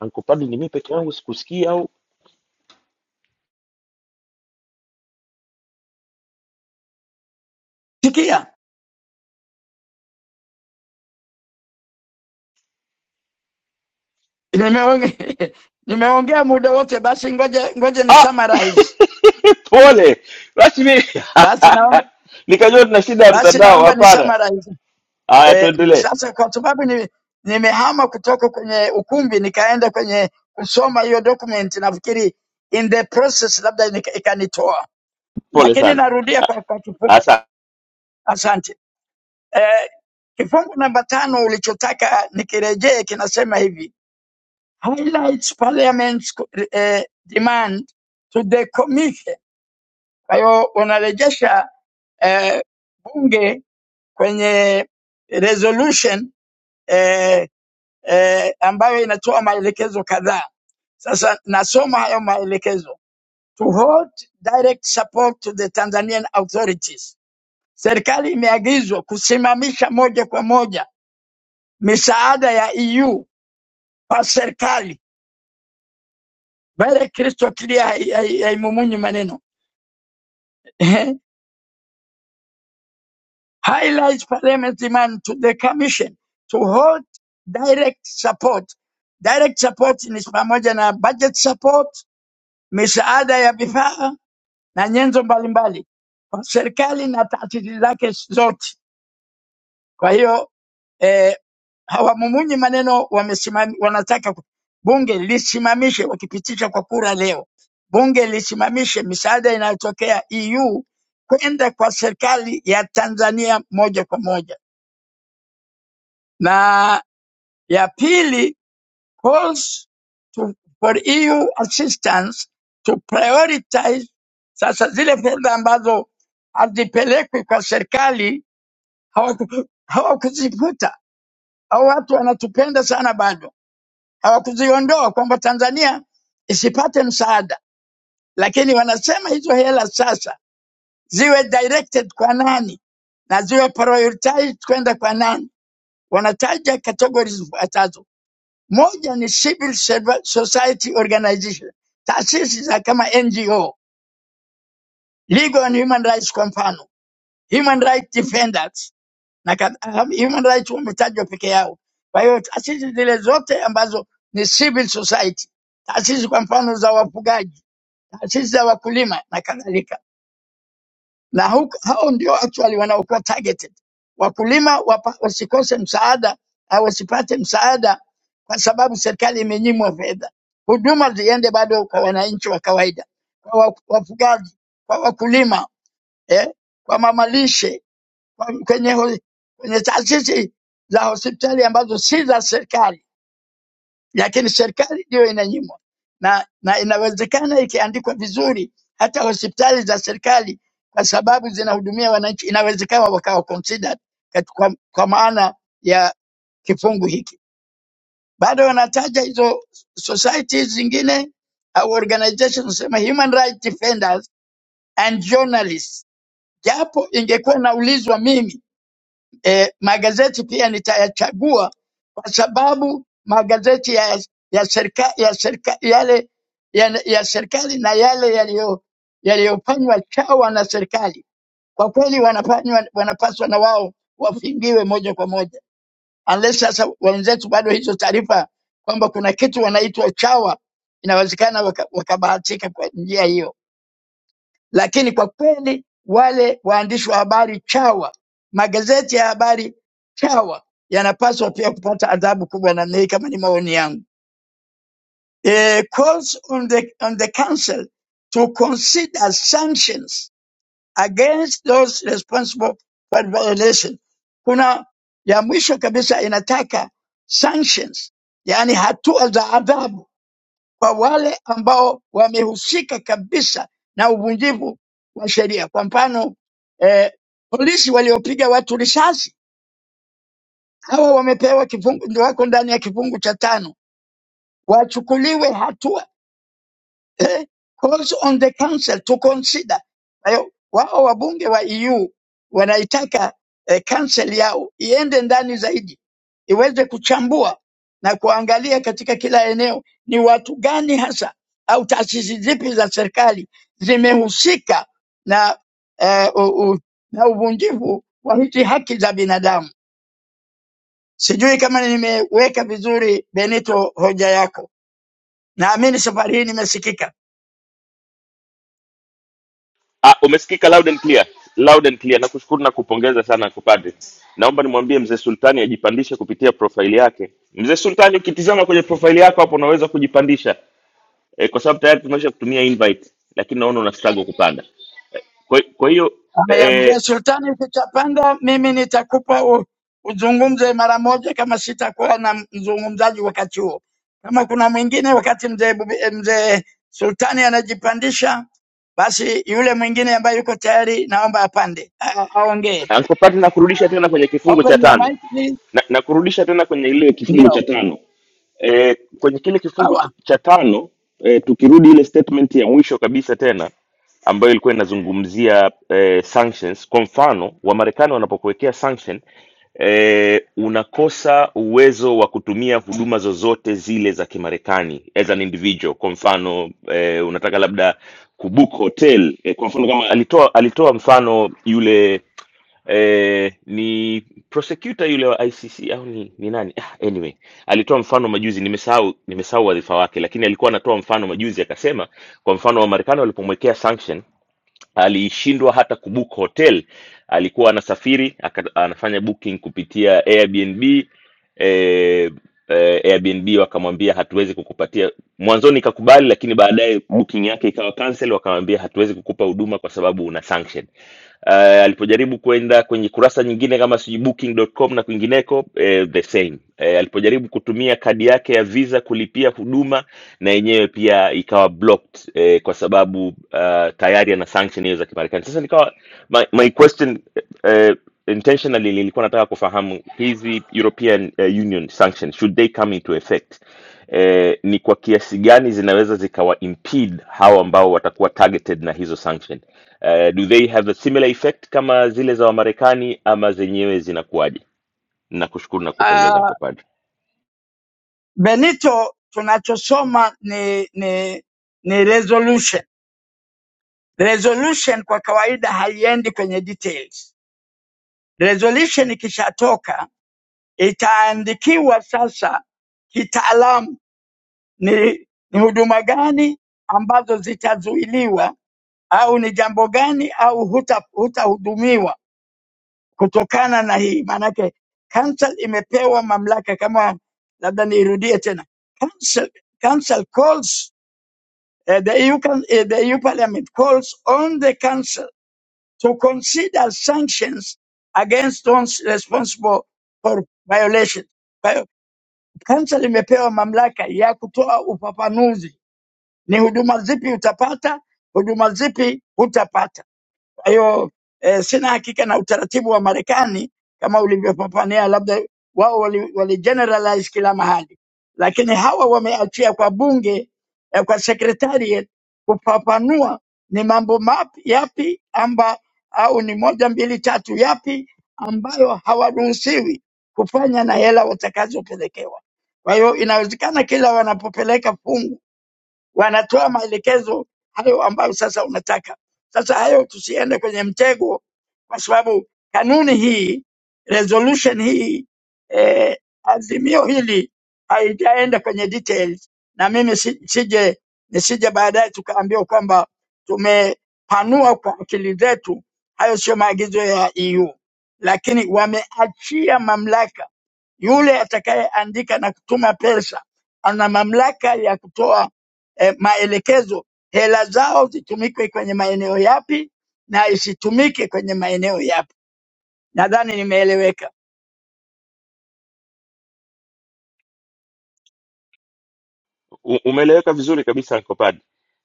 Speaker 17: Uncle Padri, ni mimi peke yangu sikusikia au
Speaker 13: Sikia, nimeongea, nimeongea muda wote, basi ngoja ngoja ni
Speaker 17: ah,
Speaker 13: summarize.
Speaker 17: pole rasmi
Speaker 13: Basi naomba
Speaker 17: nikajua tuna shida ya
Speaker 13: basi
Speaker 17: mtandao
Speaker 13: naomba ni
Speaker 17: hapana
Speaker 13: summarize.
Speaker 17: haya
Speaker 13: Eh,
Speaker 17: tuendelee
Speaker 13: sasa kwa sababu ni nimehama kutoka kwenye ukumbi nikaenda kwenye kusoma hiyo document, nafikiri in the process labda nika- ikanitoa,
Speaker 17: pole
Speaker 13: lakini
Speaker 17: sana
Speaker 13: narudia kwa, kwa kifupi.
Speaker 17: asa
Speaker 13: Asante. Eh, Kifungu namba tano ulichotaka nikirejee kinasema hivi highlights parliament's eh, demand to the commission. Kwa hiyo unarejesha eh, bunge kwenye resolution eh, eh, ambayo inatoa maelekezo kadhaa. Sasa nasoma hayo maelekezo. To hold direct support to the Tanzanian authorities. Serikali imeagizwa kusimamisha moja kwa moja misaada ya EU wa serikali baada ya Kristo akili hai- hai- haimumunyi maneno Eh, highlights parliament demand to the commission to hold direct support. Direct support ni pamoja na budget support, misaada ya vifaa na nyenzo mbalimbali kwa serikali na taasisi zake zote. Kwa hiyo eh, hawamumunyi maneno wamesimam, wanataka ku- bunge lisimamishe, wakipitisha kwa kura leo, bunge lisimamishe misaada inayotokea EU kwenda kwa serikali ya Tanzania moja kwa moja, na ya pili calls to, for EU assistance to prioritize. Sasa zile fedha ambazo hazipelekwi kwa serikali hawaku- hawakuzifuta. Hao watu wanatupenda sana bado hawakuziondoa kwamba Tanzania isipate msaada, lakini wanasema hizo hela sasa ziwe directed kwa nani na ziwe prioritized kwenda kwa nani. Wanataja categories zifuatazo: moja ni civil serv- society organization, taasisi za kama NGO, Legal and Human Rights kwa mfano, Human Rights Defenders na kadha- Human Rights wametajwa peke yao. Kwa hiyo taasisi zile zote ambazo ni civil society, taasisi kwa mfano za wafugaji taasisi za wakulima na kadhalika, na hu- hao ndio actually wanaokuwa targeted. Wakulima wapa, wasikose msaada au wasipate msaada kwa sababu serikali imenyimwa fedha. Huduma ziende bado kwa wananchi wa kawaida, kwa wa- wafugaji, kwa wakulima eh, kwa mamalishe, kwa- kwenye, ho- kwenye taasisi za hospitali ambazo si za serikali lakini serikali ndiyo inanyimwa na, na inawezekana ikiandikwa vizuri hata hospitali za serikali kwa sababu zinahudumia wananchi inawezekana wakawa considered kat- kwa, kwa maana ya kifungu hiki. Bado wanataja hizo societies zingine au organizations, sema human rights defenders and journalists, japo ingekuwa naulizwa mimi e, magazeti pia nitayachagua kwa sababu magazeti ya, ya, serika, ya, serika, yale, ya, ya serikali na yale yaliyo- yaliyofanywa chawa na serikali kwa kweli wanafanywa, wanapaswa na wao wafingiwe moja kwa moja, unless sasa wenzetu bado hizo taarifa kwamba kuna kitu wanaitwa chawa, inawezekana wakabahatika waka wakabahatika kwa njia hiyo. Lakini kwa kweli wale waandishi wa habari chawa, magazeti ya habari chawa yanapaswa pia kupata adhabu kubwa namna hii, kama ni maoni yangu. Eh, calls on the, on the council to consider sanctions against those responsible for violation. Kuna ya mwisho kabisa inataka sanctions, yani hatua za adhabu kwa wale ambao wamehusika kabisa na uvunjivu wa sheria. Kwa mfano eh, polisi waliopiga watu risasi, hawa wamepewa kifungu, ndio wako ndani ya kifungu cha tano, wachukuliwe hatua eh, calls on the council to consider. Kwa hiyo wao wabunge wa EU wanaitaka eh, council yao iende ndani zaidi, iweze kuchambua na kuangalia katika kila eneo ni watu gani hasa au taasisi zipi za serikali zimehusika na, eh, u, u, na uvunjivu wa hizi haki za binadamu. Sijui kama nimeweka vizuri Benito hoja yako. Naamini safari hii nimesikika.
Speaker 17: ah, umesikika loud and clear loud and clear nakushukuru na kupongeza sana kupate naomba nimwambie mzee sultani ajipandishe kupitia profaili yake mzee sultani ukitizama kwenye profaili yako hapo unaweza kujipandisha e, kwa sababu tayari tumesha kutumia invite lakini naona una struggle kupanda Eh, kwa kwa hiyo
Speaker 13: Haya
Speaker 17: e,
Speaker 13: mzee Sultani, tutapanda, mimi nitakupa u- uzungumze mara moja, kama sitakuwa na mzungumzaji wakati huo. Kama kuna mwingine, wakati mzee Bubi- eh, mzee Sultani anajipandisha, basi yule mwingine ambaye yuko tayari, naomba apande a- aongee.
Speaker 17: Anko Pati, nakurudisha tena kwenye kifungu cha
Speaker 13: Open your
Speaker 17: tano
Speaker 13: mic please.
Speaker 17: na, nakurudisha tena kwenye ile kifungu cha
Speaker 13: Ndio,
Speaker 17: tano e, kwenye kile kifungu ch
Speaker 13: sawa.
Speaker 17: cha tano e, tukirudi ile statement ya mwisho kabisa tena ambayo ilikuwa inazungumzia e, sanctions. Kwa mfano Wamarekani wanapokuwekea sanction e, unakosa uwezo wa kutumia huduma zozote zile za Kimarekani as an individual. Kwa mfano e, unataka labda kubook hotel e, kwa mfano kama alitoa alitoa mfano yule eh, ni prosecutor yule wa ICC au ni, ni nani? Ah, Anyway, alitoa mfano majuzi, nimesahau nimesahau wadhifa wake, lakini alikuwa anatoa mfano majuzi akasema, kwa mfano wa Marekani walipomwekea sanction, alishindwa hata kubook hotel. Alikuwa anasafiri aka, anafanya booking kupitia Airbnb eh, eh, Airbnb wakamwambia hatuwezi kukupatia. Mwanzoni ikakubali, lakini baadaye booking yake ikawa cancel, wakamwambia hatuwezi kukupa huduma kwa sababu una sanction uh, alipojaribu kwenda kwenye kurasa nyingine kama sijui booking.com na kwingineko eh, the same eh, alipojaribu kutumia kadi yake ya visa kulipia huduma na yenyewe pia ikawa blocked eh, kwa sababu uh, tayari ana sanction hiyo za kimarekani sasa nikawa my, my question eh, intentionally nilikuwa nataka kufahamu hizi european eh, union sanctions should they come into effect eh, ni kwa kiasi gani zinaweza zikawa impede hao ambao watakuwa targeted na hizo sanctions Eh, do they have a similar effect kama zile za Wamarekani ama zenyewe zinakuwaje? Nakushukuru na kupongeza
Speaker 13: Uh,
Speaker 17: Uncle Padre.
Speaker 13: Benito, tunachosoma ni ni ni resolution. Resolution kwa kawaida haiendi kwenye details. Resolution ikishatoka itaandikiwa sasa kitaalamu ni, ni huduma gani ambazo zitazuiliwa au ni jambo gani au huta- hutahudumiwa kutokana na hii. Maanake council imepewa mamlaka kama, labda niirudie tena, council, council calls uh, the EU, can, uh, the EU Parliament calls on the council to consider sanctions against those responsible for violations Kanisa limepewa mamlaka ya kutoa ufafanuzi, ni huduma zipi utapata, huduma zipi hutapata. Kwa hiyo eh, sina hakika na utaratibu wa Marekani kama ulivyopapania, labda wao wali, wali generalize kila mahali, lakini hawa wameachia kwa bunge eh, kwa secretariat kufafanua ni mambo mapi yapi amba au ni moja mbili tatu yapi ambayo hawaruhusiwi kufanya na hela watakazopelekewa. Kwa hiyo inawezekana kila wanapopeleka fungu wanatoa maelekezo hayo ambayo sasa unataka. Sasa hayo tusiende kwenye mtego, kwa sababu kanuni hii, resolution hii, eh, azimio hili haijaenda kwenye details, na mimi si- sije nisije baadaye tukaambiwa kwamba tumepanua kwa akili zetu. Hayo sio maagizo ya EU, lakini wameachia mamlaka yule atakayeandika na kutuma pesa ana mamlaka ya kutoa eh, maelekezo, hela zao zitumike kwenye maeneo yapi na isitumike kwenye maeneo yapi. Nadhani nimeeleweka.
Speaker 17: U- Umeeleweka vizuri kabisa Uncle Padre.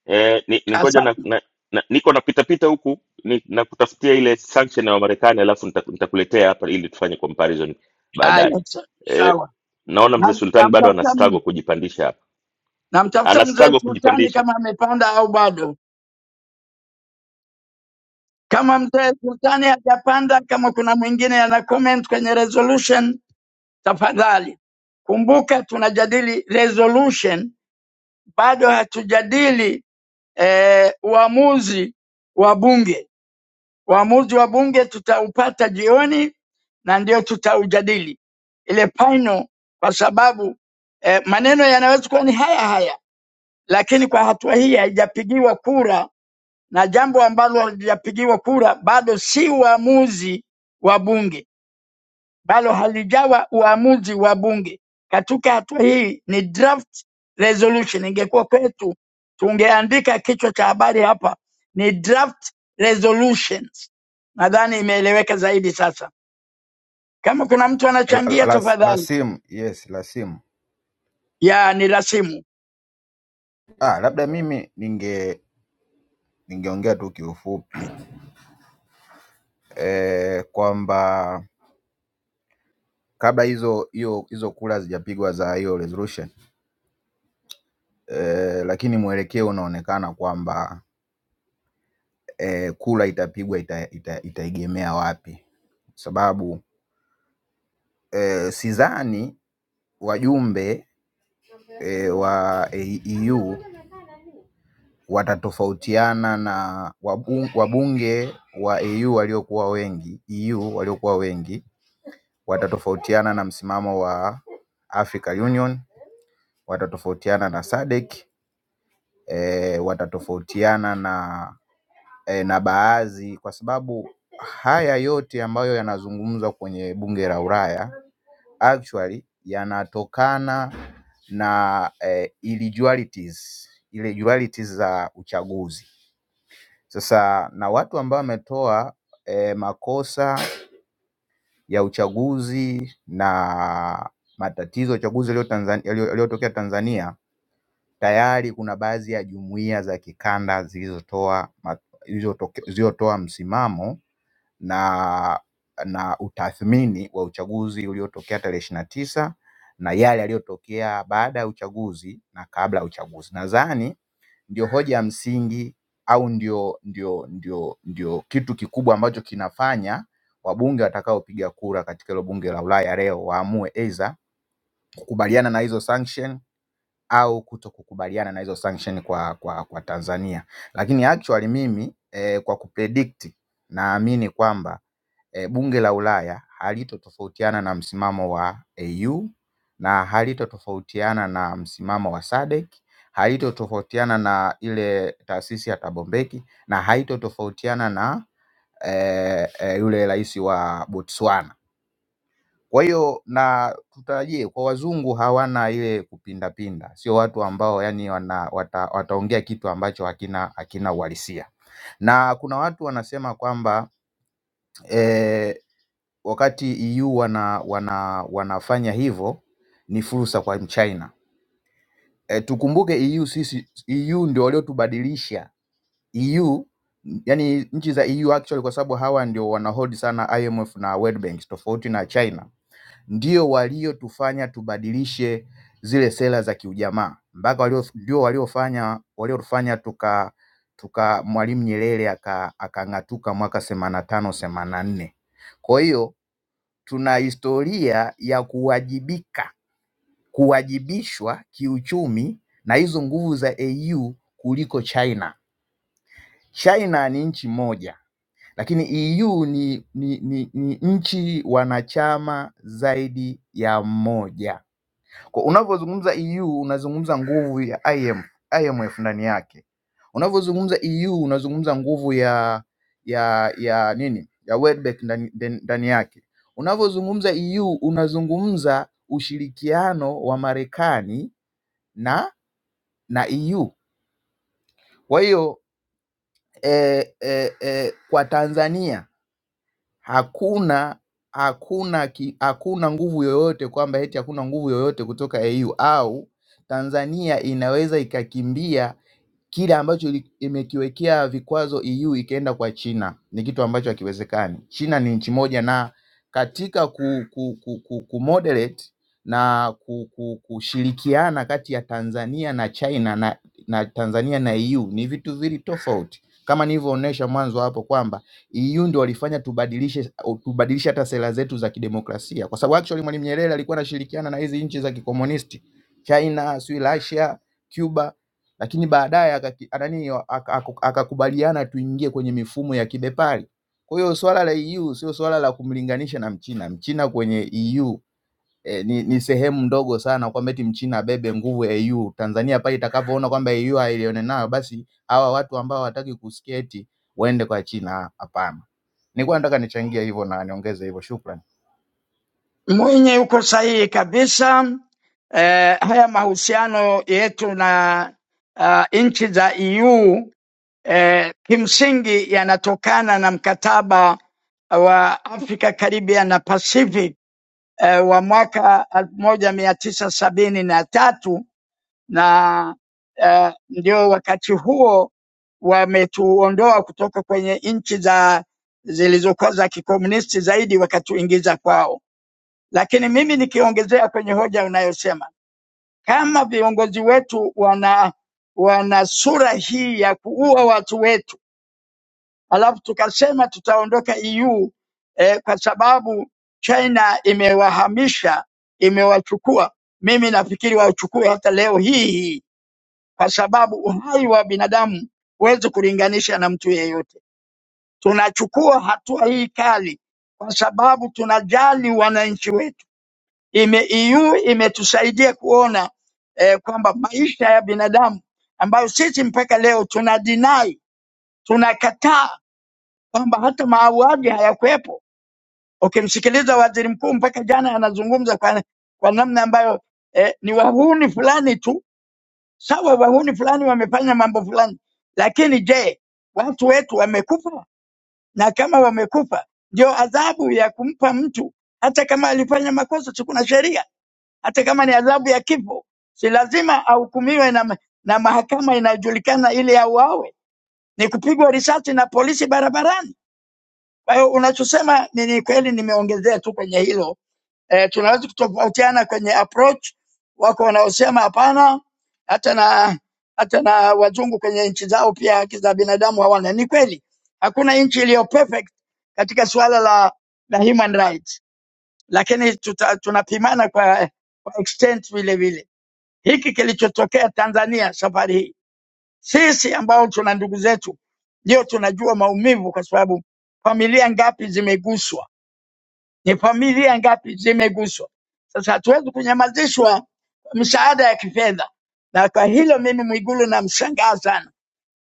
Speaker 17: Eh, ni, ni ngoja na,
Speaker 13: Asante.
Speaker 17: na, na, niko napita pita huku ni, na kutafutia ile sanction ya Wamarekani alafu nita- nitakuletea hapa ili tufanye comparison baadaye.
Speaker 13: Haya, sa-
Speaker 17: Eh,
Speaker 13: sawa.
Speaker 17: naona mzee
Speaker 13: Nam-
Speaker 17: Sultani bado ana
Speaker 13: Namtafuta
Speaker 17: struggle
Speaker 13: mimi.
Speaker 17: kujipandisha hapa. Ana
Speaker 13: Namtafuta mzee
Speaker 17: struggle
Speaker 13: Sultani
Speaker 17: kujipandisha.
Speaker 13: kama amepanda au bado. Kama mzee Sultani hajapanda, kama kuna mwingine ana comment kwenye resolution, tafadhali kumbuka tunajadili resolution bado hatujadili eh, uamuzi wa bunge. Uamuzi wa bunge tutaupata jioni na ndio tutaujadili ile final, kwa sababu eh, maneno yanaweza kuwa ni haya haya, lakini kwa hatua hii haijapigiwa kura, na jambo ambalo halijapigiwa kura bado si uamuzi wa bunge bado halijawa uamuzi wa bunge. Katika hatua hii ni draft resolution. Ingekuwa kwetu tungeandika kichwa cha habari hapa ni draft resolutions. Nadhani imeeleweka zaidi sasa. Kama kuna mtu
Speaker 22: la,
Speaker 13: anachangia,
Speaker 22: la, la
Speaker 13: tafadhali.
Speaker 22: simu yes, la simu
Speaker 13: Ya ni rasimu
Speaker 22: ah, labda mimi ninge ningeongea tu kiufupi eh, kwamba kabla hizo hiyo hizo kura hazijapigwa za hiyo resolution eh, lakini mwelekeo unaonekana kwamba eh, kura itapigwa ita, ita, itaegemea wapi, sababu eh, sidhani wajumbe eh, wa EU watatofautiana na wabu- wabunge wa EU waliokuwa wengi EU waliokuwa wengi watatofautiana na msimamo wa African Union, watatofautiana na SADC, eh, watatofautiana na eh, na baadhi kwa sababu haya yote ambayo yanazungumzwa kwenye bunge la Ulaya actually yanatokana na eh, illegality- illegality za uchaguzi Sasa na watu ambao wametoa eh, makosa ya uchaguzi na matatizo ya uchaguzi yaliyo Tanzan- yaliyo- yaliyotokea Tanzania, tayari kuna baadhi ya jumuiya za kikanda zilizotoa ma- zilizotoke- zilizotoa msimamo na na utathmini wa uchaguzi uliotokea tarehe ishirini na tisa na yale yaliyotokea baada ya uchaguzi na kabla ya uchaguzi. Nadhani ndio hoja ya msingi au ndio ndio ndio ndio kitu kikubwa ambacho kinafanya wabunge watakaopiga kura katika hilo bunge la Ulaya leo waamue either kukubaliana na hizo sanction au kuto kukubaliana na hizo sanction kwa kwa kwa Tanzania. Lakini actually mimi eh, kwa kupredict naamini kwamba e, bunge la Ulaya halitotofautiana na msimamo wa EU na halitotofautiana na msimamo wa SADC, halitotofautiana na ile taasisi ya Thabo Mbeki na haitotofautiana na eh, eh, yule rais wa Botswana. Kwa hiyo na tutarajie kwa wazungu hawana ile kupindapinda, sio watu ambao yani wana, wata, wataongea kitu ambacho hakina hakina uhalisia na kuna watu wanasema kwamba e, wakati EU wana, wana, wanafanya hivyo ni fursa kwa Mchina. E, tukumbuke EU sisi, EU ndio waliotubadilisha EU, yani nchi za EU actually, kwa sababu hawa ndio wanahold sana IMF na World Bank, tofauti na China, ndio waliotufanya tubadilishe zile sera za kiujamaa mpaka walio, ndio waliofanya waliofanya tuka tuka Mwalimu Nyerere aka- akang'atuka aka mwaka 85 84 Kwa hiyo tuna historia ya kuwajibika kuwajibishwa kiuchumi na hizo nguvu za EU kuliko China. China ni nchi moja, lakini EU ni, ni, ni, ni nchi wanachama zaidi ya moja. Kwa unavyozungumza EU unazungumza nguvu ya IM, IMF ndani yake. Unavyozungumza EU unazungumza nguvu ya ya ya nini ya Welbeck ndani ndani ndani yake. Unavyozungumza EU unazungumza ushirikiano wa Marekani na na EU. Kwa hiyo eh, eh, eh, kwa Tanzania hakuna hakuna ki, hakuna nguvu yoyote kwamba eti hakuna nguvu yoyote kutoka EU au Tanzania inaweza ikakimbia kile ambacho ili- imekiwekea vikwazo EU ikaenda kwa China ni kitu ambacho hakiwezekani. China ni nchi moja, na katika ku, ku, ku, ku, ku moderate na ku, ku, kushirikiana kati ya Tanzania na China na, na Tanzania na EU ni vitu vili tofauti, kama nilivyoonyesha mwanzo hapo kwamba EU ndio walifanya tubadilishe tubadilishe hata sera zetu za kidemokrasia, kwa sababu actually Mwalimu Nyerere alikuwa anashirikiana na hizi nchi za kikomunisti China, sijui Russia, Cuba lakini baadaye akaki- nani ak- ak- akakubaliana tuingie kwenye mifumo ya kibepari. Kwa hiyo swala la EU sio swala la kumlinganisha na Mchina. Mchina kwenye EU eh, ni, ni sehemu ndogo sana kwamba eti Mchina abebe nguvu ya EU. Tanzania pale itakavyoona kwamba EU hailione nayo, basi hawa watu ambao hawataki kusikia eti waende kwa China. Hapana, nilikuwa nataka nichangie hivyo na niongeze hivyo. Shukran.
Speaker 13: Mwinyi, uko sahihi kabisa. Eh, haya mahusiano yetu na uh, nchi za EU eh, kimsingi yanatokana na mkataba wa Afrika Caribbean na Pacific eh, wa mwaka elfu moja mia tisa sabini na tatu na eh, ndio wakati huo wametuondoa kutoka kwenye nchi za zilizokuwa za kikomunisti zaidi wakatuingiza kwao. Lakini mimi nikiongezea kwenye hoja unayosema, kama viongozi wetu wana wana sura hii ya kuua watu wetu alafu tukasema tutaondoka EU eh, kwa sababu China imewahamisha, imewachukua. Mimi nafikiri wachukue hata leo hii hii, kwa sababu uhai wa binadamu huwezi kulinganisha na mtu yeyote. Tunachukua hatua hii kali kwa sababu tunajali wananchi wetu. Ime, EU imetusaidia kuona eh, kwamba maisha ya binadamu ambayo sisi mpaka leo tuna dinai tunakataa kwamba hata mauaji hayakuwepo. Ukimsikiliza waziri mkuu mpaka jana anazungumza kwa, kwa namna ambayo eh, ni wahuni fulani tu. Sawa, wahuni fulani wamefanya mambo fulani, lakini je, watu wetu wamekufa? Na kama wamekufa, ndio adhabu ya kumpa mtu, hata kama alifanya makosa, si kuna sheria? Hata kama ni adhabu ya kifo, si lazima ahukumiwe na, ma- na mahakama inayojulikana ili auawe? Ni kupigwa risasi na polisi barabarani? Kwa hiyo unachosema ni ni kweli, nimeongezea tu kwenye hilo e, tunaweza kutofautiana kwenye approach. Wako wanaosema hapana, hata na hata na wazungu kwenye nchi zao pia haki za binadamu hawana. Ni kweli, hakuna nchi iliyo perfect katika suala la, la human rights, lakini tuta, tunapimana kwa, kwa extent vile vile. Hiki kilichotokea Tanzania safari hii, sisi ambao tuna ndugu zetu ndio tunajua maumivu, kwa sababu familia ngapi zimeguswa ni familia ngapi zimeguswa? Sasa hatuwezi kunyamazishwa msaada ya kifedha, na kwa hilo mimi Mwigulu namshangaa sana,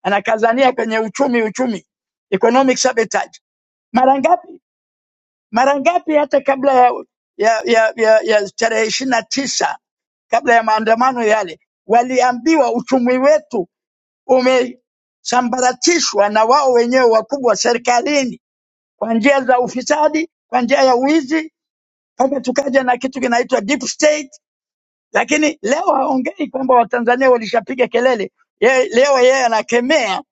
Speaker 13: anakazania kwenye uchumi, uchumi economic sabotage. Mara ngapi, mara ngapi hata kabla ya ya ya, ya, ya tarehe ishirini na tisa kabla ya maandamano yale, waliambiwa uchumi wetu umesambaratishwa na wao wenyewe wakubwa serikalini kwa njia za ufisadi, kwa njia ya wizi hata tukaja na kitu kinaitwa deep state, lakini leo haongei kwamba Watanzania walishapiga kelele. Ye, leo yeye anakemea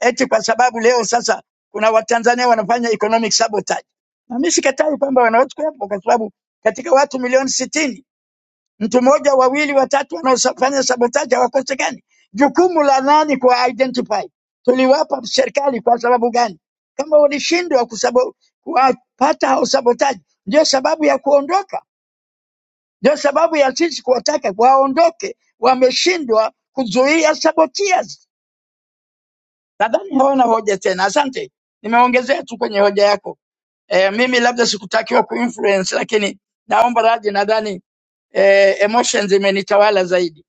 Speaker 13: eti kwa sababu leo sasa kuna Watanzania wanafanya economic sabotage, na mimi sikatai kwamba wanaweza kuwepo, kwa sababu katika watu milioni sitini mtu mmoja, wawili, watatu wanaofanya sabotage hawakosekani. Jukumu la nani kuwa identify? Tuliwapa serikali kwa sababu gani? Kama walishindwa kusabo- kuwapata hao sabotage, ndio sababu ya kuondoka ndio sababu ya sisi kuwataka waondoke, wameshindwa kuzuia sabotias. Nadhani hawana hoja tena. Asante, nimeongezea tu kwenye hoja yako. E, mimi labda sikutakiwa kuinfluence, lakini naomba radhi, nadhani e, emotions imenitawala zaidi.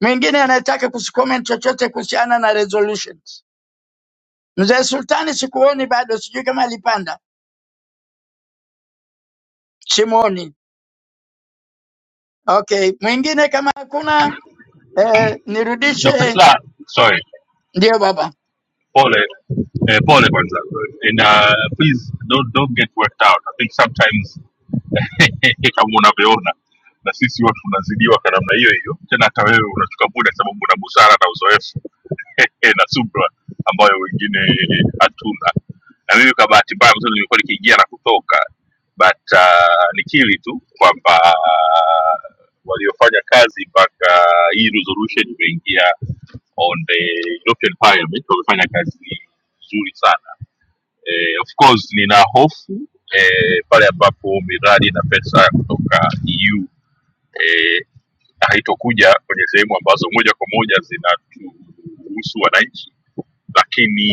Speaker 13: Mwingine anayetaka kusicomment chochote kuhusiana na resolutions? Mzee Sultani sikuoni bado, sijui kama alipanda, simuoni. Okay, mwingine kama hakuna e,
Speaker 1: Dr.
Speaker 13: nirudishe.
Speaker 1: Sla, sorry,
Speaker 13: Ndio baba
Speaker 1: Paul, uh, Paul, and uh, please don't don't get worked out. I think sometimes kama unavyoona na sisi huwa tunazidiwa kwa namna hiyo hiyo tena hata wewe unachukua muda sababu una busara na uzoefu na subra ambayo wengine hatuna na mimi kwa bahati mbaya mzuri nilikuwa nikiingia na kutoka but uh, nikili tu kwamba uh, waliofanya kazi mpaka hii resolution imeingia on the european parliament wamefanya kazi nzuri sana Eh, of course nina hofu eh, pale ambapo miradi na pesa kutoka EU eh, haitokuja kwenye sehemu ambazo moja kwa moja zinatuhusu wananchi, lakini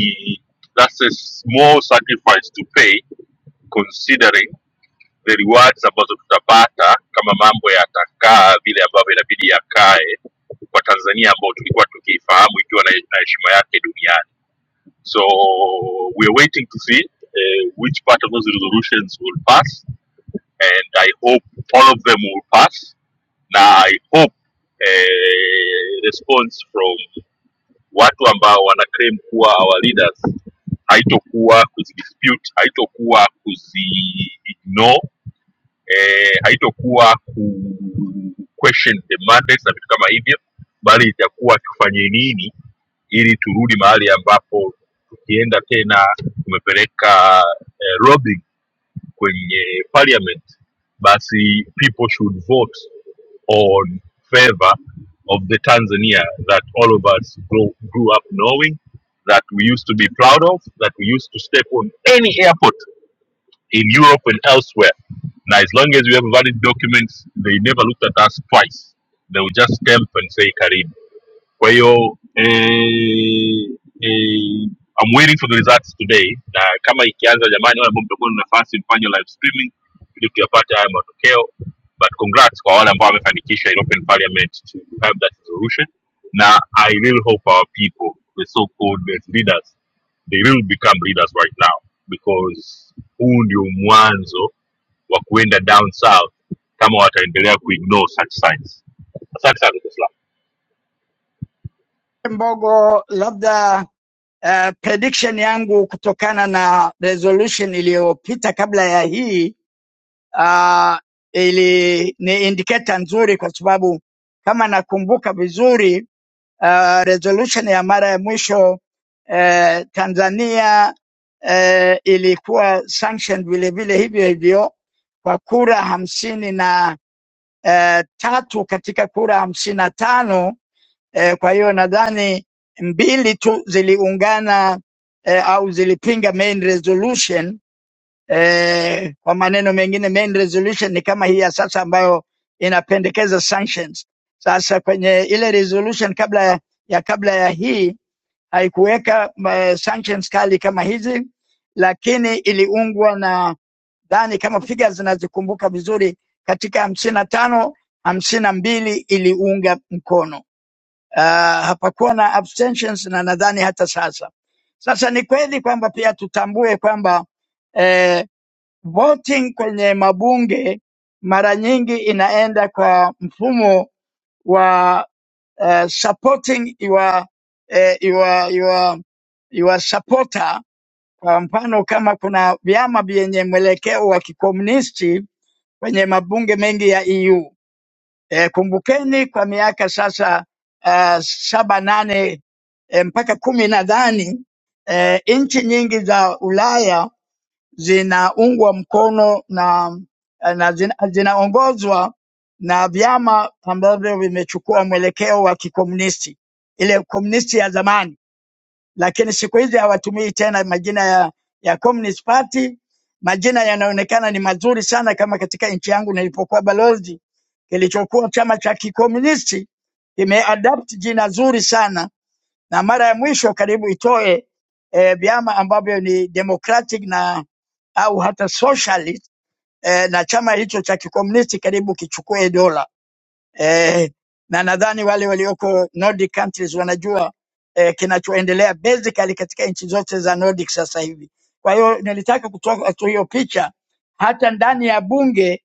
Speaker 1: that's a small sacrifice to pay considering the rewards ambazo tutapata kama mambo yatakaa vile ambavyo inabidi yakae kwa Tanzania ambao tulikuwa tukiifahamu ikiwa na na heshima yake duniani. So we are waiting to see uh, which part of those resolutions will pass, and I hope all of them will pass. Na I hope uh, response from watu ambao wana claim kuwa our leaders haitokuwa kuzidispute, haitokuwa kuziignore, eh, haitokuwa ku question the mandates na vitu kama hivyo, bali itakuwa tufanye nini ili turudi mahali ambapo tukienda tena tumepeleka eh, lobbying kwenye parliament basi people should vote on favor of the tanzania that all of us grow, grew up knowing that we used to be proud of that we used to step on any airport in europe and elsewhere now as long as we have valid documents they never looked at us twice they will just stamp and say karibu Kwa hiyo eh, eh, I'm waiting for the results today, na kama ikianza, jamani, wale ambao mtakuwa na nafasi mfanye live streaming ili tuyapate haya matokeo. But congrats kwa wale ambao wamefanikisha European Parliament to have that resolution. Na I really hope our people, the so-called leaders, they will become leaders right now because huu ndio mwanzo wa kuenda down south kama wataendelea kuignore such signs. Asante sana. Dr. Slaa.
Speaker 13: Mbogo, labda uh, prediction yangu kutokana na resolution iliyopita kabla ya hii uh, ili ni indicator nzuri kwa sababu kama nakumbuka vizuri uh, resolution ya mara ya mwisho uh, Tanzania uh, ilikuwa sanctioned vile vile hivyo hivyo kwa kura hamsini na uh, tatu katika kura hamsini na tano Eh, kwa hiyo nadhani mbili tu ziliungana eh, au zilipinga main resolution eh, kwa maneno mengine main resolution ni kama hii ya sasa ambayo inapendekeza sanctions. Sasa kwenye ile resolution kabla ya, ya kabla ya hii haikuweka eh, sanctions kali kama hizi, lakini iliungwa na dhani kama figa zinazikumbuka vizuri katika hamsini na tano hamsini na mbili iliunga mkono uh, hapakuwa na abstentions na nadhani hata sasa. Sasa ni kweli kwamba pia tutambue kwamba eh, voting kwenye mabunge mara nyingi inaenda kwa mfumo wa uh, supporting your, eh, your, your, your supporter. Kwa mfano kama kuna vyama vyenye mwelekeo wa kikomunisti kwenye mabunge mengi ya EU E, kumbukeni kwa miaka sasa uh, saba nane e, mpaka kumi nadhani e, nchi nyingi za Ulaya zinaungwa mkono na eh, na zina, zinaongozwa na vyama ambavyo vimechukua mwelekeo wa kikomunisti, ile komunisti ya zamani lakini siku hizi hawatumii tena majina ya, ya Communist Party. Majina yanaonekana ni mazuri sana, kama katika nchi yangu nilipokuwa balozi, kilichokuwa chama cha kikomunisti kimeadapt jina zuri sana, na mara ya mwisho karibu itoe eh, vyama ambavyo ni democratic na au hata socialist eh, na chama hicho cha kikomunisti karibu kichukue dola eh, na nadhani wale walioko Nordic countries wanajua eh, kinachoendelea basically katika nchi zote za Nordic sasa hivi. Kwa hiyo nilitaka kutoa eh, tu hiyo picha, hata ndani ya bunge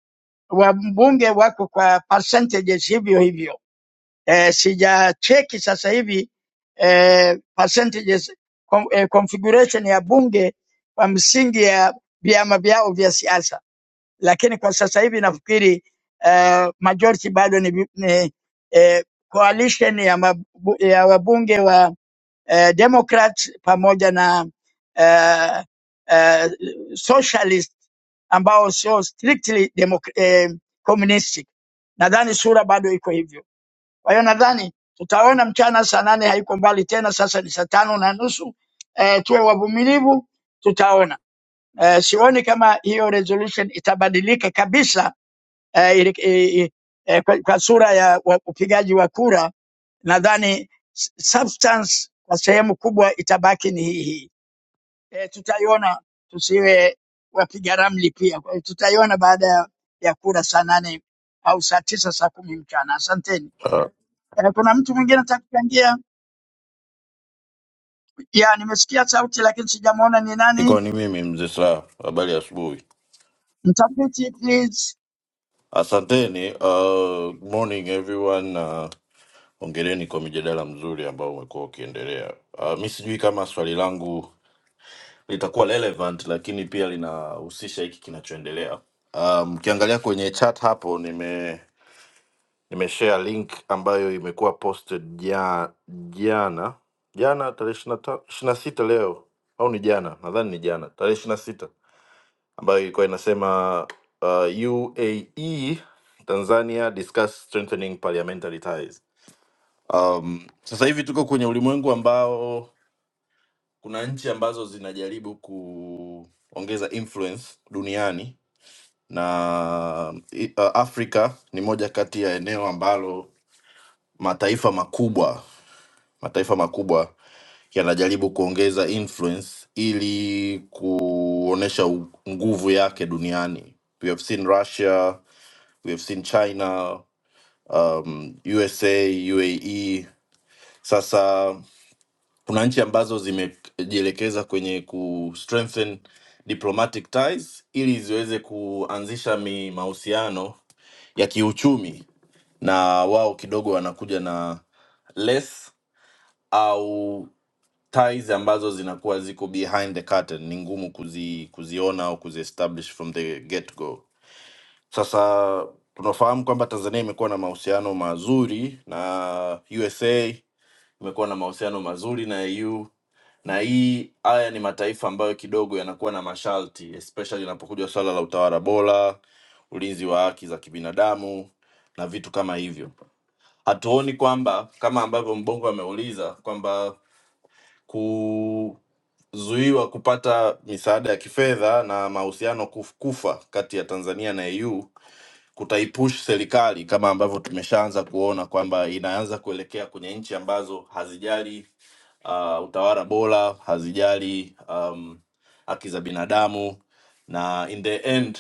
Speaker 13: wabunge wako kwa percentages hivyo hivyo. Eh, sijacheki sasa hivi eh, percentages com, eh, configuration ya bunge kwa msingi ya vyama vyao vya siasa lakini kwa sasa hivi nafikiri uh, majority bado ni, ni eh, coalition ya, mabu, ya wabunge wa eh, Democrat pamoja na eh, eh, socialist ambao sio strictly democ- eh, communistic. Nadhani sura bado iko hivyo. Kwa hiyo nadhani tutaona mchana saa nane haiko mbali tena, sasa ni saa tano na nusu. Eh, tuwe wavumilivu, tutaona. Eh, sioni kama hiyo resolution itabadilika kabisa eh, ili- i- i- eh, kwa, kwa sura ya wa- upigaji wa kura. Nadhani s- substance kwa sehemu kubwa itabaki ni hii hii. Eh, tutaiona, tusiwe wapiga ramli pia. Kwa hiyo tutaiona baada ya ya kura saa nane au saa tisa saa kumi mchana. Asanteni.
Speaker 23: Uh,
Speaker 13: Eh, kuna mtu mwingine anataka kuchangia? Ya, nimesikia sauti lakini sijamwona ni
Speaker 23: Iko
Speaker 13: nani.
Speaker 23: ni mimi mzee Sla, habari ya asubuhi.
Speaker 13: Mtafiti please.
Speaker 23: Asanteni. Uh, good morning everyone. Uh, ongereni kwa mijadala mzuri ambao umekuwa ukiendelea. Uh, mi sijui kama swali langu litakuwa relevant, lakini pia linahusisha hiki kinachoendelea. Uh, Mkiangalia kwenye chat hapo, nime nimeshare link ambayo imekuwa posted ja, jana jana tarehe ishirini na sita leo au ni jana, nadhani ni jana tarehe 26 ambayo ilikuwa inasema uh, UAE Tanzania discuss strengthening parliamentary ties. Um, sasa hivi tuko kwenye ulimwengu ambao kuna nchi ambazo zinajaribu kuongeza influence duniani na i- uh, Afrika ni moja kati ya eneo ambalo mataifa makubwa mataifa makubwa yanajaribu kuongeza influence ili kuonesha u- nguvu yake duniani. We have seen Russia we have seen China, um, USA, UAE. Sasa kuna nchi ambazo zimejielekeza kwenye ku strengthen diplomatic ties ili ziweze kuanzisha mi mahusiano ya kiuchumi, na wao kidogo wanakuja na less au ties ambazo zinakuwa ziko behind the curtain, ni ngumu kuzi, kuziona au kuziestablish from the get go Sasa tunafahamu kwamba Tanzania imekuwa na mahusiano mazuri na USA, imekuwa na mahusiano mazuri na EU, na hii haya ni mataifa ambayo kidogo yanakuwa na masharti, especially inapokuja swala la utawala bora, ulinzi wa haki za kibinadamu na vitu kama hivyo. Hatuoni kwamba kama ambavyo Mbongo ameuliza kwamba ku kuzuiwa kupata misaada ya kifedha na mahusiano kuf- kufa kati ya Tanzania na EU kutaipush serikali kama ambavyo tumeshaanza kuona kwamba inaanza kuelekea kwenye nchi ambazo hazijali uh, utawala bora, hazijali um, haki za binadamu, na in the end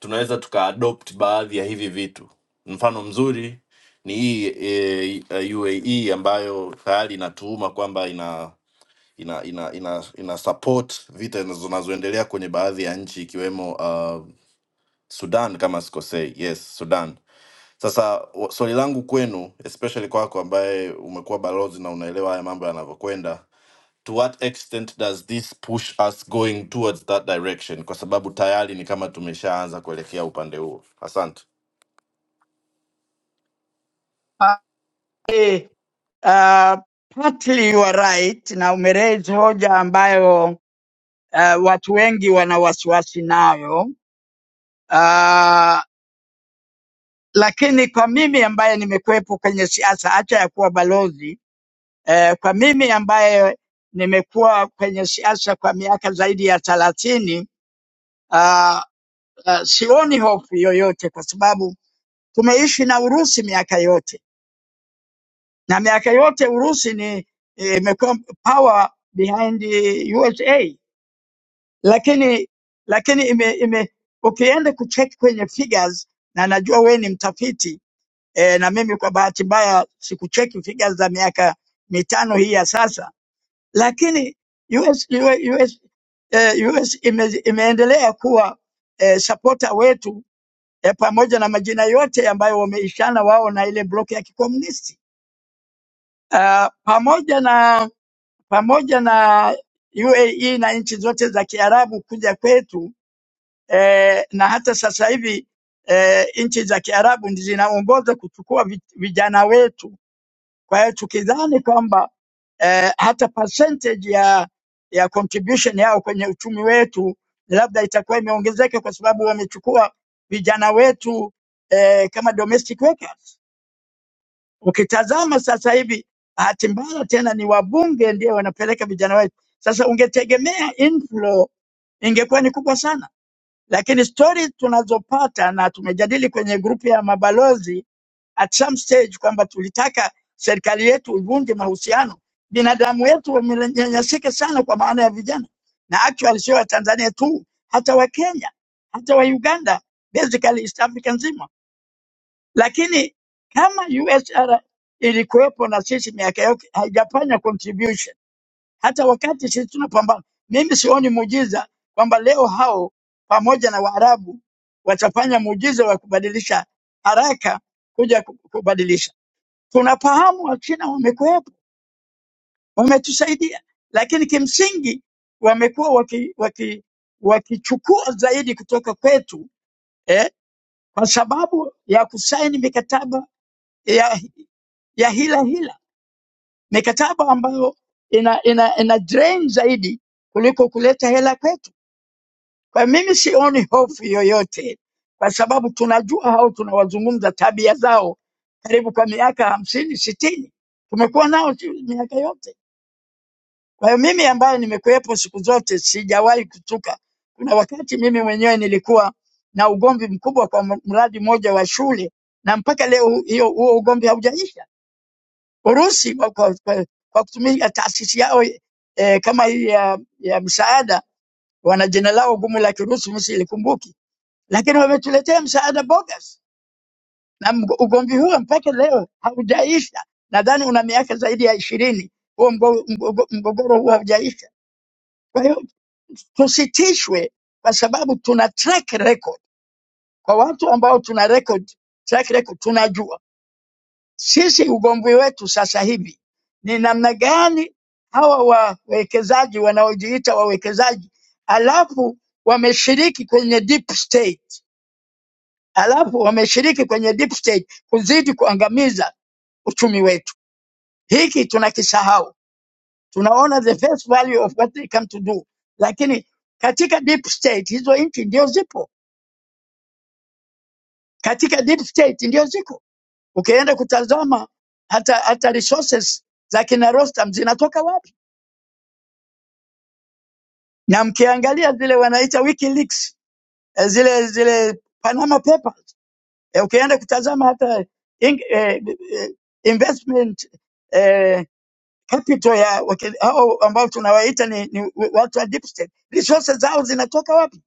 Speaker 23: tunaweza tukaadopt baadhi ya hivi vitu. Mfano mzuri ni hii e, e, UAE ambayo tayari inatuhuma kwamba ina ina ina ina, ina support vita zinazo- zinazoendelea kwenye baadhi ya nchi ikiwemo uh, Sudan kama sikosei, yes Sudan sasa wa- swali langu kwenu, especially kwako ambaye umekuwa balozi na unaelewa haya mambo yanavyokwenda, to what extent does this push us going towards that direction? Kwa sababu tayari ni kama tumeshaanza kuelekea upande huo. Asante.
Speaker 13: Uh, eh. Uh, partly you are right na umeraise hoja ambayo uh, watu wengi wana wasiwasi nayo uh, lakini kwa mimi ambaye nimekuwepo kwenye siasa acha ya kuwa balozi uh, kwa mimi ambaye nimekuwa kwenye siasa kwa miaka zaidi ya thelathini uh, uh, sioni hofu yoyote kwa sababu tumeishi na Urusi miaka yote na miaka yote Urusi ni eh, imekuwa power behind eh, USA lakini lakini ime, ime ukienda kucheck kwenye figures na najua we ni mtafiti eh, na mimi kwa bahati mbaya sikucheki figures za miaka mitano hii ya sasa, lakini US, US, eh, US ime, imeendelea kuwa eh, supporter wetu eh, pamoja na majina yote ambayo wameishana wao na ile block ya kikomunisti uh, pamoja na pamoja na UAE na nchi zote za Kiarabu kuja kwetu eh, na hata sasa hivi eh, nchi za Kiarabu ndi zinaongoza kuchukua vi- vijana wetu. Kwa hiyo tukidhani kwamba eh, hata percentage ya ya contribution yao kwenye uchumi wetu labda itakuwa imeongezeka kwa sababu wamechukua vijana wetu eh, kama domestic workers. Ukitazama sasa hivi, bahati mbaya tena ni wabunge ndio wanapeleka vijana wetu. Sasa ungetegemea inflow ingekuwa ni kubwa sana. Lakini stori tunazopata na tumejadili kwenye grupu ya mabalozi at some stage kwamba tulitaka serikali yetu ivunje mahusiano. Binadamu wetu wamenyanyasika sana, kwa maana ya vijana, na actually sio Watanzania tu, hata Wakenya, hata wa Uganda, basically East Africa nzima. Lakini kama USR ilikuwepo na sisi miaka yote haijafanya contribution hata wakati sisi tunapambana. Mimi sioni muujiza kwamba leo hao pamoja na Waarabu watafanya muujiza wa kubadilisha haraka kuja ku- kubadilisha. Tunafahamu Wachina wamekuwepo, wametusaidia, lakini kimsingi wamekuwa waki, waki, wakichukua zaidi kutoka kwetu eh, kwa sababu ya kusaini mikataba ya, ya hila hila, mikataba ambayo ina, ina, ina drain zaidi kuliko kuleta hela kwetu. Kwa hiyo mimi sioni hofu yoyote, kwa sababu tunajua hao tunawazungumza, tabia zao karibu kwa miaka hamsini sitini tumekuwa nao tu miaka yote. Kwa hiyo mimi ambaye nimekuwepo siku zote sijawahi kutuka. Kuna wakati mimi mwenyewe nilikuwa na ugomvi mkubwa kwa m- mradi mmoja wa shule, na mpaka leo hiyo huo ugomvi haujaisha. Urusi kwa, kwa, kwa, kwa kutumia taasisi yao eh, kama hii ya, ya msaada wana jina lao gumu la Kirusi, msilikumbuki lakini wametuletea msaada bogus, na mg- ugomvi huo mpaka leo haujaisha. Nadhani una miaka zaidi ya ishirini huo mgo- mgogo- mgogoro huo haujaisha. Kwa hiyo tusitishwe, kwa sababu tuna track record kwa watu ambao tuna record, track record tunajua sisi ugomvi wetu sasa hivi ni namna gani hawa wawekezaji wanaojiita wawekezaji alafu wameshiriki kwenye deep state halafu wameshiriki kwenye deep state kuzidi kuangamiza uchumi wetu. Hiki tunakisahau, tunaona the face value of what they come to do, lakini katika deep state hizo nchi ndio zipo, katika deep state ndio ziko. Ukienda kutazama hata, hata resources za kina Rostam zinatoka wapi, na mkiangalia zile wanaita WikiLeaks, eh, zile zile Panama Papers, eh, ukienda kutazama hata in, eh, eh, investment eh, capital ya wake- hao ambao tunawaita ni, ni watu wa deep state, resources zao zinatoka wapi?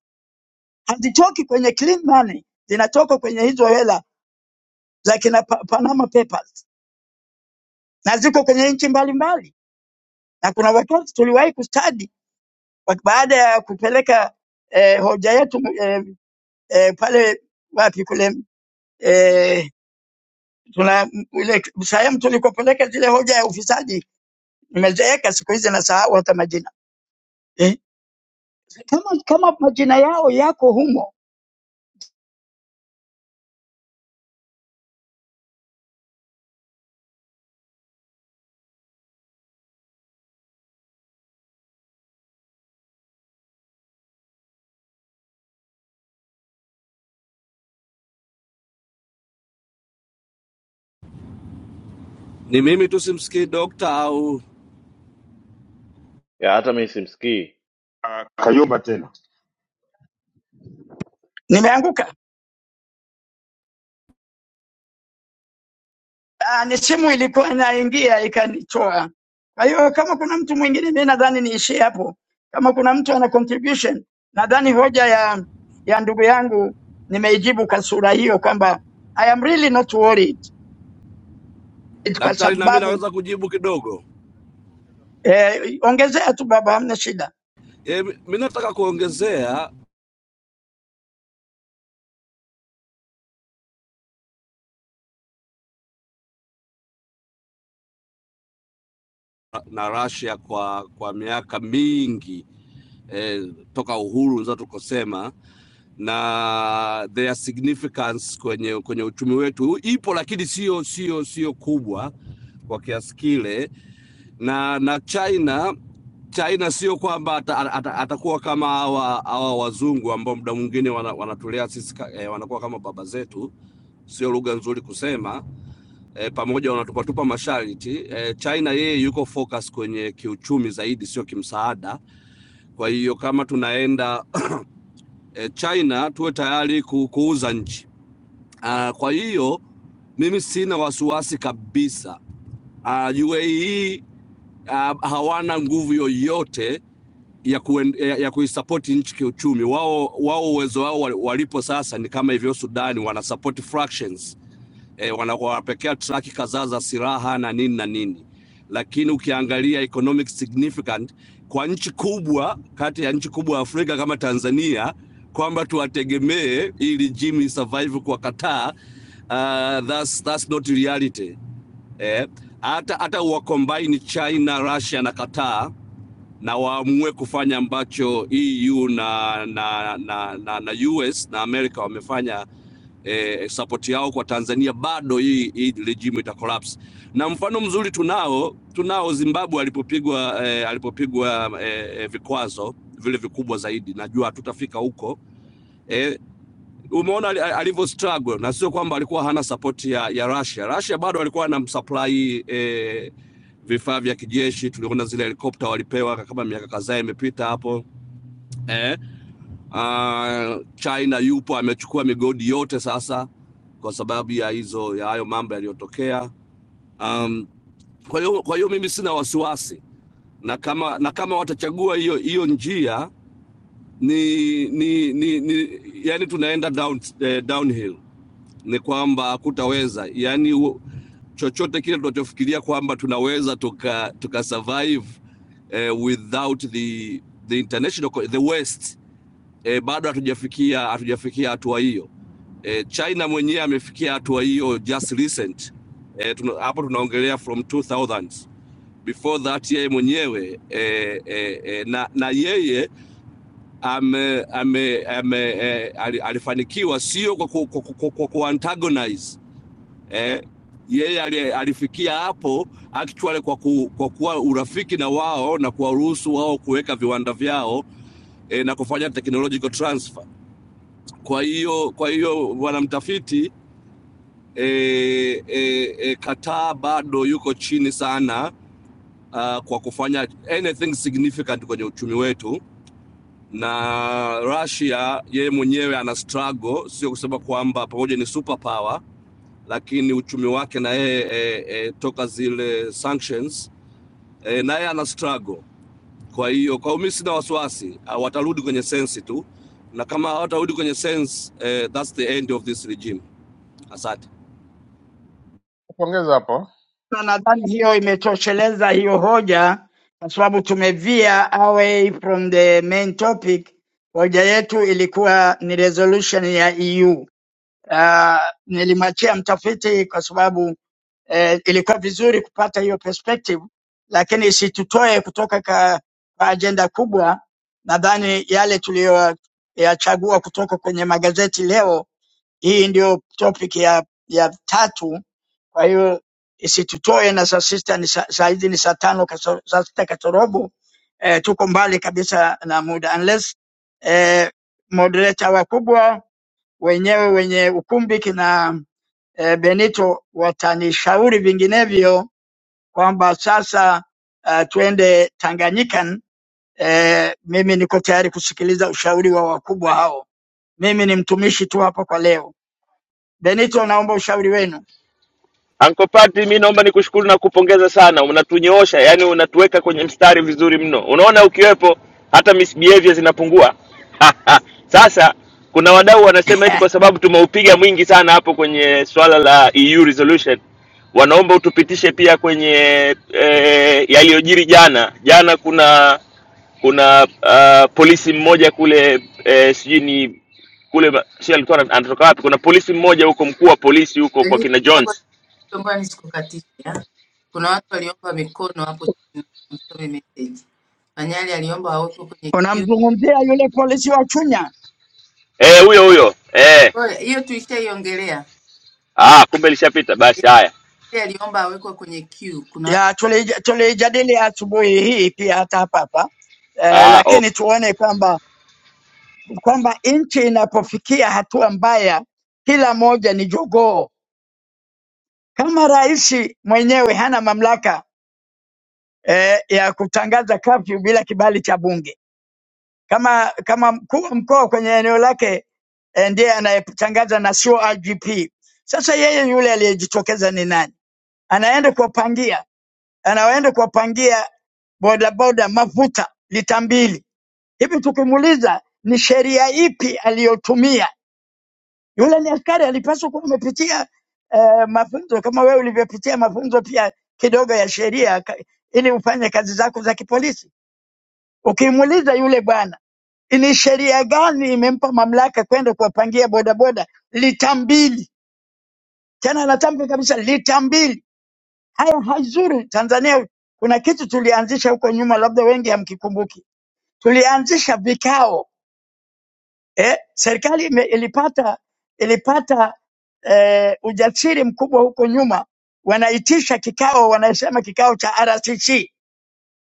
Speaker 13: Hazitoki kwenye clean money, zinatoka kwenye hizo hela za kina Pa- Panama Papers na ziko kwenye nchi mbalimbali, na kuna wakati tuliwahi kustadi wa- baada ya kupeleka eh, hoja yetu eh, eh, pale wapi kule eh, tuna ile sehemu tulikopeleka zile hoja ya ufisadi. Nimezeeka siku hizi, nasahau hata majina eh, kama, kama majina yao yako humo
Speaker 19: Ni mimi tu simsikii dokta au
Speaker 23: ya hata mimi simsikii
Speaker 2: Ah, Kayumba tena
Speaker 13: nimeanguka. Ah, ni simu ilikuwa inaingia ikanitoa. Kwa hiyo kama kuna mtu mwingine, mi nadhani niishie hapo. Kama kuna mtu ana contribution, nadhani hoja ya ya ndugu yangu nimeijibu kwa sura hiyo kwamba I am really not worried It- kwa
Speaker 19: daktari? Na mimi
Speaker 13: sababu
Speaker 19: naweza kujibu kidogo.
Speaker 13: eh, ongezea tu baba, hamna shida,
Speaker 19: E, mi nataka kuongezea na Russia kwa kwa miaka mingi e, toka uhuru unaweza tukosema na their significance kwenye kwenye uchumi wetu ipo, lakini sio sio sio kubwa kwa kiasi kile na na China China sio kwamba ata- ata- ata- atakuwa kama hawa hawa wazungu ambao muda mwingine wana- wanatulea sisi ka- eh, wanakuwa kama baba zetu, sio lugha nzuri kusema eh, pamoja wanatupatupa masharti eh, China yeye yuko focus kwenye kiuchumi zaidi, sio kimsaada. Kwa hiyo kama tunaenda eh, China tuwe tayari ku, kuuza nchi ah, kwa hiyo mimi sina wasiwasi kabisa ah, UAE ah, hawana nguvu yoyote ya, kuen, ya, ya kuisapoti nchi kiuchumi. Wao wao uwezo wao wal- walipo sasa ni kama hivyo Sudani, wanasapoti fractions e, wanawapekea traki kadhaa za silaha na nini na nini, lakini ukiangalia economic significant kwa nchi kubwa kati ya nchi kubwa Afrika kama Tanzania kwamba tuwategemee ili jimi survive kwa Qatar, uh, that's, that's not reality eh. Hata hata uwakombaini China, Russia na Qatar na waamue kufanya ambacho EU na, na, na, na, na US na Amerika wamefanya eh, support yao kwa Tanzania, bado hii, hii regime ita collapse. Na mfano mzuri tunao tunao Zimbabwe alipopigwa eh, alipopigwa eh, eh, vikwazo vile vikubwa zaidi, najua hatutafika huko eh, umeona ali- alivyo struggle na sio kwamba alikuwa hana support ya, ya Russia. Russia bado alikuwa anamsupply eh, vifaa vya kijeshi, tuliona zile helikopta walipewa kama miaka kadhaa imepita hapo eh. Uh, China yupo amechukua migodi yote sasa kwa sababu ya hizo ya hayo mambo yaliyotokea. Um, kwa hiyo kwa hiyo mimi sina wasiwasi na kama na kama watachagua hiyo hiyo njia ni, ni, ni, ni yani tunaenda down, eh, downhill ni kwamba hakutaweza, yaani u- chochote kile tunachofikiria kwamba tunaweza tuka, tuka survive eh, without the, the international co- the west eh, bado hatujafikia hatujafikia hatua hiyo eh, China mwenyewe amefikia hatua hiyo just recent eh, tuna, hapo tunaongelea from 2000 before that yeye mwenyewe eh, eh, eh, na, na yeye ame, ame, ame, eh, ali- alifanikiwa sio kwa, ku- kwa, ku- kwa, kwa, kwa antagonize eh, yeye ali- alifikia hapo actually kwa, ku, kwa kuwa urafiki na wao na kuwaruhusu wao kuweka viwanda vyao eh, na kufanya technological transfer. Kwa hiyo kwa hiyo bwana mtafiti eh, eh, eh, Kataa bado yuko chini sana uh, kwa kufanya anything significant kwenye uchumi wetu na Russia yeye mwenyewe ana struggle, sio kusema kwamba pamoja ni superpower lakini uchumi wake na yeye e, e, toka zile sanctions e, na yeye ana struggle. Kwa hiyo kwa mimi sina wasiwasi, ah, watarudi kwenye sensi tu, na kama hawatarudi kwenye sense eh, that's the end of this regime. Asante.
Speaker 21: Pongeza hapo,
Speaker 13: na nadhani hiyo imetosheleza hiyo hoja, kwa sababu tumevia away from the main topic. Hoja yetu ilikuwa ni resolution ya EU uh, nilimwachia mtafiti kwa sababu eh, ilikuwa vizuri kupata hiyo perspective, lakini isitutoe kutoka ka, kwa ajenda kubwa. Nadhani yale tuliyoyachagua kutoka kwenye magazeti leo, hii ndio topic ya, ya tatu. Kwa hiyo isitutoe, na saa sita ni saa saa hizi ni saa tano kaso- saa sita kasorobo. Eh, tuko mbali kabisa na muda unless eh, moderator wakubwa wenyewe wenye ukumbi kina eh, Benito watanishauri vinginevyo kwamba sasa uh, twende Tanganyikan. Eh, mimi niko tayari kusikiliza ushauri wa wakubwa hao. Mimi ni mtumishi tu hapa kwa leo. Benito, naomba ushauri wenu.
Speaker 17: Anko Pati, mi naomba nikushukuru na kupongeza sana, unatunyoosha yani, unatuweka kwenye mstari vizuri mno. Unaona, ukiwepo hata misbehavior zinapungua. Sasa kuna wadau wanasema eti kwa sababu tumeupiga mwingi sana hapo kwenye swala la EU resolution, wanaomba utupitishe pia kwenye eh, yaliyojiri jana jana. Kuna kuna uh, polisi mmoja kule eh, sijui ni kule ma- si alikuwa ana- anatoka wapi? Kuna polisi mmoja huko, mkuu wa polisi huko kwa
Speaker 8: Denise,
Speaker 17: kina
Speaker 8: baba,
Speaker 17: Jones
Speaker 8: naomba nisikukatisha. Kuna watu waliomba mikono hapo chini, msome message. Manyali aliomba awekwe kwenye queue.
Speaker 13: Unamzungumzia yule polisi wa Chunya
Speaker 17: Eh, huyo huyo. Eh.
Speaker 8: Oe, Hiyo tulishaiongelea.
Speaker 17: Ah, kumbe lishapita. Basi haya.
Speaker 8: Yeye aliomba awekwe kwenye queue. Kuna watu
Speaker 13: ya tulij- tulijadili asubuhi hii pia hata hapa hapa eh,
Speaker 17: Ah, okay.
Speaker 13: lakini tuone kwamba kwamba nchi inapofikia hatua mbaya, kila moja ni jogoo Kama rais mwenyewe hana mamlaka eh, ya kutangaza kafyu bila kibali cha bunge, kama kama mkuu wa mkoa kwenye eneo lake eh, ndiye anayetangaza na sio IGP. Sasa yeye yule aliyejitokeza ni nani? Anaenda kuwapangia, anaenda kuwapangia bodaboda mafuta lita mbili. Hivi tukimuuliza ni sheria ipi aliyotumia Yule ni askari, alipaswa kuwa amepitia eh, mafunzo kama wewe ulivyopitia mafunzo pia kidogo ya sheria ka- ili ufanye kazi zako za kipolisi. Ukimuuliza yule bwana, ni sheria gani imempa mamlaka kwenda kuwapangia bodaboda lita mbili? Tena anatamka kabisa lita mbili. Haya haizuri. Tanzania kuna kitu tulianzisha huko nyuma, labda wengi hamkikumbuki. Tulianzisha vikao eh, serikali ime- ilipata ilipata eh, ujasiri mkubwa huko nyuma, wanaitisha kikao, wanasema kikao cha RCC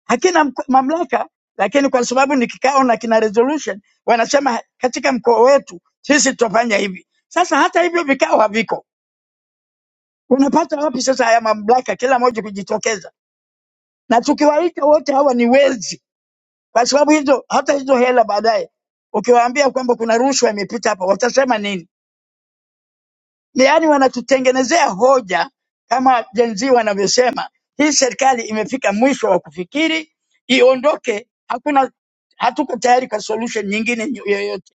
Speaker 13: hakina mk- mamlaka, lakini kwa sababu ni kikao na kina resolution, wanasema katika mkoa wetu sisi tutafanya hivi. Sasa hata hivyo vikao haviko, unapata wapi sasa haya mamlaka, kila mmoja kujitokeza? Na tukiwaita wote hawa ni wezi, kwa sababu hizo hata hizo hela baadaye ukiwaambia kwamba kuna rushwa imepita hapa, watasema nini? Yaani wanatutengenezea hoja kama Gen Z wanavyosema, hii serikali imefika mwisho wa kufikiri, iondoke. Hakuna, hatuko tayari kwa solution nyingine nyo- yoyote.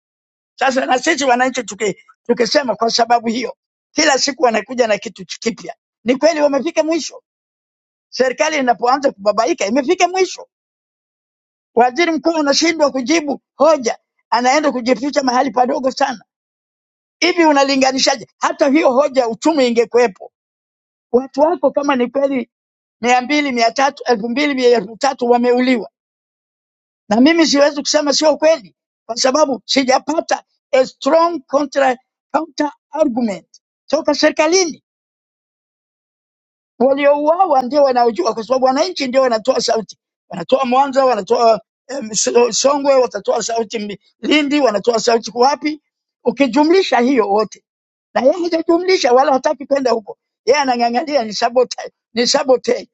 Speaker 13: Sasa na sisi wananchi tuki, tukisema kwa sababu hiyo, kila siku wanakuja na kitu kipya. Ni kweli wamefika mwisho. Serikali inapoanza kubabaika, imefika mwisho. Waziri mkuu anashindwa kujibu hoja, anaenda kujificha mahali padogo sana. Hivi unalinganishaje? Hata hiyo hoja ya uchumi ingekuwepo watu wako kama ni kweli mia mbili mia tatu elfu mbili mia elfu tatu wameuliwa, na mimi siwezi kusema sio kweli, kwa sababu sijapata a strong contra, counter argument toka serikalini. Waliouawa ndio wanaojua, kwa sababu wananchi ndio wanatoa sauti, wanatoa Mwanza, wanatoa em, So- Songwe, watatoa sauti Mi- Lindi, wanatoa sauti kwa wapi? Ukijumlisha hiyo wote, na yeye hajajumlisha wala hataki kwenda huko, yeye anang'ang'ania ni sabotage, ni sabotage.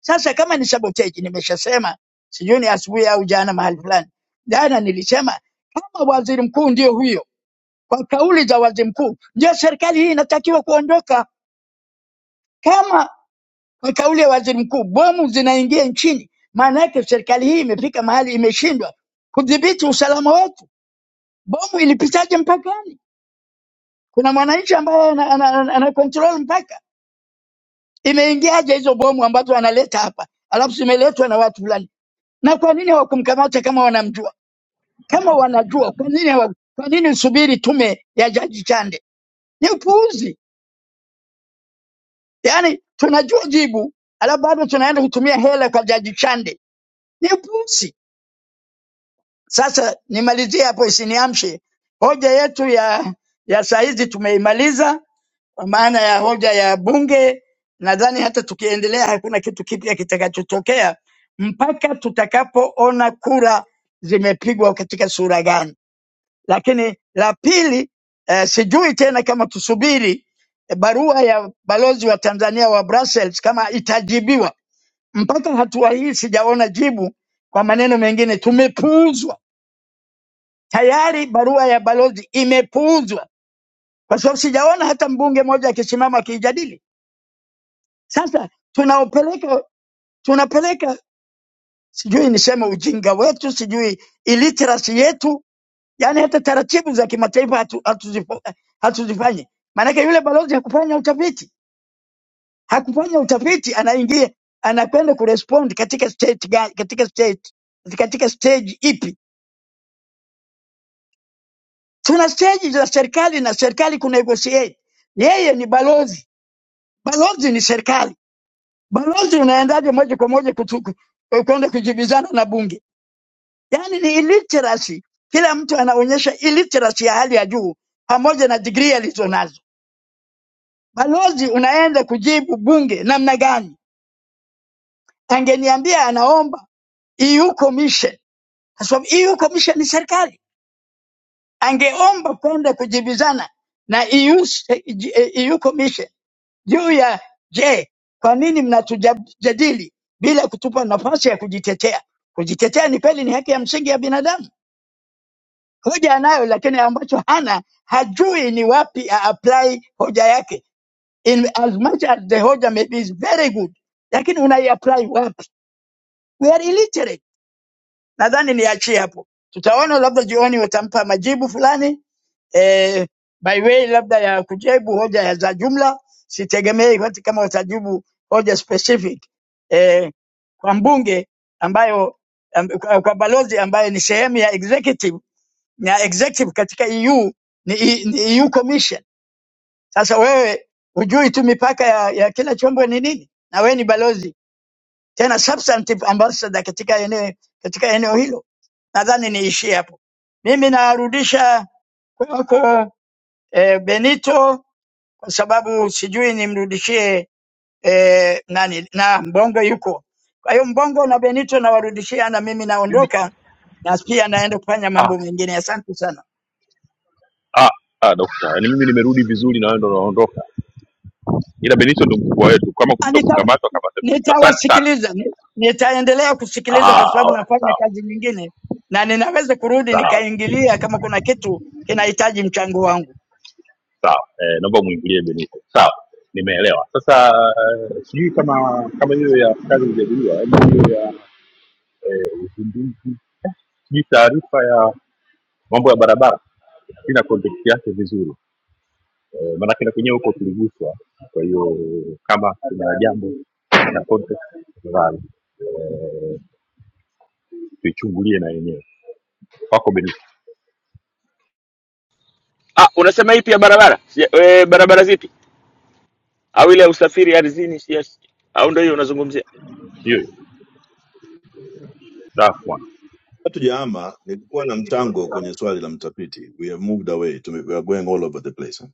Speaker 13: Sasa kama ni sabotage, nimeshasema sijui ni asubuhi au jana mahali fulani, jana nilisema kama waziri mkuu ndio huyo, kwa kauli za waziri mkuu ndio serikali hii inatakiwa kuondoka. Kama kwa kauli ya waziri mkuu bomu zinaingia nchini, maana yake serikali hii imefika mahali imeshindwa kudhibiti usalama wetu. Bomu ilipitaje mpakani? Kuna mwananchi ambaye ana, ana, ana, ana control mpaka, imeingiaje hizo bomu ambazo analeta hapa, alafu zimeletwa na watu fulani? Na kwa nini hawakumkamata kama wanamjua? Kama wanajua kwa nini hawa- kwa nini subiri tume ya Jaji Chande? Ni upuuzi. Yaani tunajua jibu, alafu bado tunaenda kutumia hela kwa Jaji Chande. Ni upuuzi. Sasa nimalizie hapo isiniamshe. Hoja yetu ya ya saa hizi tumeimaliza kwa maana ya hoja ya bunge. Nadhani hata tukiendelea hakuna kitu kipya kitakachotokea mpaka tutakapoona kura zimepigwa katika sura gani. Lakini la pili eh, sijui tena kama tusubiri eh, barua ya balozi wa Tanzania wa Brussels kama itajibiwa. Mpaka hatua hii sijaona jibu. Kwa maneno mengine, tumepuuzwa tayari, barua ya balozi imepuuzwa kwa sababu sijaona hata mbunge mmoja akisimama akiijadili. Sasa tunaopeleka tunapeleka, sijui niseme ujinga wetu, sijui illiteracy yetu Yaani hata taratibu za kimataifa hatu- hatuzifa- hatuzifanyi. Maanake yule balozi hakufanya utafiti, hakufanya utafiti, anaingia anakwenda kurespond katika state gani, katika state, katika stage ipi? Tuna stage za serikali na serikali ku negotiate. Yeye ni balozi, balozi ni serikali. Balozi unaendaje moja kwa moja kutu- ku- kwenda kujibizana na bunge? Yaani ni illiteracy. Kila mtu anaonyesha illiteracy ya hali ya juu pamoja na degree alizonazo. Balozi unaenda kujibu bunge namna gani? Angeniambia anaomba EU Commission, kwa sababu EU Commission ni serikali, angeomba kwenda kujibizana na EU, s- eh, J- eh, EU Commission juu ya je, kwa nini mnatujadili bila kutupa nafasi ya kujitetea? Kujitetea ni kweli, ni haki ya msingi ya binadamu. Hoja anayo, lakini ambacho hana hajui ni wapi a apply hoja yake in as much as the hoja maybe is very good, lakini unaiapply wapi? We are illiterate. Nadhani niachie hapo, tutaona labda jioni watampa majibu fulani eh, by way labda ya kujibu hoja ya za jumla. Sitegemei hata kama watajibu hoja specific eh, kwa mbunge ambayo am, kwa kwa balozi ambayo ni sehemu ya executive na executive katika EU ni, E, ni EU Commission sasa wewe hujui tu mipaka ya, ya kila chombo ni nini, na wewe ni balozi tena substantive ambassador katika eneo, katika eneo hilo. Nadhani niishie hapo. Mimi narudisha kwako eh, Benito kwa sababu sijui nimrudishie eh, nani na Mbongo yuko. Kwa hiyo Mbongo na Benito nawarudishia, na mimi
Speaker 1: Mimi
Speaker 13: naondoka na pia naenda kufanya mambo mengine. Asante sana.
Speaker 1: ah, ah, dokta yaani mimi nimerudi vizuri na wewe ndo unaondoka ila benito ndo mkubwa wetu kama
Speaker 13: Ah,
Speaker 1: kuto
Speaker 13: nita-
Speaker 1: kukamatwa kamata benito asante sana
Speaker 13: Nitawasikiliza, ni- nitaendelea kusikiliza
Speaker 1: ah,
Speaker 13: kwa sababu
Speaker 1: okay,
Speaker 13: nafanya
Speaker 1: sawa
Speaker 13: kazi nyingine na ninaweza kurudi
Speaker 1: sawa
Speaker 13: nikaingilia kama kuna kitu kinahitaji mchango wangu.
Speaker 1: sawa eh, naomba mwingilie benito sawa nimeelewa sasa eh, sijui kama kama hiyo ya kazi ijadiliwa yaani hiyo ya uzinduzi sijui taarifa ya mambo ya barabara sina context yake vizuri eh, maanake na kwenyewe huko tuliguswa kwa hiyo kama kuna jambo na context nadhani eh, tuichungulie na yenyewe wako Benito.
Speaker 17: Ah, unasema ipi ya barabara? Sija, e, barabara zipi? Au ile ya usafiri ardhini sija. Au ndio hiyo unazungumzia?
Speaker 1: You, that one!
Speaker 6: Hatujaama, nilikuwa na mchango kwenye swali la mtafiti. We have moved away, Tume, we are going all over the place. Huh?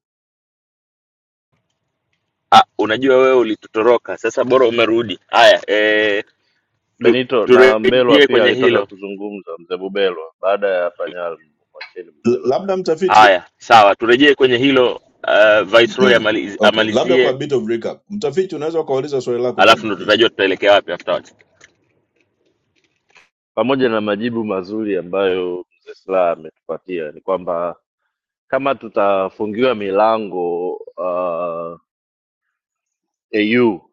Speaker 17: Ah, unajua wewe ulitutoroka. Sasa bora umerudi. Haya, eh tu,
Speaker 23: benito na mbelwa
Speaker 17: turejee
Speaker 23: pia
Speaker 17: kwenye
Speaker 23: alitaka
Speaker 17: hilo.
Speaker 23: kuzungumza mzee bubelwa baada ya panyal mwacheni
Speaker 6: L-
Speaker 23: bubelwa na
Speaker 6: labda
Speaker 23: yake.
Speaker 6: mtafiti,
Speaker 17: Haya, sawa. Turejee kwenye hilo uh,
Speaker 6: no,
Speaker 17: Viceroy
Speaker 6: no.
Speaker 17: amaliz,
Speaker 6: Okay, labda kwa
Speaker 17: amalizie,
Speaker 6: bit of recap, mtafiti unaweza ukauliza swali lako
Speaker 17: alafu
Speaker 6: tena
Speaker 17: ndo
Speaker 6: please.
Speaker 17: tutajua tutaelekea wapi afterwards.
Speaker 23: pamoja na majibu mazuri ambayo mzee silaha ametupatia ni kwamba kama tutafungiwa milango uh, au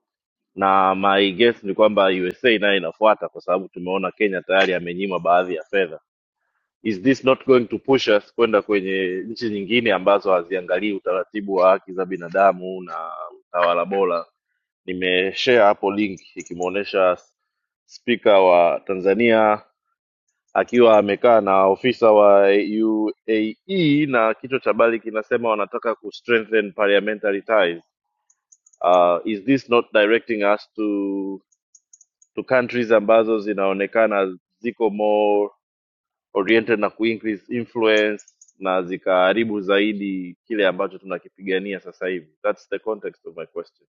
Speaker 23: na my guess ni kwamba USA nayo inafuata kwa sababu tumeona Kenya tayari amenyimwa baadhi ya fedha. Is this not going to push us kwenda kwenye nchi nyingine ambazo haziangalii utaratibu wa haki za binadamu na utawala bora? Nimeshare hapo link ikimwonyesha spika wa Tanzania akiwa amekaa na ofisa wa UAE na kichwa cha habari kinasema wanataka ku strengthen parliamentary ties. Uh, is this not directing us to to countries ambazo zinaonekana ziko more oriented na kuincrease influence na zikaharibu zaidi kile ambacho tunakipigania sasa hivi. That's the context of my question.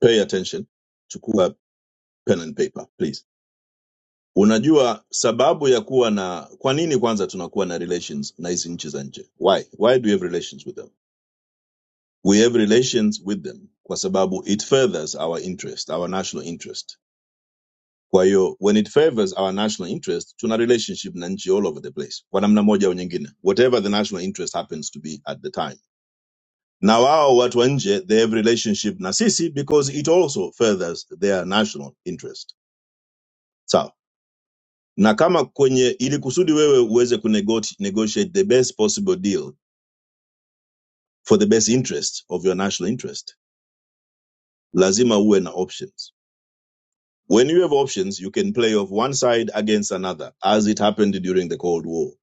Speaker 6: pay attention chukua pen and paper please unajua sababu ya kuwa na kwa nini kwanza tunakuwa na relations na hizi nchi za nje why why do we have relations with them we have relations with them kwa sababu it furthers our interest our national interest kwa hiyo when it favors our national interest tuna relationship na nchi all over the place kwa namna moja au nyingine whatever the national interest happens to be at the time na wao watu wa nje they have relationship na sisi because it also furthers their national interest sawa na kama kwenye ili kusudi wewe uweze kunegot- negotiate the best possible deal for the best interest of your national interest lazima uwe na options when you have options you can play off one side against another as it happened during the cold war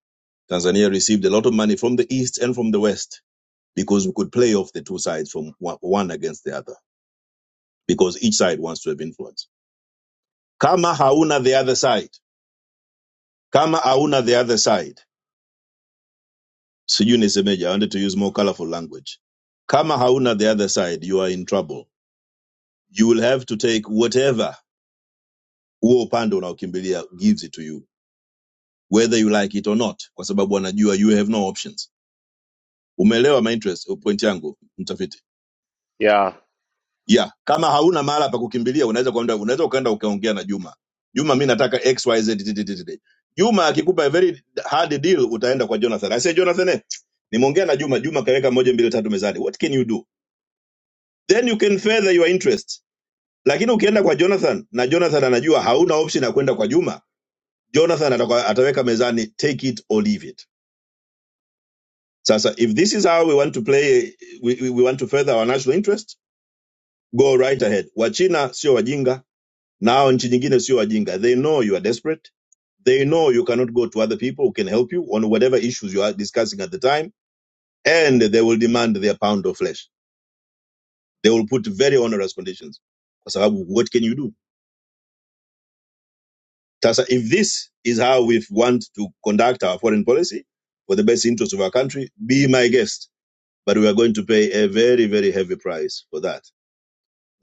Speaker 6: tanzania received a lot of money from the east and from the west because we could play off the two sides from one against the other because each side wants to have influence kama hauna the other side kama hauna the other side sijui nisemeje i wanted to use more colorful language kama hauna the other side you are in trouble you will have to take whatever huo upande unaokimbilia gives it to you whether you like it or not kwa sababu anajua you have no options umeelewa my interest uh, point yangu mtafiti
Speaker 23: Yeah,
Speaker 6: yeah kama hauna mahala pa kukimbilia unaweza kwenda unaweza ukaenda ukaongea na juma juma mi nataka xyz TTTTT. juma akikupa a very hard deal utaenda kwa jonathan i say jonathan eh, nimeongea na juma juma kaweka moja mbili tatu mezani what can you do then you can further your interest lakini ukienda kwa jonathan na jonathan anajua hauna option ya kwenda kwa juma jonathan ataka- ataweka mezani take it or leave it sasa if this is how we want to play we, we, we want to further our national interest go right ahead wachina sio wajinga na hao nchi nyingine sio wajinga they know you are desperate they know you cannot go to other people who can help you on whatever issues you are discussing at the time and they will demand their pound of flesh they will put very onerous conditions kwa sababu what can you do Tasa, if this is how we want to conduct our foreign policy for the best interest of our country, be my guest. But we are going to pay a very, very heavy price for that.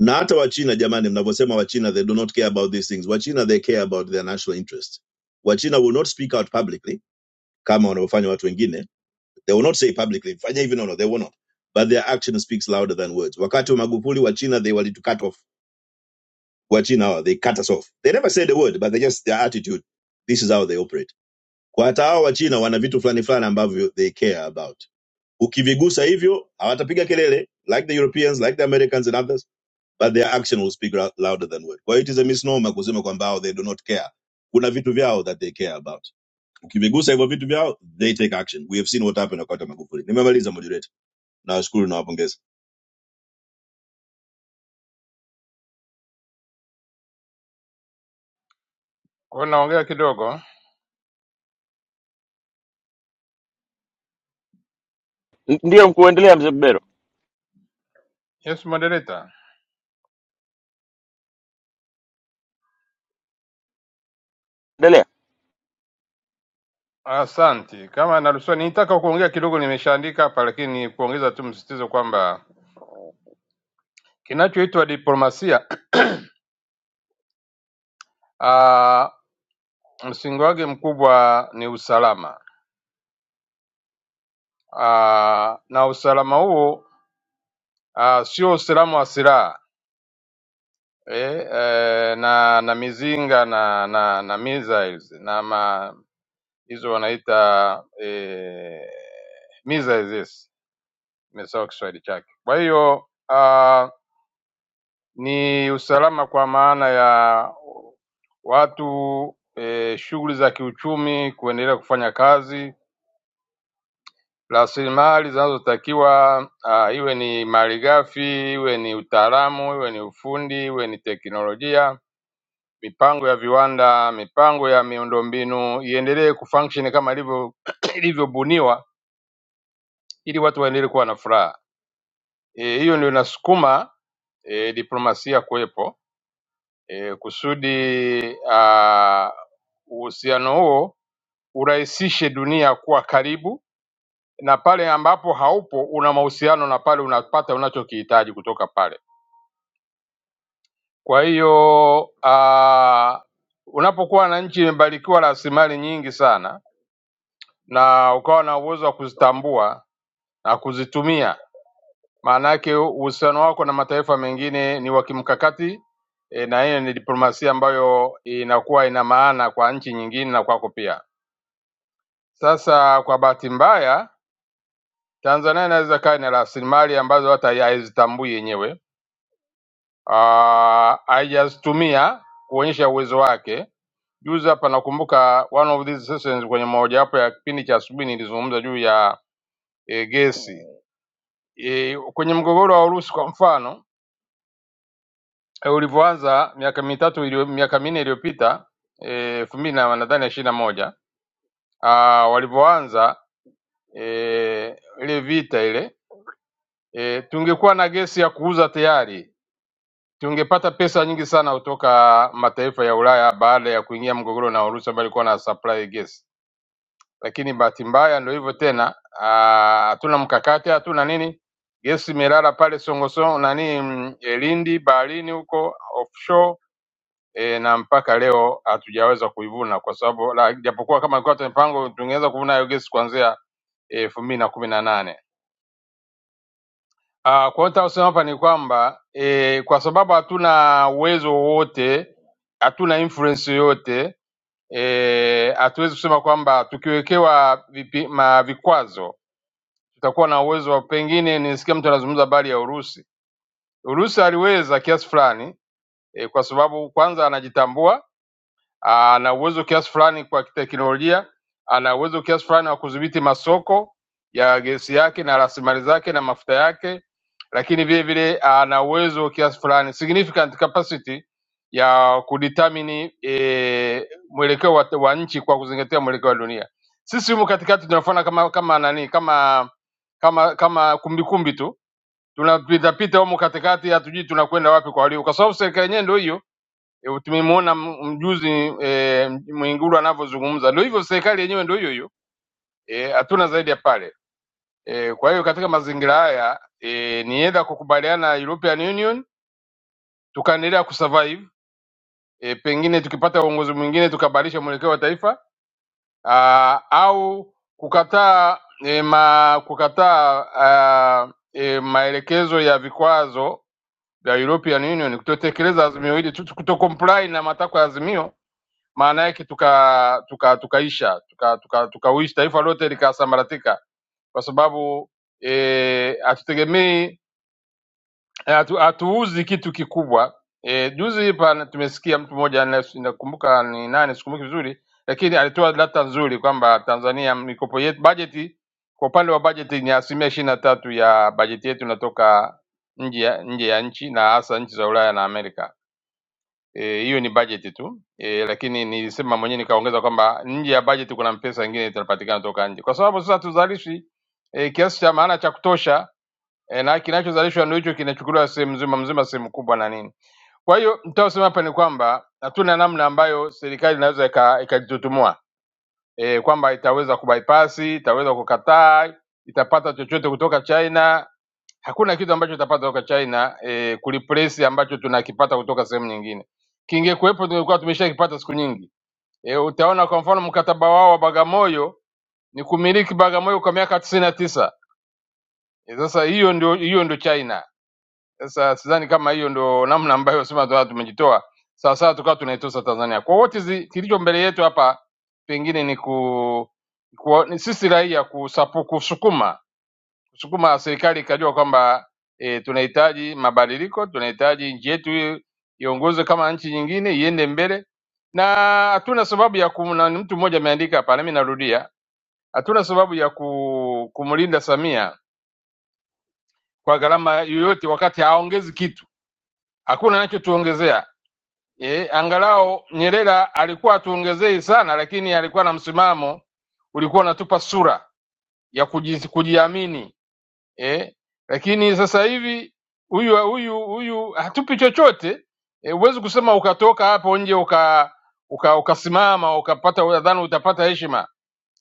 Speaker 6: Na hata Wachina jamani, mnavyosema Wachina, they do not care about these things. Wachina, they care about their national interest. Wachina will not speak out publicly kama wanavyofanya watu wengine. They will not say publicly, fanya hivi, no, no, they will not. But their action speaks louder than words. Wakati wa Magufuli, Wachina, they wanted to cut off. Wachina, they cut us off. They never said a word, but they just, their attitude, this is how they operate. kwa hata hao wachina wana vitu fulani fulani ambavyo they care about ukivigusa hivyo hawatapiga kelele like the europeans like the americans and others but their action will speak ra- louder than word kwa hiyo it is a misnomer kusema kwamba hao they do not care kuna vitu vyao that they care about ukivigusa hivyo vitu vyao they take action we have seen what happened wakati wa magufuli nimemaliza moderator nawashukuru na wapongeza
Speaker 21: kwa hiyo naongea kidogo.
Speaker 17: N- Ndiyo mkuu, endelea mzee Bero.
Speaker 21: Yes moderator.
Speaker 17: Endelea.
Speaker 21: Asanti, kama naruhusiwa, nilitaka kuongea kidogo, nimeshaandika hapa, lakini ni kuongeza tu msisitizo kwamba kinachoitwa diplomasia ah, msingi wake mkubwa ni usalama ah, na usalama huo ah, sio usalama wa silaha eh, eh, na na mizinga na na, na missiles na ma, hizo wanaita eh, missiles yes, nimesahau Kiswahili chake. Kwa hiyo ah, ni usalama kwa maana ya watu e, shughuli za kiuchumi kuendelea kufanya kazi, rasilimali zinazotakiwa ah, iwe ni malighafi, iwe ni utaalamu, iwe ni ufundi, iwe ni teknolojia, mipango ya viwanda, mipango ya miundombinu iendelee kufunction kama ilivyo ilivyobuniwa ili watu waendelee kuwa na furaha. Eh, Hiyo ndio inasukuma e, diplomasia kuwepo e, kusudi ah, uhusiano huo urahisishe dunia kuwa karibu, na pale ambapo haupo una mahusiano na pale unapata unachokihitaji kutoka pale. Kwa hiyo ah, unapokuwa na nchi imebarikiwa rasilimali nyingi sana na ukawa na uwezo wa kuzitambua na kuzitumia Maanake uhusiano wako na mataifa mengine ni wa kimkakati e, na hiyo ni diplomasia ambayo inakuwa ina maana kwa nchi nyingine na kwako pia. Sasa kwa bahati mbaya, Tanzania inaweza kaa ina rasilimali ambazo hata ya- haizitambui yenyewe, Ah, haijazitumia kuonyesha uwezo wake. Juzi hapa nakumbuka one of these sessions kwenye mojawapo ya kipindi cha asubuhi nilizungumza juu ya e, gesi e, kwenye mgogoro wa Urusi kwa mfano eh, ulivyoanza miaka mitatu iliyo, miaka minne iliyopita eh, elfu mbili na nadhani ishirini na moja ah, walivyoanza eh, ile vita ile eh, tungekuwa na gesi ya kuuza tayari tungepata pesa nyingi sana kutoka mataifa ya Ulaya baada ya kuingia mgogoro na Urusi ambayo ilikuwa na supply gesi, lakini bahati mbaya ndio hivyo tena, ah, hatuna mkakati, hatuna nini, gesi imelala pale Songosongo nani mm, eh, Lindi baharini huko offshore e, na mpaka leo hatujaweza kuivuna kwa sababu la- japokuwa kama ilikuwa mipango tungeweza kuvuna hiyo gesi kuanzia e, elfu mbili na kumi na nane. Ah, Kwa hiyo nitakusema hapa ni kwamba e, kwa sababu hatuna uwezo wowote, hatuna influence yoyote eh, hatuwezi kusema kwamba tukiwekewa vipi- ma- vikwazo tutakuwa na uwezo wa pengine. Nilisikia mtu anazungumza habari ya Urusi. Urusi aliweza kiasi fulani eh, kwa sababu kwanza anajitambua Ah, ana uwezo kiasi fulani kwa teknolojia, ana uwezo kiasi fulani wa kudhibiti masoko ya gesi yake na rasilimali zake na mafuta yake, lakini vile vile ana uwezo kiasi fulani significant capacity ya kudetermine e, mwelekeo wa, wa nchi kwa kuzingatia mwelekeo wa dunia. Sisi humu katikati tunafanya kama kama nani kama kama kama kumbikumbi tu tunapita pita humu katikati, hatujui tunakwenda wapi kwa walio, kwa sababu serikali yenyewe ndio hiyo Eh, Tumemwona m- mjuzi e, Mwigulu anavyozungumza, ndio hivyo, serikali yenyewe ndio hiyo hiyo e, hatuna e, zaidi ya pale e, kwa hiyo katika mazingira haya e, ni edha kukubaliana na European Union tukaendelea kusurvive e, pengine tukipata uongozi mwingine tukabadilisha mwelekeo wa taifa aa, au kukataa e, ma, kukataa aa, e, maelekezo ya vikwazo vya European Union kutotekeleza azimio hili, kuto comply na matakwa ya azimio maana yake tuka tuka tukaisha tuka, tuka, tukauisha taifa lote likasambaratika, kwa sababu eh, hatutegemei eh, hatu, hatuuzi kitu kikubwa. E, juzi hapa tumesikia mtu mmoja na- nakumbuka ni nani, sikumbuki vizuri, lakini alitoa data nzuri kwamba Tanzania mikopo yetu bajeti, kwa upande wa bajeti ni asilimia ishirini na tatu ya bajeti yetu inatoka nje ya nje ya nchi na hasa nchi za Ulaya na Amerika Eh, hiyo ni budget tu e, lakini nilisema mwenyewe nikaongeza kwamba nje ya budget kuna pesa nyingine zitapatikana toka nje, kwa sababu sasa tuzalishi e, kiasi cha maana cha kutosha e, na kinachozalishwa ndio hicho kinachukuliwa sehemu nzima mzima, sehemu kubwa na nini. Kwa hiyo nitaosema hapa ni kwamba hatuna namna ambayo serikali inaweza ika- ikajitutumua e, kwamba itaweza kubypass, itaweza kukataa, itapata chochote kutoka China Hakuna kitu ambacho utapata kutoka China eh, kuliplace ambacho tunakipata kutoka sehemu nyingine. Kingekuwepo tungekuwa tumeshakipata siku nyingi. Eh, utaona kwa mfano mkataba wao wa Bagamoyo ni kumiliki Bagamoyo kwa miaka tisini na tisa. Eh, Sasa hiyo ndio hiyo ndio China. Sasa sidhani kama hiyo ndio namna ambayo sema tukawa tumejitoa sawa sawa, tukawa tunaitosa Tanzania. Kwa wote zi- kilicho mbele yetu hapa pengine ni ku, ku ni sisi raia kusapu, kusukuma sukuma serikali ikajua kwamba e, tunahitaji mabadiliko, tunahitaji nchi yetu iwe- iongozwe kama nchi nyingine, iende mbele, na hatuna sababu ya kumna. Mtu mmoja ameandika hapa, nami narudia, hatuna sababu ya ku, kumlinda Samia kwa gharama yoyote, wakati haongezi kitu, hakuna anachotuongezea. E, angalau Nyerere alikuwa atuongezei sana, lakini alikuwa na msimamo ulikuwa unatupa sura ya kuji, kujiamini eh, lakini sasa hivi huyu huyu huyu hatupi chochote eh, huwezi kusema ukatoka hapo nje uka uka- ukasimama ukapata unadhani utapata heshima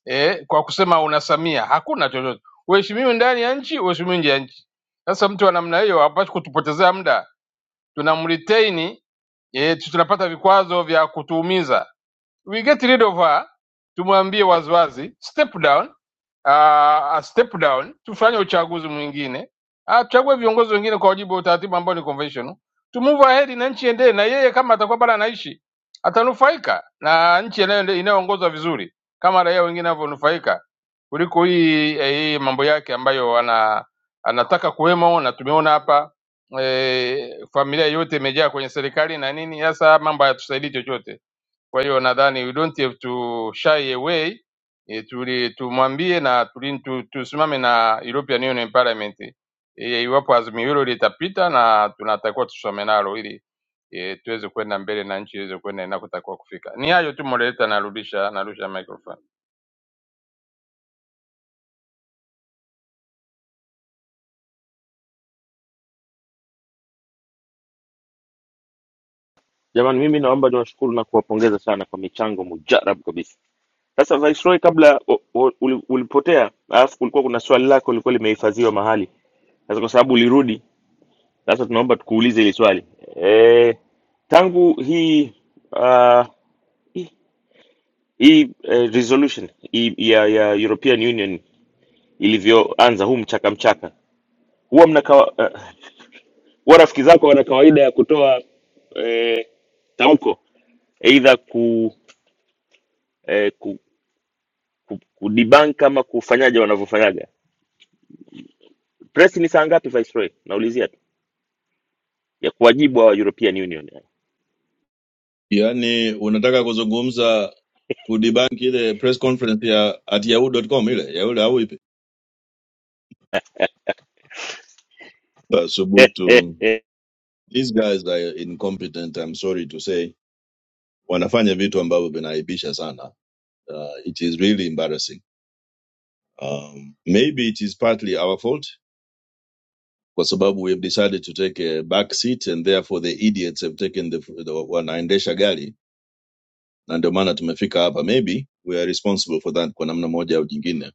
Speaker 21: eh, kwa kusema una Samia. Hakuna chochote, uheshimiwi ndani ya nchi, uheshimiwi nje ya nchi. Sasa mtu wa namna hiyo hapaswi kutupotezea muda, tunamretain eh, tunapata vikwazo vya kutuumiza we get rid of her, tumwambie waziwazi step down, uh, a step down, tufanye uchaguzi mwingine, Ah, tuchague viongozi wengine kwa wajibu wa utaratibu ambao ni conventional, to move ahead na nchi endee, na yeye kama atakuwa bado anaishi atanufaika na nchi inayoende- inayoongozwa vizuri kama raia wengine wanavyonufaika kuliko hii eh, hii mambo yake ambayo ana anataka kuwemo, na tumeona hapa eh, familia yote imejaa kwenye serikali na nini. Sasa mambo hayatusaidii chochote. Kwa hiyo nadhani we don't have to shy away e, tuli, tumwambie na tuli, tu, tusimame na European Union Parliament e, iwapo azimio hilo litapita, na tunatakiwa tusome nalo ili e, tuweze kwenda mbele na nchi iweze kwenda inakotakiwa kufika. Ni hayo tu moderator, narudisha narusha microphone.
Speaker 17: Jamani, mimi naomba niwashukuru na kuwapongeza sana kwa michango mujarab kabisa. Sasa Viceroy, kabla u- u- uli- ulipotea, alafu kulikuwa kuna swali lako lilikuwa limehifadhiwa mahali. Sasa kwa sababu ulirudi, sasa tunaomba tukuulize hili swali e, tangu hii uh, hii hii, eh, resolution hii, ya, ya European Union ilivyoanza huu mchaka mchaka, huwa mna kawa- eh, huwa rafiki zako wana kawaida ya kutoa eh, tamko aidha ku, eh, ku, ku, ku debunk ama kufanyaje wanavyofanyaga. Press ni saa ngapi Viceroy? Naulizia tu. ya kuwajibu hawa European Union. yani.
Speaker 6: yaani unataka kuzungumza kudibank ile press conference ya at yahoo.com ile ya yule au ipi Basubutu These guys are incompetent, I'm sorry to say. Wanafanya vitu ambavyo vinaaibisha sana. Uh, it is really embarrassing. Um, maybe it is partly our fault kwa sababu we have decided to take a back seat and therefore the idiots have taken the, the wanaendesha gari na ndio maana tumefika hapa. Maybe we are responsible for that kwa namna moja au nyingine,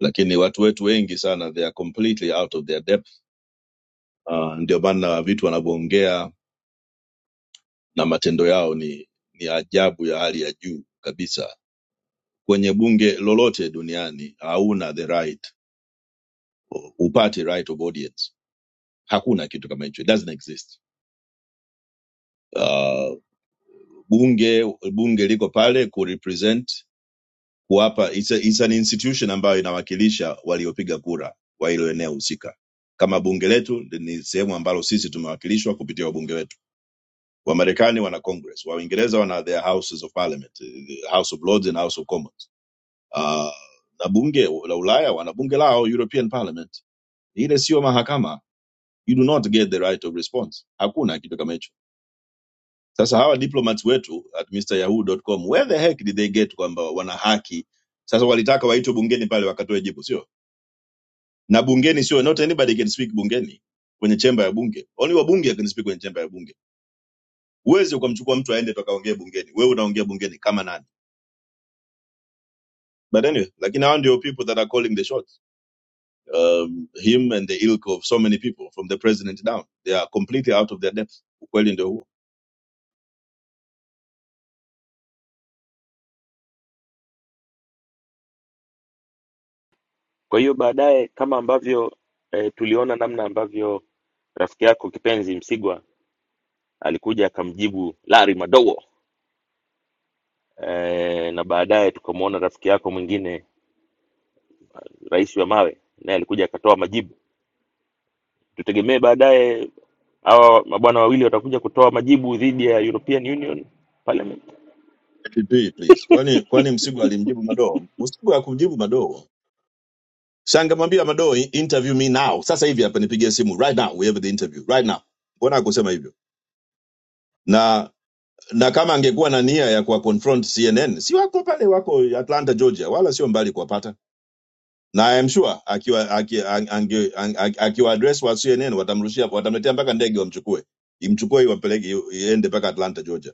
Speaker 6: lakini watu wetu wengi sana they are completely out of their depth. Uh, ndio maana vitu wanavyoongea na matendo yao ni, ni ajabu ya hali ya juu kabisa kwenye bunge lolote duniani hauna the right upate right of audience hakuna kitu kama hicho it doesn't exist uh, bunge bunge liko pale kurepresent kuwapa it's, a, it's an institution ambayo inawakilisha waliopiga kura wa hilo eneo husika kama bunge letu ni sehemu ambalo sisi tumewakilishwa kupitia wabunge wetu wamarekani wana congress waingereza wana their houses of parliament the house of lords and house of commons uh, na bunge la ulaya wana bunge lao european parliament ile sio mahakama you do not get the right of response hakuna kitu kama hicho sasa hawa diplomats wetu at mister yahoo dot com. where the heck did they get kwamba wana haki sasa walitaka waitwe bungeni pale wakatoe jibu sio na bungeni sio not anybody can speak bungeni kwenye chemba ya bunge only wabunge can speak kwenye chemba ya bunge huwezi ukamchukua mtu aende tukaongee bungeni wewe unaongea bungeni kama nani but anyway lakini hao ndio people that are calling the shots um, him and the ilk of so many people from the president down they are completely out of their depth ukweli ndio huo
Speaker 17: Kwa hiyo baadaye, kama ambavyo eh, tuliona namna ambavyo rafiki yako kipenzi Msigwa alikuja akamjibu Larry Madowo eh, na baadaye tukamwona rafiki yako mwingine rais wa mawe naye alikuja akatoa majibu. Tutegemee baadaye hawa mabwana wawili watakuja kutoa majibu dhidi ya European Union Parliament.
Speaker 6: TP, please. Kwani kwani Msigwa alimjibu Madoo? Msigwa hakumjibu Madoo. Shangamwambia Madoo, interview me now. Sasa hivi hapa nipigie simu right now. We have the interview right now. Mbona hakusema hivyo? Na na kama angekuwa na nia ya kuwa confront CNN, si wako pale, wako Atlanta, Georgia, wala sio mbali kuwapata. na I am sure akiwa aki- ange- ange- akiwa address wa CNN watamrushia watamletea mpaka ndege wamchukue imchukue iwapeleke iende mpaka Atlanta Georgia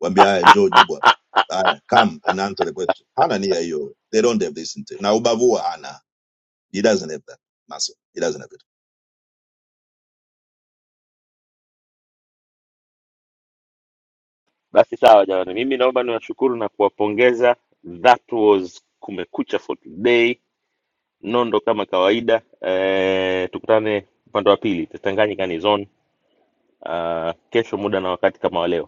Speaker 6: waambie haya njoo jibu hapa. haya come and answer the question hana nia hiyo they don't have this intent na ubavu huwa hana he doesn't have that muscle he doesn't have it
Speaker 17: Basi sawa jamani, mimi naomba niwashukuru na kuwapongeza. That was Kumekucha for today. nondo kama kawaida. Eh, tukutane upande wa pili, Tanganyika ni zone. Ah, kesho muda na wakati kama wa leo.